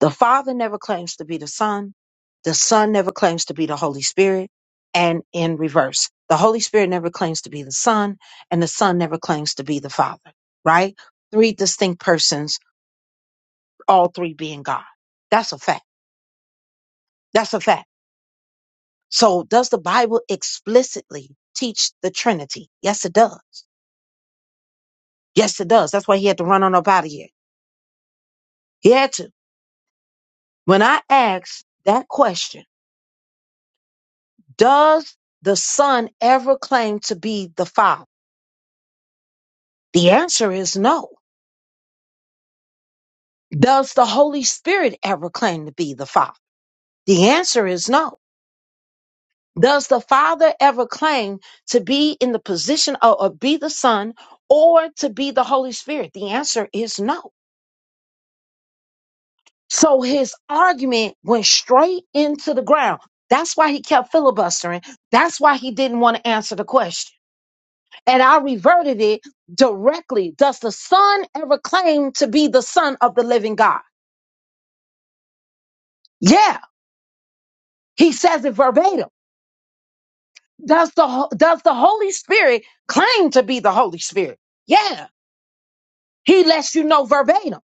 Speaker 1: The Father never claims to be the Son, the Son never claims to be the Holy Spirit, and in reverse, the Holy Spirit never claims to be the Son, and the Son never claims to be the Father. Right? Three distinct persons all three being God. That's a fact. That's a fact. So does the Bible explicitly teach the Trinity? Yes, it does. Yes, it does. That's why he had to run on up out of here. He had to. When I asked that question, does the Son ever claim to be the Father? The answer is no. Does the Holy Spirit ever claim to be the Father? The answer is no. Does the Father ever claim to be in the position of, or be the Son or to be the Holy Spirit? The answer is no. So his argument went straight into the ground. That's why he kept filibustering. That's why he didn't want to answer the question. And I reverted it directly. Does the Son ever claim to be the Son of the living God? Yeah, he says it verbatim. Does the, Ho- does the Holy Spirit claim to be the Holy Spirit? Yeah. He lets you know verbatim.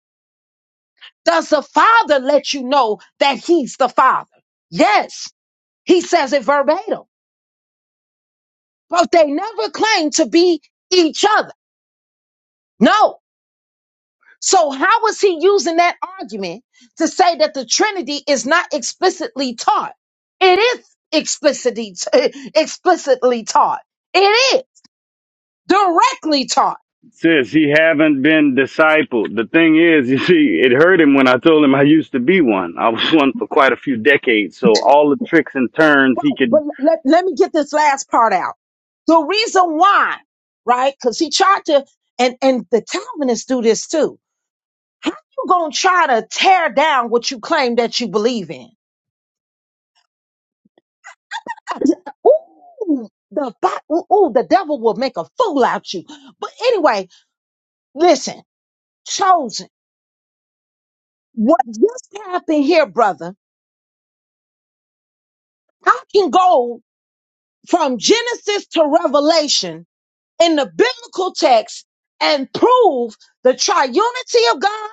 Speaker 1: Does the Father let you know that He's the Father? Yes, He says it verbatim. But they never claim to be each other. No. So, how is He using that argument to say that the Trinity is not explicitly taught? It is explicitly, explicitly taught. It is directly taught.
Speaker 8: Sis, he haven't been discipled. The thing is, you see, it hurt him when I told him I used to be one. I was one for quite a few decades. So all the tricks and turns he
Speaker 1: Right. But
Speaker 8: could,
Speaker 1: let, let me get this last part out. The reason why, right? Because he tried to, and and the Calvinists do this too. How you gonna try to tear down what you claim that you believe in? Ooh, the Bi- ooh, ooh, the devil will make a fool out you. But anyway, listen, chosen. What just happened here, brother? I can go from Genesis to Revelation in the biblical text and prove the triunity of God,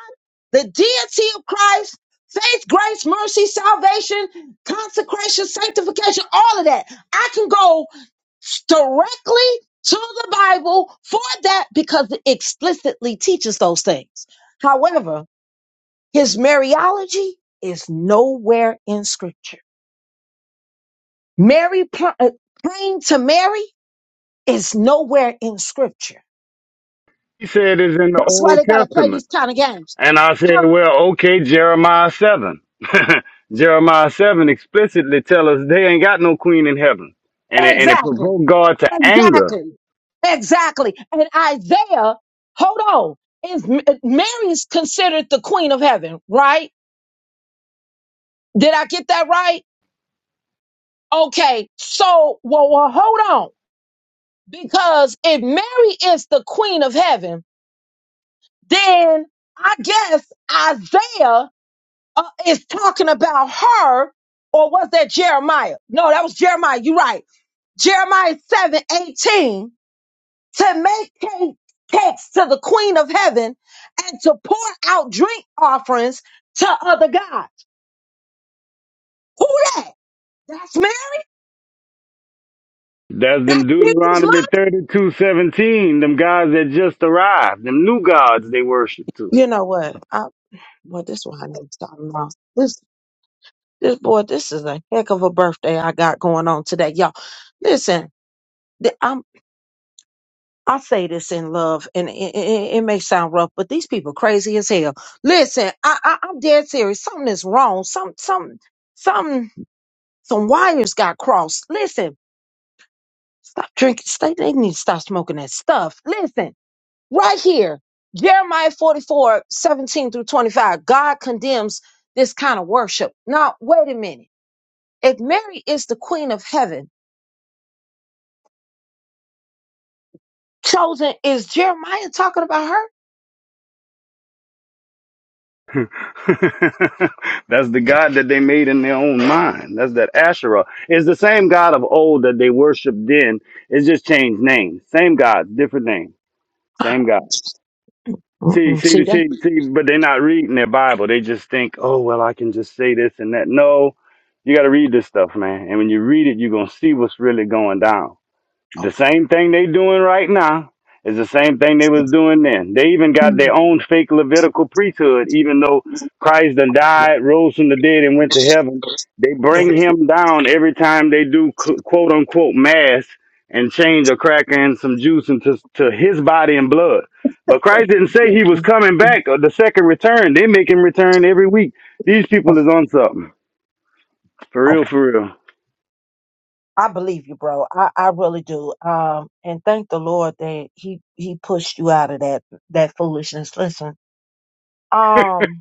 Speaker 1: the deity of Christ, faith, grace, mercy, salvation, consecration, sanctification, all of that. I can go directly to the Bible for that because it explicitly teaches those things. However, his Mariology is nowhere in scripture. Mary pl- uh, praying to Mary is nowhere in scripture.
Speaker 8: he said is in the
Speaker 1: That's why
Speaker 8: Old
Speaker 1: they gotta play
Speaker 8: Testament.
Speaker 1: these kind of games.
Speaker 8: And I said,
Speaker 1: Huh?
Speaker 8: well, okay, Jeremiah 7. Jeremiah 7 explicitly tell us they ain't got no queen in heaven. And it, and it
Speaker 1: Exactly.
Speaker 8: provoked God to anger.
Speaker 1: Exactly. Exactly. And Isaiah, hold on. Is Mary is considered the queen of heaven, right? Did I get that right? Okay. So, well, well, hold on. Because if Mary is the queen of heaven, then I guess Isaiah uh, is talking about her, or was that Jeremiah? No, that was Jeremiah. You're right. Jeremiah 7 18. to make cake, cakes to the queen of heaven and to pour out drink offerings to other gods. Who that? That's Mary?
Speaker 8: That's
Speaker 1: That's
Speaker 8: them
Speaker 1: Jesus' mom?
Speaker 8: Deuteronomy thirty-two seventeen. them guys that just arrived, them new gods they worship too.
Speaker 1: You know what? I, well, this one I need to stop now. This, this boy, this is a heck of a birthday I got going on today. Y'all, listen, th- I'm, I say this in love, and it, it, it it may sound rough, but these people crazy as hell. Listen, I, I, I'm dead serious. Something is wrong. Some, some, something. Some wires got crossed. Listen, stop drinking. Stay, they need to stop smoking that stuff. Listen, right here, Jeremiah 44 17 through 25, God condemns this kind of worship. Now, wait a minute. If Mary is the queen of heaven, chosen, is Jeremiah talking about her?
Speaker 8: That's the God that they made in their own mind. That's that Asherah. It's the same God of old that they worshipped then. It's just changed names. Same God, different name. Same God. See,
Speaker 1: Mm-mm,
Speaker 8: see,
Speaker 1: see
Speaker 8: the-
Speaker 1: that?
Speaker 8: see, see, but they're not reading their Bible. They just think, oh, well, I can just say this and that. No, you got to read this stuff, man. And when you read it, you're going to see what's really going down. The same thing they doing right now is the same thing they was doing then. They even got their own fake Levitical priesthood, even though Christ done died, rose from the dead, and went to heaven. They bring him down every time they do qu- quote unquote mass and change a cracker and some juice into to his body and blood. But Christ didn't say he was coming back or the second return. They make him return every week. These people is on something. For
Speaker 1: Oh,
Speaker 8: real, for real.
Speaker 1: I believe you, bro. I, I really do. Um, and thank the Lord that he he pushed you out of that that foolishness. Listen. Um,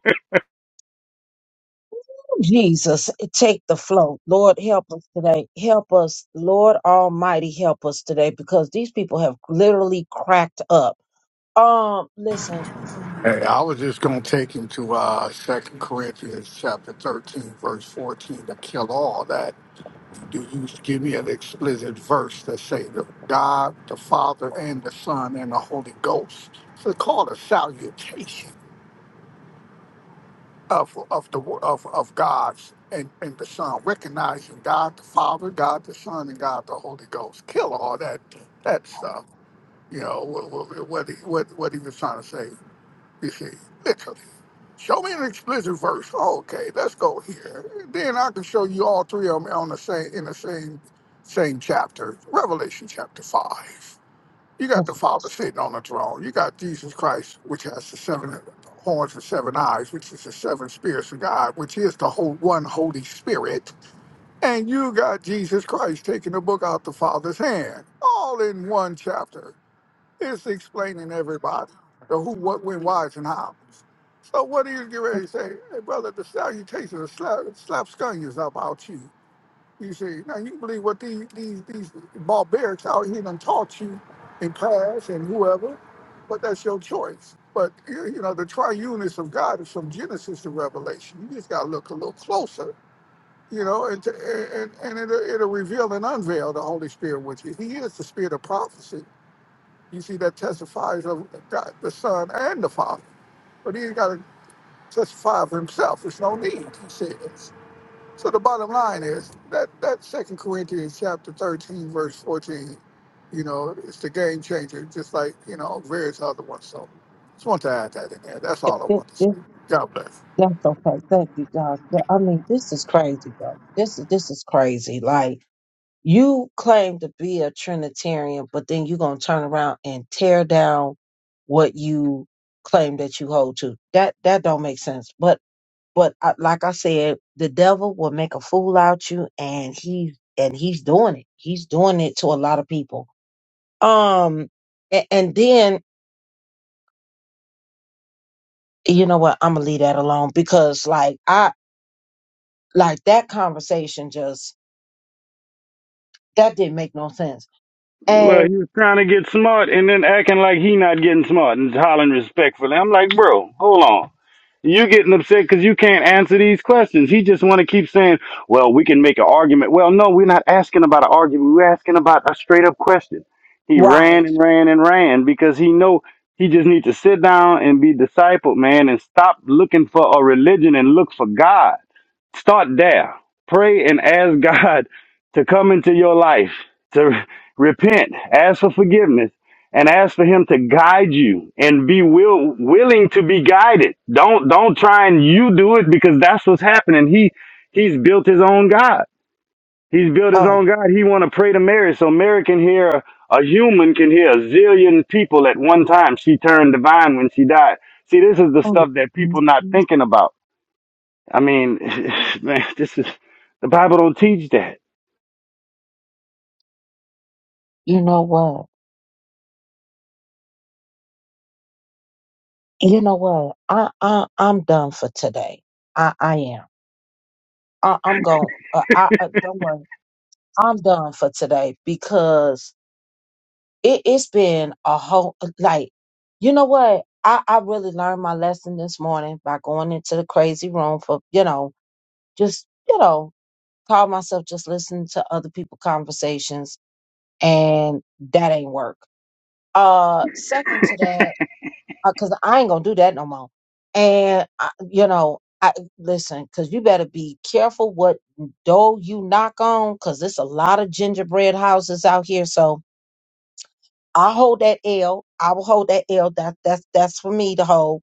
Speaker 1: Jesus, take the flow. Lord, help us today. Help us. Lord Almighty, help us today because these people have literally cracked up. Um, listen,
Speaker 7: Hey, I was just gonna take him to uh Second Corinthians chapter thirteen, verse fourteen, to kill all that. Do you give me an explicit verse that say the God, the Father, and the Son, and the Holy Ghost? It's called a salutation. of of the wo- of of God's and, and the Son, recognizing God the Father, God the Son, and God the Holy Ghost. Kill all that that stuff. You know what what what he, what, what he was trying to say. You see, literally. Show me an explicit verse. Okay, let's go here. Then I can show you all three of them on the same in the same same chapter, Revelation chapter five. You got the Father sitting on the throne. You got Jesus Christ, which has the seven horns and seven eyes, which is the seven spirits of God, which is the whole one Holy Spirit. And you got Jesus Christ taking the book out the Father's hand, all in one chapter. It's explaining everybody the who, what, when, why's, and how. So what do you get ready to say? Hey, brother, the salutation of slap, slap scunions about you. You see, now you believe what these these these barbarics out here done taught you in class and whoever, but that's your choice. But you you know, the triuneness of God is from Genesis to Revelation. You just gotta look a little closer, you know, and to, and and it'll, it'll reveal and unveil the Holy Spirit, which is He is the Spirit of prophecy. You see, that testifies of God, the Son, and the Father. But He's got to testify of Himself. There's no need, He said. So the bottom line is that that Second Corinthians chapter thirteen verse fourteen, you know, it's the game changer, just like you know various other ones. So just want to add that in there. That's
Speaker 1: it,
Speaker 7: all I
Speaker 1: it,
Speaker 7: want to say.
Speaker 1: it,
Speaker 7: God bless.
Speaker 1: that's okay. Thank you, God. Yeah, I mean, this is crazy, bro. This is this is crazy. Like you claim to be a Trinitarian, but then you're gonna turn around and tear down what you claim that you hold to. That that don't make sense. But But I, like I said, the devil will make a fool out you, and he and he's doing it. He's doing it to a lot of people. Um, and, and then you know what? I'm gonna leave that alone because like I like that conversation just that didn't make no sense.
Speaker 8: Well,
Speaker 1: And
Speaker 8: he was trying to get smart and then acting like he not getting smart and hollering respectfully. I'm like, bro, hold on. You getting upset because you can't answer these questions. He just want to keep saying, well, we can make an argument. Well, no, we're not asking about an argument. We're asking about a straight up question. He ran
Speaker 1: right,
Speaker 8: and ran and ran because he know he just need to sit down and be discipled, man, and stop looking for a religion and look for God. Start there. Pray and ask God to come into your life, to repent, ask for forgiveness, and ask for Him to guide you and be will, willing to be guided. Don't don't try and you do it because that's what's happening. He he's built his own God. He's built his
Speaker 1: oh,
Speaker 8: own God. He want to pray to Mary so Mary can hear a human can hear a zillion people at one time. She turned divine when she died. See, this is the
Speaker 1: mm,
Speaker 8: stuff that
Speaker 1: mm,
Speaker 8: people not
Speaker 1: mm.
Speaker 8: thinking about I mean, man, this is the Bible don't teach that.
Speaker 1: you know what? You know what? I I I'm done for today. I I am. I, I'm going. Uh, I uh, don't worry. I'm done for today because it, it's been a whole like you know what I, I really learned my lesson this morning by going into the crazy room for you know just you know call myself just listening to other people conversations and that ain't work uh second to that because i ain't gonna do that no more and I, you know i listen because you better be careful what door you knock on because there's a lot of gingerbread houses out here so I'll hold that L. I will hold that L. That that's that's for me to hold.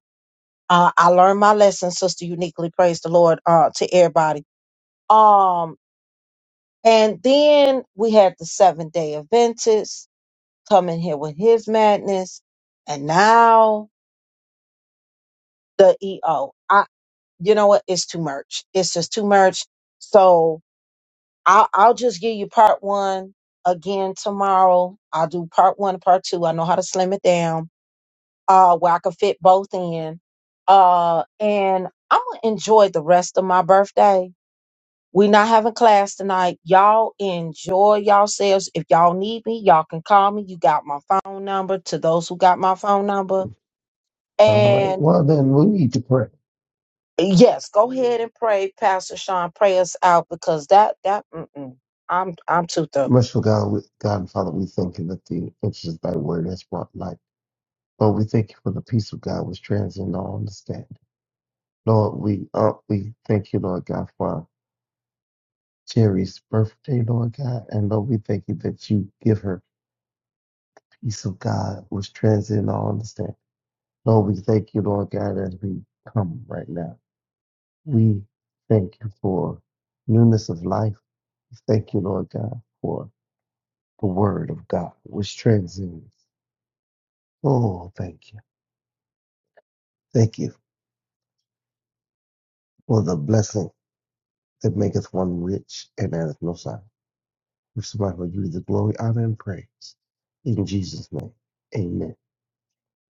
Speaker 1: Uh, I learned my lesson, sister. Uniquely, praise the Lord uh, to everybody. Um, and then we had the seven day Adventist come in here with his madness, and now the EO. I, you know what? It's too much. It's just too much. So I'll, I'll just give you part one again tomorrow. I'll do part one, part two. I know how to slim it down uh, where I could fit both in. Uh, and I'm gonna enjoy the rest of my birthday. we not having class tonight. Y'all enjoy yourselves. If y'all need me, y'all can call me. You got my phone number to those who got my phone number.
Speaker 9: All right.
Speaker 1: And
Speaker 9: Well, then we need to pray.
Speaker 1: yes, go ahead and pray, Pastor Sean. Pray us out because that that mm-mm, I'm I'm too thorough.
Speaker 9: Merciful God, we, God and Father, we thank you that the entrance of thy word has brought light. Lord, we thank you for the peace of God which transcends all understanding. Lord, we uh, we thank you, Lord God, for Terry's birthday, Lord God. And Lord, we thank you that you give her peace of God which transcends all understanding. Lord, we thank you, Lord God, as we come right now. We thank you for newness of life. We Thank you, Lord God, for the word of God, which transcends. Oh, thank you. Thank you for the blessing that maketh one rich and addeth no sorrow. We survive for you the glory, honor, and praise. In Jesus' name, amen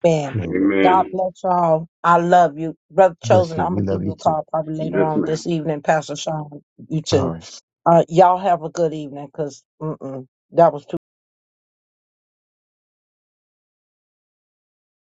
Speaker 1: Man,
Speaker 9: and amen.
Speaker 1: God
Speaker 8: Amen.
Speaker 1: bless y'all. I love you. Brother
Speaker 9: Bless
Speaker 1: Chosen,
Speaker 9: you.
Speaker 1: I'm
Speaker 9: We
Speaker 1: gonna give
Speaker 9: love
Speaker 1: you
Speaker 9: you
Speaker 1: a
Speaker 9: too.
Speaker 1: call probably later
Speaker 8: Yes,
Speaker 1: on
Speaker 8: ma'am.
Speaker 1: this evening, Pastor Sean. You too.
Speaker 9: All right.
Speaker 1: Uh, y'all have a good evening, cause mm-mm, that was